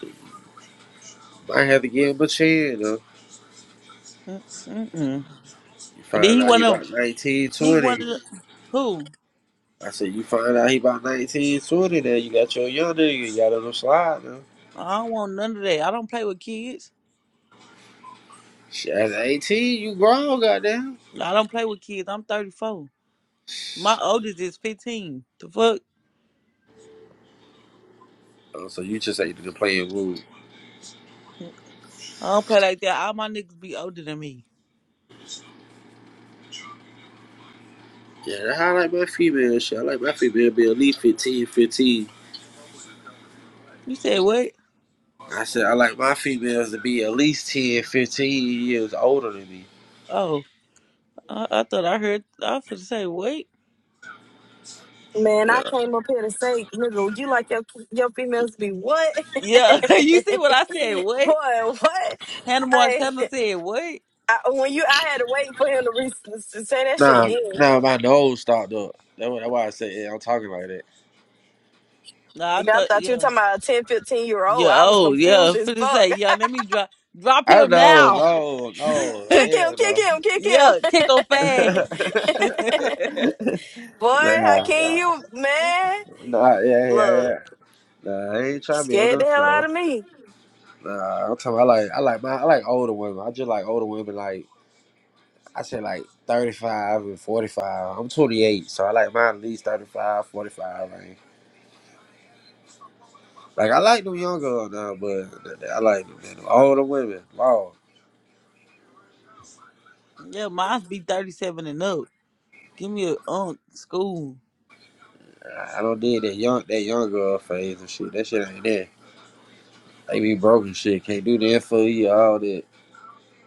Speaker 15: though. Might have to give him a chance though.
Speaker 14: Mm, Mm-mm.
Speaker 15: You
Speaker 14: And then
Speaker 15: find
Speaker 14: he
Speaker 15: out he
Speaker 14: wanna.
Speaker 15: about 19
Speaker 14: He
Speaker 15: 20.
Speaker 14: wanted who?
Speaker 15: I said you find out he about 19 20. Then you got your young nigga. You got a little slide though.
Speaker 14: I don't want none of that. I don't play with kids.
Speaker 15: Shit, at 18, you grown, goddamn.
Speaker 14: I don't play with kids. I'm 34. My oldest is 15. The fuck?
Speaker 15: Oh, so you just ain't even playing rude.
Speaker 14: I don't play like that. All my niggas be older than me.
Speaker 15: Yeah, I like my female shit. I like my female to be at least fifteen, fifteen.
Speaker 14: You said what?
Speaker 15: I said I like my females to be at least 10, 15 years older than me.
Speaker 14: Oh, I, I thought I heard. I was going say what?
Speaker 22: Man,
Speaker 15: Yeah.
Speaker 22: I came up here to say, nigga, you like your your females to be what? (laughs)
Speaker 14: Yeah, (laughs) you see what I said?
Speaker 22: Boy,
Speaker 14: What?
Speaker 22: what?
Speaker 14: Hannah
Speaker 22: I,
Speaker 14: Montana said what?
Speaker 22: I when you I had to wait for him to, re- to say that shit
Speaker 15: Nah,
Speaker 22: again.
Speaker 15: nah, my nose stopped up. That's why that's why I said yeah, I'm talking like that.
Speaker 14: No, I
Speaker 22: Nigga, I
Speaker 14: thought
Speaker 22: thought you were
Speaker 14: yeah,
Speaker 22: talking about a 10, 15 year old.
Speaker 14: yeah.
Speaker 22: I was
Speaker 14: Oh, yeah.
Speaker 22: confused as
Speaker 14: For to say
Speaker 22: fuck.
Speaker 14: yeah. Let me drop drop
Speaker 15: I
Speaker 14: him
Speaker 15: know,
Speaker 14: now.
Speaker 15: no,
Speaker 22: (laughs)
Speaker 15: no,
Speaker 22: Kick him,
Speaker 15: hell
Speaker 22: kick
Speaker 15: no.
Speaker 22: him, kick him.
Speaker 14: Yeah, kick him fast. (laughs)
Speaker 15: (laughs)
Speaker 22: (laughs) Boy,
Speaker 15: nah,
Speaker 22: how can
Speaker 15: nah,
Speaker 22: you, man?
Speaker 15: nah, yeah, yeah,
Speaker 22: Look,
Speaker 15: yeah. Nah, I ain't
Speaker 22: you
Speaker 15: trying to be on
Speaker 22: scared the
Speaker 15: them
Speaker 22: hell out
Speaker 15: show.
Speaker 22: of me.
Speaker 15: Nah, I'm talking. I like, I like my, I like older women. I just like older women, like I said like 35 and 45. I'm 28, so I like mine at least 35, 45. range. Like I like them young girls now, but th- th- I like them, man. Them older women. Wow.
Speaker 14: yeah, mine's be 37 and up. Give me a um school.
Speaker 15: I I don't did that young that young girl phase and shit. That shit ain't there. They be broke and shit. Can't do that for you, all that.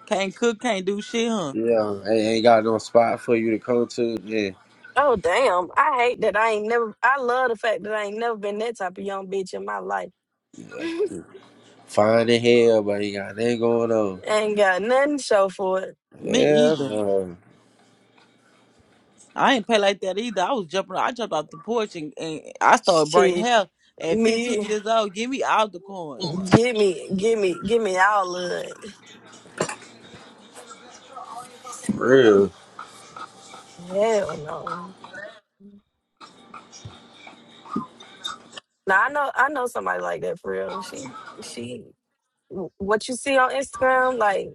Speaker 14: Can't cook, can't do shit, huh?
Speaker 15: Yeah, ain't, ain't got no spot for you to come to. Yeah.
Speaker 22: Oh damn! I hate that I ain't never. I love the fact that I ain't never been that type of young bitch in my life. (laughs)
Speaker 15: yeah. yeah. Fine in hell, but ain't got nothing going on.
Speaker 22: ain't got nothing to show for it.
Speaker 14: Me
Speaker 15: Yeah,
Speaker 14: either.
Speaker 15: no.
Speaker 14: I ain't pay like that either. I was jumping. I jumped off the porch and, and I started burning
Speaker 22: Shit,
Speaker 14: hell at 15
Speaker 22: me,
Speaker 14: years old. Give me all the coins.
Speaker 22: give me, give me, give me all of it.
Speaker 15: For real.
Speaker 22: Hell no. Now I know, I know somebody like that for real. She, she, what you see on Instagram, like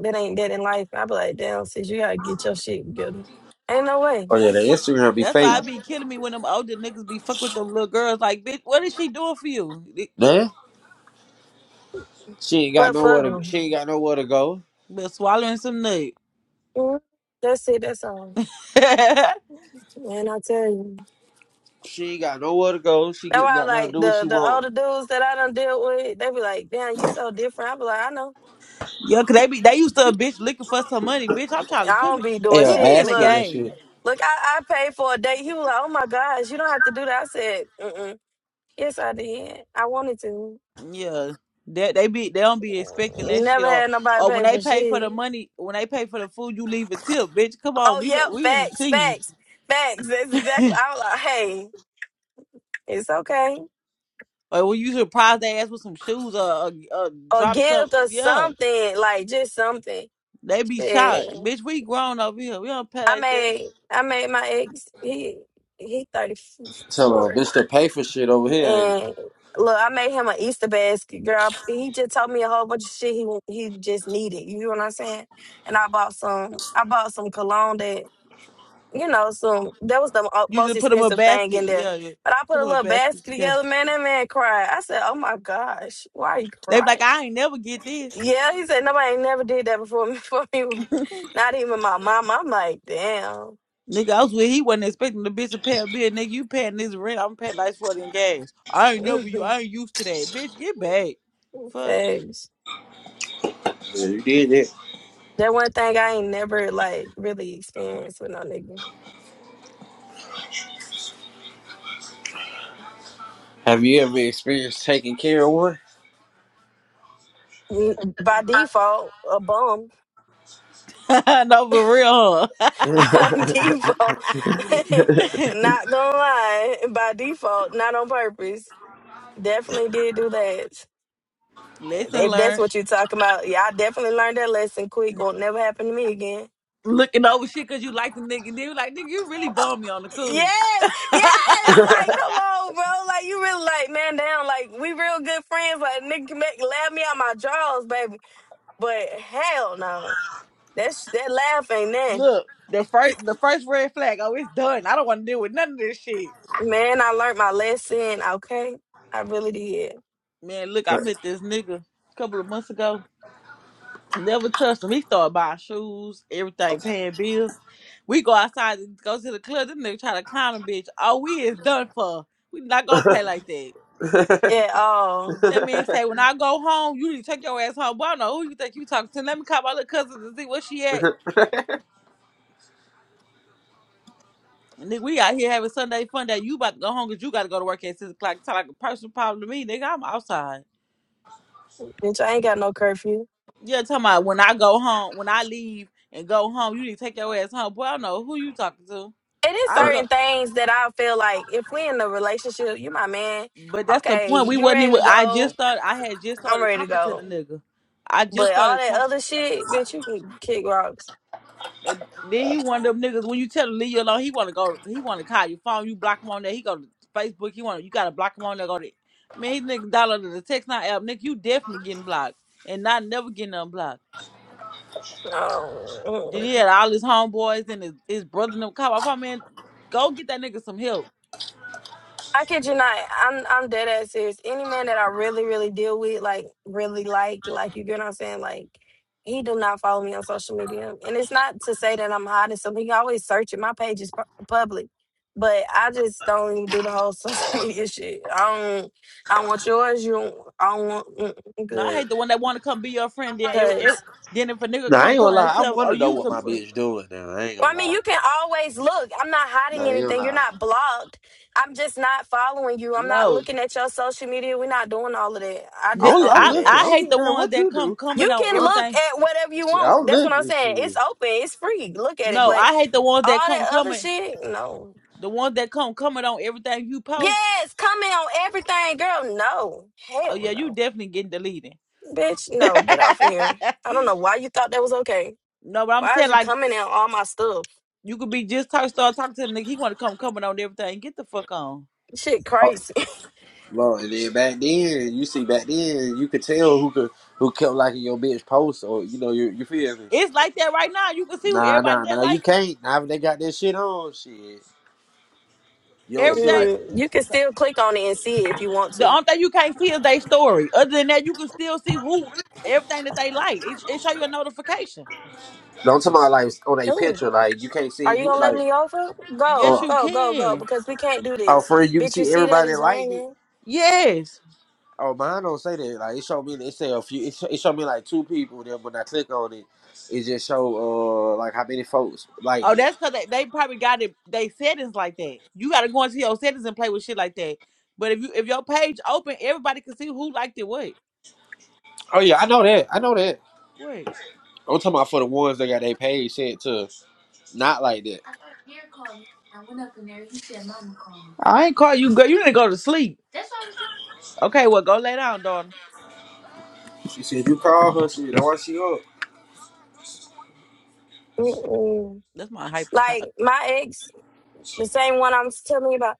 Speaker 22: that ain't that in life. I be like, damn, sis, you gotta get your shit together. Ain't no way.
Speaker 15: Oh yeah, the Instagram be
Speaker 14: That's why
Speaker 15: fake.
Speaker 14: I be killing me when them older niggas be fuck with them little girls. Like, bitch, what is she doing for you?
Speaker 15: Nah? She ain't got
Speaker 22: But
Speaker 15: nowhere
Speaker 22: fuck
Speaker 15: to.
Speaker 22: them.
Speaker 15: She ain't got nowhere to go.
Speaker 14: But swallowing some nut.
Speaker 22: That's it. That's all.
Speaker 14: (laughs) yeah,
Speaker 22: Man, I tell you.
Speaker 15: She ain't got nowhere to go. She
Speaker 22: That's
Speaker 15: get
Speaker 22: why,
Speaker 15: got nothing to
Speaker 22: like
Speaker 15: do what she
Speaker 22: the the
Speaker 15: want.
Speaker 22: older dudes that I done dealt with, they be like, "Damn, you so different." I be like, "I know."
Speaker 14: cause they be they used to a bitch looking for some money. Bitch, I'm trying to
Speaker 22: I
Speaker 14: put
Speaker 22: don't
Speaker 14: me
Speaker 22: be doing
Speaker 15: Yeah,
Speaker 14: put me
Speaker 22: shit.
Speaker 14: in
Speaker 15: ask
Speaker 14: the
Speaker 15: her
Speaker 22: Look,
Speaker 15: this
Speaker 14: game.
Speaker 15: shit.
Speaker 22: look, I, I paid for a date. He was like, oh my gosh, you don't have to do that. I said, mm yes, I did. I wanted to.
Speaker 14: Yeah. That they, be they don't be expecting
Speaker 22: Mm,
Speaker 14: that shit
Speaker 22: Never
Speaker 14: or
Speaker 22: had nobody
Speaker 14: or when
Speaker 22: pay
Speaker 14: they
Speaker 22: for
Speaker 14: pay for the
Speaker 22: shit.
Speaker 14: money when they pay for the food you leave a tip, bitch. Come on,
Speaker 22: Oh,
Speaker 14: we go,
Speaker 22: yep,
Speaker 14: we in the
Speaker 22: facts,
Speaker 14: team.
Speaker 22: facts, facts. That's
Speaker 14: (laughs)
Speaker 22: exactly. I was like, hey, it's okay.
Speaker 14: Like, well, you should prize their ass with some shoes or, or, or
Speaker 22: Or
Speaker 14: drop some.
Speaker 22: gift or
Speaker 14: Yeah,
Speaker 22: something, like just something.
Speaker 14: they be shot.
Speaker 22: Shit.
Speaker 14: Bitch, we grown over here. We don't pet
Speaker 22: I
Speaker 14: like that.
Speaker 22: made, I made my ex, he, he
Speaker 15: Tell her
Speaker 22: 34.
Speaker 15: this the pay for shit over here, ain't it?
Speaker 22: And look, I made him an Easter basket, girl. He just told me a whole bunch of shit he wa- he just needed. You know what I'm saying? And I bought some. I bought some cologne that you know some. That was the mo-
Speaker 14: You
Speaker 22: most
Speaker 14: just put them in a
Speaker 22: expensive thing
Speaker 14: basket.
Speaker 22: in there.
Speaker 14: Yeah, yeah.
Speaker 22: But I
Speaker 14: put
Speaker 22: put a
Speaker 14: them in a
Speaker 22: little
Speaker 14: basket.
Speaker 22: basket
Speaker 14: Yeah.
Speaker 22: together. Man, that man cried. I said, "Oh my gosh, why are you
Speaker 14: They be like,
Speaker 22: crying?"
Speaker 14: I ain't never get this.
Speaker 22: Yeah, he said nobody ain't never did that before me. (laughs) For me, not even my mom. I'm like, damn.
Speaker 14: Nigga, I was with he wasn't expecting the bitch to pay a bill. Nigga, you paying this rent. I'm paying lights for it and gas. I ain't
Speaker 22: (laughs)
Speaker 14: never you. I ain't used to that. Bitch, get back. Fuck.
Speaker 22: Thanks.
Speaker 15: Yeah, you did it.
Speaker 22: That one thing I ain't never like really experienced with no nigga.
Speaker 15: Have you ever experienced taking care of one?
Speaker 22: n- by default a bum
Speaker 14: (laughs) no, for real,
Speaker 15: (laughs) nah,
Speaker 22: (laughs) by default
Speaker 14: huh?
Speaker 22: (laughs) not gonna lie by default not on purpose definitely did do that
Speaker 14: (laughs) Lesson
Speaker 22: if that's
Speaker 14: learned.
Speaker 22: what you're talking about yeah i definitely learned that lesson quick won't never happen to me again
Speaker 14: Looking over shit because you like the nigga. They be like, nigga, you really bum me on the cool.
Speaker 22: yes yes like come on bro like you really like man down like we real good friends like nigga can make laugh me out my drawers baby but hell no that's that laugh ain't that.
Speaker 14: Look, the first the first red flag. Oh, it's done. I don't want to deal with none of this shit.
Speaker 22: Man, I learned my lesson, okay? I really did.
Speaker 14: Man, look, I met this nigga a couple of months ago. Never touched him. He started buying shoes, everything, paying bills. We go outside and go to the club. This nigga try to climb a bitch. Oh, we is done for. We not gonna play like that.
Speaker 22: At all.
Speaker 14: That man say, when I go home, you need to take your ass home. But I don't know who you think you talking to. Let me call my little cousin to see where she at. Nigga, we out here having Sunday fun that you about to go home because you got to go to work at 6 o'clock. It's like a personal problem to me, nigga. I'm outside.
Speaker 22: Bitch, I ain't got no curfew.
Speaker 14: Yeah, talking about when I go home, when I leave and go home, you need to take your ass home. Boy, I don't know who you talking to.
Speaker 22: It is
Speaker 14: I dro-
Speaker 22: certain things that I feel like if we in a relationship, you my man,
Speaker 14: but that's the
Speaker 22: okay,
Speaker 14: point. We
Speaker 22: you
Speaker 14: wasn't
Speaker 22: ready to
Speaker 14: even. I just
Speaker 22: go,
Speaker 14: started. I had just
Speaker 22: I'm
Speaker 14: started
Speaker 22: ready to
Speaker 14: talking to the
Speaker 22: go.
Speaker 14: nigga. I just
Speaker 22: But all
Speaker 14: started
Speaker 22: that
Speaker 14: talking.
Speaker 22: other shit, bitch, you can kick rocks.
Speaker 14: And then he one of them niggas. When you tell him leave you alone, he want to go. He want to call your phone. You block him on there. He go to Facebook. He want. You got to block him on there. Go to. Man, he nigga downloaded the text now app. Nigga, you definitely getting blocked and not never getting unblocked. Then
Speaker 22: No.
Speaker 14: he had all his homeboys and his, his brother and them cop. I thought, man, go get that nigga some help.
Speaker 22: I kid you not. I'm I'm dead ass serious. Any man that I really, really deal with, like really like, like you get what I'm saying, like he do not follow me on social media. And it's not to say that I'm hiding something. He always searching. My page is pu- public. But I just don't even do the whole (laughs) social media shit. I don't I don't want yours, you don't I don't want mm,
Speaker 14: No, I
Speaker 22: mm,
Speaker 14: hate the one that want to come be your friend. Then, every,
Speaker 22: good.
Speaker 14: every, then if a nigga
Speaker 15: I
Speaker 14: come
Speaker 15: ain't gonna
Speaker 14: come and
Speaker 15: lie. I
Speaker 14: tell, oh
Speaker 15: wanna know
Speaker 14: you
Speaker 15: what
Speaker 14: some
Speaker 15: my bitch doing now. I ain't
Speaker 22: Well,
Speaker 15: gonna
Speaker 22: I mean,
Speaker 15: lie.
Speaker 22: you can always look. I'm not
Speaker 15: Nah,
Speaker 22: hiding
Speaker 15: I ain't gonna
Speaker 22: anything. You're
Speaker 15: lie.
Speaker 22: not blocked. I'm just not following you. I'm not
Speaker 14: no.
Speaker 22: looking at your social media. We're not doing all of that. I
Speaker 14: Th-
Speaker 22: just
Speaker 15: I'm,
Speaker 22: don't
Speaker 15: I'm
Speaker 22: do
Speaker 14: I
Speaker 15: looking.
Speaker 22: that.
Speaker 15: I
Speaker 14: I
Speaker 15: don't
Speaker 14: hate
Speaker 15: give a
Speaker 14: the
Speaker 15: damn
Speaker 14: ones
Speaker 15: what
Speaker 14: that
Speaker 15: you
Speaker 14: come
Speaker 15: do.
Speaker 14: coming
Speaker 22: You
Speaker 14: on
Speaker 22: can
Speaker 15: I,
Speaker 22: look
Speaker 14: everything.
Speaker 22: at whatever you
Speaker 15: shit, I'm
Speaker 22: want. That's what I'm
Speaker 15: looking.
Speaker 22: saying.
Speaker 15: Shit.
Speaker 22: It's open. It's free. Look at it.
Speaker 14: No,
Speaker 15: Shit.
Speaker 22: But
Speaker 14: I hate the ones that
Speaker 22: all
Speaker 14: come
Speaker 22: that other
Speaker 14: coming.
Speaker 22: shit, no.
Speaker 14: The ones that come coming on everything you post.
Speaker 22: Yes, comment on everything, girl. No.
Speaker 14: Oh
Speaker 22: Hell
Speaker 14: yeah, you
Speaker 22: no.
Speaker 14: definitely getting deleted.
Speaker 22: Bitch,
Speaker 14: (laughs) no,
Speaker 22: no. Get off of here. I don't know why you thought that was okay.
Speaker 14: but I'm
Speaker 22: Why is
Speaker 14: saying
Speaker 22: you
Speaker 14: like
Speaker 22: coming on all my stuff?
Speaker 14: you could be just talk start talking to the nigga. He want to come coming on everything. Get the fuck on.
Speaker 22: Shit crazy. (laughs)
Speaker 15: Bro, and then back then, you see, back then, you could tell who could who kept liking your bitch post, or you know, you you feel me?
Speaker 14: It's like that right now. You can see who
Speaker 15: Nah,
Speaker 14: everybody
Speaker 15: nah,
Speaker 14: that
Speaker 15: nah, you
Speaker 14: like you.
Speaker 15: can't. Now they got that shit on, shit. You only see
Speaker 14: Everything
Speaker 15: like,
Speaker 22: Mm, you can still click on it and see it if you want to.
Speaker 14: The only thing you can't see is their story. Other than that, you can still see who everything that they like. It, it show you a notification.
Speaker 15: don't talk about like on a
Speaker 22: Ooh.
Speaker 15: picture, like you can't
Speaker 22: Are
Speaker 15: see
Speaker 22: you
Speaker 15: who
Speaker 22: gonna let
Speaker 15: like,
Speaker 22: me over? Go,
Speaker 14: Yes,
Speaker 15: uh,
Speaker 14: you
Speaker 22: go, go, go,
Speaker 14: can.
Speaker 22: because we can't do
Speaker 15: oh,
Speaker 22: this.
Speaker 15: for you can
Speaker 22: Bitch, you
Speaker 15: see
Speaker 22: see that
Speaker 15: everybody that
Speaker 22: it's
Speaker 15: liked it.
Speaker 22: raining.
Speaker 14: Yes.
Speaker 15: Oh, mine don't say that. Like it showed me, it say a few, it, sh- it showed me like two people. Then when I click on it, it just show uh like how many folks liked
Speaker 14: Oh,
Speaker 15: it.
Speaker 14: that's because they, they probably got it. They settings like that. You got to go into your settings and play with shit like that. But if you if your page open, everybody can see who liked it. What?
Speaker 15: Oh yeah, I know that. I know that.
Speaker 14: wait.
Speaker 15: I'm talking about for the ones that got their page set to not like that.
Speaker 14: I ain't call you girl. You didn't go to sleep. Okay, well go lay down, daughter.
Speaker 15: She said you call her. She said, why she up?
Speaker 22: Mm-mm.
Speaker 14: That's my hyper child.
Speaker 22: Like my ex, the same one I'm telling you about.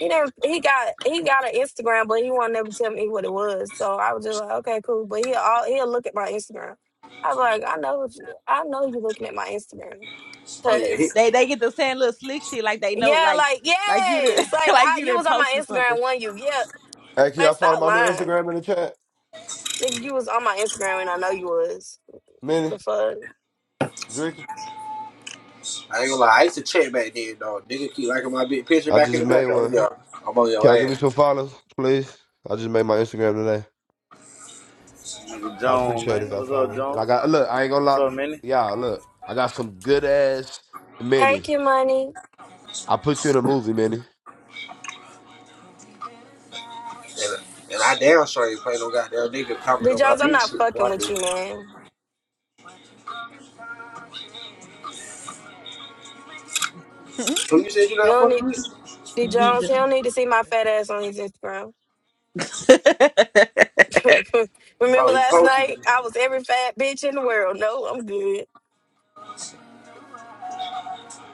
Speaker 22: He didn't. He got he got an Instagram, but he won't never tell me what it was. So I was just like, okay, cool. But he'll all, he'll look at my Instagram. I'm like, I know what you, I know you looking at my Instagram
Speaker 15: Oh yeah, he,
Speaker 14: They they get to saying little slick shit like they know
Speaker 22: Yeah,
Speaker 14: like
Speaker 22: like
Speaker 14: like you did
Speaker 22: yes,
Speaker 14: (laughs)
Speaker 22: like
Speaker 14: like
Speaker 22: I
Speaker 14: you
Speaker 22: you
Speaker 14: done
Speaker 22: was on my
Speaker 14: posted
Speaker 22: Instagram one you. Yeah,
Speaker 23: Hey, can
Speaker 22: like
Speaker 23: y'all follow
Speaker 22: stop
Speaker 23: my new
Speaker 22: lying,
Speaker 23: Instagram in the chat?
Speaker 22: nigga. You was on my Instagram and I know you was. The
Speaker 23: Minnie,
Speaker 22: fuck.
Speaker 23: Drinking.
Speaker 15: I ain't gonna lie. I used to check back then, dog. Nigga keep liking my big picture
Speaker 23: I
Speaker 15: back in
Speaker 23: just
Speaker 15: the day.
Speaker 23: made
Speaker 15: Oh
Speaker 23: one.
Speaker 15: yeah, I'm on
Speaker 23: Can
Speaker 15: your
Speaker 23: y'all give me
Speaker 15: ass.
Speaker 23: some follows, please? I just made my Instagram today.
Speaker 18: Nigga
Speaker 23: I
Speaker 18: Jones,
Speaker 23: appreciate it if
Speaker 18: man.
Speaker 23: y'all
Speaker 18: What's up,
Speaker 23: follow me. And I
Speaker 18: Jones?
Speaker 23: got look, I ain't gonna
Speaker 18: What's
Speaker 23: lie.
Speaker 18: up, Minnie?
Speaker 23: Y'all, look. I got some good ass
Speaker 22: Hey,
Speaker 23: Minnie.
Speaker 22: Kid Money,
Speaker 23: I put you in a movie, Minnie.
Speaker 15: And, and I damn sure ain't play no goddamn nigga comment
Speaker 22: D
Speaker 15: on my
Speaker 22: Jones, I'm
Speaker 15: bitch
Speaker 22: not
Speaker 15: shit.
Speaker 22: fucking
Speaker 15: Why do?
Speaker 22: with you, man.
Speaker 15: Who you said you
Speaker 22: You
Speaker 15: not
Speaker 22: don't
Speaker 15: fucking
Speaker 22: need
Speaker 15: with?
Speaker 22: D
Speaker 14: something.
Speaker 22: Jones.
Speaker 14: (laughs)
Speaker 22: He don't need to see my fat ass on his Instagram. (laughs)
Speaker 15: Oh,
Speaker 22: Remember
Speaker 15: he
Speaker 22: last
Speaker 15: posted
Speaker 22: night?
Speaker 15: you.
Speaker 22: I was every fat bitch in the world. No, I'm good.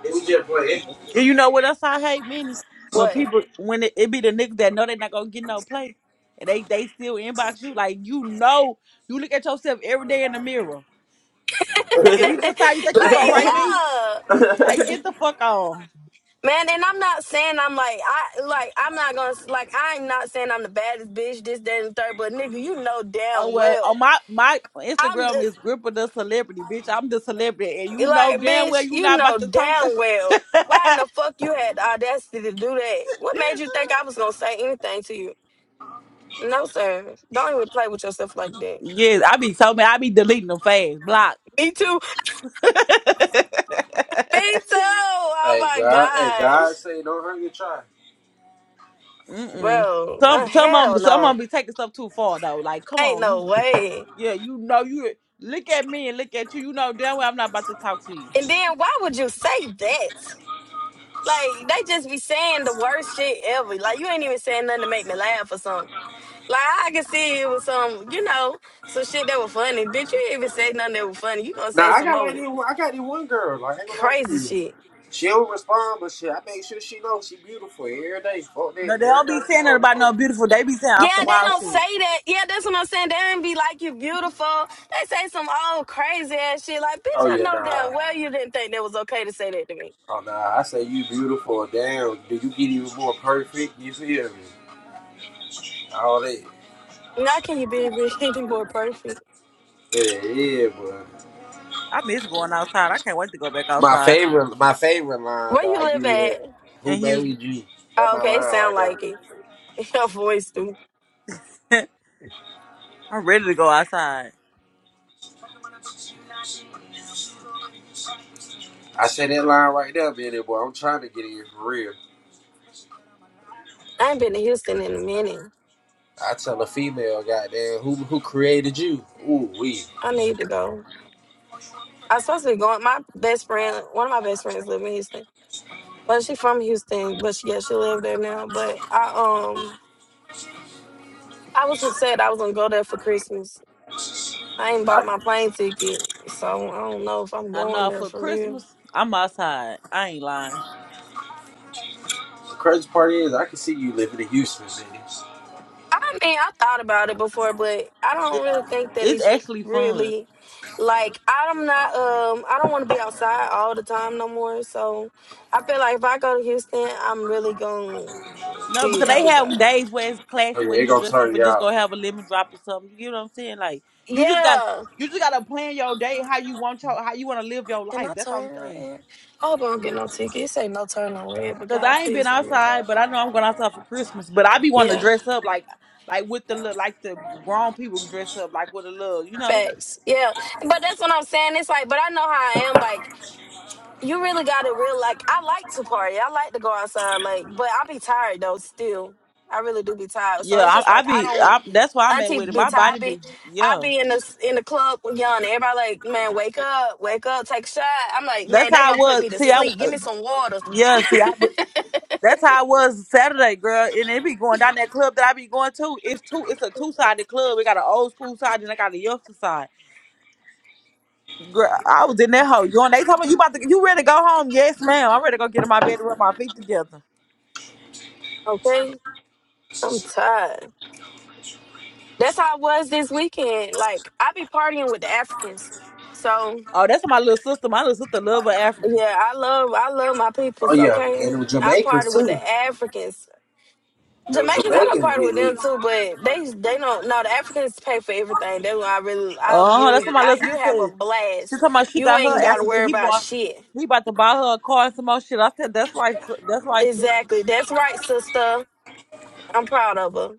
Speaker 15: It was just playing.
Speaker 14: And you know what else I hate, Minnie? When
Speaker 22: What?
Speaker 14: people, when it, it be the niggas that know they not gonna get no play, and they they still inbox you like you know you look at yourself every day in the mirror, and you
Speaker 22: (laughs) like
Speaker 14: decide you think you gonna write me?
Speaker 22: yeah.
Speaker 14: Like get the fuck on.
Speaker 22: Man, and I'm not saying I'm like I like I'm not gonna like I'm not saying I'm the baddest bitch, this, that, and the third, but nigga, you know
Speaker 14: Oh
Speaker 22: damn
Speaker 14: well, on
Speaker 22: well.
Speaker 14: my my
Speaker 22: I'm
Speaker 14: Instagram
Speaker 22: the,
Speaker 14: is Gripper the celebrity, bitch. I'm the celebrity, and you know
Speaker 22: like,
Speaker 14: damn well
Speaker 22: bitch,
Speaker 14: you
Speaker 22: you
Speaker 14: not about
Speaker 22: know
Speaker 14: to talk.
Speaker 22: damn
Speaker 14: (laughs)
Speaker 22: well. Why in the fuck you had the audacity to do that? What made you think I was gonna say anything to you? No, sir. Don't even play with yourself like that.
Speaker 14: Yes, I be so mad. I be deleting them fast, block.
Speaker 22: Me too. Me too. Oh
Speaker 15: Hey
Speaker 22: my
Speaker 15: God, hey
Speaker 22: gosh.
Speaker 15: God, say don't hurt your child.
Speaker 14: Mm mm.
Speaker 22: Bro, uh,
Speaker 14: Some some of
Speaker 22: hell
Speaker 14: them some of
Speaker 22: no.
Speaker 14: 'em be taking stuff too far though. Like come
Speaker 22: Ain't
Speaker 14: on, you.
Speaker 22: no way.
Speaker 14: Yeah, you know you look at me and look at you. You know damn well I'm not about to talk to you.
Speaker 22: And then why would you say that? Like they just be saying the worst shit ever. Like you ain't even saying nothing to make me laugh or something. Like I can see it was some, you know, some shit that was funny. Bitch, you ain't even say nothing that was funny. You gonna say
Speaker 15: Now I
Speaker 22: some
Speaker 15: got like
Speaker 22: old
Speaker 15: this. one- I got this one girl. Like I ain't gonna lie to
Speaker 22: crazy
Speaker 15: you.
Speaker 22: shit.
Speaker 15: She don't respond, but shit, I make sure she knows she beautiful every day. Fuck that.
Speaker 14: No, they
Speaker 15: Every
Speaker 14: don't be
Speaker 15: time she
Speaker 14: saying that
Speaker 15: posts.
Speaker 14: about no beautiful. They be saying off the
Speaker 22: Yeah, they
Speaker 14: wild
Speaker 22: don't say
Speaker 14: shit.
Speaker 22: that. Yeah, that's what I'm saying. They don't be like you beautiful. They say some old crazy ass shit. Like, bitch,
Speaker 15: Oh
Speaker 22: I
Speaker 15: yeah,
Speaker 22: know
Speaker 15: nah.
Speaker 22: damn well you didn't think that was okay to say that to me.
Speaker 15: Oh nah, I say you beautiful. Damn, do you get even more perfect? You feel me? All that.
Speaker 22: Now can you be (laughs) any more perfect?
Speaker 15: Yeah, yeah, bro.
Speaker 14: I miss going outside. I can't wait to go back
Speaker 15: My
Speaker 14: outside
Speaker 15: favorite, my favorite line
Speaker 22: Where
Speaker 15: though.
Speaker 22: you
Speaker 15: I give
Speaker 22: live
Speaker 15: you that.
Speaker 22: at?
Speaker 15: Who
Speaker 14: in Houston.
Speaker 15: made you? That's
Speaker 22: Oh,
Speaker 15: my
Speaker 22: okay,
Speaker 15: line
Speaker 22: it
Speaker 15: right
Speaker 22: sound
Speaker 15: there.
Speaker 22: like it. (laughs) Your voice do.
Speaker 14: (laughs) I'm ready to go outside.
Speaker 15: I say that line right there, man. that Boy, I'm trying to get in for real.
Speaker 22: I ain't been to Houston in a minute.
Speaker 15: I tell a female, goddamn, who who created you? Ooh, we.
Speaker 22: I need to go. I supposed to be going. My best friend, one of my best friends, live in Houston. Well, she from Houston, but she, yeah, she live there now. But I um, I was said I was gonna go there for Christmas. I ain't
Speaker 15: I,
Speaker 22: bought my plane ticket, so I don't know if I'm
Speaker 14: I
Speaker 22: going
Speaker 14: know
Speaker 22: there
Speaker 14: for
Speaker 22: for real.
Speaker 14: Christmas I'm outside. I ain't lying.
Speaker 15: the crazy part is, I can see you living in Houston, man.
Speaker 22: I mean, I thought about it before, but I don't
Speaker 14: It,
Speaker 22: really think that
Speaker 14: it's
Speaker 22: it's
Speaker 14: actually fun.
Speaker 22: really like I'm not um I don't want to be outside all the time no more. So I feel like if I go to Houston, I'm really gonna
Speaker 14: No, because
Speaker 22: be
Speaker 14: they have
Speaker 22: outside.
Speaker 14: days where it's
Speaker 15: Oh
Speaker 14: classy where
Speaker 15: yeah, it
Speaker 14: you
Speaker 15: gonna
Speaker 14: dress up
Speaker 15: turn
Speaker 14: and
Speaker 15: you
Speaker 14: just
Speaker 15: out.
Speaker 14: go have a lemon drop or something. You get what I'm saying? Like you just got
Speaker 22: Yeah,
Speaker 14: you just gotta plan your day how you want your how you wanna live your
Speaker 22: Can
Speaker 14: life.
Speaker 22: I
Speaker 14: That's the only
Speaker 22: turn right
Speaker 14: thing.
Speaker 22: here? I hope I don't get no ticket. It say no turn on red, but
Speaker 14: Cause
Speaker 22: God,
Speaker 14: I ain't been
Speaker 22: please don't get it.
Speaker 14: outside, but I know I'm going outside for Christmas. But I be wanting to
Speaker 22: Yeah,
Speaker 14: dress up like like with the look like the grown people dress up like with a look, you know?
Speaker 22: facts. Yeah, but that's what I'm saying. It's like, but I know how I am. Like, you really got to real. Like, I like to party. I like to go outside. Like, but I be tired though. Still, I really do be tired. So
Speaker 14: Yeah,
Speaker 22: it's just
Speaker 14: I, I
Speaker 22: like I
Speaker 14: be
Speaker 22: don't.
Speaker 14: I, that's why I'm at
Speaker 22: Auntie
Speaker 14: with it.
Speaker 22: be
Speaker 14: My
Speaker 22: tired. I
Speaker 14: body
Speaker 22: Be
Speaker 14: be
Speaker 22: I
Speaker 14: yeah.
Speaker 22: be in the in the club yelling. Everybody like, man, wake up, wake up, take a shot. I'm like,
Speaker 14: That's
Speaker 22: man, they're
Speaker 14: how I
Speaker 22: gonna put me
Speaker 14: was.
Speaker 22: to
Speaker 14: See, I
Speaker 22: sleep. Give
Speaker 14: uh,
Speaker 22: me some water,
Speaker 14: yeah. See, I That's how it was Saturday, girl. And it be going down that club that I be going to. It's two. It's a two sided club. We got an old school side and I got a youngster side. Girl, I was in that hoe. You and they talking about you about to you ready to go home? Yes, ma'am. I'm ready to go get in my bed and rub my feet together.
Speaker 22: okay? I'm tired. That's how I was this weekend. Like I be partying with the Africans. So
Speaker 14: Oh, that's what my little sister. My little sister love her African.
Speaker 22: yeah, I love I love my
Speaker 15: Oh
Speaker 22: peoples,
Speaker 15: yeah,
Speaker 22: okay?
Speaker 15: and with
Speaker 22: I party
Speaker 15: Jamaicans
Speaker 22: with
Speaker 15: too.
Speaker 22: the Africans.
Speaker 15: The
Speaker 22: Jamaicans, I don't party with them
Speaker 15: Jamaicans
Speaker 22: too, but they they don't no the Africans pay for everything. That's why I really I
Speaker 14: Oh, that's what
Speaker 22: really
Speaker 14: my little
Speaker 22: I you
Speaker 14: sister
Speaker 22: have a
Speaker 14: said. She
Speaker 22: blast.
Speaker 14: talking about she
Speaker 22: You
Speaker 14: got
Speaker 22: ain't
Speaker 14: her
Speaker 22: gotta
Speaker 14: African.
Speaker 22: worry
Speaker 14: He
Speaker 22: about
Speaker 14: bought.
Speaker 22: shit.
Speaker 14: He about to buy her a car and some more shit. I said that's right. sis- That's right. sis."
Speaker 22: Exactly. That's right, sister. I'm proud of her.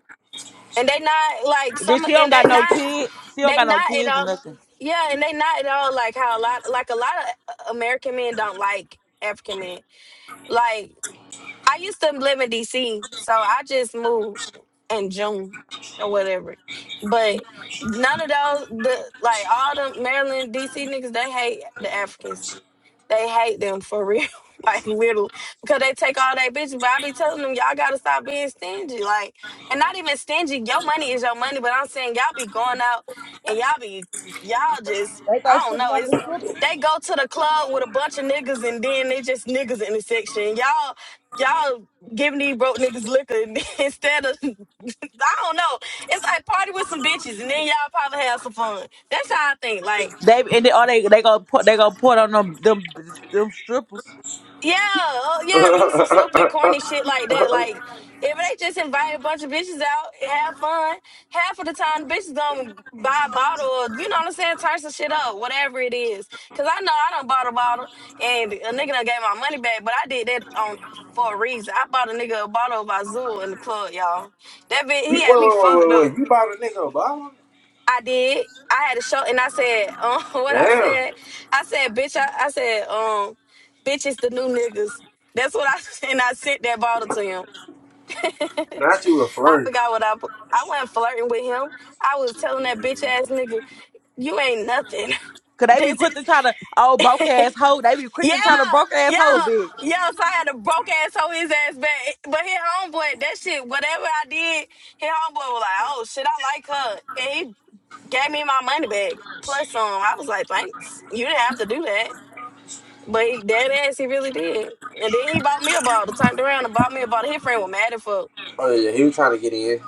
Speaker 22: And they not like
Speaker 14: Then
Speaker 22: some
Speaker 14: she don't
Speaker 22: and
Speaker 14: got
Speaker 22: they
Speaker 14: no
Speaker 22: not
Speaker 14: kids. She don't
Speaker 22: they
Speaker 14: got no
Speaker 22: not at
Speaker 14: kids or
Speaker 22: all.
Speaker 14: nothing.
Speaker 22: Yeah, and they not at all like how a lot like a lot of American men don't like African men. Like I used to live in DC, so I just moved in June or whatever. But none of those the like all the Maryland DC niggas they hate the Africans. They hate them for real, (laughs) like literally, because they take all their bitches. But I be telling them, y'all gotta stop being stingy, like, and not even stingy. Your money is your money, but I'm saying y'all be going out and y'all be y'all just I don't know. It's they go to the club with a bunch of niggas and then they just niggas in the section. Y'all y'all giving these broke niggas liquor and (laughs) instead of (laughs) I don't know. It's like party with some bitches and then y'all probably have some fun. That's how I think. Like
Speaker 14: They and they, or they they gonna put they gonna put on them them them strippers.
Speaker 22: Yeah, oh, yeah, do some
Speaker 15: get
Speaker 22: stupid,
Speaker 15: lit. (laughs)
Speaker 22: corny shit like
Speaker 15: Uh,
Speaker 22: that. Like, if they just invite a bunch of bitches out, have fun. Half of the time, the bitches gonna buy a bottle, or, you know what I'm saying? Turn some shit up, whatever it is. Cause I know I done bought a bottle, and a nigga done gave my money back, but I did that on for a reason. I bought a nigga a bottle of Azul in the club, y'all. That bitch,
Speaker 15: Wait,
Speaker 22: he
Speaker 15: wait,
Speaker 22: had me
Speaker 15: wait,
Speaker 22: fucked
Speaker 15: wait, wait.
Speaker 22: up.
Speaker 15: You bought a nigga Obama?
Speaker 22: I did. I had a show and I said, um, (laughs) what I
Speaker 15: Damn.
Speaker 22: said, I said, bitch, I, I said, um, bitch is the new niggas. That's what I (laughs) and I sent that bottle to him.
Speaker 15: Not you a
Speaker 22: I
Speaker 15: flirt.
Speaker 22: forgot what I put. I wasn't flirting with him. I was telling that bitch ass nigga, you ain't nothing. (laughs)
Speaker 14: Cause they be
Speaker 22: This
Speaker 14: quick to try to oh broke ass hoe. They be quick
Speaker 22: yeah,
Speaker 14: to try to broke ass
Speaker 22: yeah,
Speaker 14: hoe (laughs) bitch.
Speaker 22: yeah. So I had a broke ass hoe his ass back. But his homeboy, that shit, whatever I did, his homeboy was like, oh shit, I like her. And he gave me my money back. Plus um, I was like, thanks. You didn't have to do that. But he dead ass, he really did. And then he bought me a bottle, turned around and bought me a bottle. His friend was mad as fuck.
Speaker 15: Oh, yeah, he was trying to get in.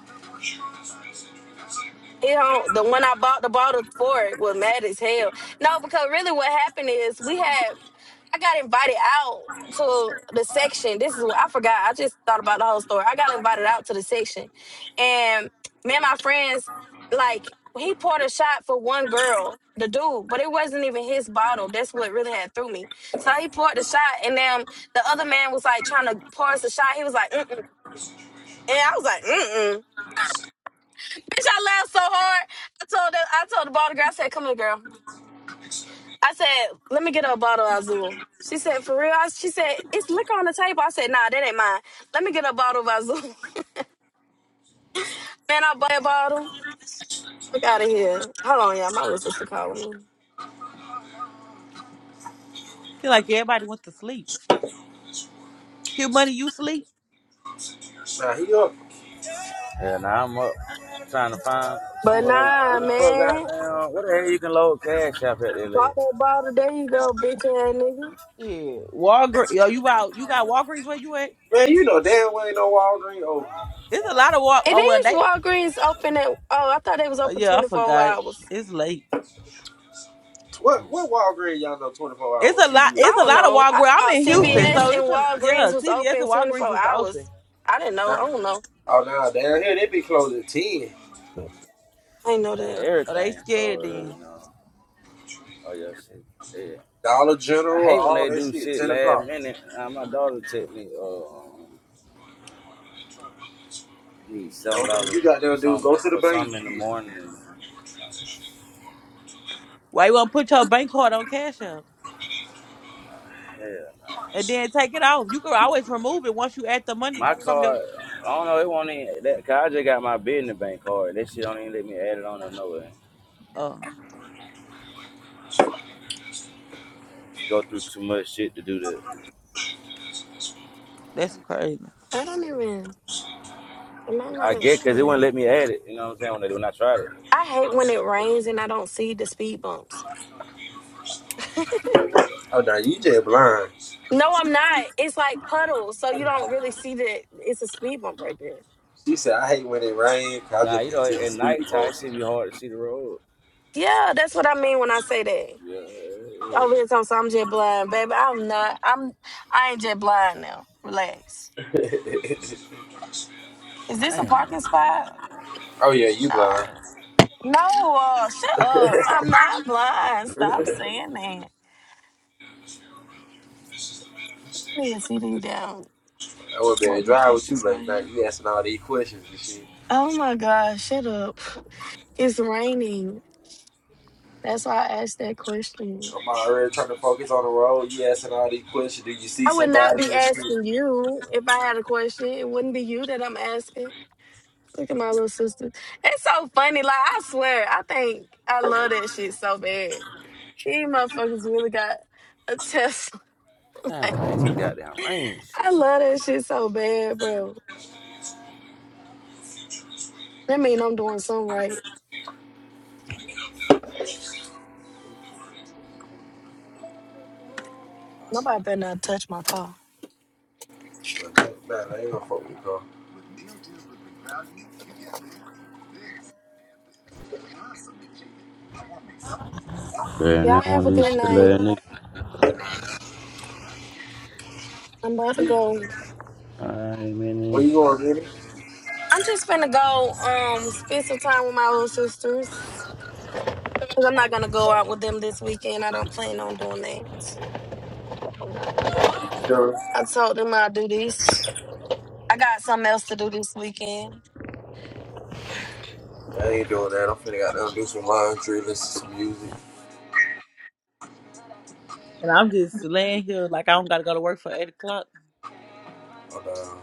Speaker 22: It don't, the one I bought the bottle for it was mad as hell. No, because really what happened is we had I got invited out to the section. This is what I forgot. I just thought about the whole story. I got invited out to the section. And me and my friends, like, he poured a shot for one girl, the dude, but it wasn't even his bottle. That's what really had through me. So he poured the shot, and then the other man was like trying to pour us a shot. He was like, mm-mm. And I was like, mm-mm. Bitch, I laughed so hard. I told the I told the bottle girl, I said, come here, girl. I said, let me get her a bottle of Azul. She said, for real? I, she said, it's liquor on the table. I said, nah, that ain't mine. Let me get her a bottle of Azul. (laughs) Man, I bought a bottle. Fuck out of here. Hold on, y'all. My little sister calling me.
Speaker 14: Feel like everybody went to sleep. Cute money, you sleep?
Speaker 15: Nah, he up.
Speaker 18: Yeah, now nah, I'm up trying to find some
Speaker 22: But
Speaker 18: other
Speaker 22: nah,
Speaker 18: what the fuck
Speaker 22: man.
Speaker 18: goddamn what the hell you can load cash up at there like?
Speaker 22: Bought that bottle. There you go, bitch ass nigga.
Speaker 14: Yeah. Walgreens. Yo, you out? You got Walgreens where you at?
Speaker 15: Man, you know damn well ain't no Walgreens open.
Speaker 14: It's a lot of Wal.
Speaker 22: It
Speaker 14: Oh well,
Speaker 22: is
Speaker 14: they.
Speaker 22: Walgreens open at, oh, I thought they was
Speaker 14: Oh,
Speaker 22: open
Speaker 14: yeah, I
Speaker 22: 24
Speaker 14: forgot.
Speaker 22: hours.
Speaker 14: It's late.
Speaker 15: What
Speaker 18: Mm,
Speaker 15: what Walgreens y'all know 24
Speaker 14: It's
Speaker 15: hours?
Speaker 14: a
Speaker 15: Who
Speaker 14: lot.
Speaker 15: you
Speaker 14: It's
Speaker 22: I
Speaker 14: a
Speaker 22: don't
Speaker 14: lot of
Speaker 22: know. I
Speaker 14: Walgreens. I'm
Speaker 22: thought
Speaker 14: in Houston,
Speaker 22: CVS
Speaker 14: so it's
Speaker 22: and
Speaker 14: a yeah.
Speaker 22: Walgreens was
Speaker 14: CVS
Speaker 22: open
Speaker 14: and Walgreens
Speaker 22: 24
Speaker 14: is
Speaker 22: hours.
Speaker 14: open.
Speaker 22: I didn't know. I
Speaker 15: at?
Speaker 22: don't know.
Speaker 15: Oh, now down here they be closed at 10.
Speaker 22: I know
Speaker 18: man,
Speaker 22: that.
Speaker 14: Are they
Speaker 18: everything so
Speaker 14: scared
Speaker 18: early
Speaker 14: then?
Speaker 18: now. Oh yeah, shit. Yeah.
Speaker 15: Dollar
Speaker 18: I
Speaker 15: General,
Speaker 18: hate when
Speaker 15: all
Speaker 18: they
Speaker 15: that
Speaker 18: do
Speaker 15: shit,
Speaker 18: shit
Speaker 15: 10
Speaker 18: last
Speaker 15: o'clock.
Speaker 18: minute. Uh, my daughter took me uh um, need
Speaker 15: The
Speaker 18: seven
Speaker 15: only thing you
Speaker 18: dollars
Speaker 15: got
Speaker 18: for
Speaker 15: there to do is
Speaker 18: some
Speaker 15: go to the
Speaker 18: for
Speaker 15: bank.
Speaker 18: some in the
Speaker 15: shit.
Speaker 18: morning and like,
Speaker 14: Why you want to put your bank card on Cash App?
Speaker 18: hell
Speaker 14: and then take it off. You can always remove it once you add the money
Speaker 18: My
Speaker 14: from your.
Speaker 18: card, I don't know. It won't even. That, Cause I just got my business bank card. That shit don't even let me add it on or nowhere.
Speaker 14: Oh,
Speaker 18: Go through too much shit to do that.
Speaker 14: that's crazy.
Speaker 22: I don't even. Am I not?
Speaker 18: I get because it wouldn't
Speaker 22: no.
Speaker 18: let me add it. You know what I'm saying? When, they, when I tried it.
Speaker 22: I hate when it rains and I don't see the speed bumps.
Speaker 15: Oh, now you just blind.
Speaker 22: No, I'm not. It's like puddles, so you don't really see that it's a speed bump right there.
Speaker 15: She said, I hate when it rains. I
Speaker 18: Nah,
Speaker 15: just
Speaker 18: you
Speaker 15: can't
Speaker 18: know,
Speaker 15: see the
Speaker 18: at
Speaker 15: speed,
Speaker 18: nighttime,
Speaker 15: bro.
Speaker 18: it should be hard to see the road.
Speaker 22: Yeah, that's what I mean when I say that.
Speaker 18: Yeah, yeah. yeah.
Speaker 22: Over here, so I'm jet blind, baby. I'm not. I'm. I ain't jet blind now. Relax.
Speaker 15: (laughs)
Speaker 22: Is this a
Speaker 18: Damn,
Speaker 22: parking
Speaker 18: man.
Speaker 22: spot?
Speaker 15: oh, yeah, you blind.
Speaker 22: Nah. No, uh, shut up. I'm not blind. Stop saying that. I don't even see these damn
Speaker 15: I would be driving drive with you
Speaker 22: motherfuckers out
Speaker 15: late night.
Speaker 22: here.
Speaker 15: You asking all these questions and shit.
Speaker 22: Oh my God, shut up. It's raining. That's why I asked that question.
Speaker 15: I'm already trying to focus on the road. You asking all these questions. Do you see
Speaker 22: I would not
Speaker 15: somebody
Speaker 22: be
Speaker 15: and
Speaker 22: asking
Speaker 15: shit?
Speaker 22: you if I had a question. It wouldn't be you that I'm asking. Look at my little sister. It's so funny. Like, I swear, I think I love that shit so bad. These motherfuckers really got a Tesla. (laughs)
Speaker 18: Damn, I hate goddamn rain
Speaker 22: I
Speaker 18: shit.
Speaker 22: love that shit so bad, bro. That mean I'm doing something right. Nobody better not touch my car.
Speaker 15: Like, Nah, nah, I ain't gonna fuck with the car.
Speaker 18: Man,
Speaker 22: Y'all
Speaker 18: that
Speaker 22: have
Speaker 18: one
Speaker 22: a
Speaker 18: of these
Speaker 22: good
Speaker 18: silly
Speaker 22: night.
Speaker 18: ass niggas.
Speaker 22: I'm about to go.
Speaker 18: Alright,
Speaker 15: Where
Speaker 18: man.
Speaker 15: you going, Vinny?
Speaker 22: I'm just finna go um spend some time with my little sisters. Cause I'm not gonna go out with them this weekend. I don't plan on doing that. So,
Speaker 15: Sure.
Speaker 22: I told them I'll do this. I got something else to do this weekend.
Speaker 15: I ain't doing that. I'm finna got goddamn do some laundry, listen to some music.
Speaker 14: And I'm just laying here like I don't gotta go to work for eight o'clock.
Speaker 15: And, um,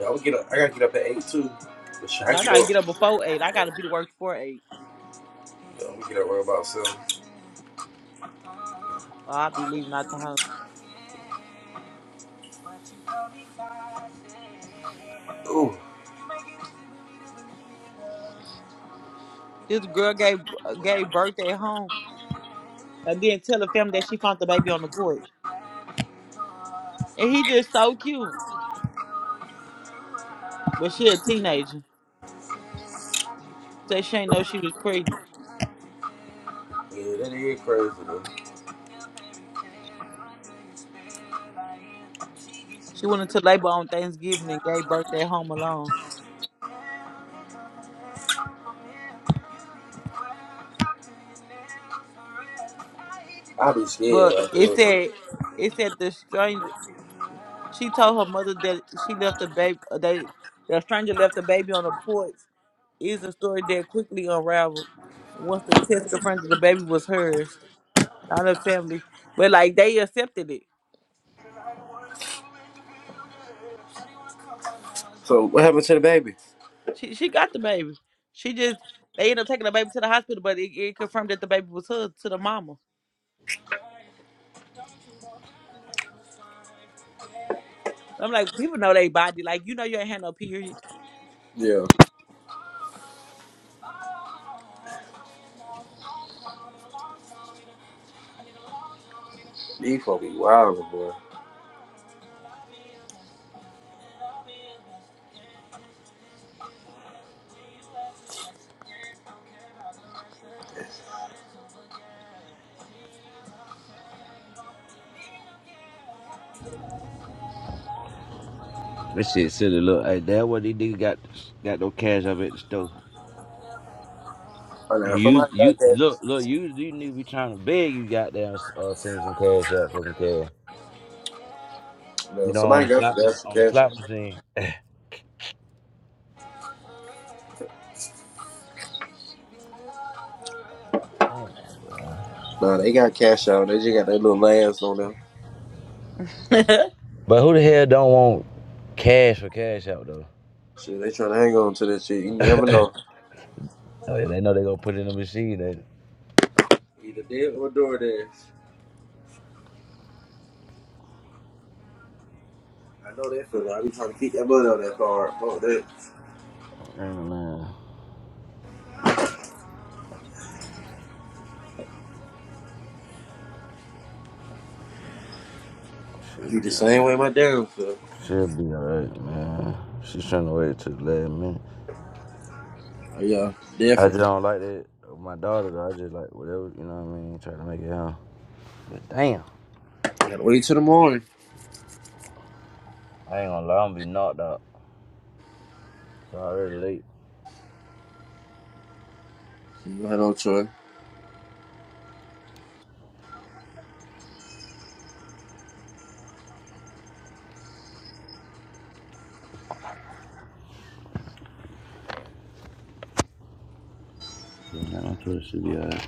Speaker 15: yeah, I would get up. I gotta get up at eight too. But shit, I
Speaker 14: And I
Speaker 15: get
Speaker 14: gotta get
Speaker 15: up.
Speaker 14: up before eight. I gotta be to work before eight.
Speaker 15: Yeah, I'm gonna get up right about seven.
Speaker 14: Or I'll be leaving out the home.
Speaker 15: Ooh,
Speaker 14: This girl gave gave birthday at home and then tell the family that she found the baby on the porch. And he just so cute. But she a teenager. Said she ain't know she was pregnant.
Speaker 15: yeah, that is crazy though.
Speaker 14: She went into labor on Thanksgiving and gave birthday at home alone.
Speaker 15: I be scared
Speaker 14: But
Speaker 15: right
Speaker 14: it
Speaker 15: there.
Speaker 14: said it said the strange. She told her mother that she left the baby. They the stranger left the baby on the porch. Is a story that quickly unraveled once the test confronted the baby was hers, not her family. But like they accepted it.
Speaker 15: So what happened to the baby?
Speaker 14: She she got the baby. She just they ended up taking the baby to the hospital, but it, it confirmed that the baby was hers to the mama. I'm like, people know they body. Like you know you ain't had no period.
Speaker 15: Yeah, these folk be wild, boy.
Speaker 18: This shit silly. Look, hey, that what these niggas got got no cash up at the store.
Speaker 15: Oh, now
Speaker 18: And you,
Speaker 15: somebody
Speaker 18: you
Speaker 15: got that.
Speaker 18: look, look, you, you need to be trying to beg you goddamn uh, seen some cash up for some cash. You
Speaker 15: No,
Speaker 18: know,
Speaker 15: somebody
Speaker 18: on the
Speaker 15: got
Speaker 18: slot,
Speaker 15: the
Speaker 18: mach-
Speaker 15: that's the
Speaker 18: on the
Speaker 15: cash
Speaker 18: slot
Speaker 15: out.
Speaker 18: machine. Damn, bro.
Speaker 15: Nah, they got cash out. They just got their little last on them.
Speaker 14: (laughs)
Speaker 18: But who the hell don't want cash for cash out though?
Speaker 15: Shit, they trying to hang on to that shit. You never know.
Speaker 18: Oh yeah, they know they gonna put it in the machine. They
Speaker 15: Either dead or DoorDash. I know that feeling. I be trying to keep that money on that card. Fuck that.
Speaker 18: ain't a man.
Speaker 15: I
Speaker 18: She'll
Speaker 15: be
Speaker 18: be
Speaker 15: the
Speaker 18: alright.
Speaker 15: same way my dad feel.
Speaker 18: She'll be alright, man. She's trying to wait till the last minute.
Speaker 15: Oh, yeah,
Speaker 18: I just
Speaker 15: definitely.
Speaker 18: don't like that. My daughter, though, I just like whatever, you know what I mean? Try to make it happen. But damn,
Speaker 15: Gotta wait till the morning.
Speaker 18: I ain't gonna lie, I'm gonna be knocked out. It's already late.
Speaker 15: You had no choice.
Speaker 18: Yeah, I'm sure she'll be alright.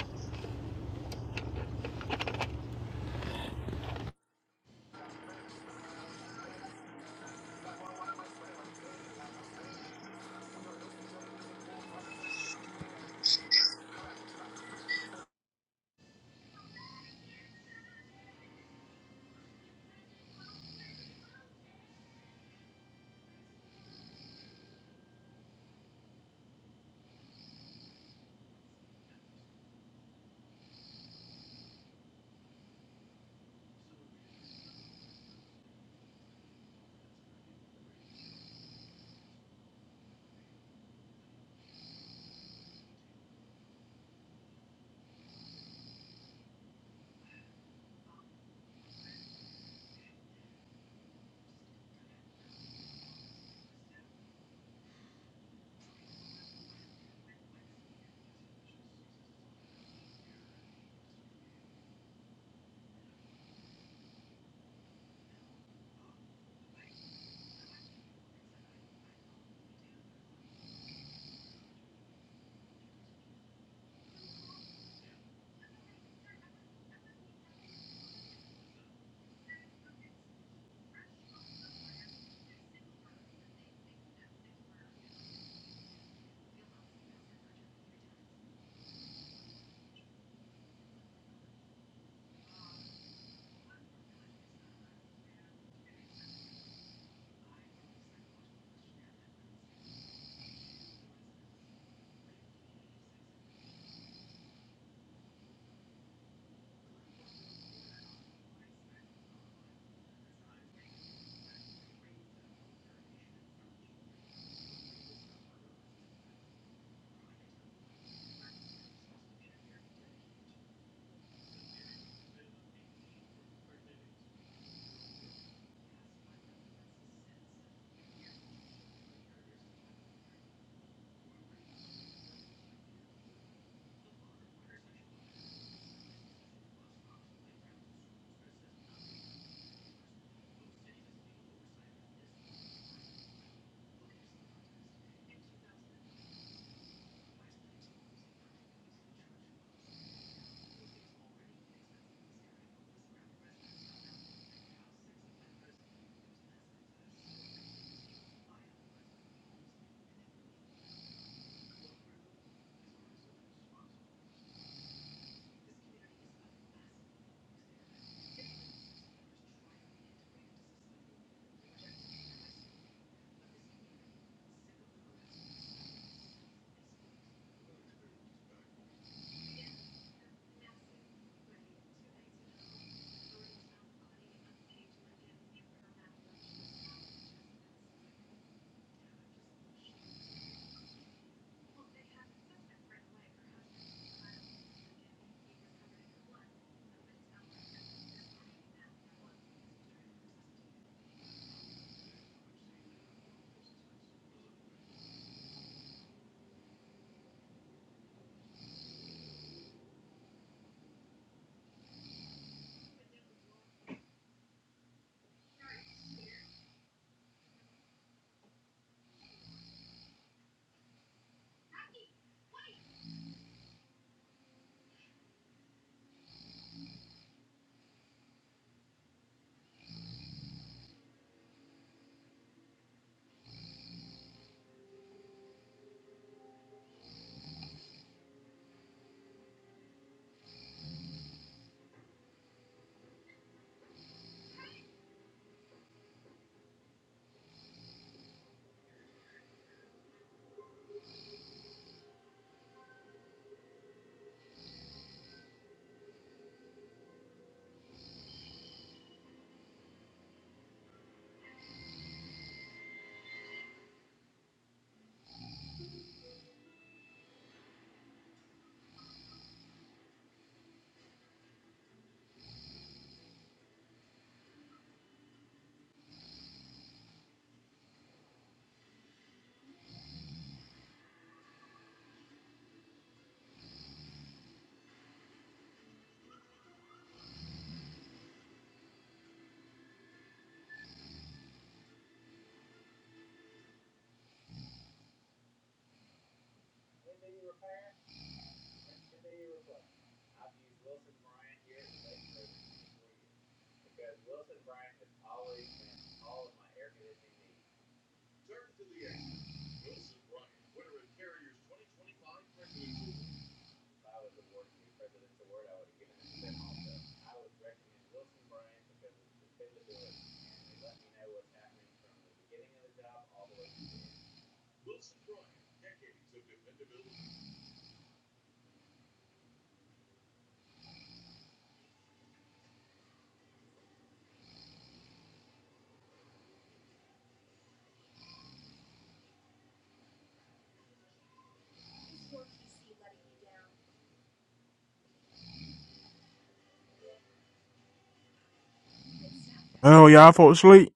Speaker 2: Oh, y'all folks asleep.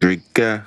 Speaker 24: Drika.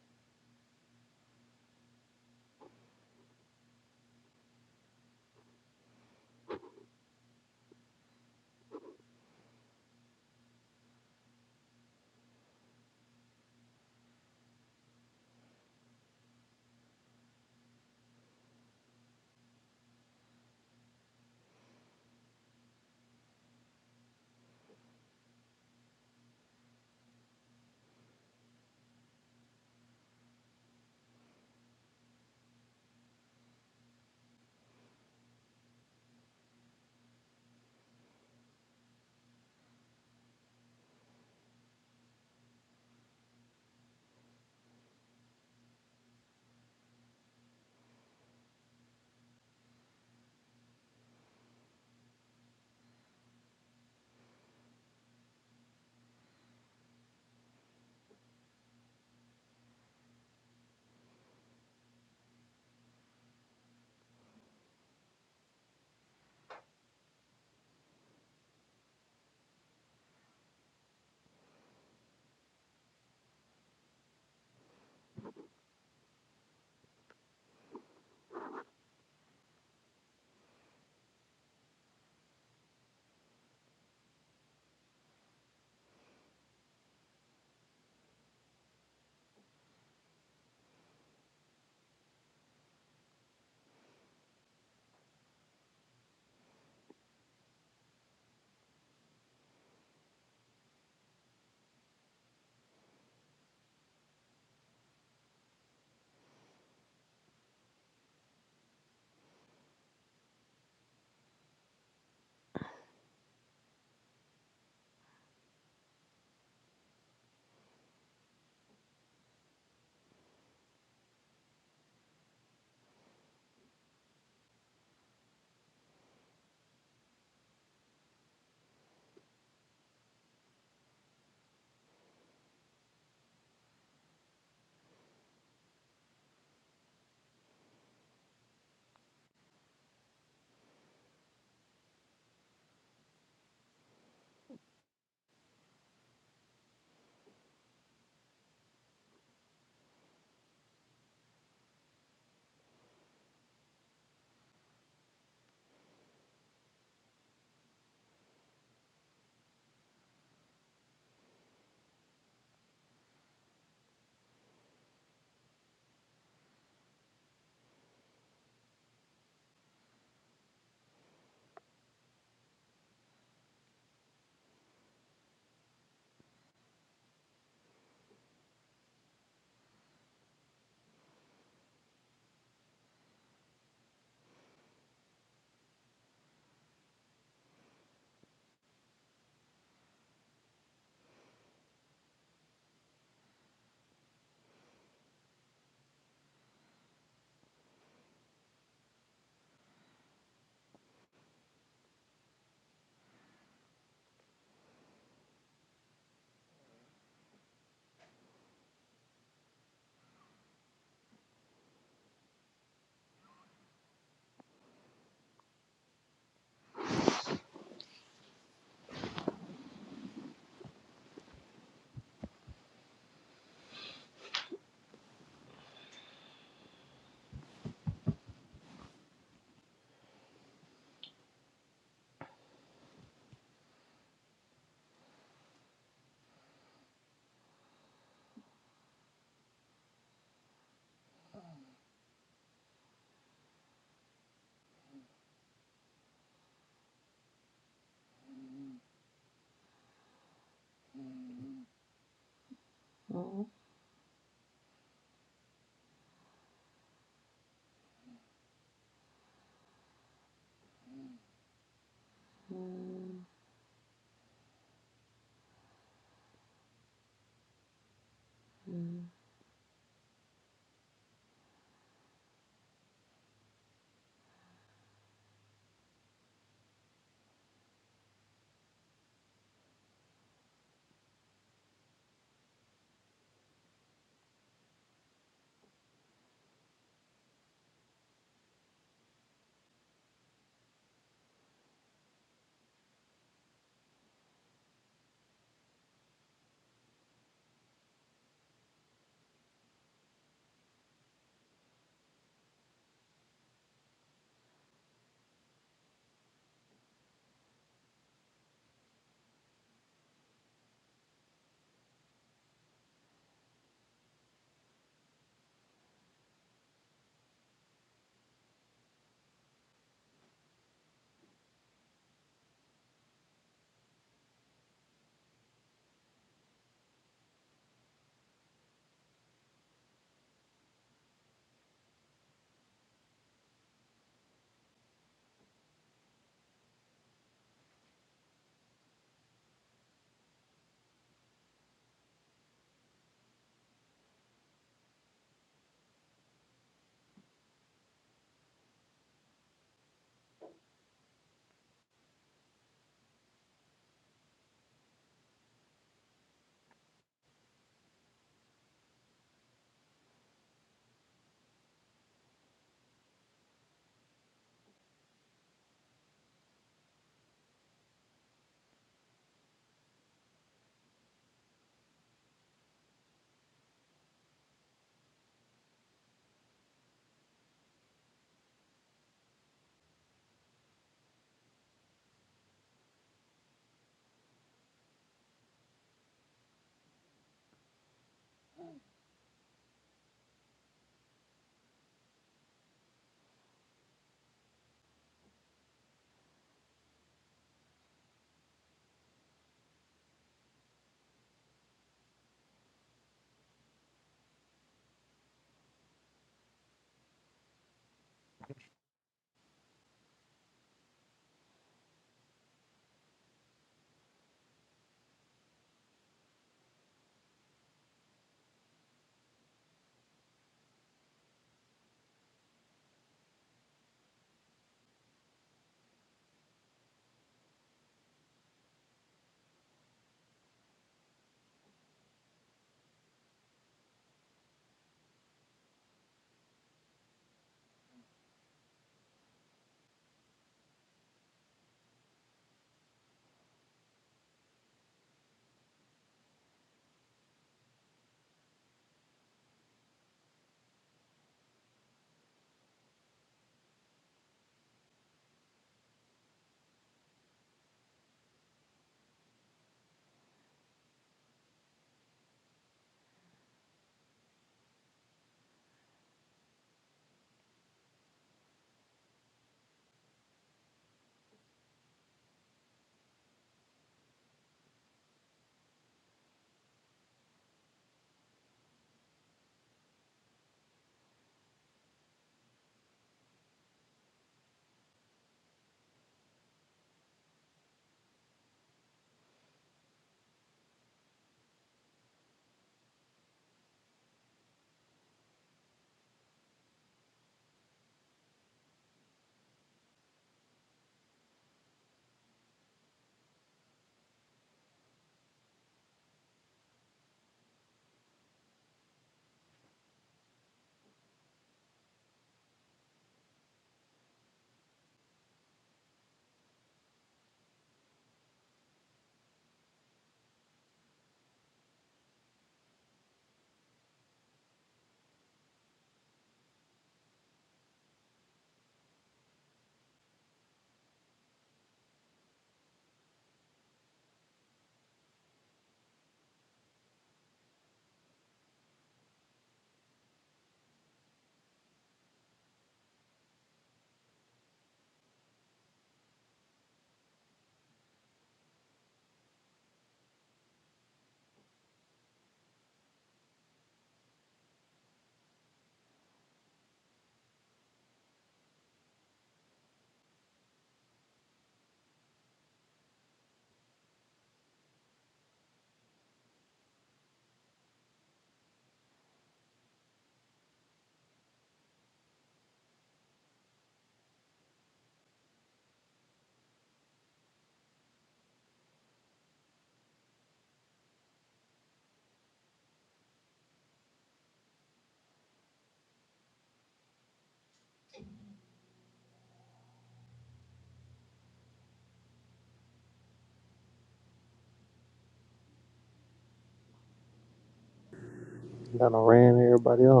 Speaker 6: Kind of ran everybody off.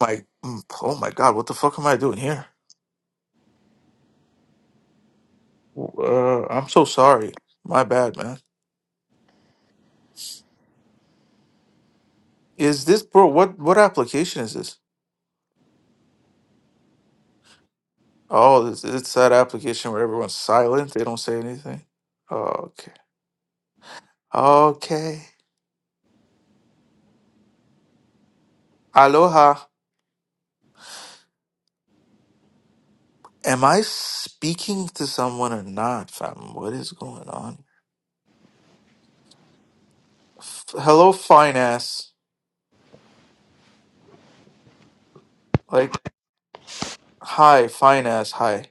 Speaker 25: my mm, oh my god what the fuck am i doing here uh i'm so sorry my bad man is this bro what what application is this oh it's, it's that application where everyone's silent they don't say anything oh, okay okay aloha am i speaking to someone or not fam what is going on F- hello fine ass like hi fine ass hi